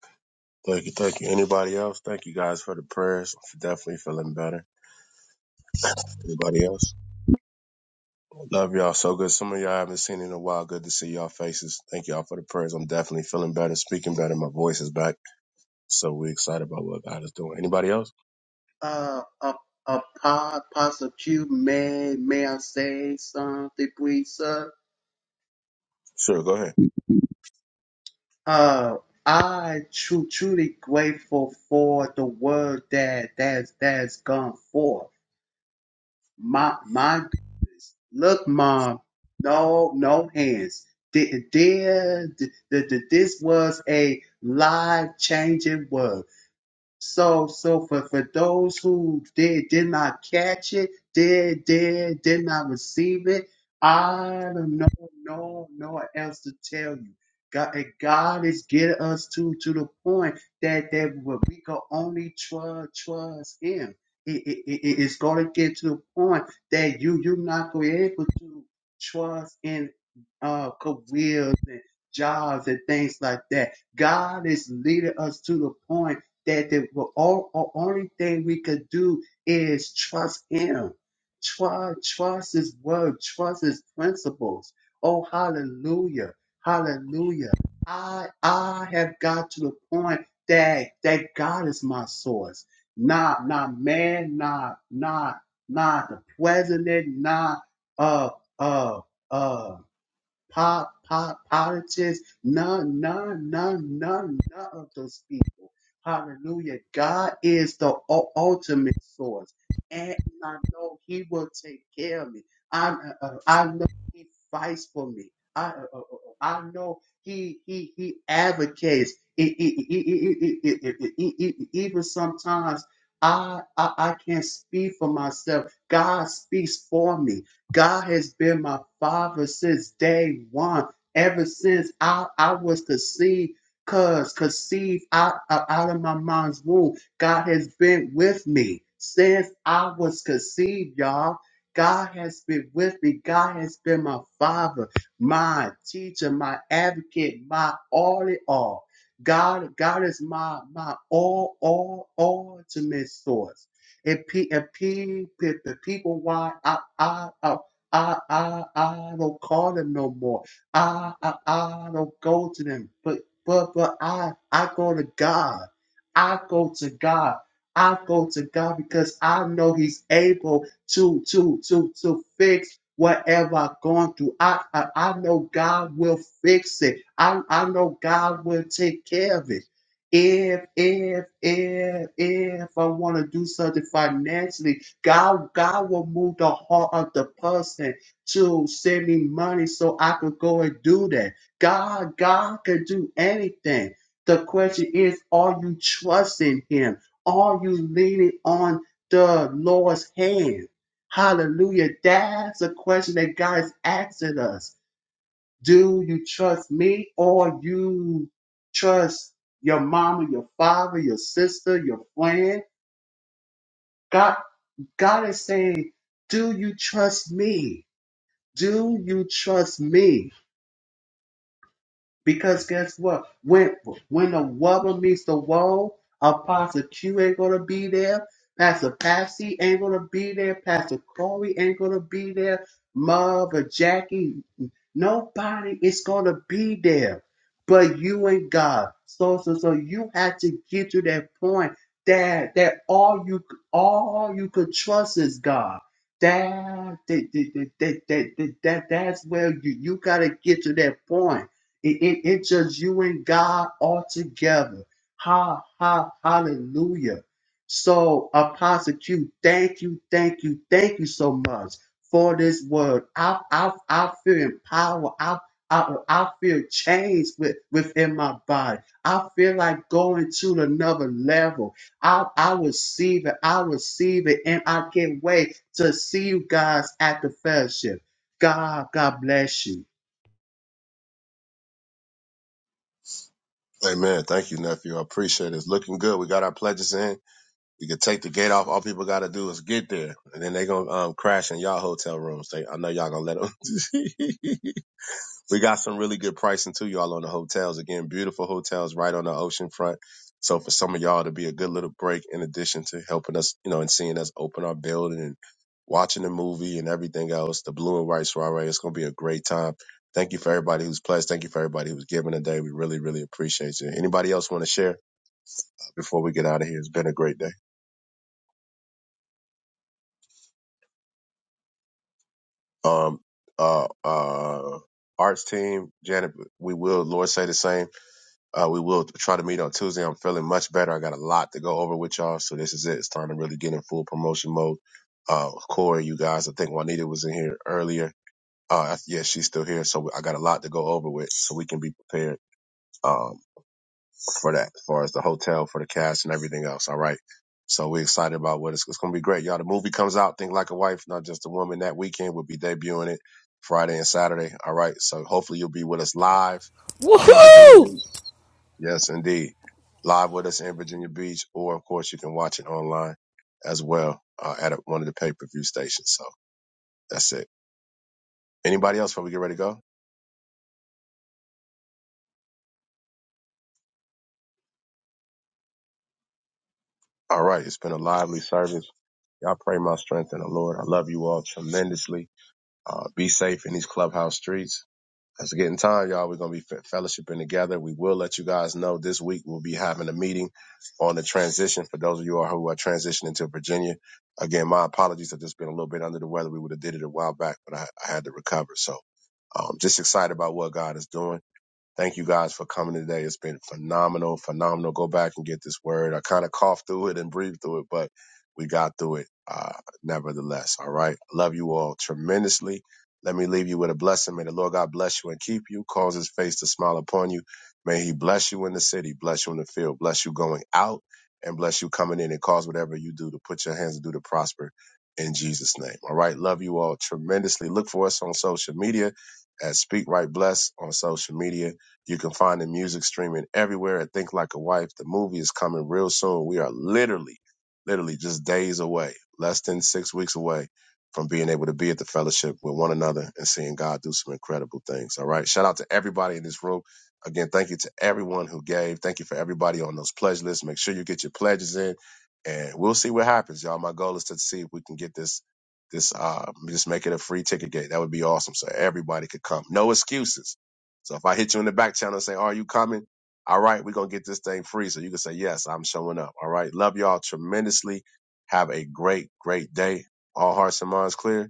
Speaker 12: Thank you. Thank you. Anybody else? Thank you guys for the prayers. Definitely feeling better. Anybody else? Love y'all so good. Some of y'all I haven't seen in a while. Good to see y'all faces. Thank y'all for the prayers. I'm definitely feeling better, speaking better. My voice is back. So we're excited about what God is doing. Anybody else?
Speaker 3: uh, uh, uh, Pa- Apostle Q, may, may I say something, please, sir?
Speaker 12: Sure, go ahead.
Speaker 3: Uh, I tru- truly grateful for the word that that's that's gone forth. My my goodness, look, mom, no no hands. Dear, dear, th- th- th- this was a life changing word. So, so for, for those who did did not catch it, did did did not receive it, I don't know no no one else to tell you. God, and God is getting us to to the point that that we we can only trust trust Him. It, it, it- it's going to get to the point that you you're not going to be able to trust in uh careers and jobs and things like that. God is leading us to the point that the well, all, all- only thing we could do is trust Him. Trust, trust His word, trust His principles. Oh, hallelujah, hallelujah. I I have got to the point that that God is my source, not not man, not not not the president, not uh uh uh po- po- politics, none, none, none, none, none of those people. Hallelujah. God is the u- ultimate source. And I know He will take care of me. I, uh, uh, I know He fights for me. I, uh, uh, uh, uh, I know He He He advocates. E- e- e- e- e- e- e- e- e- e- e, e, Even sometimes I, I I can't speak for myself. God speaks for me. God has been my father since day one, ever since I, I was conceived, cause conceived out, out out of my mom's womb. God has been with me since I was conceived, y'all. God has been with me. God has been my father, my teacher, my advocate, my all in all. God, God is my my all, all, all ultimate source and, pe- and pe- pe- the people why I, I, I I, I, I don't call them no more. I, I, I don't go to them. But, but, but I, I go to God. I go to God. I go to God because I know He's able to, to, to, to fix whatever I've gone through. I, I, I know God will fix it. I, I know God will take care of it. If, if, if, if I want to do something financially, God, God will move the heart of the person to send me money so I could go and do that. God, God can do anything. The question is, are you trusting him? Are you leaning on the Lord's hand? Hallelujah. That's a question that God is asking us. Do you trust me or you trust your mama, your father, your sister, your friend? God, God is saying, do you trust me? Do you trust me? Because guess what? When when the rubber meets the road, Apostle Q ain't gonna be there. Pastor Patsy ain't gonna be there. Pastor Corey ain't gonna be there. Mother Jackie, nobody is gonna be there, but you and God. So so so you have to get to that point that that all you all you could trust is God. That that that that that, that, that that's where you you gotta get to that point it, it, it's just you and God all together. Ha, ha, hallelujah. So, Apostle Q, thank you, thank you, thank you so much for this word. I, I, I feel empowered. I, I, I feel changed with, within my body. I feel like going to another level. I, I receive it. I receive it. And I can't wait to see you guys at the fellowship. God, God bless you.
Speaker 12: Amen. Thank you, nephew. I appreciate it. It's looking good. We got our pledges in. We can take the gate off. All people got to do is get there, and then they gonna um, crash in y'all hotel rooms. They, I know y'all gonna let them. We got some really good pricing too, y'all, on the hotels. Again, beautiful hotels right on the ocean front. So for some of y'all to be a good little break in addition to helping us, you know, and seeing us open our building and watching the movie and everything else, the blue and white soiree, it's gonna be a great time. Thank you for everybody who's pledged. Thank you for everybody who's giving today. We really, really appreciate you. Anybody else want to share before we get out of here? It's been a great day. Um uh uh arts team, Janet, we will Lord say the same. Uh, we will try to meet on Tuesday. I'm feeling much better. I got a lot to go over with y'all, so this is it. It's time to really get in full promotion mode. Uh, Corey, you guys, I think Juanita was in here earlier. Uh, yeah, she's still here, so I got a lot to go over with, so we can be prepared um for that, as far as the hotel, for the cash, and everything else. All right. So we're excited about what it's, it's going to be great, y'all. The movie comes out, Think Like a Wife, Not Just a Woman. That weekend we'll be debuting it Friday and Saturday. All right. So hopefully you'll be with us live in Virginia
Speaker 13: Woohoo!
Speaker 12: Beach. Yes, indeed. Live with us in Virginia Beach, or of course you can watch it online as well uh, at a, one of the pay per view stations. So that's it. Anybody else before we get ready to go? All right, it's been a lively service. Y'all pray my strength in the Lord. I love you all tremendously. Uh, be safe in these clubhouse streets. As we get in time, y'all, we're going to be fellowshipping together. We will let you guys know this week we'll be having a meeting on the transition for those of you all who are transitioning to Virginia. Again, my apologies. I've just been a little bit under the weather. We would have did it a while back, but I, I had to recover. So i um, just excited about what God is doing. Thank you guys for coming today. It's been phenomenal, phenomenal. Go back and get this word. I kind of coughed through it and breathed through it, but we got through it uh, nevertheless. All right. Love you all tremendously. Let me leave you with a blessing. May the Lord God bless you and keep you, cause his face to smile upon you. May he bless you in the city, bless you in the field, bless you going out, and bless you coming in and cause whatever you do to put your hands to do to prosper in Jesus' name. All right. Love you all tremendously. Look for us on social media at Speak Right Bless on social media you can find the music streaming everywhere at Think Like a Wife. The movie is coming real soon. We are literally, literally just days away, less than six weeks away from being able to be at the fellowship with one another and seeing God do some incredible things. All right. Shout out to everybody in this room. Again, thank you to everyone who gave. Thank you for everybody on those pledge lists. Make sure you get your pledges in and we'll see what happens, y'all. My goal is to see if we can get this this uh just make it a free ticket gate. That would be awesome. So everybody could come. No excuses so if I hit you in the back channel and say, Are you coming? All right, we're going to get this thing free. So you can say, Yes, I'm showing up. All right. Love y'all tremendously. Have a great, great day. All hearts and minds clear.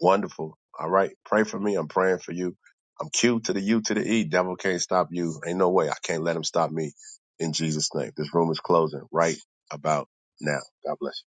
Speaker 12: Wonderful. All right. Pray for me. I'm praying for you. I'm Q to the U to the E. Devil can't stop you. Ain't no way. I can't let him stop me in Jesus' name. This room is closing right about now. God bless you.